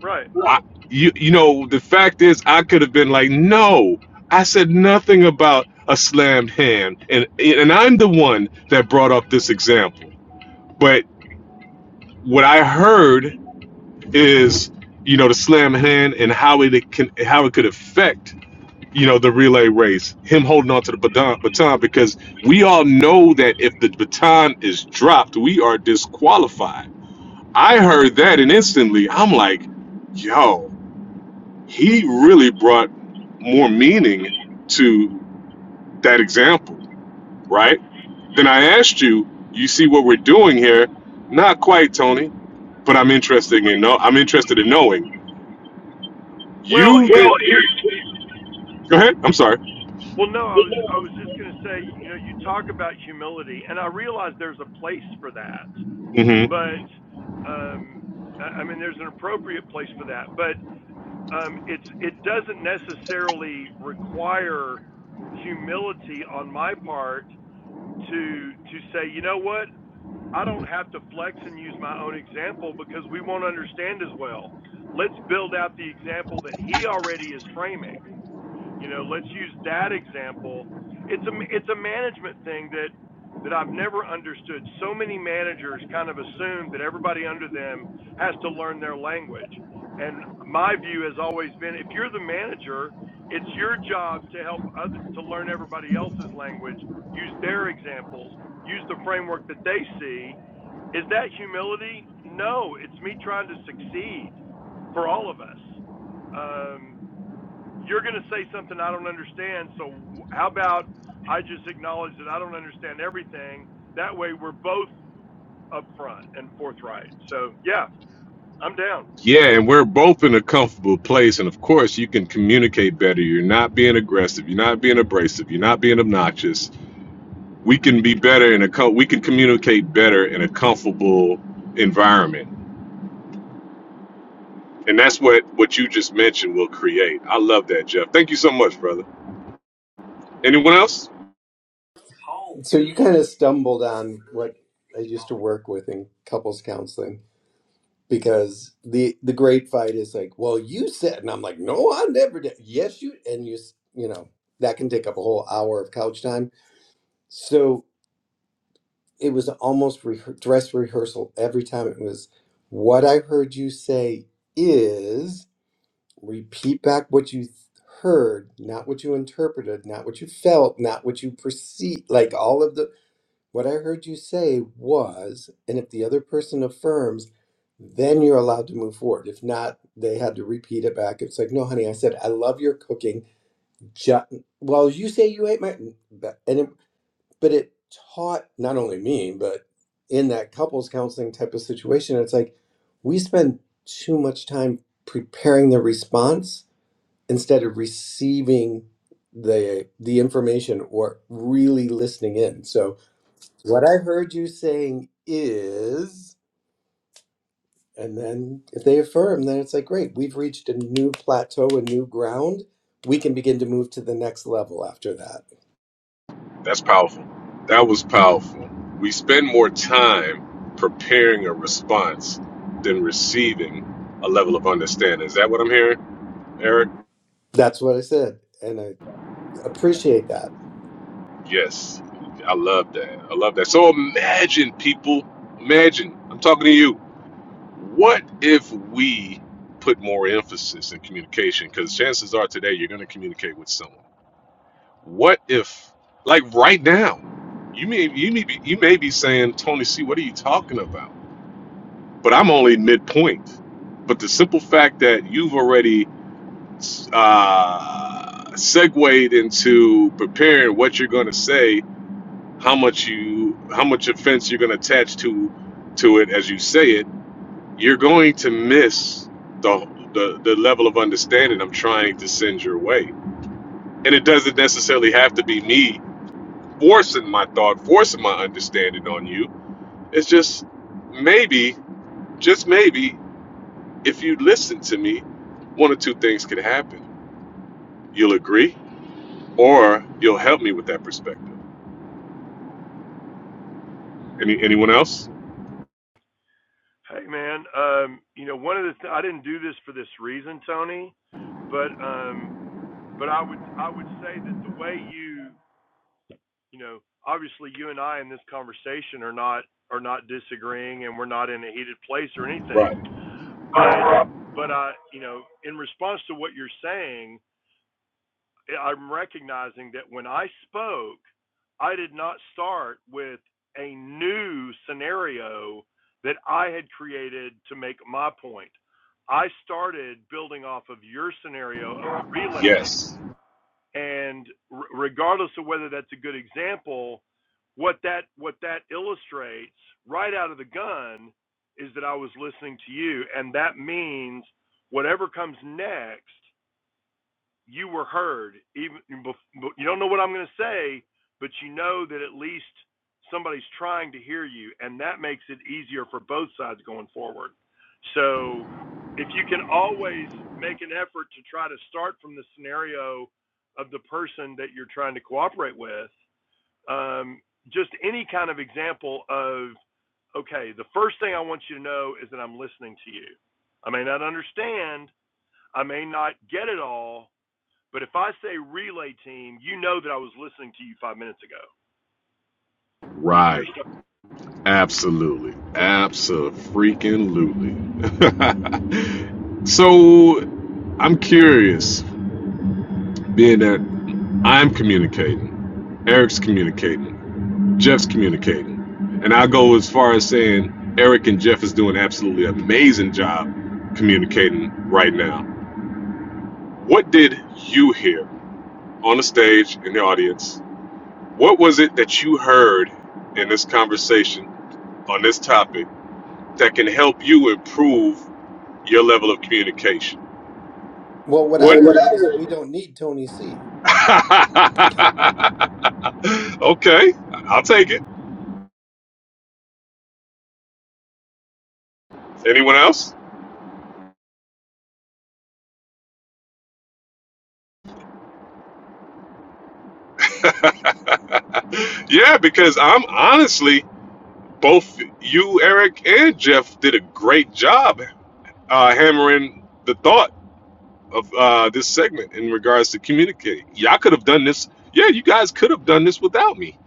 S24: Right.
S23: I, you, you know the fact is i could have been like no i said nothing about a slammed hand and and i'm the one that brought up this example but what i heard is you know the slam hand and how it can how it could affect you know the relay race him holding on to the baton, baton because we all know that if the baton is dropped we are disqualified i heard that and instantly i'm like yo he really brought more meaning to that example right then i asked you you see what we're doing here not quite tony but i'm interested in know i'm interested in knowing
S24: Well,
S23: you Well,
S24: here
S23: did here, Go ahead. I'm sorry.
S24: well no, I was I was just going to say, you know, you talk about humility and I realize there's a place for that.
S23: Mm-hmm.
S24: But um I, I mean there's an appropriate place for that, but um, it's it doesn't necessarily require humility on my part to to say, you know what, I don't have to flex and use my own example because we won't understand as well. Let's build out the example that he already is framing. You know, let's use that example. It's a it's a management thing that that I've never understood. So many managers kind of assume that everybody under them has to learn their language. And my view has always been if you're the manager, it's your job to help other to learn everybody else's language, use their examples, use the framework that they see. Is that humility? No, it's me trying to succeed for all of us. Um, you're going to say something I don't understand. So how about I just acknowledge that I don't understand everything. That way we're both upfront and forthright. So yeah, I'm down.
S23: Yeah, and we're both in a comfortable place. And of course, you can communicate better. You're not being aggressive. You're not being abrasive. You're not being obnoxious. We can be better in a co- we can communicate better in a comfortable environment. And that's what what you just mentioned will create. I love that, Jeff. Thank you so much, brother. Anyone else?
S22: So you kind of stumbled on what I used to work with in couples counseling because the the great fight is like, well, you said, and I'm like, no, I never did. Yes, you, and you, s- you know, that can take up a whole hour of couch time So it was almost rehe dress rehearsal every time. It was what I heard you say is repeat back what you th- heard, not what you interpreted, not what you felt, not what you perceived. Like all of the what I heard you say was, and if the other person affirms, then you're allowed to move forward. If not, they had to repeat it back. It's like, no, honey, I said I love your cooking. Ju- well, you say you ate my, and it but it taught not only me but in that couples counseling type of situation it's like we spend too much time preparing the response instead of receiving the the information or really listening in so what i heard you saying is and then if they affirm then it's like great we've reached a new plateau a new ground we can begin to move to the next level after that
S23: That's powerful. That was powerful. We spend more time preparing a response than receiving a level of understanding. Is that what I'm hearing? Eric,
S22: that's what i said and i appreciate that
S23: yes. I love that. I love that. So imagine, people, imagine, I'm talking to you. What if we put more emphasis in communication? Because chances are today you're going to communicate with someone. What if, like right now, you may you may be you may be saying, Tony C, what are you talking about? But I'm only midpoint. But the simple fact that you've already uh, segued into preparing what you're going to say how much you how much offense you're going to attach to to it as you say it you're going to miss the the, the level of understanding i'm trying to send your way and it doesn't necessarily have to be me forcing my thought forcing my understanding on you it's just maybe just maybe if you listen to me one or two things could happen you'll agree or you'll help me with that perspective Any, anyone else
S24: Hey man, um, you know one of the th- I didn't do this for this reason, Tony, but um, but I would I would say that the way you you know obviously you and I in this conversation are not are not disagreeing and we're not in a heated place or anything, but but I you know in response to what you're saying, I'm recognizing that when I spoke, I did not start with a new scenario that I had created to make my point. I started building off of your scenario of the relay team.
S23: yes
S24: And r- regardless of whether that's a good example, what that what that illustrates right out of the gun is that I was listening to you, and that means whatever comes next you were heard. Even you don't know what I'm going to say, but you know that at least somebody's trying to hear you, and that makes it easier for both sides going forward. So if you can always make an effort to try to start from the scenario of the person that you're trying to cooperate with, um, just any kind of example of okay, the first thing I want you to know is that I'm listening to you. I may not understand, I may not get it all, but if I say relay team, you know that I was listening to you five minutes ago. Easier
S23: right
S24: stuff.
S23: Absolutely. freaking lutely. so I'm curious, being that I'm communicating, Eric's communicating, Jeff's communicating, and I go as far as saying Eric and Jeff is doing absolutely amazing job communicating right now. What did you hear on the stage in the audience? What was it that you heard in this conversation on this topic that can help you improve your level of communication.
S22: Well, what I
S23: What? Well, what
S22: heard is we don't need Tony C,
S23: okay, I'll take it. Anyone else? Yeah, because I'm honestly, both you, Eric, and Jeff did a great job uh, hammering the thought of uh, this segment in regards to communicating. Y'all could have done this. Yeah, you guys could have done this without me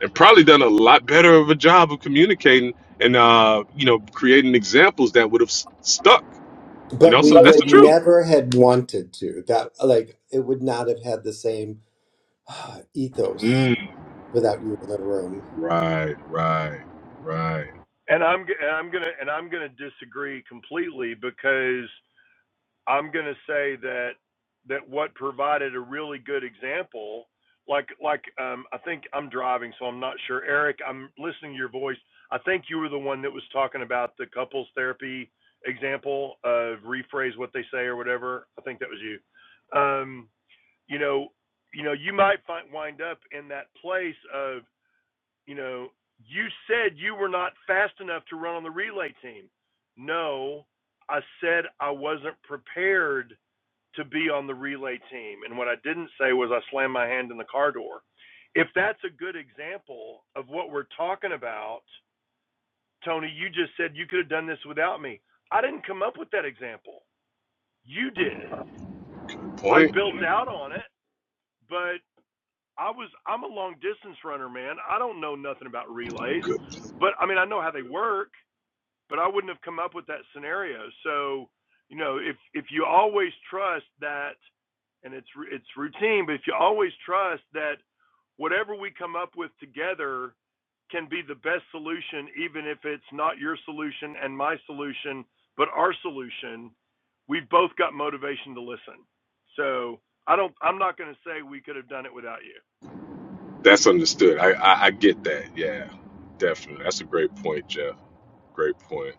S23: and probably done a lot better of a job of communicating and, uh, you know, creating examples that would have s- stuck You
S22: but
S23: know,
S22: we
S23: so that's the
S22: would
S23: truth.
S22: never had wanted to. That like it would not have had the same ah, ethos
S23: Mm,
S22: without you in the room.
S23: right, right, right.
S24: And I'm and I'm gonna and I'm gonna disagree completely because I'm gonna say that that what provided a really good example, like like um, I think I'm driving, so I'm not sure. Eric, I'm listening to your voice. I think you were the one that was talking about the couples therapy example of rephrase what they say or whatever. I think that was you. Um, you know, you know, you might find, wind up in that place of, you know, you said you were not fast enough to run on the relay team. No, I said I wasn't prepared to be on the relay team, and what I didn't say was I slammed my hand in the car door. If that's a good example of what we're talking about, Tony, you just said you could have done this without me. I didn't come up with that example. You did.
S23: Good
S24: I
S23: point.
S24: built out on it, but. I was I'm a long distance runner, man. I don't know nothing about relays,
S23: Good.
S24: but I mean I know how they work, but I wouldn't have come up with that scenario. So, you know, if if you always trust that and it's it's routine, but if you always trust that whatever we come up with together can be the best solution even if it's not your solution and my solution, but our solution, we've both got motivation to listen. So, I don't I'm not going to say we could have done it without you.
S23: That's understood. I, I I get that. Yeah, definitely. That's a great point, Jeff. Great point.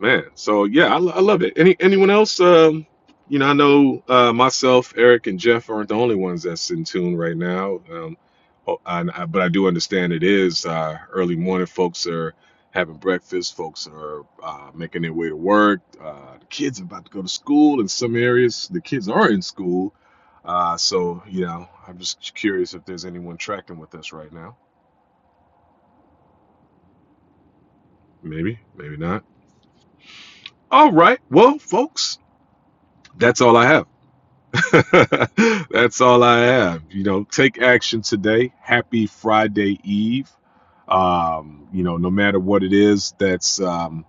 S23: man so yeah i, I love it any anyone else um you know i know uh myself eric and jeff aren't the only ones that's in tune right now um oh, and I, but i do understand it is uh early morning folks are having breakfast folks are uh, making their way to work uh the kids are about to go to school in some areas the kids are in school uh so you know i'm just curious if there's anyone tracking with us right now maybe maybe not all right well folks that's all i have That's all I have. You know, take action today. Happy Friday Eve. Um, you know, no matter what it is that's, um,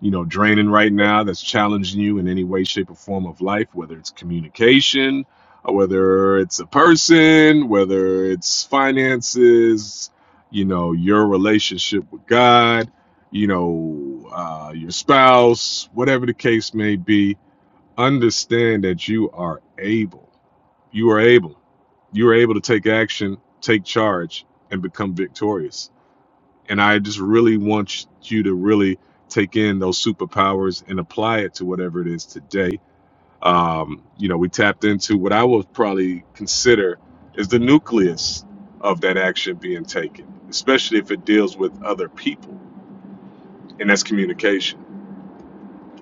S23: you know, draining right now, that's challenging you in any way, shape, or form of life, whether it's communication, or whether it's a person, whether it's finances, you know, your relationship with God, you know, uh, your spouse, whatever the case may be, understand that you are able you are able. You are able to take action, take charge, and become victorious. And I just really want you to really take in those superpowers and apply it to whatever it is today. Um, you know, we tapped into what I would probably consider is the nucleus of that action being taken, especially if it deals with other people, and that's communication.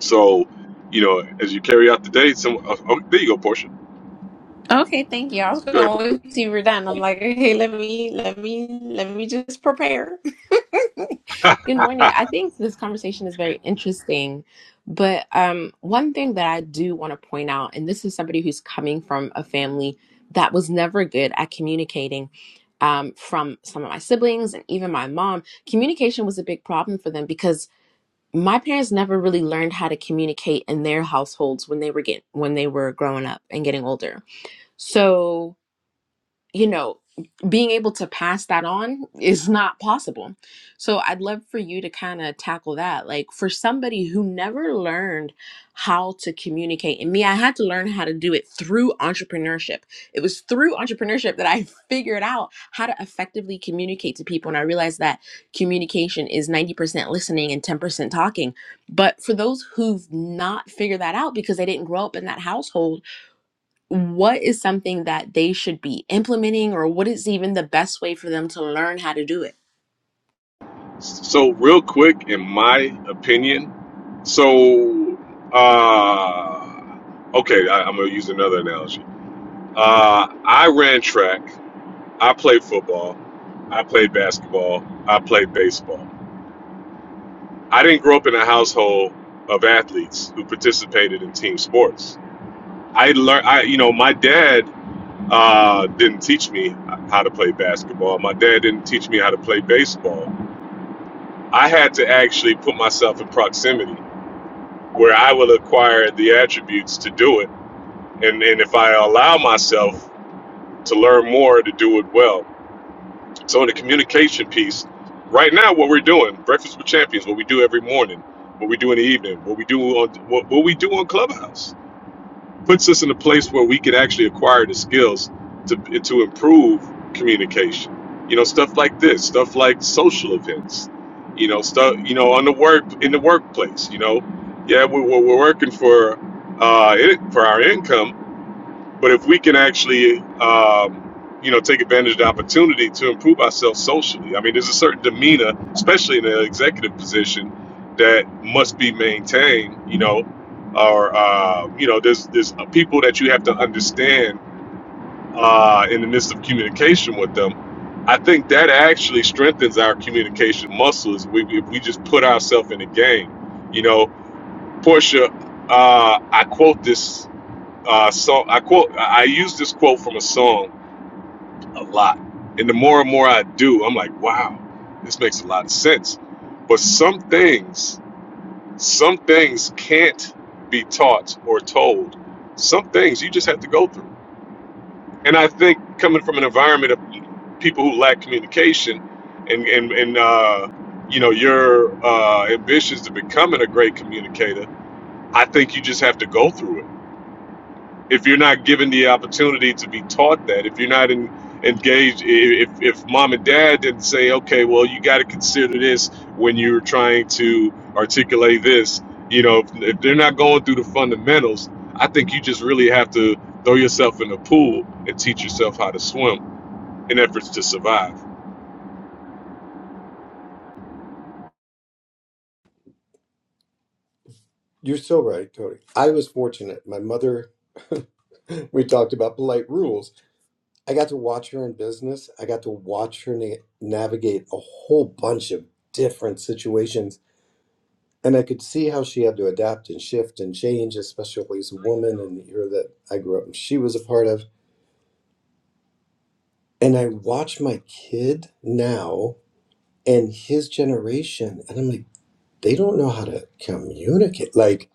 S23: So, you know, as you carry out the day, some oh, oh, there you go, Portia. Go ahead,
S25: Okay, thank you. I was
S23: Portia.
S25: gonna wait till you were done. I'm like, okay, let me let me let me just prepare. Good morning. I think this conversation is very interesting, but um, one thing that I do want to point out, and this is somebody who's coming from a family that was never good at communicating. Um, from some of my siblings and even my mom, communication was a big problem for them because my parents never really learned how to communicate in their households when they were get when they were growing up and getting older so, you know, being able to pass that on is not possible. So, I'd love for you to kind of tackle that. Like, for somebody who never learned how to communicate, and me, I had to learn how to do it through entrepreneurship. It was through entrepreneurship that I figured out how to effectively communicate to people. And I realized that communication is 90% listening and 10% talking. But for those who've not figured that out because they didn't grow up in that household, what is something that they should be implementing or what is even the best way for them to learn how to do it?
S23: So, real quick, in my opinion, so uh, okay, I, I'm gonna use another analogy. Uh, I ran track. I played football. I played basketball. I played baseball. I didn't grow up in a household of athletes who participated in team sports. I learned, I you know, my dad uh, didn't teach me how to play basketball. My dad didn't teach me how to play baseball. I had to actually put myself in proximity where I will acquire the attributes to do it. And, and if I allow myself to learn more to do it well. So, in the communication piece, right now, what we're doing, Breakfast with Champions, what we do every morning, what we do in the evening, what we do on, what, what we do on Clubhouse puts us in a place where we can actually acquire the skills to to improve communication. You know, stuff like this, stuff like social events. You know, stuff you know on the work in the workplace. You know, yeah, we, we're we're working for uh it, for our income, but if we can actually, um, you know, take advantage of the opportunity to improve ourselves socially, I mean, there's a certain demeanor, especially in an executive position, that must be maintained. You know, or uh, you know, there's there's people that you have to understand uh, in the midst of communication with them. I think that actually strengthens our communication muscles. We, if we just put ourselves in the game, you know, Portia. Uh, I quote this uh, song. I quote. I I use this quote from a song a lot, and the more and more I do, I'm like, wow, this makes a lot of sense. But some things, some things can't be taught or told. Some things you just have to go through. And I think coming from an environment of people who lack communication, and and and uh, you know your uh, ambitions to becoming a great communicator, I think you just have to go through it if you're not given the opportunity to be taught that, if you're not in, engaged, if, if mom and dad didn't say, okay, well, you got to consider this when you're trying to articulate this, you know, if, if they're not going through the fundamentals, I think you just really have to throw yourself in the pool and teach yourself how to swim in efforts to survive.
S22: You're so right, Cody. I was fortunate. My mother, we talked about polite rules. I got to watch her in business. I got to watch her na- navigate a whole bunch of different situations. And I could see how she had to adapt and shift and change, especially as a woman in the era that I grew up and she was a part of And I watch my kid now and his generation, and I'm like, they don't know how to communicate. Like,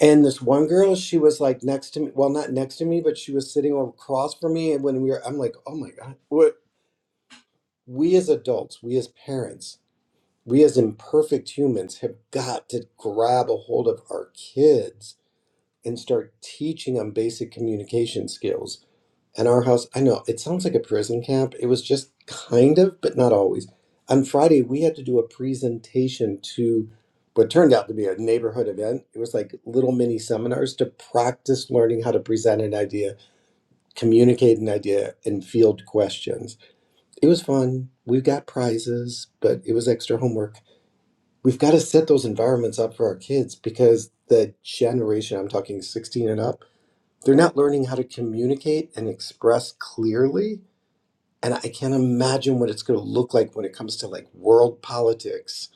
S22: and this one girl, she was like next to me. Well, not next to me, but she was sitting across from me. And when we were, I'm like, oh my God, what we as adults, we as parents, we as imperfect humans have got to grab a hold of our kids and start teaching them basic communication skills And our house, I know it sounds like a prison camp. It was just kind of, but not always. On Friday, we had to do a presentation to what turned out to be a neighborhood event. It was like little mini seminars to practice learning how to present an idea, communicate an idea, and field questions. It was fun. We got prizes, but it was extra homework. We've got to set those environments up for our kids because the generation, I'm talking 16 and up, they're not learning how to communicate and express clearly and I can't imagine what it's going to look like when it comes to like world politics,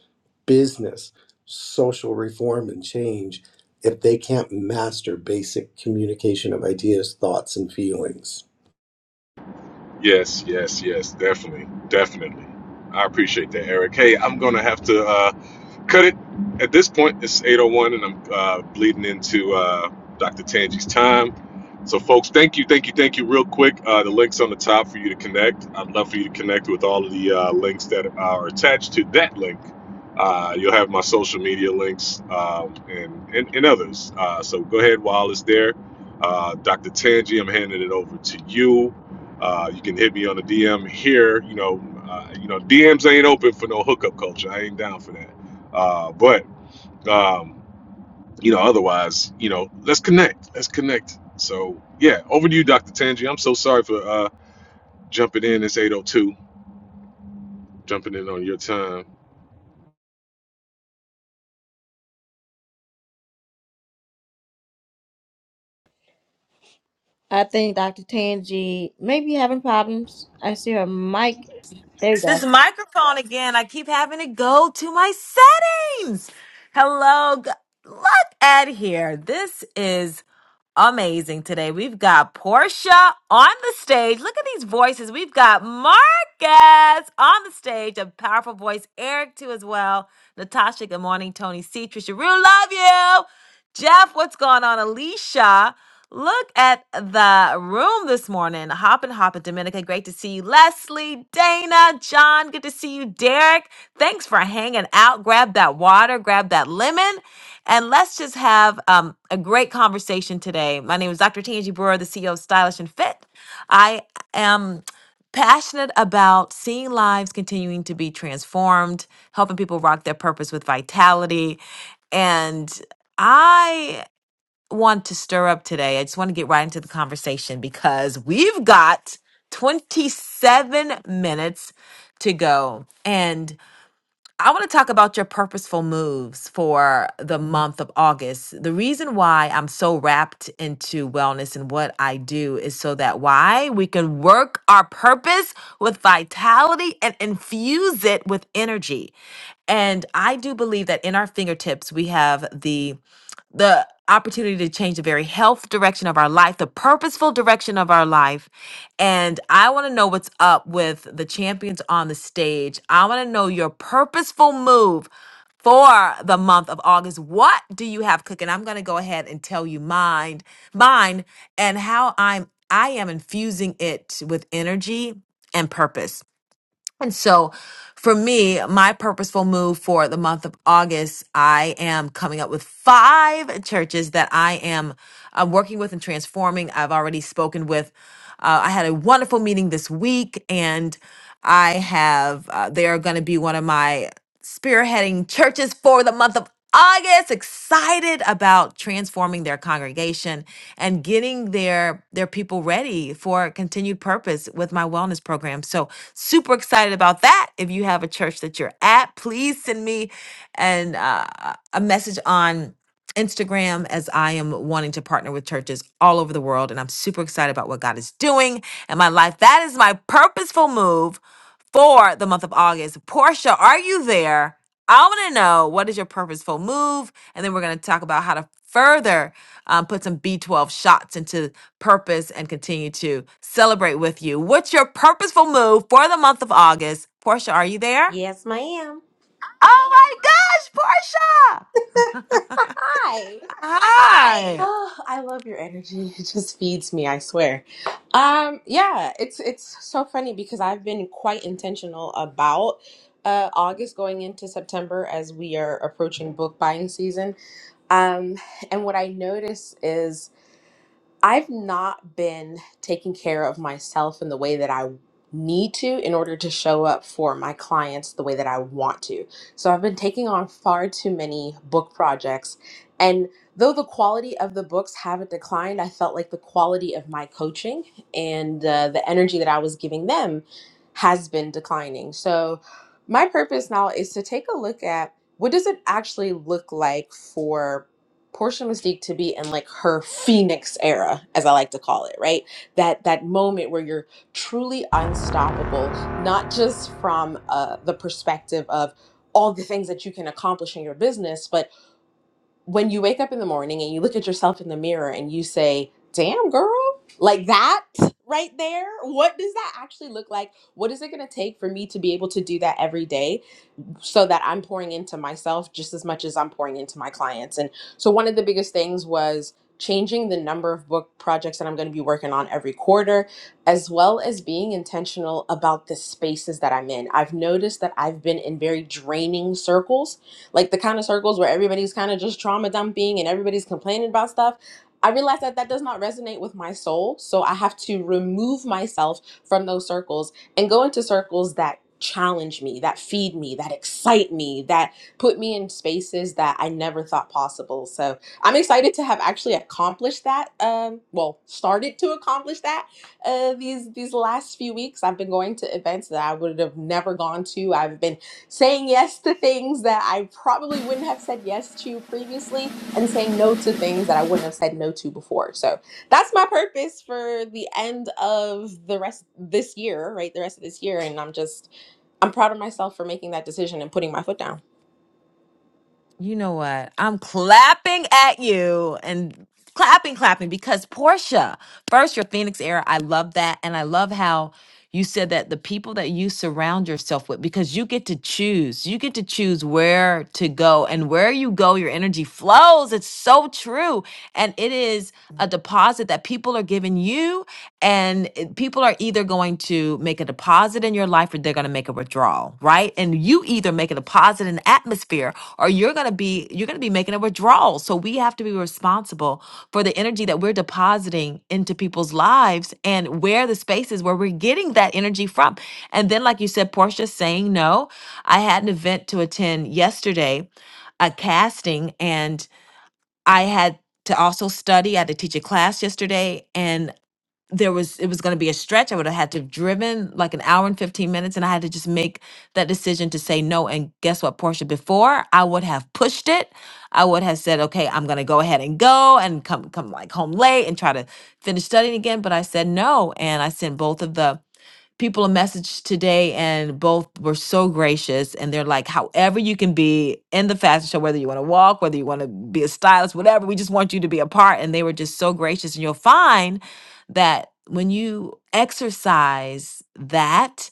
S22: business, social reform and change if they can't master basic communication of ideas, thoughts, and feelings.
S23: Yes, yes, yes, definitely, definitely. I appreciate that, Eric. Hey, I'm gonna have to. Uh, Cut it. At this point, it's 8:01, and I'm uh, bleeding into uh, Dr. Tangi's time. So, folks, thank you, thank you, thank you. Real quick, uh, the links on the top for you to connect. I'd love for you to connect with all of the uh, links that are attached to that link. Uh, you'll have my social media links um, and, and and others. Uh, so go ahead while it's there. Uh, Dr. Tangi, I'm handing it over to you. Uh, you can hit me on the DM here. You know, uh, you know, DMs ain't open for no hookup culture. I ain't down for that. Uh, but um, you know, otherwise, you know, let's connect. Let's connect. So yeah, over to you, Dr. Tangi. I'm so sorry for uh jumping in. It's 802, jumping in on your time.
S1: I think Dr. Tangi may be having problems. I see her mic. There you
S26: It's
S1: go.
S26: this microphone again. I keep having to go to my settings. Hello. g- Look at here. This is amazing today. We've got Portia on the stage. Look at these voices. We've got Mark guest on the stage, a powerful voice, Eric too as well. Natasha, good morning, Tony C. Trisha Rue, love you. Jeff, what's going on? Alicia, look at the room this morning. Hoppin' Hoppin' Dominica, great to see you. Leslie, Dana, John, good to see you. Derek, thanks for hanging out. Grab that water, grab that lemon, and let's just have um, a great conversation today. My name is Dr. Tangi Brewer, the CEO of Stylish and Fit. I am passionate about seeing lives continuing to be transformed, helping people rock their purpose with vitality. And I want to stir up today. I just want to get right into the conversation because we've got 27 minutes to go. And I want to talk about your purposeful moves for the month of August. The reason why I'm so wrapped into wellness and what I do is so that why we can work our purpose with vitality and infuse it with energy. And I do believe that in our fingertips, we have the the opportunity to change the very health direction of our life, the purposeful direction of our life. And I want to know what's up with the champions on the stage. I want to know your purposeful move for the month of August. What do you have cooking? I'm going to go ahead and tell you mine, mine and how I'm I am infusing it with energy and purpose. And so for me, my purposeful move for the month of August, I am coming up with five churches that I am uh, working with and transforming. I've already spoken with, uh, I had a wonderful meeting this week, and I have, uh, they are going to be one of my spearheading churches for the month of August, excited about transforming their congregation and getting their their people ready for continued purpose with my wellness program. So super excited about that. If you have a church that you're at, please send me and uh, a message on Instagram as I am wanting to partner with churches all over the world and I'm super excited about what God is doing in my life. That is my purposeful move for the month of August. Portia, are you there? I want to know what is your purposeful move? And then we're going to talk about how to further um, put some B12 shots into purpose and continue to celebrate with you. What's your purposeful move for the month of August? Portia, are you there?
S25: Yes, ma'am.
S26: Oh my gosh, Portia!
S25: Hi.
S26: Hi.
S25: Oh, I love your energy. It just feeds me, I swear. Um, yeah, it's it's so funny because I've been quite intentional about uh August going into September as we are approaching book buying season. Um, and what I notice is I've not been taking care of myself in the way that I need to in order to show up for my clients the way that I want to. So I've been taking on far too many book projects. And though the quality of the books haven't declined, I felt like the quality of my coaching and uh, the energy that I was giving them has been declining. So my purpose now is to take a look at what does it actually look like for Portia Mystique to be in like her phoenix era, as I like to call it, right? That that moment where you're truly unstoppable, not just from uh, the perspective of all the things that you can accomplish in your business, but when you wake up in the morning and you look at yourself in the mirror and you say, "Damn, girl," like that right there. What does that actually look like? What is it going to take for me to be able to do that every day? so that I'm pouring into myself just as much as I'm pouring into my clients. And so one of the biggest things was changing the number of book projects that I'm going to be working on every quarter, as well as being intentional about the spaces that I'm in. I've noticed that I've been in very draining circles, like the kind of circles where everybody's kind of just trauma dumping and everybody's complaining about stuff. I realize that that does not resonate with my soul. So I have to remove myself from those circles and go into circles that challenge me, that feed me, that excite me, that put me in spaces that I never thought possible. So I'm excited to have actually accomplished that. Um, well, started to accomplish that uh, these these last few weeks. I've been going to events that I would have never gone to. I've been saying yes to things that I probably wouldn't have said yes to previously, and saying no to things that I wouldn't have said no to before. So that's my purpose for the end of the rest this year, right? The rest of this year, and I'm just I'm proud of myself for making that decision and putting my foot down.
S26: You know what? I'm clapping at you and clapping, clapping because Portia, first, your Phoenix era. I love that. And I love how you said that the people that you surround yourself with, because you get to choose, you get to choose where to go and where you go, your energy flows. It's so true. And it is a deposit that people are giving you you and it- people are either going to make a deposit in your life or they're going to make a withdrawal right and you either make a deposit in the atmosphere or you're going to be you're going to be making a withdrawal so we have to be responsible for the energy that we're depositing into people's lives and where the space is where we're getting that energy from and then like you said portia saying no i had an event to attend yesterday a casting and i had to also study. I had to teach a class yesterday, and there was it was going to be a stretch. I would have had to have driven like an hour and 15 minutes and I had to just make that decision to say no and guess what Portia before I would have pushed it. I would have said okay, I'm going to go ahead and go and come come like home late and try to finish studying again, but I said no and I sent both of the people a message today and both were so gracious and they're like however you can be in the fashion show whether you want to walk whether you want to be a stylist whatever we just want you to be a part and they were just so gracious and you'll find that when you exercise that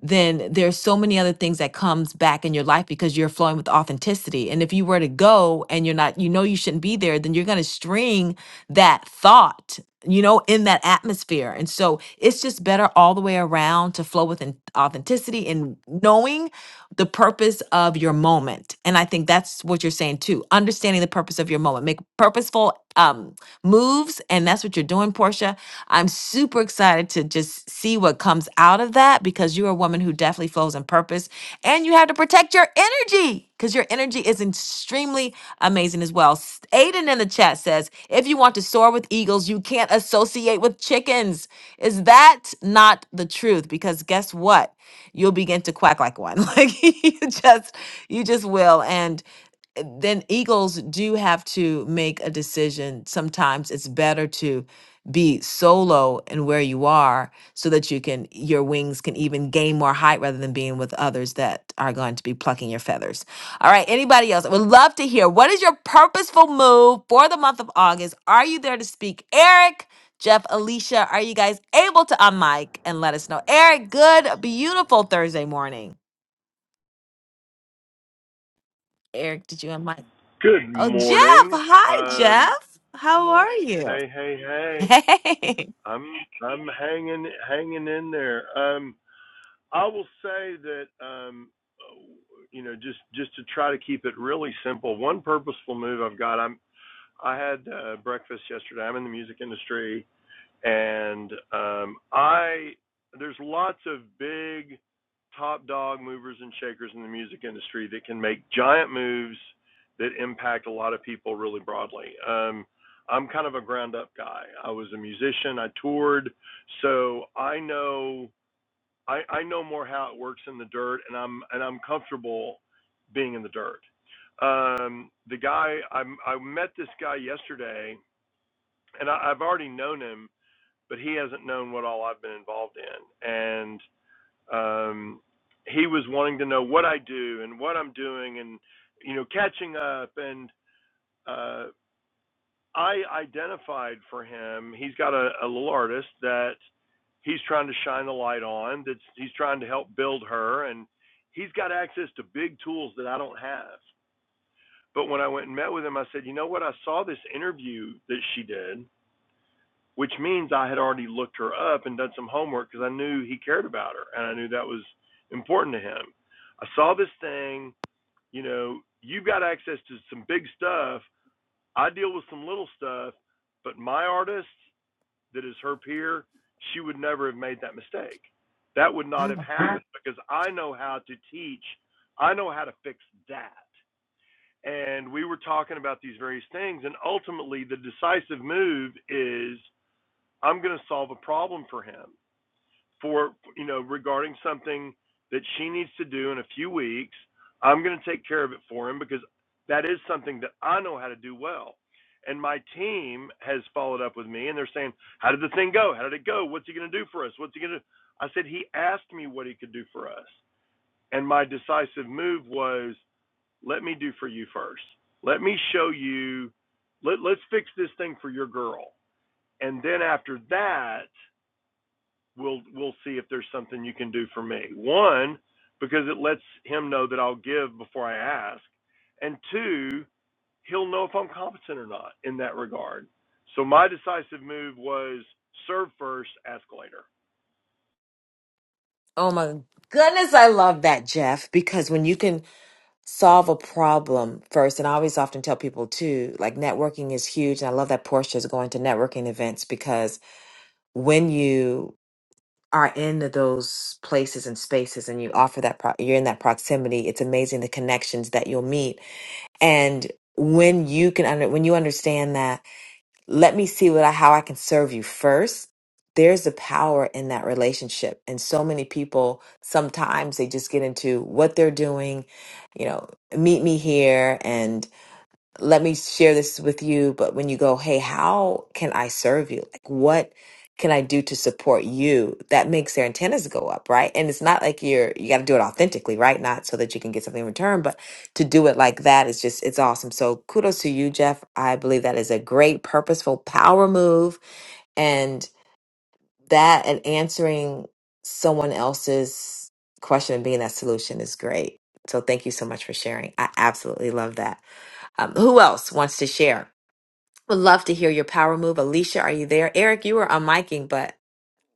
S26: then there's so many other things that comes back in your life because you're flowing with authenticity. And if you were to go and you're not, you know you shouldn't be there, then you're going to string that thought, you know, in that atmosphere. And so it's just better all the way around to flow with an- authenticity and knowing the purpose of your moment. And I think that's what you're saying too. Understanding the purpose of your moment. Make purposeful um moves and that's what you're doing, Portia. I'm super excited to just see what comes out of that because you're a woman who definitely flows in purpose and you have to protect your energy energy because your energy is extremely amazing as well. S- Aiden in the chat says, if you want to soar with eagles, you can't associate with chickens. Is that not the truth? Because guess what? You'll begin to quack like one. Like you just, you just will. And eh, then eagles do have to make a decision. Sometimes it's better to be solo and where you are so that you can your wings can even gain more height rather than being with others that are going to be plucking your feathers. All right, anybody else? I would love to hear what is your purposeful move for the month of August? Are you there to speak? Eric, Jeff, Alicia, are you guys able to unmic and let us know? Eric, good, beautiful Thursday morning. Eric, did you unmic?
S24: Good
S26: Oh, Jeff.
S24: morning.
S26: Hi,
S24: Um,
S26: Jeff. How are you?
S24: hey, hey, hey.
S26: Hey.
S24: I'm I'm hanging hanging in there. Um, I will say that um, you know just just to try to keep it really simple. One purposeful move I've got. I'm I had uh, breakfast yesterday. I'm in the music industry and um, I there's lots of big top dog movers and shakers in the music industry that can make giant moves that impact a lot of people really broadly. Um, I'm kind of a ground up guy. I was a musician. I toured, so I know I, I know more how it works in the dirt, and I'm and I'm comfortable being in the dirt. Um, the guy I, I met this guy yesterday, and I, I've already known him but he hasn't known what all I've been involved in. And um, he was wanting to know what I do and what I'm doing and, you know, catching up. And uh, I identified for him, he's got a, a little artist that he's trying to shine a light on, that he's trying to help build her. And he's got access to big tools that I don't have. But when I went and met with him, I said, you know what? I saw this interview that she did which means I had already looked her up and done some homework because I knew he cared about her and I knew that was important to him. I saw this thing, you know, you've got access to some big stuff. I deal with some little stuff, but my artist that is her peer, she would never have made that mistake. That would not have
S26: Mm.
S24: happened because I know how to teach, I know how to fix that. And we were talking about these various things, and ultimately, the decisive move is I'm going to solve a problem for him for you know regarding something that she needs to do in a few weeks. I'm going to take care of it for him because that is something that I know how to do well. And my team has followed up with me and they're saying, "How did the thing go? How did it go? What's he going to do for us? What's he going to?" do? I said, "He asked me what he could do for us." And my decisive move was, "Let me do for you first. Let me show you let, let's fix this thing for your girl." And then after that, we'll we'll see if there's something you can do for me. One, because it lets him know that I'll give before I ask, and two, he'll know if I'm competent or not in that regard. So my decisive move was serve first, ask later.
S26: Oh my goodness, I love that, Jeff, because when you can solve a problem first, and I always often tell people too, like networking is huge. And I love that Portia is going to networking events because when you are in those places and spaces and you offer that pro- you're in that proximity it's amazing the connections that you'll meet and when you can under when you understand that let me see what I, how i can serve you first there's the power in that relationship and so many people sometimes they just get into what they're doing you know meet me here let me share this with you but when you go hey how can i serve you like what can i do to support you that makes their antennas go up right and it's not like you're you got to do it authentically right not so that you can get something in return but to do it like that is just it's awesome so kudos to you jeff i believe that is a great purposeful power move and that and answering someone else's question and being that solution is great so thank you so much for sharing i absolutely love that um, who else wants to share? Would love to hear your power move. Alicia, are you there? Eric, you were unmiking, but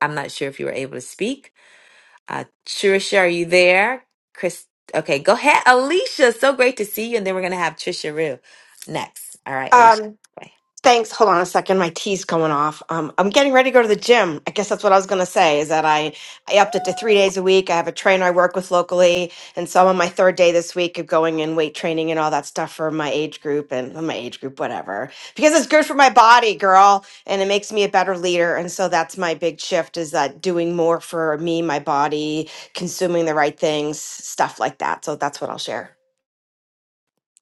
S26: I'm not sure if you were able to speak. Uh, Trisha, are you there? Chris, okay, go ahead. Alicia, so great to see you. And then we're going to have Trisha Rue next. All right, Alicia.
S27: Um,
S26: bye.
S27: thanks. Hold on a second. My tea's coming off. Um, I'm getting ready to go to the gym. I guess that's what I was going to say is that I, I upped it to three days a week. I have a trainer I work with locally. And so I'm on my third day this week of going in weight training and all that stuff for my age group and well, my age group, whatever, because it's good for my body, girl. And it makes me a better leader. And so that's my big shift is that doing more for me, my body, consuming the right things, stuff like that. So that's what I'll share.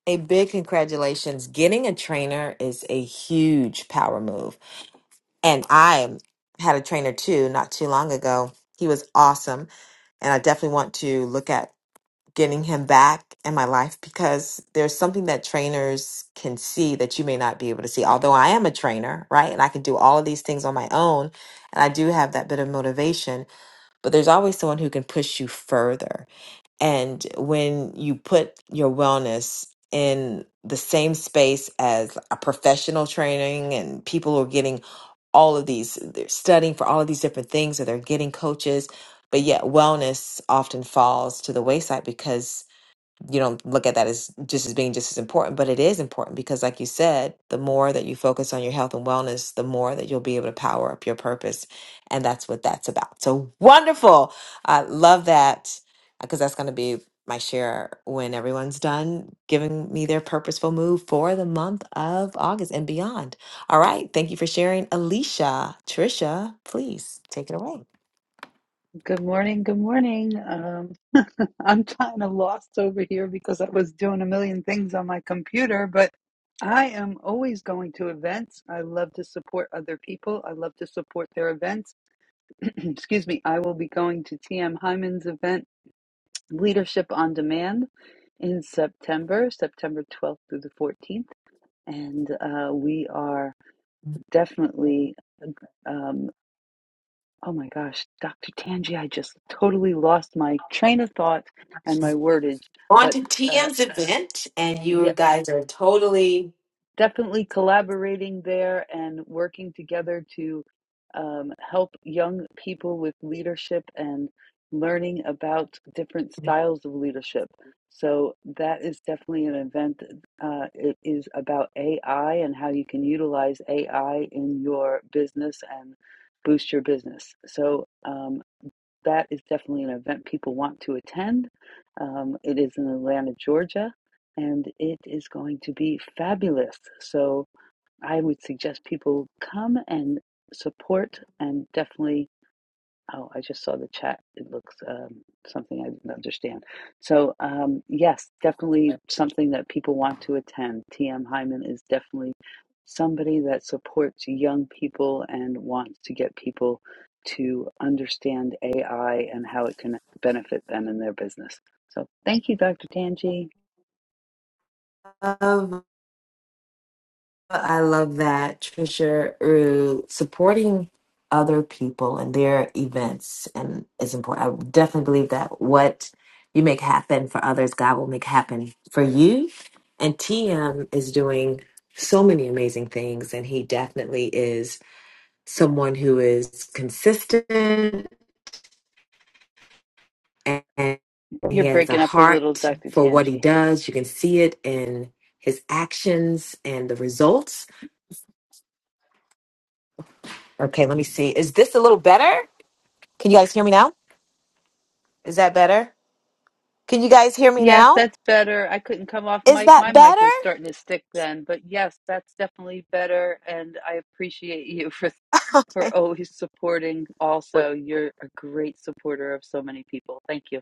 S26: A big congratulations. Getting a trainer is a huge power move. And I had a trainer too not too long ago. He was awesome and I definitely want to look at getting him back in my life because there's something that trainers can see that you may not be able to see. Although I am a trainer, right? And I can do all of these things on my own. And I do have that bit of motivation, but there's always someone who can push you further. And when you put your wellness in the same space as a professional training and people are getting all of these, they're studying for all of these different things or they're getting coaches, but yet wellness often falls to the wayside because you don't look at that as just as being just as important, but it is important because, like you said, the more that you focus on your health and wellness, the more that you'll be able to power up your purpose. And that's what that's about. So wonderful. I love that because that's going to be my share when everyone's done giving me their purposeful move for the month of August and beyond. All right. Thank you for sharing. Alicia, Trisha, please take it away.
S2: Good morning, good morning. Um, I'm kind of lost over here because I was doing a million things on my computer, but I am always going to events. I love to support other people. I love to support their events. excuse me, I will be going to TM Hyman's event, Leadership on Demand, in September, September 12th through the 14th. And uh, we are definitely, uh, um, oh my gosh, Dr. Tangi, I just totally lost my train of thought and my wordage.
S26: on
S2: But
S26: to
S2: uh,
S26: TM's event, and
S2: yeah.
S26: you guys are totally.
S2: definitely collaborating there and working together to um, help young people with leadership and learning about different styles of leadership. So that is definitely an event. Uh, it is about AI and how you can utilize AI in your business and boost your business. So um, that is definitely an event people want to attend. Um, it is in Atlanta, Georgia, and it is going to be fabulous. So I would suggest people come and support and definitely. Oh, I just saw the chat. It looks um, something I didn't understand. So, um, yes, definitely something that people want to attend. TM Hyman is definitely somebody that supports young people and wants to get people to understand AI and how it can benefit them in their business. So thank you, Dr. Tanji.
S26: Love, I love that, Trisha, uh, supporting other people and their events and is important. I definitely believe that what you make happen for others, God will make happen for you. And TM is doing so many amazing things, and he definitely is someone who is consistent and he
S2: You're
S26: has a
S2: breaking up a little,
S26: heart
S2: Dr.
S26: for what he
S2: Tanji.
S26: does. You can see it in his actions and the results. Okay, let me see. Is this a little better? Can you guys hear me now? Is that better? Can you guys hear me
S2: Yes,
S26: now?
S2: that's better. I couldn't come off
S26: Is
S2: mic.
S26: that
S2: My
S26: better?
S2: mic was starting to stick then, but yes, that's definitely better. And I appreciate you for for always supporting.
S26: Wait.
S2: Also, you're a great supporter of so many people. Thank you.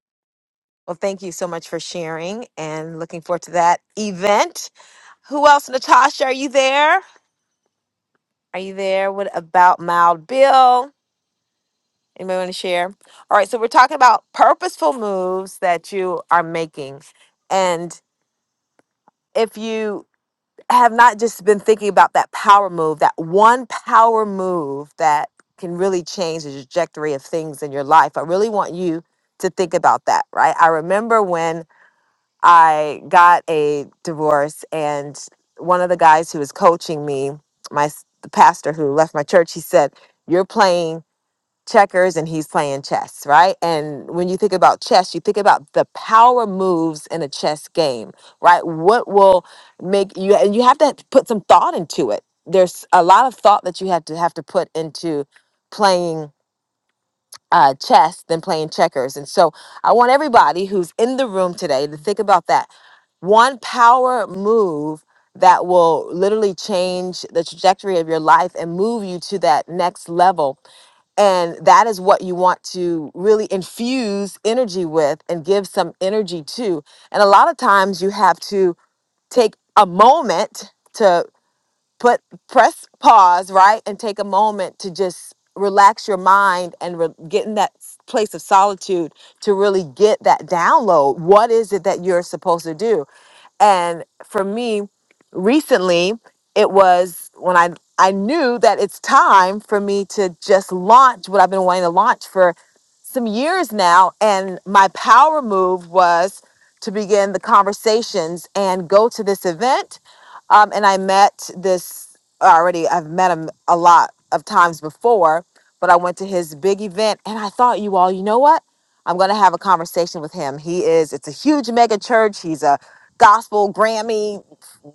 S26: Well, thank you so much for sharing and looking forward to that event. Who else? Natasha, are you there? Are you there? What about Mild Bill? Anybody want to share? All right, so we're talking about purposeful moves that you are making. And if you have not just been thinking about that power move, that one power move that can really change the trajectory of things in your life, I really want you to think about that, right? I remember when I got a divorce, and one of the guys who was coaching me, my s- the pastor who left my church, he said, "You're playing." checkers and he's playing chess, right? And when you think about chess, you think about the power moves in a chess game, right? What will make you and you have to put some thought into it. There's a lot of thought that you have to have to put into playing uh, chess than playing checkers. And so I want everybody who's in the room today to think about that. One power move that will literally change the trajectory of your life and move you to that next level and that is what you want to really infuse energy with and give some energy to. And a lot of times you have to take a moment to put press pause, right? And take a moment to just relax your mind and re- get in that s- place of solitude to really get that download. What is it that you're supposed to do? And for me, recently, it was when I I knew that it's time for me to just launch what I've been wanting to launch for some years now. And my power move was to begin the conversations and go to this event. Um, and I met this already. I've met him a lot of times before, but I went to his big event, and I thought, you all, you know what? I'm going to have a conversation with him. He is, it's a huge mega church. He's a gospel Grammy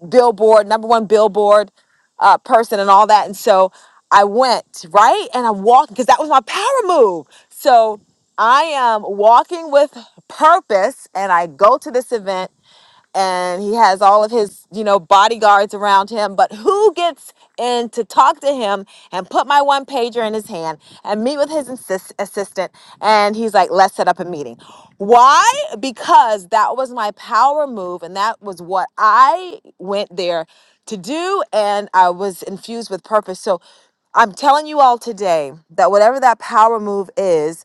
S26: Billboard number one Billboard uh, person and all that. And so I went right and i walked because that was my power move. So I am walking with purpose, and I go to this event and he has all of his you know bodyguards around him but who gets in to talk to him and put my one pager in his hand and meet with his insist- assistant and he's like let's set up a meeting why because that was my power move and that was what i went there to do and i was infused with purpose so i'm telling you all today that whatever that power move is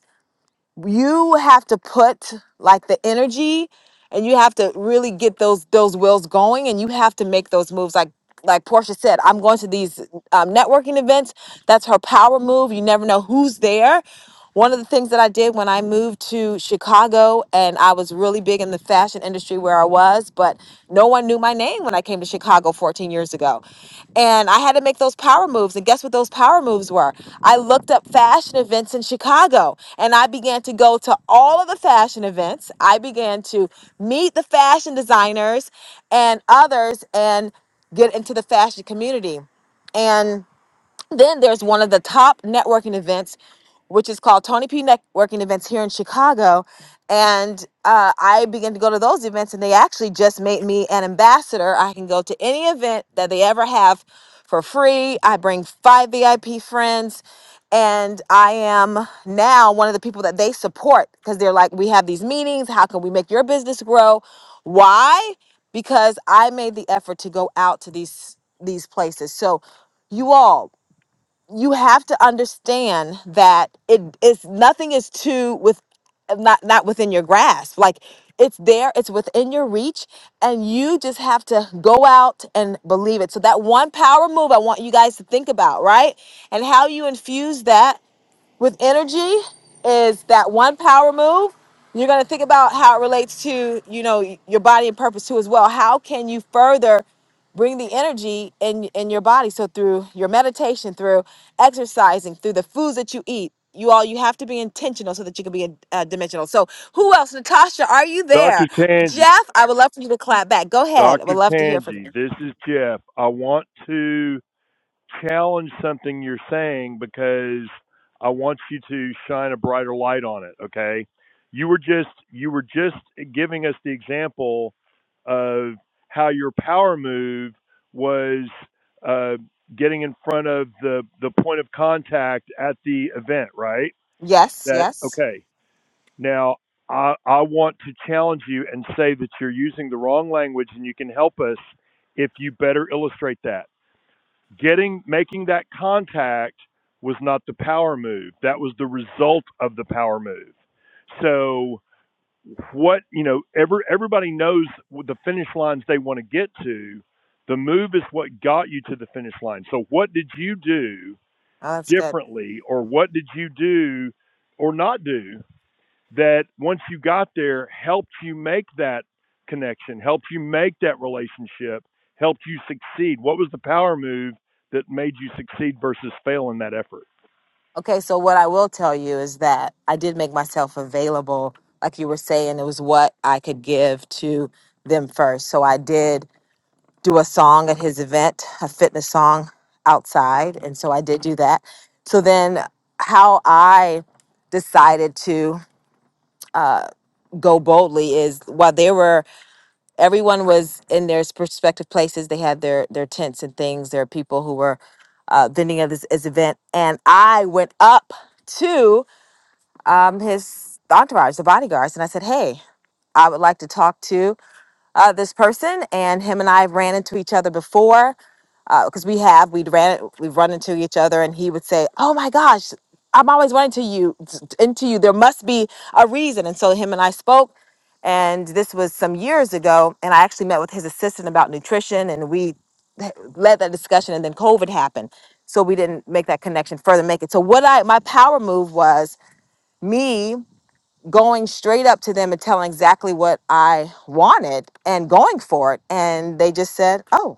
S26: you have to put like the energy and you have to really get those those wills going and you have to make those moves like like portia said i'm going to these um, networking events that's her power move you never know who's there one of the things that i did when i moved to chicago and i was really big in the fashion industry where i was but no one knew my name game when I came to Chicago 14 years ago. And I had to make those power moves. And guess what those power moves were? I looked up fashion events in Chicago and I began to go to all of the fashion events. I began to meet the fashion designers and others and get into the fashion community. And then there's one of the top networking events, which is called Tony P Networking Events here in Chicago. And uh, I began to go to those events, and they actually just made me an ambassador. I can go to any event that they ever have for free. I bring five VIP friends, and I am now one of the people that they support because they're like, we have these meetings. How can we make your business grow? Why? Because I made the effort to go out to these these places. So you all you have to understand that it is nothing is too with not not within your grasp like it's there it's within your reach and you just have to go out and believe it so that one power move i want you guys to think about right and how you infuse that with energy is that one power move. You're going to think about how it relates to, you know, your body and purpose too as well. How can you further bring the energy in in your body so through your meditation, through exercising, through the foods that you eat. You all, you have to be intentional so that you can be uh, dimensional. So, who else? Natasha, are you there?
S24: Dr.
S26: Jeff,
S24: Tangi,
S26: I would love for you to clap back. Go ahead. I would
S24: Dr.
S26: love to hear from
S24: Tangi,
S26: you.
S24: this is Jeff. I want to. challenge something you're saying because I want you to shine a brighter light on it. Okay, you were just you were just giving us the example of how your power move was uh, getting in front of the the point of contact at the event, right?
S26: Yes,
S24: That
S26: yes.
S24: okay. Now I I want to challenge you and say that you're using the wrong language, and you can help us if you better illustrate that. Getting making that contact was not the power move. That was the result of the power move. So what you know, every, everybody knows the finish lines they want to get to. The move is what got you to the finish line. So what did you do
S26: Oh, that's good.
S24: differently, or what did you do or not do that once you got there helped you make that connection, helped you make that relationship, helped you succeed? What was the power move that made you succeed versus fail in that effort?
S26: Okay, so what I will tell you is that I did make myself available. Like you were saying, it was what I could give to them first. So I did do a song at his event, a fitness song outside. And so I did do that. So then, how I decided to go boldly is while they were everyone was in their respective places they had their their tents and things there are people who were uh, vending at this, this event and i went up to. um, his entourage, the bodyguards, and I said, "Hey, I would like to talk to uh, this person." And him and I ran into each other before because we have we'd ran we've run into each other, and he would say, "Oh my gosh, I'm always running to you into you. There must be a reason." And so him and I spoke. And this was some years ago, and I actually met with his assistant about nutrition, and we led that discussion. And then COVID happened, so we didn't make that connection further. Make it so. What I my power move was me going straight up to them and telling exactly what I wanted and going for it. And they just said, oh,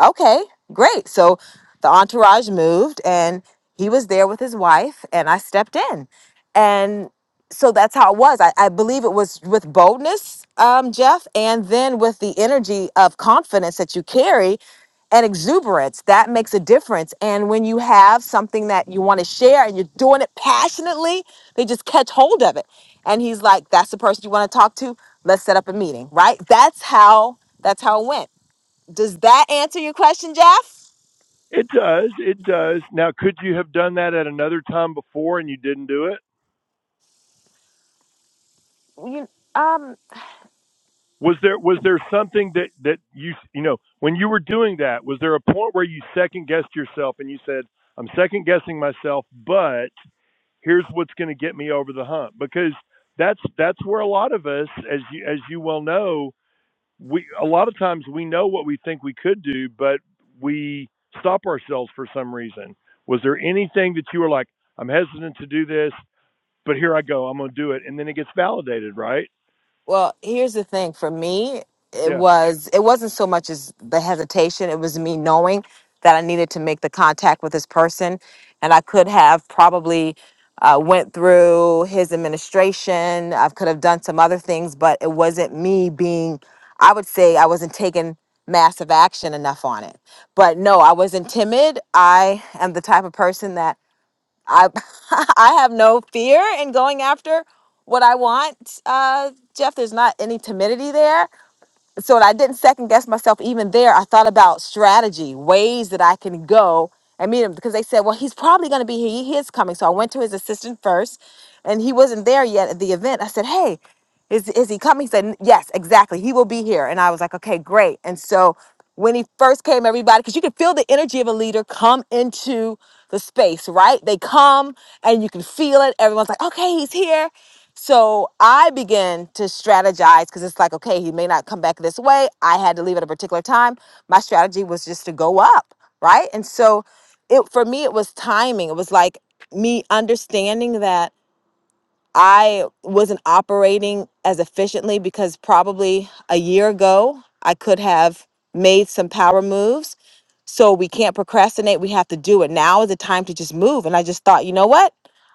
S26: Okay, great. So the entourage moved and he was there with his wife and I stepped in. And so that's how it was. I, I believe it was with boldness, um, Jeff, and then with the energy of confidence that you carry and exuberance. That makes a difference. And when you have something that you want to share and you're doing it passionately, they just catch hold of it. And he's like, that's the person you want to talk to. Let's set up a meeting, right? That's how that's how it went. Does that answer your question, Jeff?
S24: It does. It does. Now, could you have done that at another time before and you didn't do it?
S26: You um
S24: Was there was there something that that you you know when you were doing that? Was there a point where you second guessed yourself and you said, "I'm second guessing myself, but here's what's going to get me over the hump because that's that's where a lot of us as you as you well know we a lot of times we know what we think we could do but we stop ourselves for some reason was there anything that you were like i'm hesitant to do this but here i go i'm going to do it and then it gets validated right
S26: well, here's the thing for me, it
S24: yeah
S26: was it wasn't so much as the hesitation, it was me knowing that I needed to make the contact with this person and I could have probably uh, went through his administration. I could have done some other things, but it wasn't me being I would say I wasn't taking massive action enough on it. But no, I wasn't timid. I am the type of person that I I have no fear in going after what I want, uh, Jeff. There's not any timidity there so I didn't second guess myself even there. I thought about strategy, ways that I can go and meet him because they said, well, he's probably going to be here. He is coming. So I went to his assistant first and he wasn't there yet at the event. I said, hey, is, is he coming? He said, yes, exactly. He will be here. And I was like, okay, great. And so when he first came, everybody, because you can feel the energy of a leader come into the space, right? They come and you can feel it. Everyone's like, okay, he's here. So I began to strategize because it's like, okay, he may not come back this way. I had to leave at a particular time. My strategy was just to go up, right? And so it for me, it was timing. It was like me understanding that I wasn't operating as efficiently because probably a year ago I could have made some power moves. So we can't procrastinate. We have to do it. Now is the time to just move. And I just thought, you know what?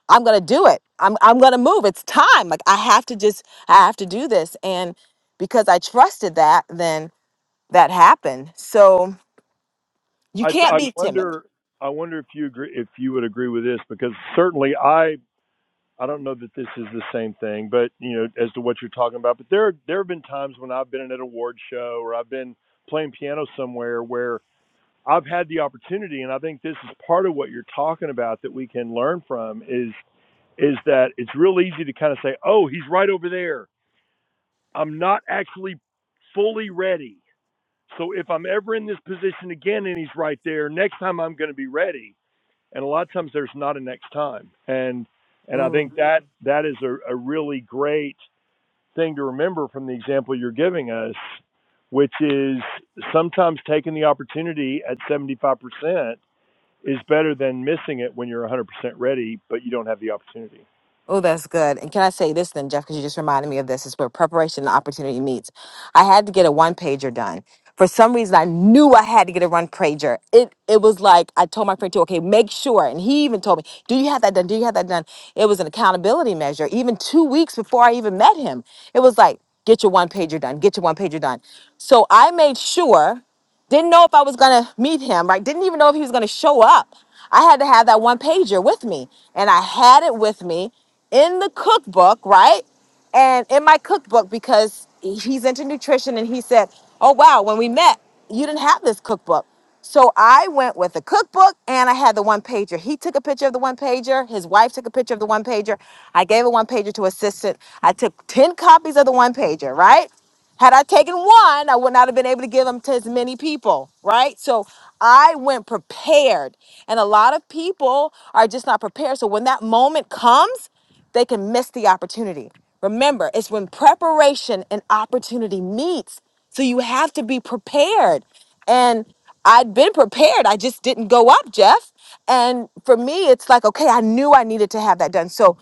S26: I'm gonna do it. I'm I'm gonna move. It's time. Like I have to just I have to do this. And because I trusted that, then that happened. So you
S24: i
S26: can't
S24: i
S26: be timid.
S24: wonder i wonder if you agree if you would agree with this because certainly i I don't know that this is the same thing, but you know, as to what you're talking about, but there there have been times when I've been at an award show or I've been playing piano somewhere where I've had the opportunity, and I think this is part of what you're talking about that we can learn from is is that it's real easy to kind of say, oh, he's right over there. I'm not actually fully ready. So if I'm ever in this position again and he's right there, next time I'm going to be ready and a lot of times there's not a next time and and i think that that is a, a really great thing to remember from the example you're giving us which is sometimes taking the opportunity at 75% is better than missing it when you're 100% ready but you don't have the opportunity
S26: Oh, that's good. And can I say this then, Jeff? Because you just reminded me of this. It's where preparation and opportunity meets. I had to get a one pager done for some reason, I knew I had to get a run pager. It it was like I told my friend too. Okay, make sure. And he even told me, "Do you have that done? Do you have that done?" It was an accountability measure. Even two weeks before I even met him, it was like, "Get your one pager done. Get your one pager done." So I made sure didn't know if I was gonna meet him, right? Didn't even know if he was gonna show up. I had to have that one pager with me, and I had it with me in the cookbook, right? and in my cookbook because he's into nutrition and he said oh wow when we met you didn't have this cookbook so i went with a cookbook and i had the one pager he took a picture of the one pager his wife took a picture of the one pager i gave a one pager to assistant i took 10 copies of the one pager right had i taken one i would not have been able to give them to as many people right so i went prepared and a lot of people are just not prepared so when that moment comes they can miss the opportunity. Remember, it's when preparation and opportunity meets. So you have to be prepared. And I'd been prepared. I just didn't go up, Jeff. And for me, it's like, okay, I knew I needed to have that done. So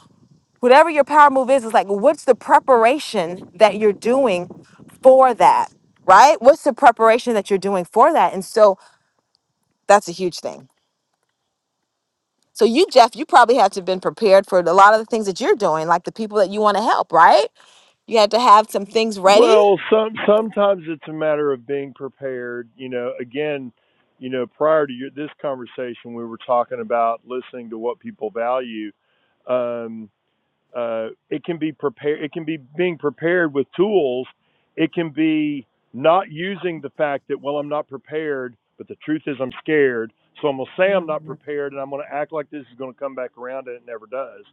S26: whatever your power move is, is like, what's the preparation that you're doing for that, right? What's the preparation that you're doing for that? And so that's a huge thing. So you, Jeff, you probably have to have been prepared for a lot of the things that you're doing, like the people that you want to help, right? You had to have some things ready.
S24: well some sometimes it's a matter of being prepared you know again you know prior to your, this conversation we were talking about listening to what people value um, Uh, it can be prepared. It can be being prepared with tools. It can be not using the fact that well, I'm not prepared, but the truth is I'm scared. So I'm gonna say I'm
S26: Mm,
S24: not prepared, and I'm gonna act like this is gonna come back around, and it never does.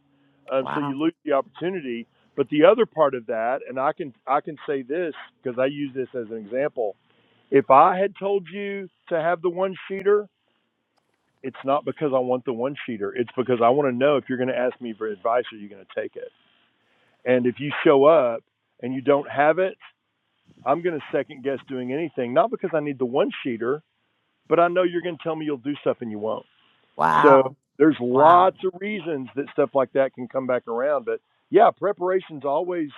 S24: Um, so
S26: wow.
S24: you lose the opportunity. But the other part of that, and I can I can say this because I use this as an example. If I had told you to have the one sheeter, it's not because I want the one sheeter. It's because I want to know if you're going to ask me for advice, are you going to take it? And if you show up and you don't have it, I'm going to second guess doing anything, not because I need the one sheeter, but I know you're going to tell me you'll do stuff and you won't. So
S26: Wow.
S24: there's
S26: Wow.
S24: lots of reasons that stuff like that can come back around. But yeah, preparation's always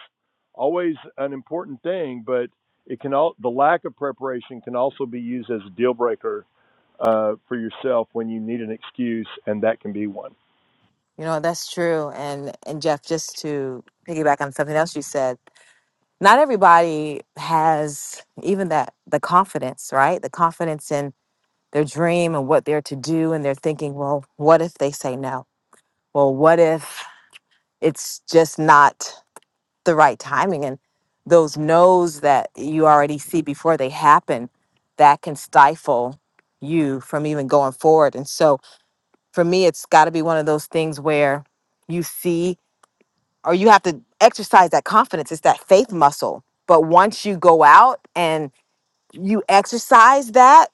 S24: always an important thing, but it can all the lack of preparation can also be used as a deal breaker uh, for yourself when you need an excuse, and that can be one.
S26: You know, that's true. And and Jeff, just to piggyback on something else you said, not everybody has even that the confidence, right? The confidence in their dream and what they're to do and they're thinking, well, what if they say no? Well, what if it's just not the right timing and those no's that you already see before they happen that can stifle you from even going forward. And so for me, it's got to be one of those things where you see or you have to exercise that confidence. It's that faith muscle. But once you go out and you exercise that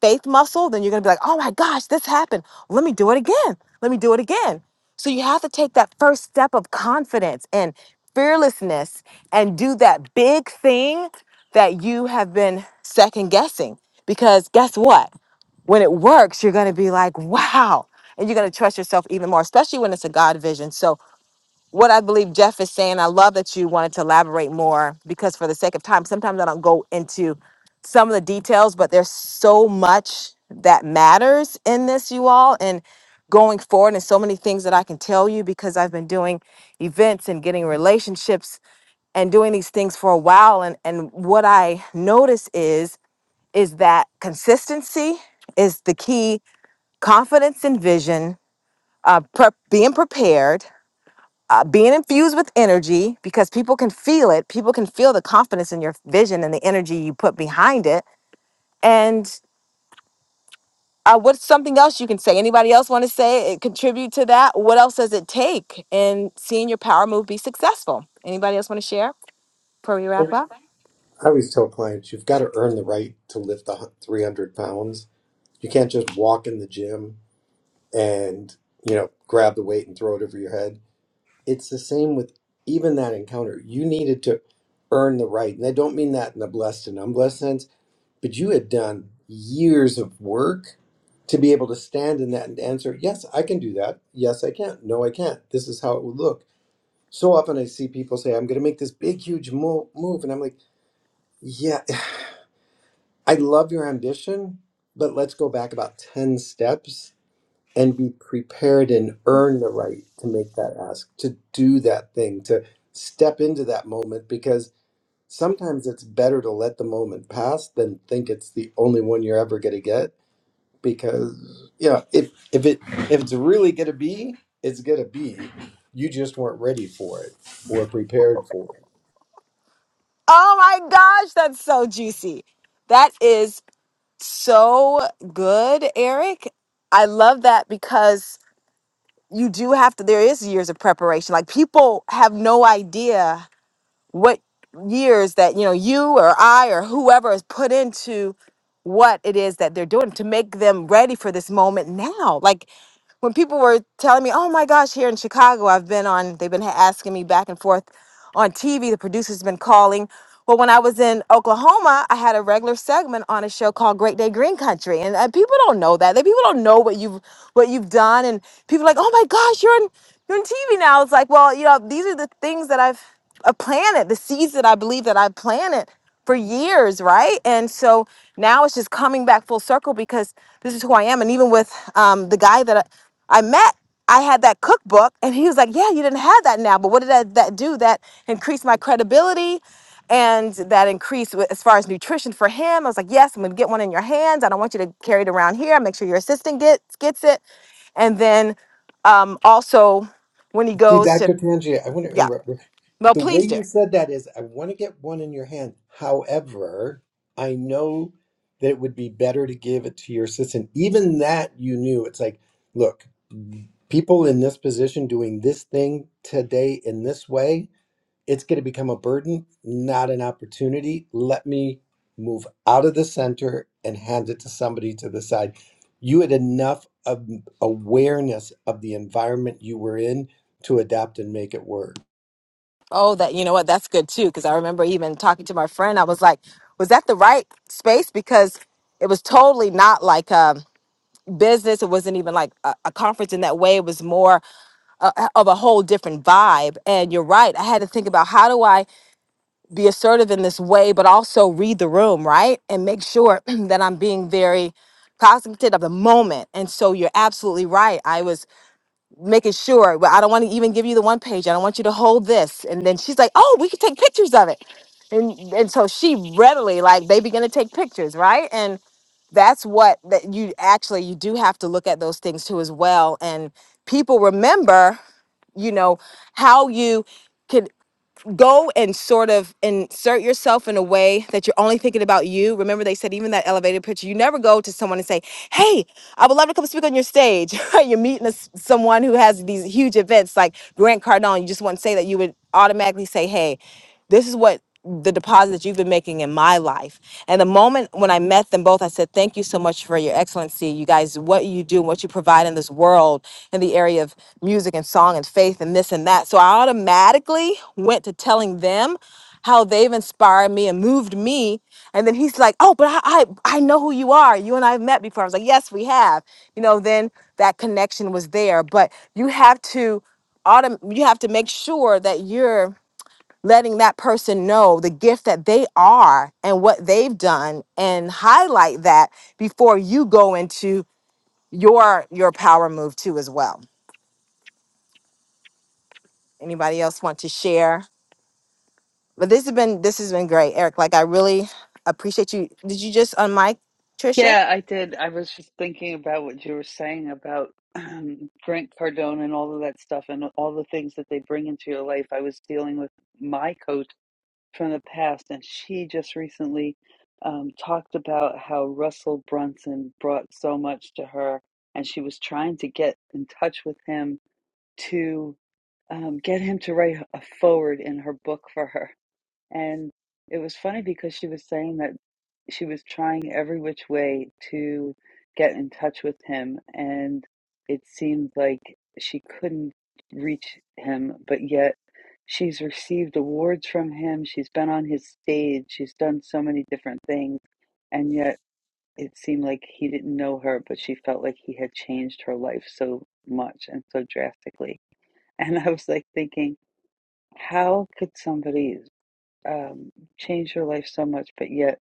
S26: faith muscle, then you're going to be like, oh my gosh, this happened. Let me do it again. Let me do it again. So you have to take that first step of confidence and fearlessness and do that big thing that you have been second guessing. Because guess what? when it works, you're going to be like, wow. And you're going to trust yourself even more, especially when it's a God vision. So, what I believe Jeff is saying, I love that you wanted to elaborate more because, for the sake of time, sometimes I don't go into some of the details, but there's so much that matters in this, you all. And going forward, and so many things that I can tell you because I've been doing events and getting relationships and doing these things for a while. And, and what I notice is, is that consistency is the key confidence and vision, uh, prep, being prepared, uh, being infused with energy because people can feel it. People can feel the confidence in your vision and the energy you put behind it. And uh, what's something else you can say? Anybody else want to say it, contribute to that? What else does it take in seeing your power move be successful? Anybody else want to share before we
S22: I
S26: wrap up?
S22: always tell clients you've got to earn the right to lift the hu- 300 pounds. You can't just walk in the gym and, you know, grab the weight and throw it over your head. It's the same with even that encounter. You needed to earn the right. And I don't mean that in a blessed and unblessed sense but you had done years of work to be able to stand in that and answer, yes, I can do that. Yes, I can. No, I can't. This is how it would look. So often I see people say, I'm going to make this big, huge mo- move. And I'm like, yeah, I love your ambition, but let's go back about 10 steps and be prepared and earn the right to make that ask, to do that thing, to step into that moment because sometimes it's better to let the moment pass than think it's the only one you're ever going to get because yeah, if if it if it's really gonna be, it's gonna be. You just weren't ready for it or prepared for it.
S26: Oh my gosh, that's so juicy. That is so good, Eric. I love that because you do have to there is years of preparation like people have no idea what years that you know you or i or whoever is put into what it is that they're doing to make them ready for this moment now like when people were telling me oh my gosh here in chicago i've been on they've been ha- asking me back and forth on TV. The producer's been calling. Well, when I was in Oklahoma, I had a regular segment on a show called Great Day Green Country, and uh, people don't know that. They people don't know what you've what you've done, and people are like, oh my gosh, you're in you're in TV now. It's like, well, you know, these are the things that I've uh, planted, the seeds that I believe that I planted for years, right? And so now it's just coming back full circle because this is who I am. And even with um, the guy that I, I met, I had that cookbook, and he was like, "Yeah, you didn't have that now, but what did that, that do? That increased my credibility and that increased with- as far as nutrition for him. I was like, yes, I'm gonna get one in your hands. I don't want you to carry it around here. Make sure your assistant gets gets it. And then um, also when he
S22: See,
S26: goes to
S22: Dr. Tanji, I want to
S26: yeah,
S22: interrupt.
S26: well,
S22: The way
S26: please do.
S22: you said that is, I want to get one in your hand. However, I know that it would be better to give it to your assistant. Even that you knew. It's like, look, people in this position doing this thing today in this way. it's going to become a burden, not an opportunity. Let me move out of the center and hand it to somebody to the side. You had enough of awareness of the environment you were in to adapt and make it work.
S26: Oh, that you know what? That's good too because I remember even talking to my friend. I was like, was that the right space? Because it was totally not like um business. It wasn't even like a, a conference in that way. It was more uh, of a whole different vibe. And you're right. I had to think about how do I be assertive in this way, but also read the room, right? And make sure that I'm being very cognizant of the moment. And so you're absolutely right. I was making sure, but I don't want to even give you the one page. I don't want you to hold this. And then she's like, oh, we can take pictures of it. And, and so she readily, like, they begin to take pictures, right? And that's what that you actually you do have to look at those things too as well and people remember you know how you can go and sort of insert yourself in a way that you're only thinking about you. Remember, they said even that elevator picture, you never go to someone and say, Hey, I would love to come speak on your stage. right? you're meeting a s someone who has these huge events like Grant Cardone. You just wouldn't say that you would automatically say, Hey, this is what the deposit that you've been making in my life. And the moment when I met them both, I said, Thank you so much for your excellency. You guys, what you do, what you provide in this world in the area of music and song and faith and this and that. So I automatically went to telling them how they've inspired me and moved me. And then he's like, Oh, but I, I, I know who you are. You and I have met before. I was like, Yes, we have. You know, then that connection was there. But you have to autom- you have to make sure that you're letting that person know the gift that they are and what they've done and highlight that before you go into your your power move too as well anybody else want to share but this has been this has been great eric like i really appreciate you did you just unmic trisha
S2: Yeah, I did. I was just thinking about what you were saying about um, Grant Cardone and all of that stuff and all the things that they bring into your life. I was dealing with my coach from the past, and she just recently um, talked about how Russell Brunson brought so much to her, and she was trying to get in touch with him to um, get him to write a forward in her book for her. And it was funny because she was saying that she was trying every which way to get in touch with him. And it seemed like she couldn't reach him, but yet she's received awards from him. She's been on his stage. She's done so many different things. And yet it seemed like he didn't know her, but she felt like he had changed her life so much and so drastically. And I was like thinking, how could somebody? um, changed your life so much, but yet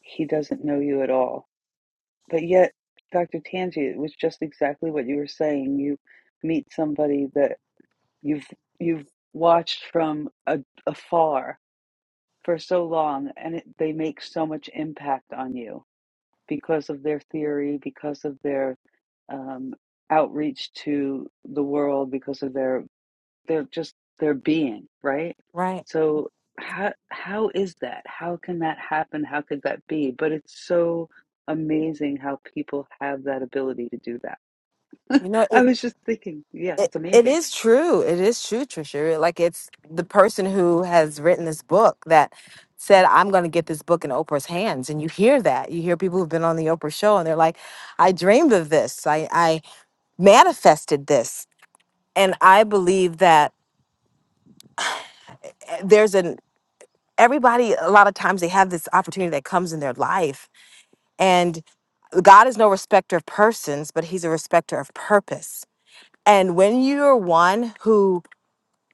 S2: he doesn't know you at all. But yet, Dr. Tangi, it was just exactly what you were saying. You meet somebody that you've you've watched from a, afar for so long, and it, they make so much impact on you because of their theory, because of their um, outreach to the world, because of their they're just their being, right?
S26: Right.
S2: So how how is that? How can that happen? How could that be? But it's so amazing how people have that ability to do that.
S26: You know, it,
S2: I was just thinking, yeah,
S26: It,
S2: it's
S26: it
S2: amazing.
S26: is true. It is true, Trisha. Like it's the person who has written this book that said, "I'm going to get this book in Oprah's hands," and you hear that. You hear people who've been on the Oprah show, and they're like, "I dreamed of this. I, I manifested this," and I believe that there's an everybody. A lot of times they have this opportunity that comes in their life, and God is no respecter of persons, but He's a respecter of purpose. And when you're one who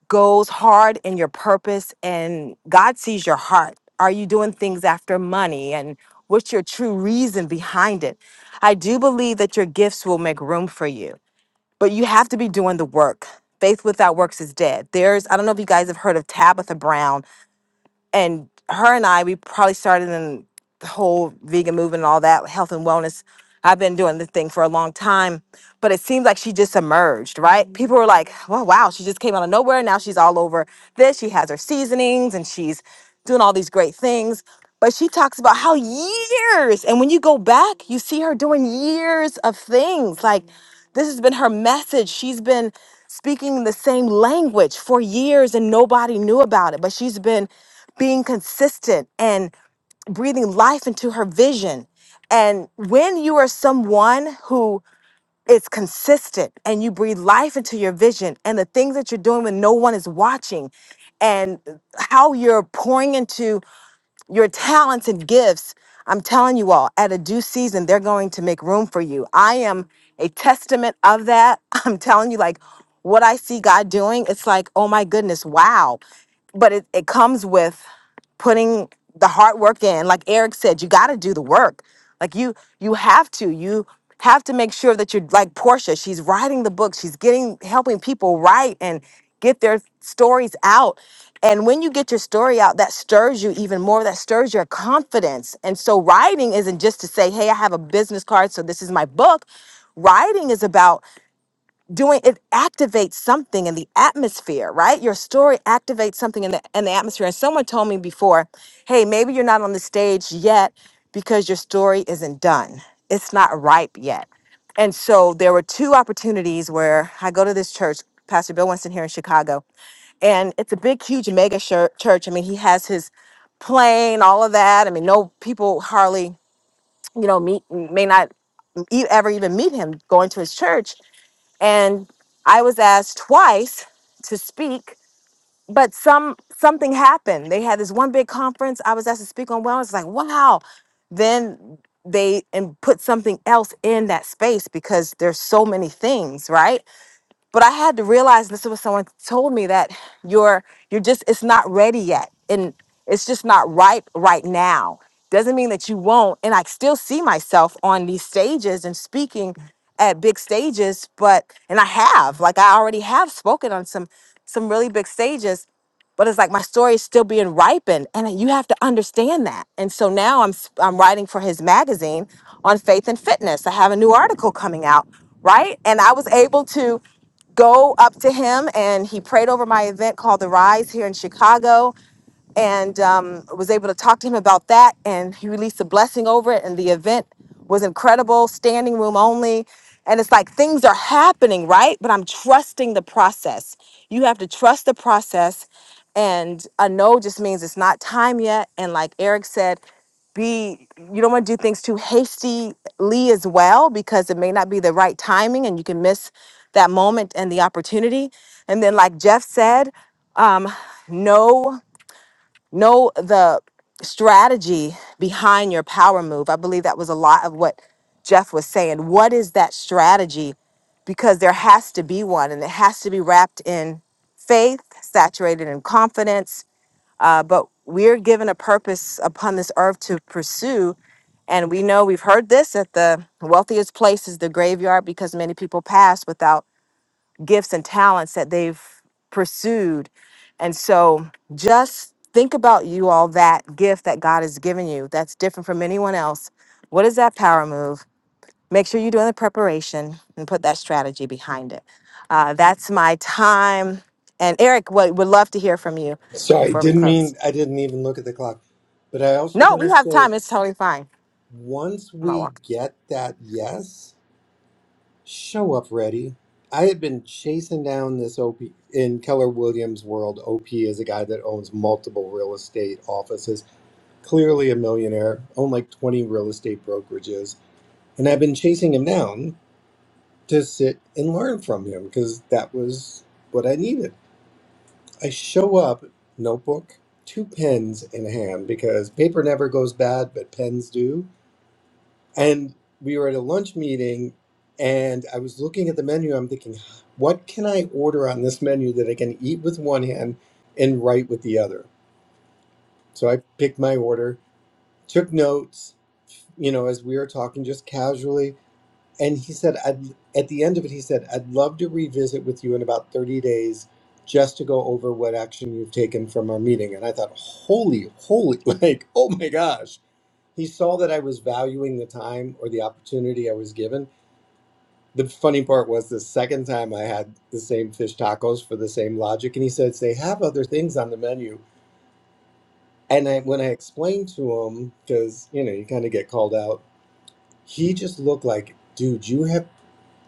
S26: goes hard in your purpose and God sees your heart. Are you doing things after money and what's your true reason behind it? I do believe that your gifts will make room for you, but you have to be doing the work. Faith without works is dead. There's, I don't know if you guys have heard of Tabitha Brown and her and I, we probably started in the whole vegan movement and all that, health and wellness. I've been doing this thing for a long time, but it seems like she just emerged, right? People were like, well, wow, she just came out of nowhere. Now she's all over this. She has her seasonings and she's doing all these great things. But she talks about how years, and when you go back, you see her doing years of things. Like, this has been her message. She's been speaking the same language for years and nobody knew about it, but she's been being consistent and breathing life into her vision. And when you are someone who is consistent and you breathe life into your vision and the things that you're doing when no one is watching and how you're pouring into your talents and gifts, I'm telling you all, at a due season, they're going to make room for you. I am a testament of that. I'm telling you, like, what I see God doing, it's like, oh my goodness, wow but it, it comes with putting the hard work in like eric said you got to do the work like you you have to you have to make sure that you're like portia she's writing the book she's getting helping people write and get their stories out and when you get your story out that stirs you even more that stirs your confidence and so writing isn't just to say hey i have a business card so this is my book writing is about doing it activates something in the atmosphere right your story activates something in the in the atmosphere and someone told me before hey maybe you're not on the stage yet because your story isn't done it's not ripe yet and so there were two opportunities where i go to this church pastor bill winston here in chicago and it's a big huge mega shir- church i mean he has his plane all of that i mean no people hardly you know meet may not e- ever even meet him going to his church and I was asked twice to speak, but some something happened. They had this one big conference. I was asked to speak on wellness. Like, wow. Then they and put something else in that space because there's so many things, right? but I had to realize and this is what someone told me that you're you're just it's not ready yet and it's just not ripe right now. Doesn't mean that you won't. And I still see myself on these stages and speaking at big stages, but and I have like I already have spoken on some some really big stages, but it's like my story is still being ripened, and you have to understand that. And so now I'm s- I'm writing for his magazine on faith and fitness. I have a new article coming out, right? And I was able to go up to him and he prayed over my event called The Rise here in Chicago and um, was able to talk to him about that. And he released a blessing over it, and the event was incredible, standing room only. And it's like things are happening, right? But I'm trusting the process. You have to trust the process. And a no just means it's not time yet. And like Eric said, be you don't want to do things too hastily as well because it may not be the right timing and you can miss that moment and the opportunity. And then like Jeff said, um, no know the strategy behind your power move. I believe that was a lot of what Jeff was saying. What is that strategy? Because there has to be one, and it has to be wrapped in faith, saturated in confidence. Uh, but we're given a purpose upon this earth to pursue. And we know we've heard this at the wealthiest places, the graveyard, because many people pass without gifts and talents that they've pursued. And so just think about you all that gift that God has given you that's different from anyone else. What is that power move? Make sure you're doing the preparation and put that strategy behind it. Uh, that's my time. And Eric, we would love to hear from you
S22: Sorry,
S26: before we
S22: didn't
S26: close.
S22: mean I didn't even look at the clock. But I also
S26: No,
S22: want
S26: we
S22: to
S26: have
S22: say
S26: time. It's totally fine.
S22: once
S26: I'm not walking.
S22: we get that yes, Show up ready. I had been chasing down this OP in Keller Williams' world. OP is a guy that owns multiple real estate offices, clearly a millionaire, owned like 20 real estate brokerages. And I've been chasing him down to sit and learn from him because that was what I needed. I show up, notebook, two pens in hand because paper never goes bad, but pens do And we were at a lunch meeting, and I was looking at the menu. I'm thinking, what can I order on this menu that I can eat with one hand and write with the other? So I picked my order, took notes, you know, as we were talking just casually. And he said, I'd, at the end of it, he said, I'd love to revisit with you in about 30 days just to go over what action you've taken from our meeting. And I thought, holy, holy, like, oh my gosh. He saw that I was valuing the time or the opportunity I was given the funny part was the second time I had the same fish tacos for the same logic, and he says they have other things on the menu. And I, when I explained to him, because you know you kind of get called out, he just looked like, dude, you have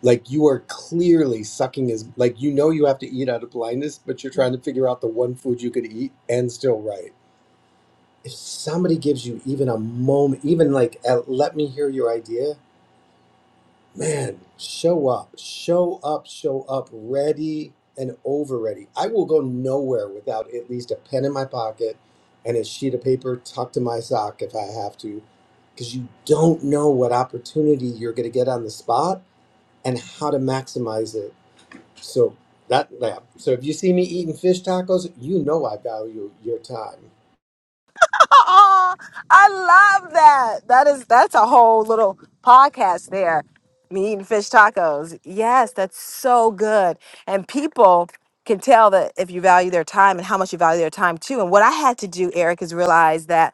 S22: like you are clearly sucking his like you know you have to eat out of blindness, but you're trying to figure out the one food you could eat and still right. If somebody gives you even a moment, even like a, let me hear your idea, Man, show up, show up, show up, ready and over ready. I will go nowhere without at least a pen in my pocket and a sheet of paper tucked in my sock if I have to, because you don't know what opportunity you're going to get on the spot and how to maximize it. So that, yeah. So if you see me eating fish tacos, you know I value your time.
S26: Oh, I love that. That is that's a whole little podcast there. Me eating fish tacos. Yes, that's so good. And people can tell that if you value their time and how much you value their time too. And what I had to do, Eric, is realize that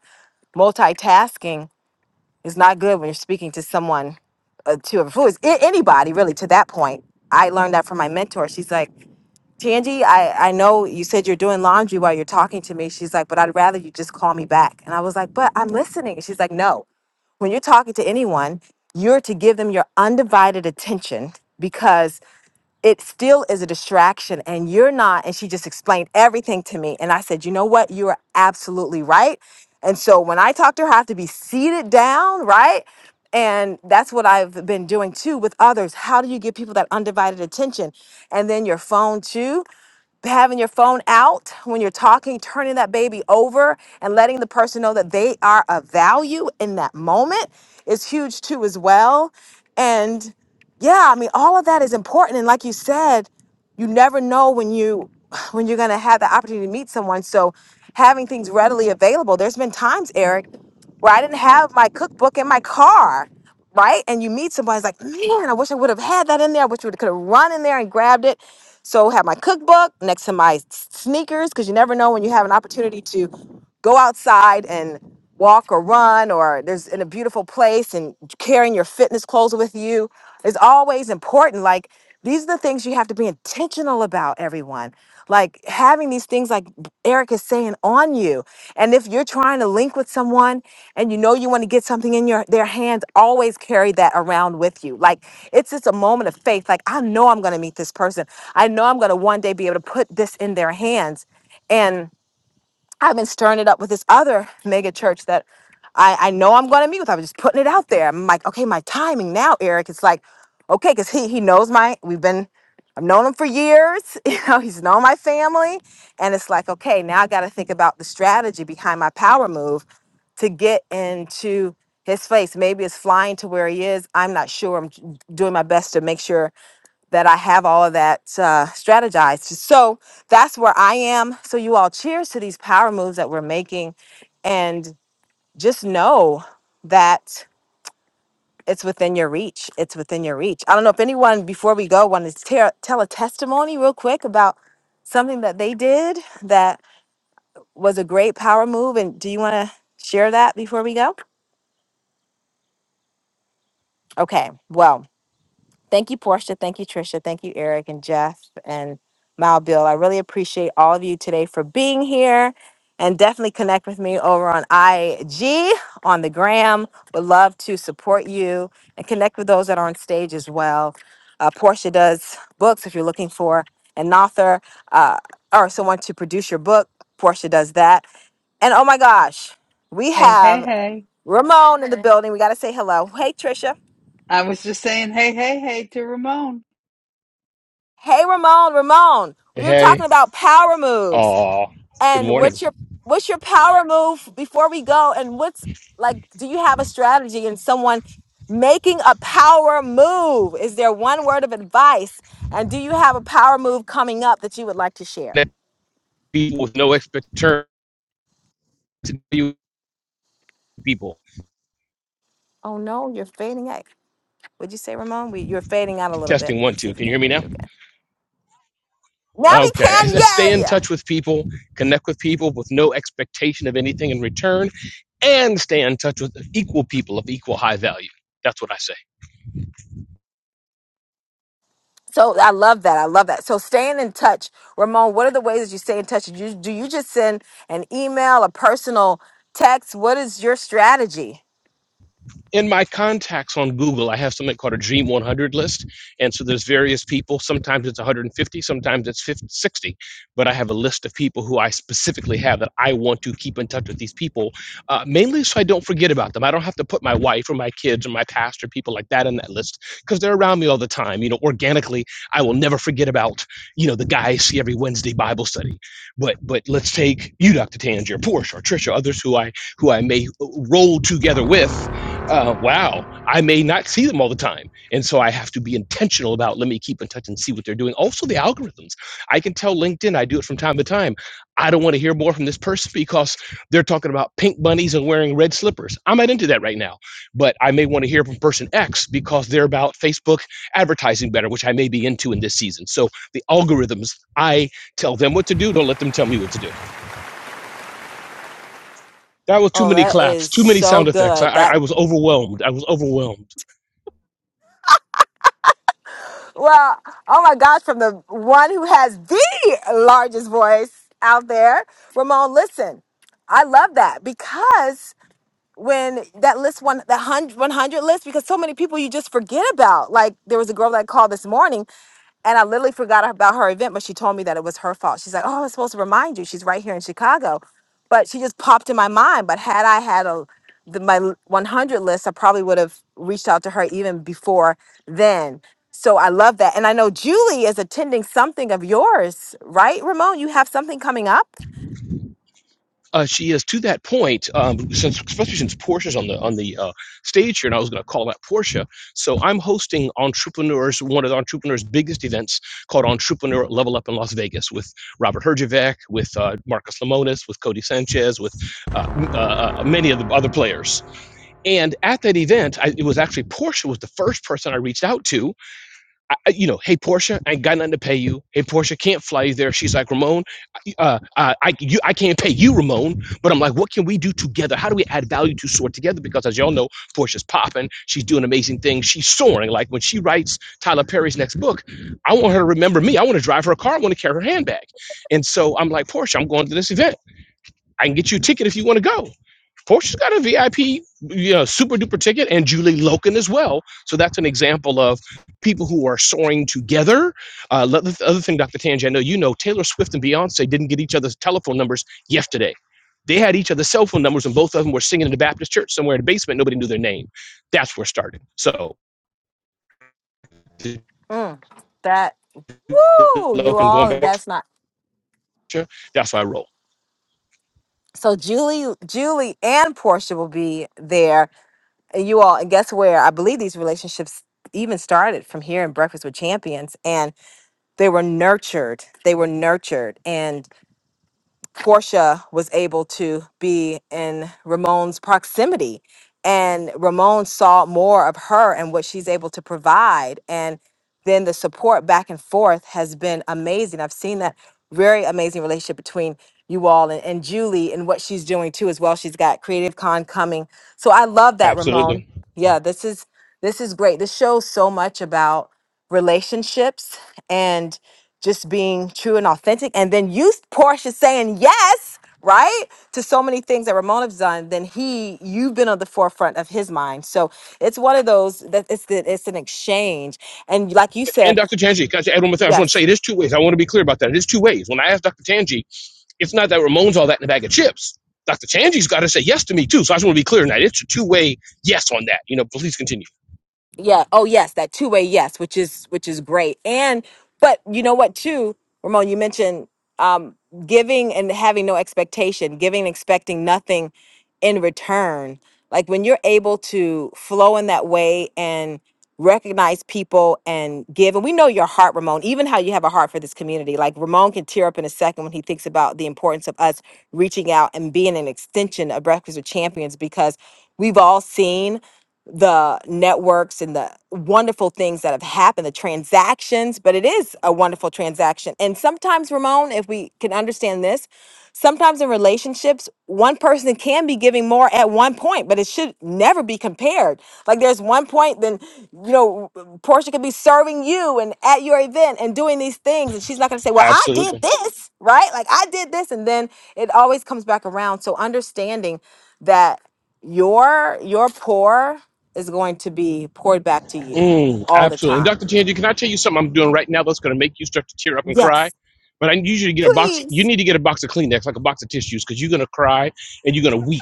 S26: multitasking is not good when you're speaking to someone uh, to a fluid anybody really to that point i learned that from my mentor she's like Tangie, I, I know you said you're doing laundry while you're talking to me. She's like, but I'd rather you just call me back. And I was like, but I'm listening. And she's like, no, when you're talking to anyone, you're to give them your undivided attention because it still is a distraction and you're not and she just explained everything to me and i said you know what you are absolutely right and so when i talk to her i have to be seated down right and that's what i've been doing too with others how do you give people that undivided attention and then your phone too having your phone out when you're talking, turning that baby over and letting the person know that they are of value in that moment is huge too as well. And yeah i mean all of that is important and like you said you never know when you when you're going to have the opportunity to meet someone so having things readily available there's been times eric where I didn't have my cookbook in my car, right? And you meet somebody's like, man, I wish I would have had that in there. I wish I would have could have run in there and grabbed it. So have my cookbook next to my s- sneakers because you never know when you have an opportunity to go outside and walk or run or there's in a beautiful place and carrying your fitness clothes with you is always important. Like these are the things you have to be intentional about, everyone like having these things like Eric is saying on you. And if you're trying to link with someone and you know you want to get something in your their hands, always carry that around with you. Like it's just a moment of faith. Like I know I'm going to meet this person. I know I'm going to one day be able to put this in their hands. and. I've been stirring it up with this other mega church that I, I know I'm going to meet with. I was just putting it out there. I'm like, okay, my timing now, Eric. It's like, okay, because he he knows my. We've been, I've known him for years. You know, he's known my family, and it's like, okay, now I got to think about the strategy behind my power move to get into his face. Maybe it's flying to where he is. I'm not sure. I'm doing my best to make sure that I have all of that uh, strategized. So that's where I am. So you all cheers to these power moves that we're making and just know that it's within your reach. It's within your reach. I don't know if anyone before we go wanted to tear, tell a testimony real quick about something that they did that was a great power move and do you want to share that before we go? Okay. Well, Thank you, Portia. Thank you, Trisha. Thank you, Eric and Jeff and Mal Bill. I really appreciate all of you today for being here. And definitely connect with me over on IG on the gram. Would love to support you and connect with those that are on stage as well. Uh, Portia does books if you're looking for an author uh, or someone to produce your book. Portia does that. And oh my gosh, we
S2: Hey, hey,
S26: have
S2: hey.
S26: Ramon in the building. We got to say hello. Hey, Trisha.
S2: I was just saying hey, hey, hey to Ramon.
S26: Hey Ramon, Ramon, we were talking
S28: Hey,
S26: about power
S28: oh,
S26: moves
S28: good
S26: and
S28: morning.
S26: what's your what's your power move before we go and what's like do you have a strategy in someone making a power move? Is there one word of advice? And do you have a power move coming up that you would like to share?
S28: People with no expectation to you people.
S26: Oh no, you're fading out. Would you say Ramon? We you're fading out a little bit.
S28: Testing one,
S26: Let's see
S28: two.
S26: if we
S28: Can you
S26: can
S28: hear me
S26: hear
S28: now?
S26: you again. Now we
S28: Okay. I
S26: can.
S28: said stay in
S26: Yay!
S28: touch with people, connect with people with no expectation of anything in return, and stay in touch with equal people of equal high value. That's what I said.
S26: So I love that. I love that. So staying in touch, Ramon. What are the ways that you stay in touch? Do you, do you just send an email, a personal text? What is your strategy?
S28: in my contacts on Google, I have something called a Dream 100 list. And so there's various people. Sometimes it's 150, sometimes it's 50, 60. But I have a list of people who I specifically have that I want to keep in touch with these people, uh, mainly so I don't forget about them. I don't have to put my wife or my kids or my pastor, people like that in that list because they're around me all the time. You know, organically, I will never forget about, you know, the guy I see every Wednesday Bible study. But but let's take you, Dr. Tangier, Porsche, or Trisha, others who I who I may roll together with uh, wow, I may not see them all the time. And so I have to be intentional about let me keep in touch and see what they're doing. Also, the algorithms. I can tell LinkedIn, I do it from time to time. I don't want to hear more from this person because they're talking about pink bunnies and wearing red slippers. I'm not into that right now, but I may want to hear from person X because they're about Facebook advertising better, which I may be into in this season. So the algorithms, I tell them what to do. Don't let them tell me what to do. That was too
S26: Oh,
S28: many
S26: that
S28: claps,
S26: is
S28: too many
S26: so
S28: sound effects. I,
S26: good.
S28: I, I
S26: That
S28: was overwhelmed. I was overwhelmed.
S26: well, oh my gosh, from the one who has the largest voice out there, Ramon. Listen, I love that because when that list one that hundred one hundred list because so many people you just forget about. Like there was a girl that called this morning and I literally forgot about her event, but she told me that it was her fault. She's like, "Oh, I was supposed to remind you. She's right here in Chicago," but she just popped in my mind. But had I had a the, my l- 100 list, I probably would have reached out to her even before then. So I love that, and I know Julie is attending something of yours, right, Ramon? You have something coming up.
S28: Uh, she is to that point, um, since especially since Portia's on the on the uh, stage here, and I was going to call that Portia. So I'm hosting entrepreneurs, one of the entrepreneurs' biggest events called Entrepreneur Level Up in Las Vegas with Robert Herjavec, with uh, Marcus Lemonis, with Cody Sanchez, with uh, m- uh, uh, many of the other players. And at that event, I, it was actually Portia was the first person I reached out to. I, you know, hey Portia, I ain't got nothing to pay you. Hey Portia, can't fly you there. She's like Ramon, uh, uh, I you, I can't pay you, Ramon. But I'm like, what can we do together? How do we add value to soar together? Because as y'all know, Portia's popping. She's doing amazing things. She's soaring. Like when she writes Tyler Perry's next book, I want her to remember me. I want to drive her a car. I want to carry her handbag. And so I'm like, Portia, I'm going to this event. I can get you a ticket if you want to go. Portia's got a VIP, you know, super duper ticket, and Julie Loken as well. So that's an example of people who are soaring together. Uh, the other thing, Dr. Tangi, I know you know Taylor Swift and Beyonce didn't get each other's telephone numbers yesterday. They had each other's cell phone numbers, and both of them were singing in the Baptist church somewhere in the basement. Nobody knew their name. That's where it started. So
S26: Mm, that woo, you
S28: Loken going
S26: all. If
S28: to
S26: that's not
S28: that's how I roll.
S26: So Julie, Julie, and Portia will be there, and you all. And guess where? I believe these relationships even started from here in Breakfast with Champions, and they were nurtured. They were nurtured, and Portia was able to be in Ramon's proximity. And Ramon saw more of her and what she's able to provide. And then the support back and forth has been amazing. I've seen that very amazing relationship between you all and, and Julie and what she's doing too as well. She's got Creative Con coming. So I love that,
S28: Absolutely.
S26: Ramon. Yeah, this is this is great. This shows so much about relationships and just being true and authentic. And then you, Portia, saying yes, right, to so many things that Ramona's done. Then he, you've been on the forefront of his mind. So it's one of those that it's the, it's an exchange. And like you
S28: and
S26: said,
S28: Dr. Tanji, can I add one more thing? I just want to
S26: yes.
S28: say it is two ways. I want to be clear about that. It is two ways. When I asked Dr. Tanji, it's not that Ramon's all that in a bag of chips. Dr. Tanji's got to say yes to me too. So I just want to be clear on that. It's a two way yes on that. You know, please continue.
S26: Yeah. Oh, yes, that two way yes, which is which is great. And but you know what too, Ramon, you mentioned um, giving and having no expectation, giving and expecting nothing in return. Like when you're able to flow in that way and recognize people and give, and we know your heart, Ramon, even how you have a heart for this community. Like Ramon can tear up in a second when he thinks about the importance of us reaching out and being an extension of Breakfast with Champions because we've all seen the networks and the wonderful things that have happened, the transactions, but it is a wonderful transaction. And sometimes, Ramon, if we can understand this, sometimes in relationships, one person can be giving more at one point, but it should never be compared. Like there's one point, then, you know, Portia could be serving you and at your event and doing these things, and she's not going to say, Well, I did
S28: Absolutely.
S26: this, right? Like I did this. And then it always comes back around. So understanding that your your pour is going to be poured back to you
S28: Mm,
S26: all the
S28: absolutely. And
S26: time.
S28: Dr. Tanji, can I tell you something I'm doing right now that's going to make you start to tear up and cry?
S26: Yes.
S28: But I usually get a box. You
S26: Please.
S28: need to get a box of Kleenex, like a box of tissues, because you're going to cry and you're going to weep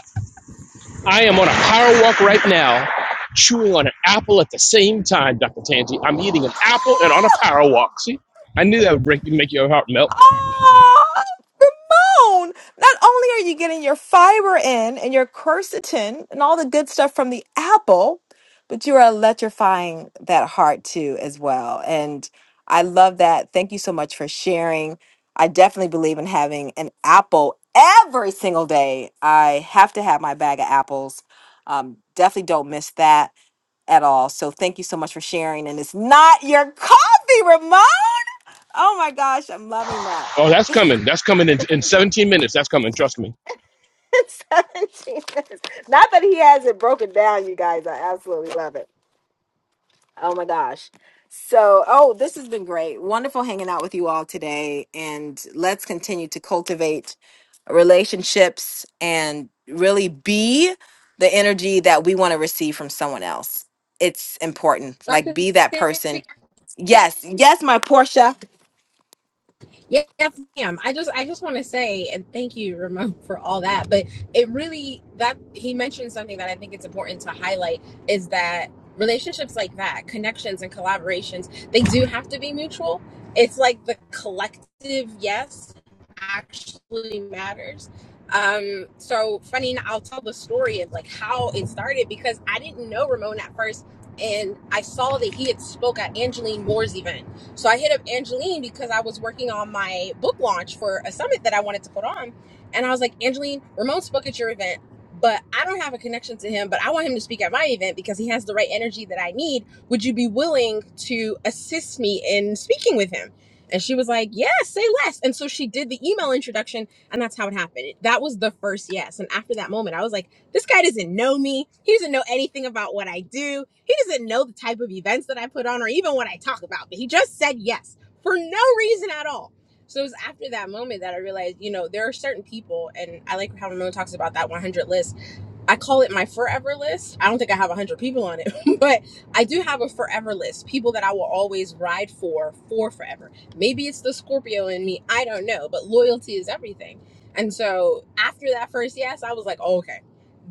S28: I am on a power walk right now, chewing on an apple at the same time, Dr. Tangi. I'm eating an apple and on a power walk. See, I knew that would break, make your heart melt.
S26: Oh, Ramon! Not only are you getting your fiber in and your quercetin and all the good stuff from the apple, but you are electrifying that heart too, as well. And I love that. Thank you so much for sharing. I definitely believe in having an apple every single day. I have to have my bag of apples. Um, definitely don't miss that. at all. So thank you so much for sharing. And it's not your coffee, Ramon. Oh my gosh, I'm loving that.
S28: Oh, that's
S26: 17
S28: coming. That's coming in, in 17 minutes. That's coming. Trust me.
S26: minutes. Not that he has it broken down, you guys. I absolutely love it. Oh my gosh. So, oh, this has been great. Wonderful hanging out with you all today. And let's continue to cultivate relationships and really be the energy that we want to receive from someone else. It's important. Like,
S25: Dr.
S26: be that
S25: Sandy,
S26: person. Yes, yes, my Portia.
S25: Yeah, Yes, ma'am. I just I just want to say and thank you, Ramon, for all that. But it really that he mentioned something that I think it's important to highlight is that relationships like that, connections and collaborations, they do have to be mutual. It's like the collective yes actually matters. Um, so funny, enough, I'll tell the story of like how it started because I didn't know Ramon at first, and I saw that he had spoke at Angeline Moore's event so I hit up Angeline because I was working on my book launch for a summit that I wanted to put on. And I was like, Angeline, Ramon spoke at your event, but I don't have a connection to him, but I want him to speak at my event because he has the right energy that I need. Would you be willing to assist me in speaking with him? And she was like, Yes, say less. And so she did the email introduction, and that's how it happened. That was the first yes. And after that moment, I was like, this guy doesn't know me. He doesn't know anything about what I do. He doesn't know the type of events that I put on or even what I talk about. But he just said yes for no reason at all. So it was after that moment that I realized, you know, there are certain people, and I like how Ramon talks about that 100 list I call it my forever list. I don't think I have 100 people on it, but I do have a forever list. People that I will always ride for for forever. Maybe it's the Scorpio in me. I don't know, but loyalty is everything. And so after that first yes, I was like, oh, okay,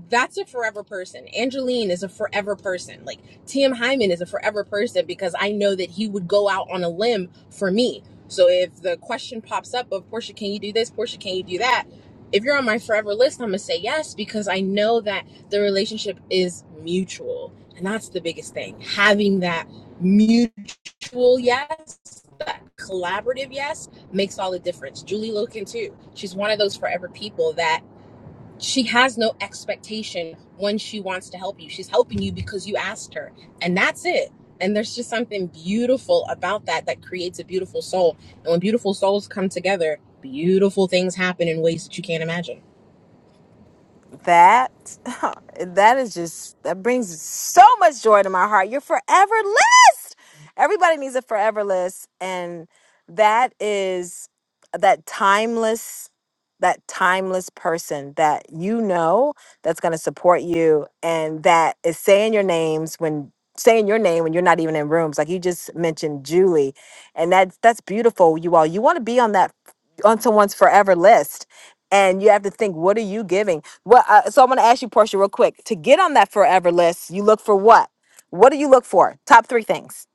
S25: that's a forever person. Angeline is a forever person. Like T.M. Hyman is a forever person because I know that he would go out on a limb for me. So if the question pops up of Portia, can you do this? Portia, can you do that? if you're on my forever list, I'm gonna say yes because I know that the relationship is mutual, and that's the biggest thing. Having that mutual yes, that collaborative yes, makes all the difference. Julie Loken too. She's one of those forever people that she has no expectation when she wants to help you. She's helping you because you asked her, and that's it. And there's just something beautiful about that that creates a beautiful soul. And when beautiful souls come together, beautiful things happen in ways that you can't imagine.
S26: that that is just that brings so much joy to my heart your forever list everybody needs a forever list and that is that timeless that timeless person that you know that's going to support you and that is saying your names when saying your name when you're not even in rooms like you just mentioned Julie and that's that's beautiful you all you want to be on that on someone's forever list and you have to think what are you giving what uh, so i'm going to ask you portia real quick to get on that forever list you look for what what do you look for top three things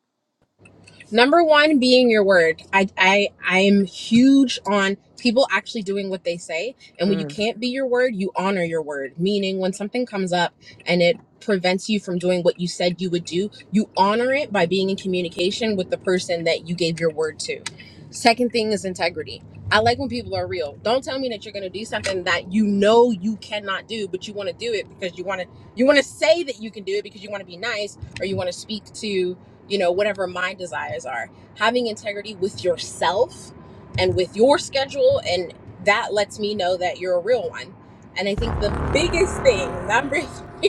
S25: Number one being your word. I I I'm huge on people actually doing what they say. And when you
S26: Mm.
S25: can't be your word, you honor your word. Meaning when something comes up and it prevents you from doing what you said you would do, you honor it by being in communication with the person that you gave your word to. Second thing is integrity. I like when people are real. Don't tell me that you're going to do something that you know you cannot do, but you want to do it because you want to you want to say that you can do it because you want to be nice or you want to speak to you know, whatever my desires are. Having integrity with yourself and with your schedule, and that lets me know that you're a real one. And I think the biggest thing, number I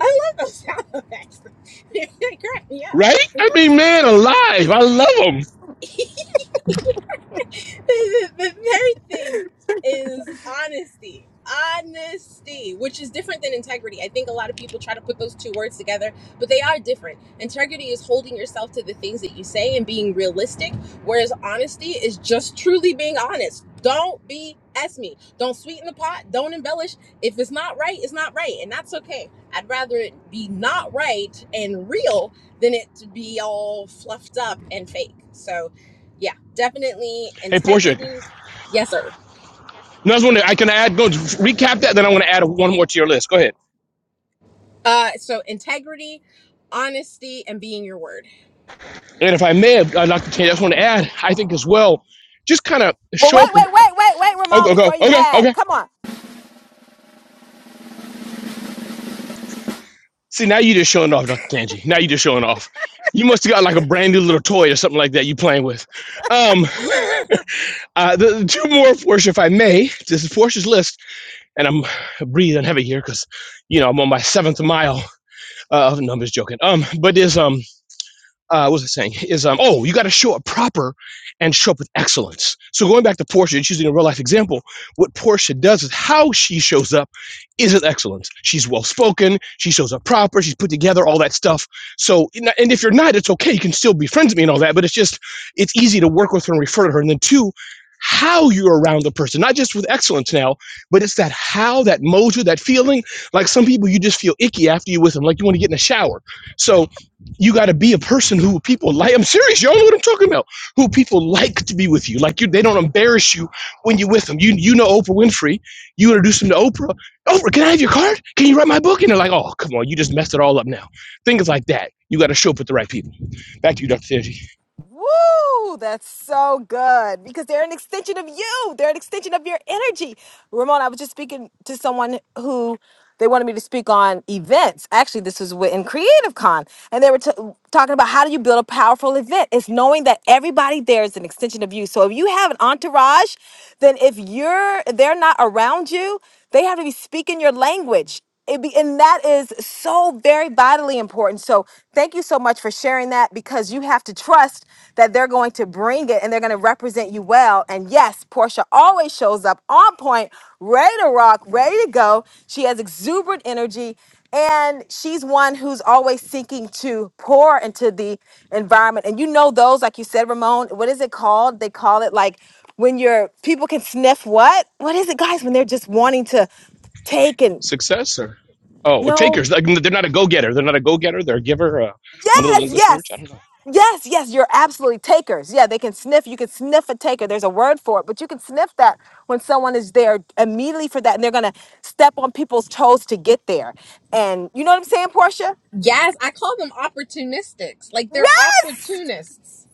S25: love those sound effects. They crack me up.
S28: Right? I mean, man, alive. I love them.
S25: the, the very thing is honesty honesty which is different than integrity i think a lot of people try to put those two words together but they are different integrity is holding yourself to the things that you say and being realistic whereas honesty is just truly being honest don't be ask me don't sweeten the pot don't embellish if it's not right it's not right and that's okay i'd rather it be not right and real than it to be all fluffed up and fake so yeah definitely
S28: Hey, Portia.
S25: integrity yes sir
S28: No, I was wondering, I can add, go recap that, then I want to add one more to your list. Go ahead.
S25: uh so integrity honesty and being your word
S28: And if I may, uh, Dr. Tangi, I just want to add, I think as well, just kind of
S26: well
S28: show
S26: wait
S28: up with,
S26: wait wait wait wait
S28: oh,
S26: ramon
S28: go, go.
S26: before you
S28: Okay, okay.
S26: add come on
S28: See, now you are just showing off, Dr. Kanji. Now you are just showing off. You must have got like a brand new little toy or something like that you playing with. Um, uh, the, the two more Porsche, if I may. This is Porsche's list, and I'm breathing heavy here because, you know, I'm on my seventh mile. Uh, no, I'm just joking. Um, but there's um uh, what was I saying? Is um, oh, you got to show up proper and show up with excellence. So going back to Portia, just using a real life example, what Portia does is how she shows up is with excellence. She's well spoken. She shows up proper. She's put together. All that stuff. So and and if you're not, it's okay. You can still be friends with me and all that. But it's just it's easy to work with her and refer to her. And then two, how you're around the person, not just with excellence now, but it's that how, that mojo, that feeling. Like some people, you just feel icky after you with them, like you want to get in the shower. So you got to be a person who people like. I'm serious. Y'all know what I'm talking about. Who people like to be with you. Like you, they don't embarrass you when you're with them. You you know Oprah Winfrey. You introduce them to Oprah. Oprah, can I have your card? Can you write my book? And they're like, oh, come on, you just messed it all up now. Things like that. You got to show up with the right people. Back to you, Dr. Tanji.
S26: Woo! That's so good because they're an extension of you. They're an extension of your energy. Ramon, I was just speaking to someone who they wanted me to speak on events. Actually, this was wi- in Creative Con, and they were t- talking about how do you build a powerful event? It's knowing that everybody there is an extension of you. So if you have an entourage, then if you're they're not around you. They have to be speaking your language. It be, and that is so very vitally important. So, thank you so much for sharing that because you have to trust that they're going to bring it and they're going to represent you well. And yes, Portia always shows up on point, ready to rock, ready to go. She has exuberant energy and she's one who's always seeking to pour into the environment and you know those like you said ramon what is it called they call it like when your people can sniff what what is it guys when they're just wanting to take and
S28: Success or oh, well,
S26: no
S28: takers. Like they're not a go getter. They're not a go getter. They're a giver. Uh, one of those
S26: yes
S28: English
S26: yes
S28: words. I don't know.
S26: Yes, yes, you're absolutely takers. Yeah, they can sniff. You can sniff a taker. There's a word for it, but you can sniff that when someone is there immediately for that, and they're gonna step on people's toes to get there. And you know what I'm saying, Portia?
S25: yes i call them opportunistics like they're
S26: Yes!
S25: opportunists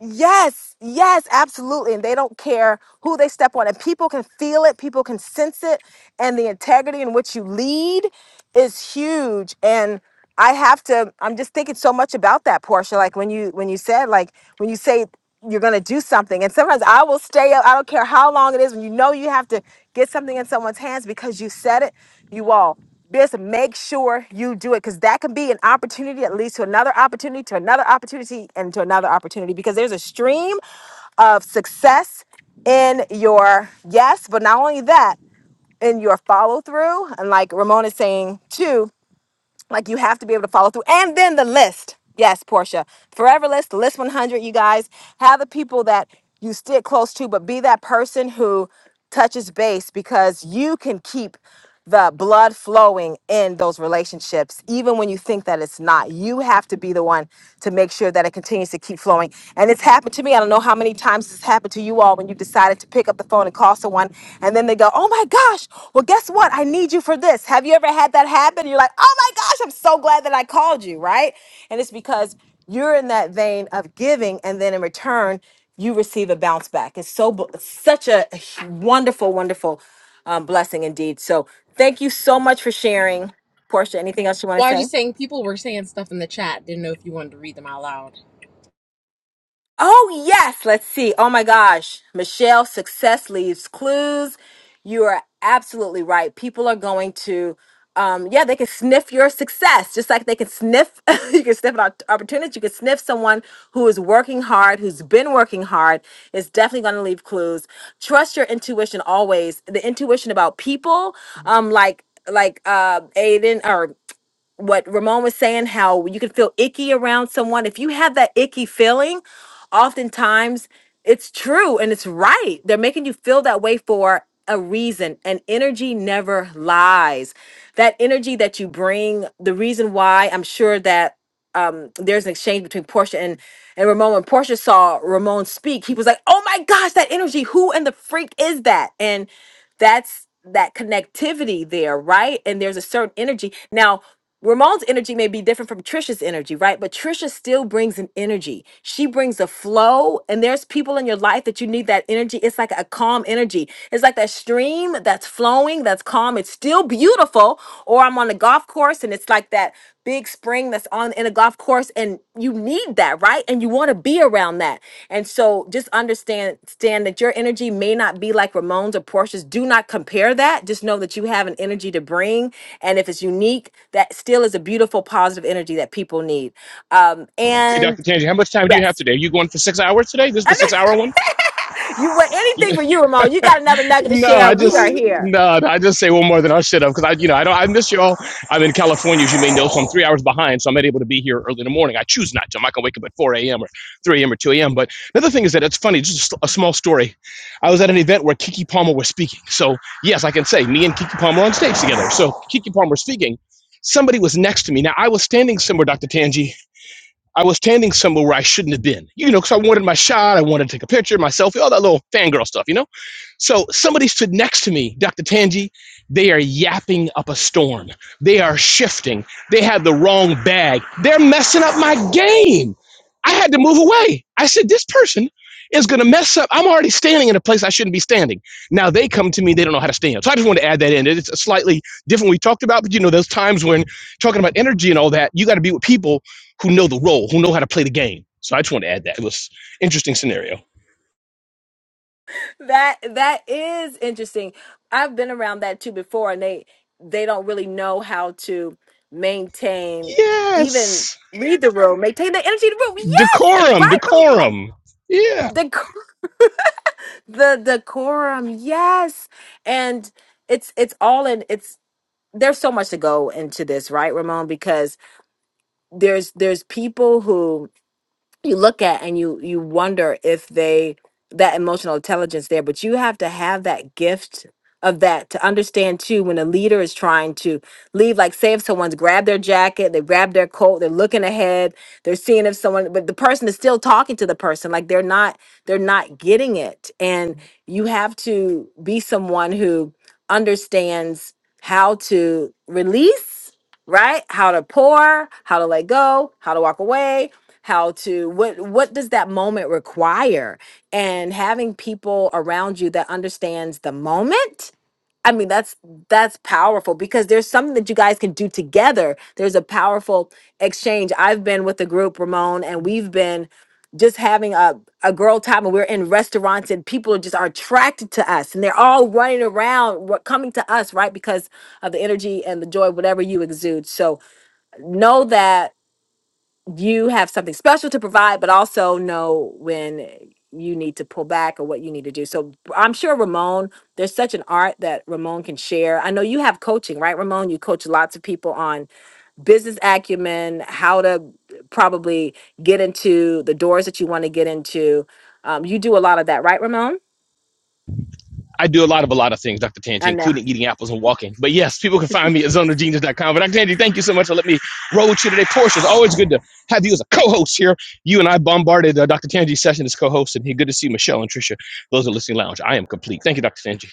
S26: Yes, yes, absolutely. And they don't care who they step on. And people can feel it, people can sense it. And the integrity in which you lead is huge. And I have to, I'm just thinking so much about that, Portia. Like when you when you said, like when you say you're gonna do something, and sometimes I will stay up, I don't care how long it is, when you know you have to get something in someone's hands because you said it, you all just make sure you do it because that can be an opportunity that leads to another opportunity, to another opportunity, and to another opportunity because there's a stream of success in your yes, but not only that, in your follow through. And like Ramon is saying too, like you have to be able to follow through. And then the list. Yes, Portia. Forever list, the list 100, you guys. Have the people that you stick close to, but be that person who touches base because you can keep the blood flowing in those relationships, even when you think that it's not. You have to be the one to make sure that it continues to keep flowing. And it's happened to me. I don't know how many times it's happened to you all when you when you decided to pick up the phone and call someone and then they go, oh my gosh, well, guess what? I need you for this. Have you ever had that happen? You're like, oh my gosh, I'm so glad that I called you, right? And it's because you're in that vein of giving and then in return, you receive a bounce back. It's so bu- such a wonderful, wonderful um, blessing indeed. So thank you so much for sharing. Portia, anything else you want
S25: well
S26: to
S25: i was
S26: say?
S25: just saying people were saying stuff in the chat didn't know if you wanted to read them out loud
S26: Oh, yes. Let's see. Oh my gosh. Michelle, success leaves clues. You are absolutely right. People are going to, um, yeah, they can sniff your success, just like they can sniff, you can sniff an opp- opportunity. You can sniff someone who is working hard, who's been working hard. It's definitely going to leave clues. Trust your intuition always. The intuition about people, um, like, like uh Aiden what Ramon was saying, how you can feel icky around someone. If you have that icky feeling, oftentimes it's true and it's right. They're making you feel that way for a reason, and energy never lies. That energy that you bring, the reason why I'm sure that um there's an exchange between Portia and and Ramon. When Portia saw Ramon speak, he was like, "Oh my gosh, that energy! Who in the freak is that?" And that's that connectivity there, right? And there's a certain energy now. Ramon's energy may be different from Trisha's energy, right? But Trisha still brings an energy. She brings a flow, and there's people in your life that you need that energy. It's like a calm energy. It's like that stream that's flowing, that's calm. It's still beautiful. Or I'm on the golf course, and it's like that big spring that's on in a golf course and you need that right and you want to be around that and so just understand stand that your energy may not be like ramones or porsche's do not compare that just know that you have an energy to bring and if it's unique that still is a beautiful positive energy that people need um
S28: Hey,
S26: and
S28: Dr. Tanji, how much time do you have
S26: yes
S28: today? Are you going for six hours today? This is the six hour one.
S26: you want
S28: You,
S26: anything for you ramon you got another nugget to
S28: No,
S26: share
S28: I
S26: we
S28: just
S26: are here
S28: no, I just say one more than I should have because I, you know, I don't. I miss y'all. I'm in California, as you may know, so I'm three hours behind. So I'm not able to be here early in the morning. I choose not to. I'm not gonna wake up at 4 a.m. or 3 a.m. or 2 a.m. But another thing is that it's funny. Just a small story. I was at an event where Kiki Palmer was speaking. So yes, I can say me and Kiki Palmer on stage together. So Kiki Palmer speaking. Somebody was next to me. Now I was standing somewhere, Dr. Tanji. I was standing somewhere where I shouldn't have been. You know, because I wanted my shot. I wanted to take a picture, my selfie, all that little fangirl stuff. You know. So somebody stood next to me, Dr. Tangi. They are yapping up a storm. They are shifting. They have the wrong bag. They're messing up my game. I had to move away. I said, this person is going to mess up. I'm already standing in a place I shouldn't be standing. Now they come to me, they don't know how to stand. So I just wanted to add that in. It's slightly different we talked about, but you know, those times when talking about energy and all that, you got to be with people who know the role, who know how to play the game. So I just wanted to add that. It was an interesting scenario.
S26: That that is interesting. I've been around that too before, and they they don't really know how to maintain even
S28: Yes.
S26: read the room, maintain the energy of the room. Yes,
S28: Decorum,
S26: right.
S28: decorum. Yeah.
S26: The co- the decorum. Yes, and it's it's all in. It's there's so much to go into this, right, Ramon? Because there's there's people who you look at and you you wonder if they that emotional intelligence there but you have to have that gift of that to understand too when a leader is trying to leave like say if someone's grabbed their jacket they grabbed their coat they're looking ahead they're seeing if someone but the person is still talking to the person like they're not they're not getting it and you have to be someone who understands how to release right how to pour how to let go how to walk away how to what what does that moment require and having people around you that understands the moment i mean that's that's powerful because there's something that you guys can do together there's a powerful exchange i've been with the group ramon and we've been just having a, a girl time and we're in restaurants and people are just are attracted to us and they're all running around wa- coming to us right because of the energy and the joy whatever you exude so know that you have something special to provide, but also know when you need to pull back or what you need to do. So I'm sure Ramon, there's such an art that Ramon can share. I know you have coaching, right, Ramon? You coach lots of people on business acumen, how to probably get into the doors that you want to get into. Um, you do a lot of that, right, Ramon?
S28: I do a lot of a lot of things, Dr. Tanji,
S26: I know.
S28: including eating apples and walking. But yes, people can find me at zonagenius.com. But Dr. Tanji, thank you so much for letting me roll with you today. Portia, it's always good to have you as a co-host here. You and I bombarded uh, Dr. Tanji's session as co hosts and hey, good to see Michelle and Tricia. Those are listening lounge. I am complete. Thank you, Dr. Tanji.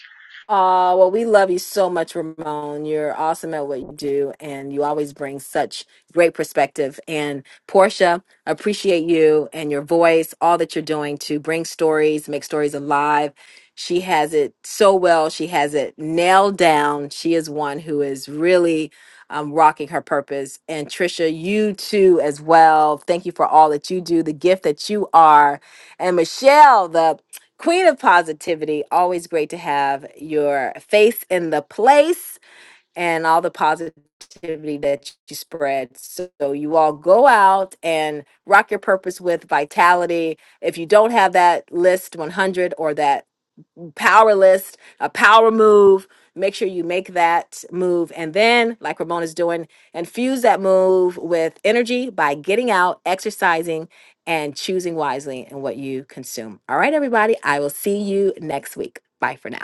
S26: Uh, well, we love you so much, Ramon. You're awesome at what you do, and you always bring such great perspective. And Portia, appreciate you and your voice, all that you're doing to bring stories, make stories alive. She has it so well. She has it nailed down. She is one who is really um, rocking her purpose. And Trisha, you too, as well. Thank you for all that you do, the gift that you are. And Michelle, the Queen of Positivity, always great to have your face in the place and all the positivity that you spread. So you all go out and rock your purpose with vitality. If you don't have that list 100 or that power list, a power move. Make sure you make that move. And then, like Ramona's doing, infuse that move with energy by getting out, exercising, and choosing wisely in what you consume. All right, everybody. I will see you next week. Bye for now.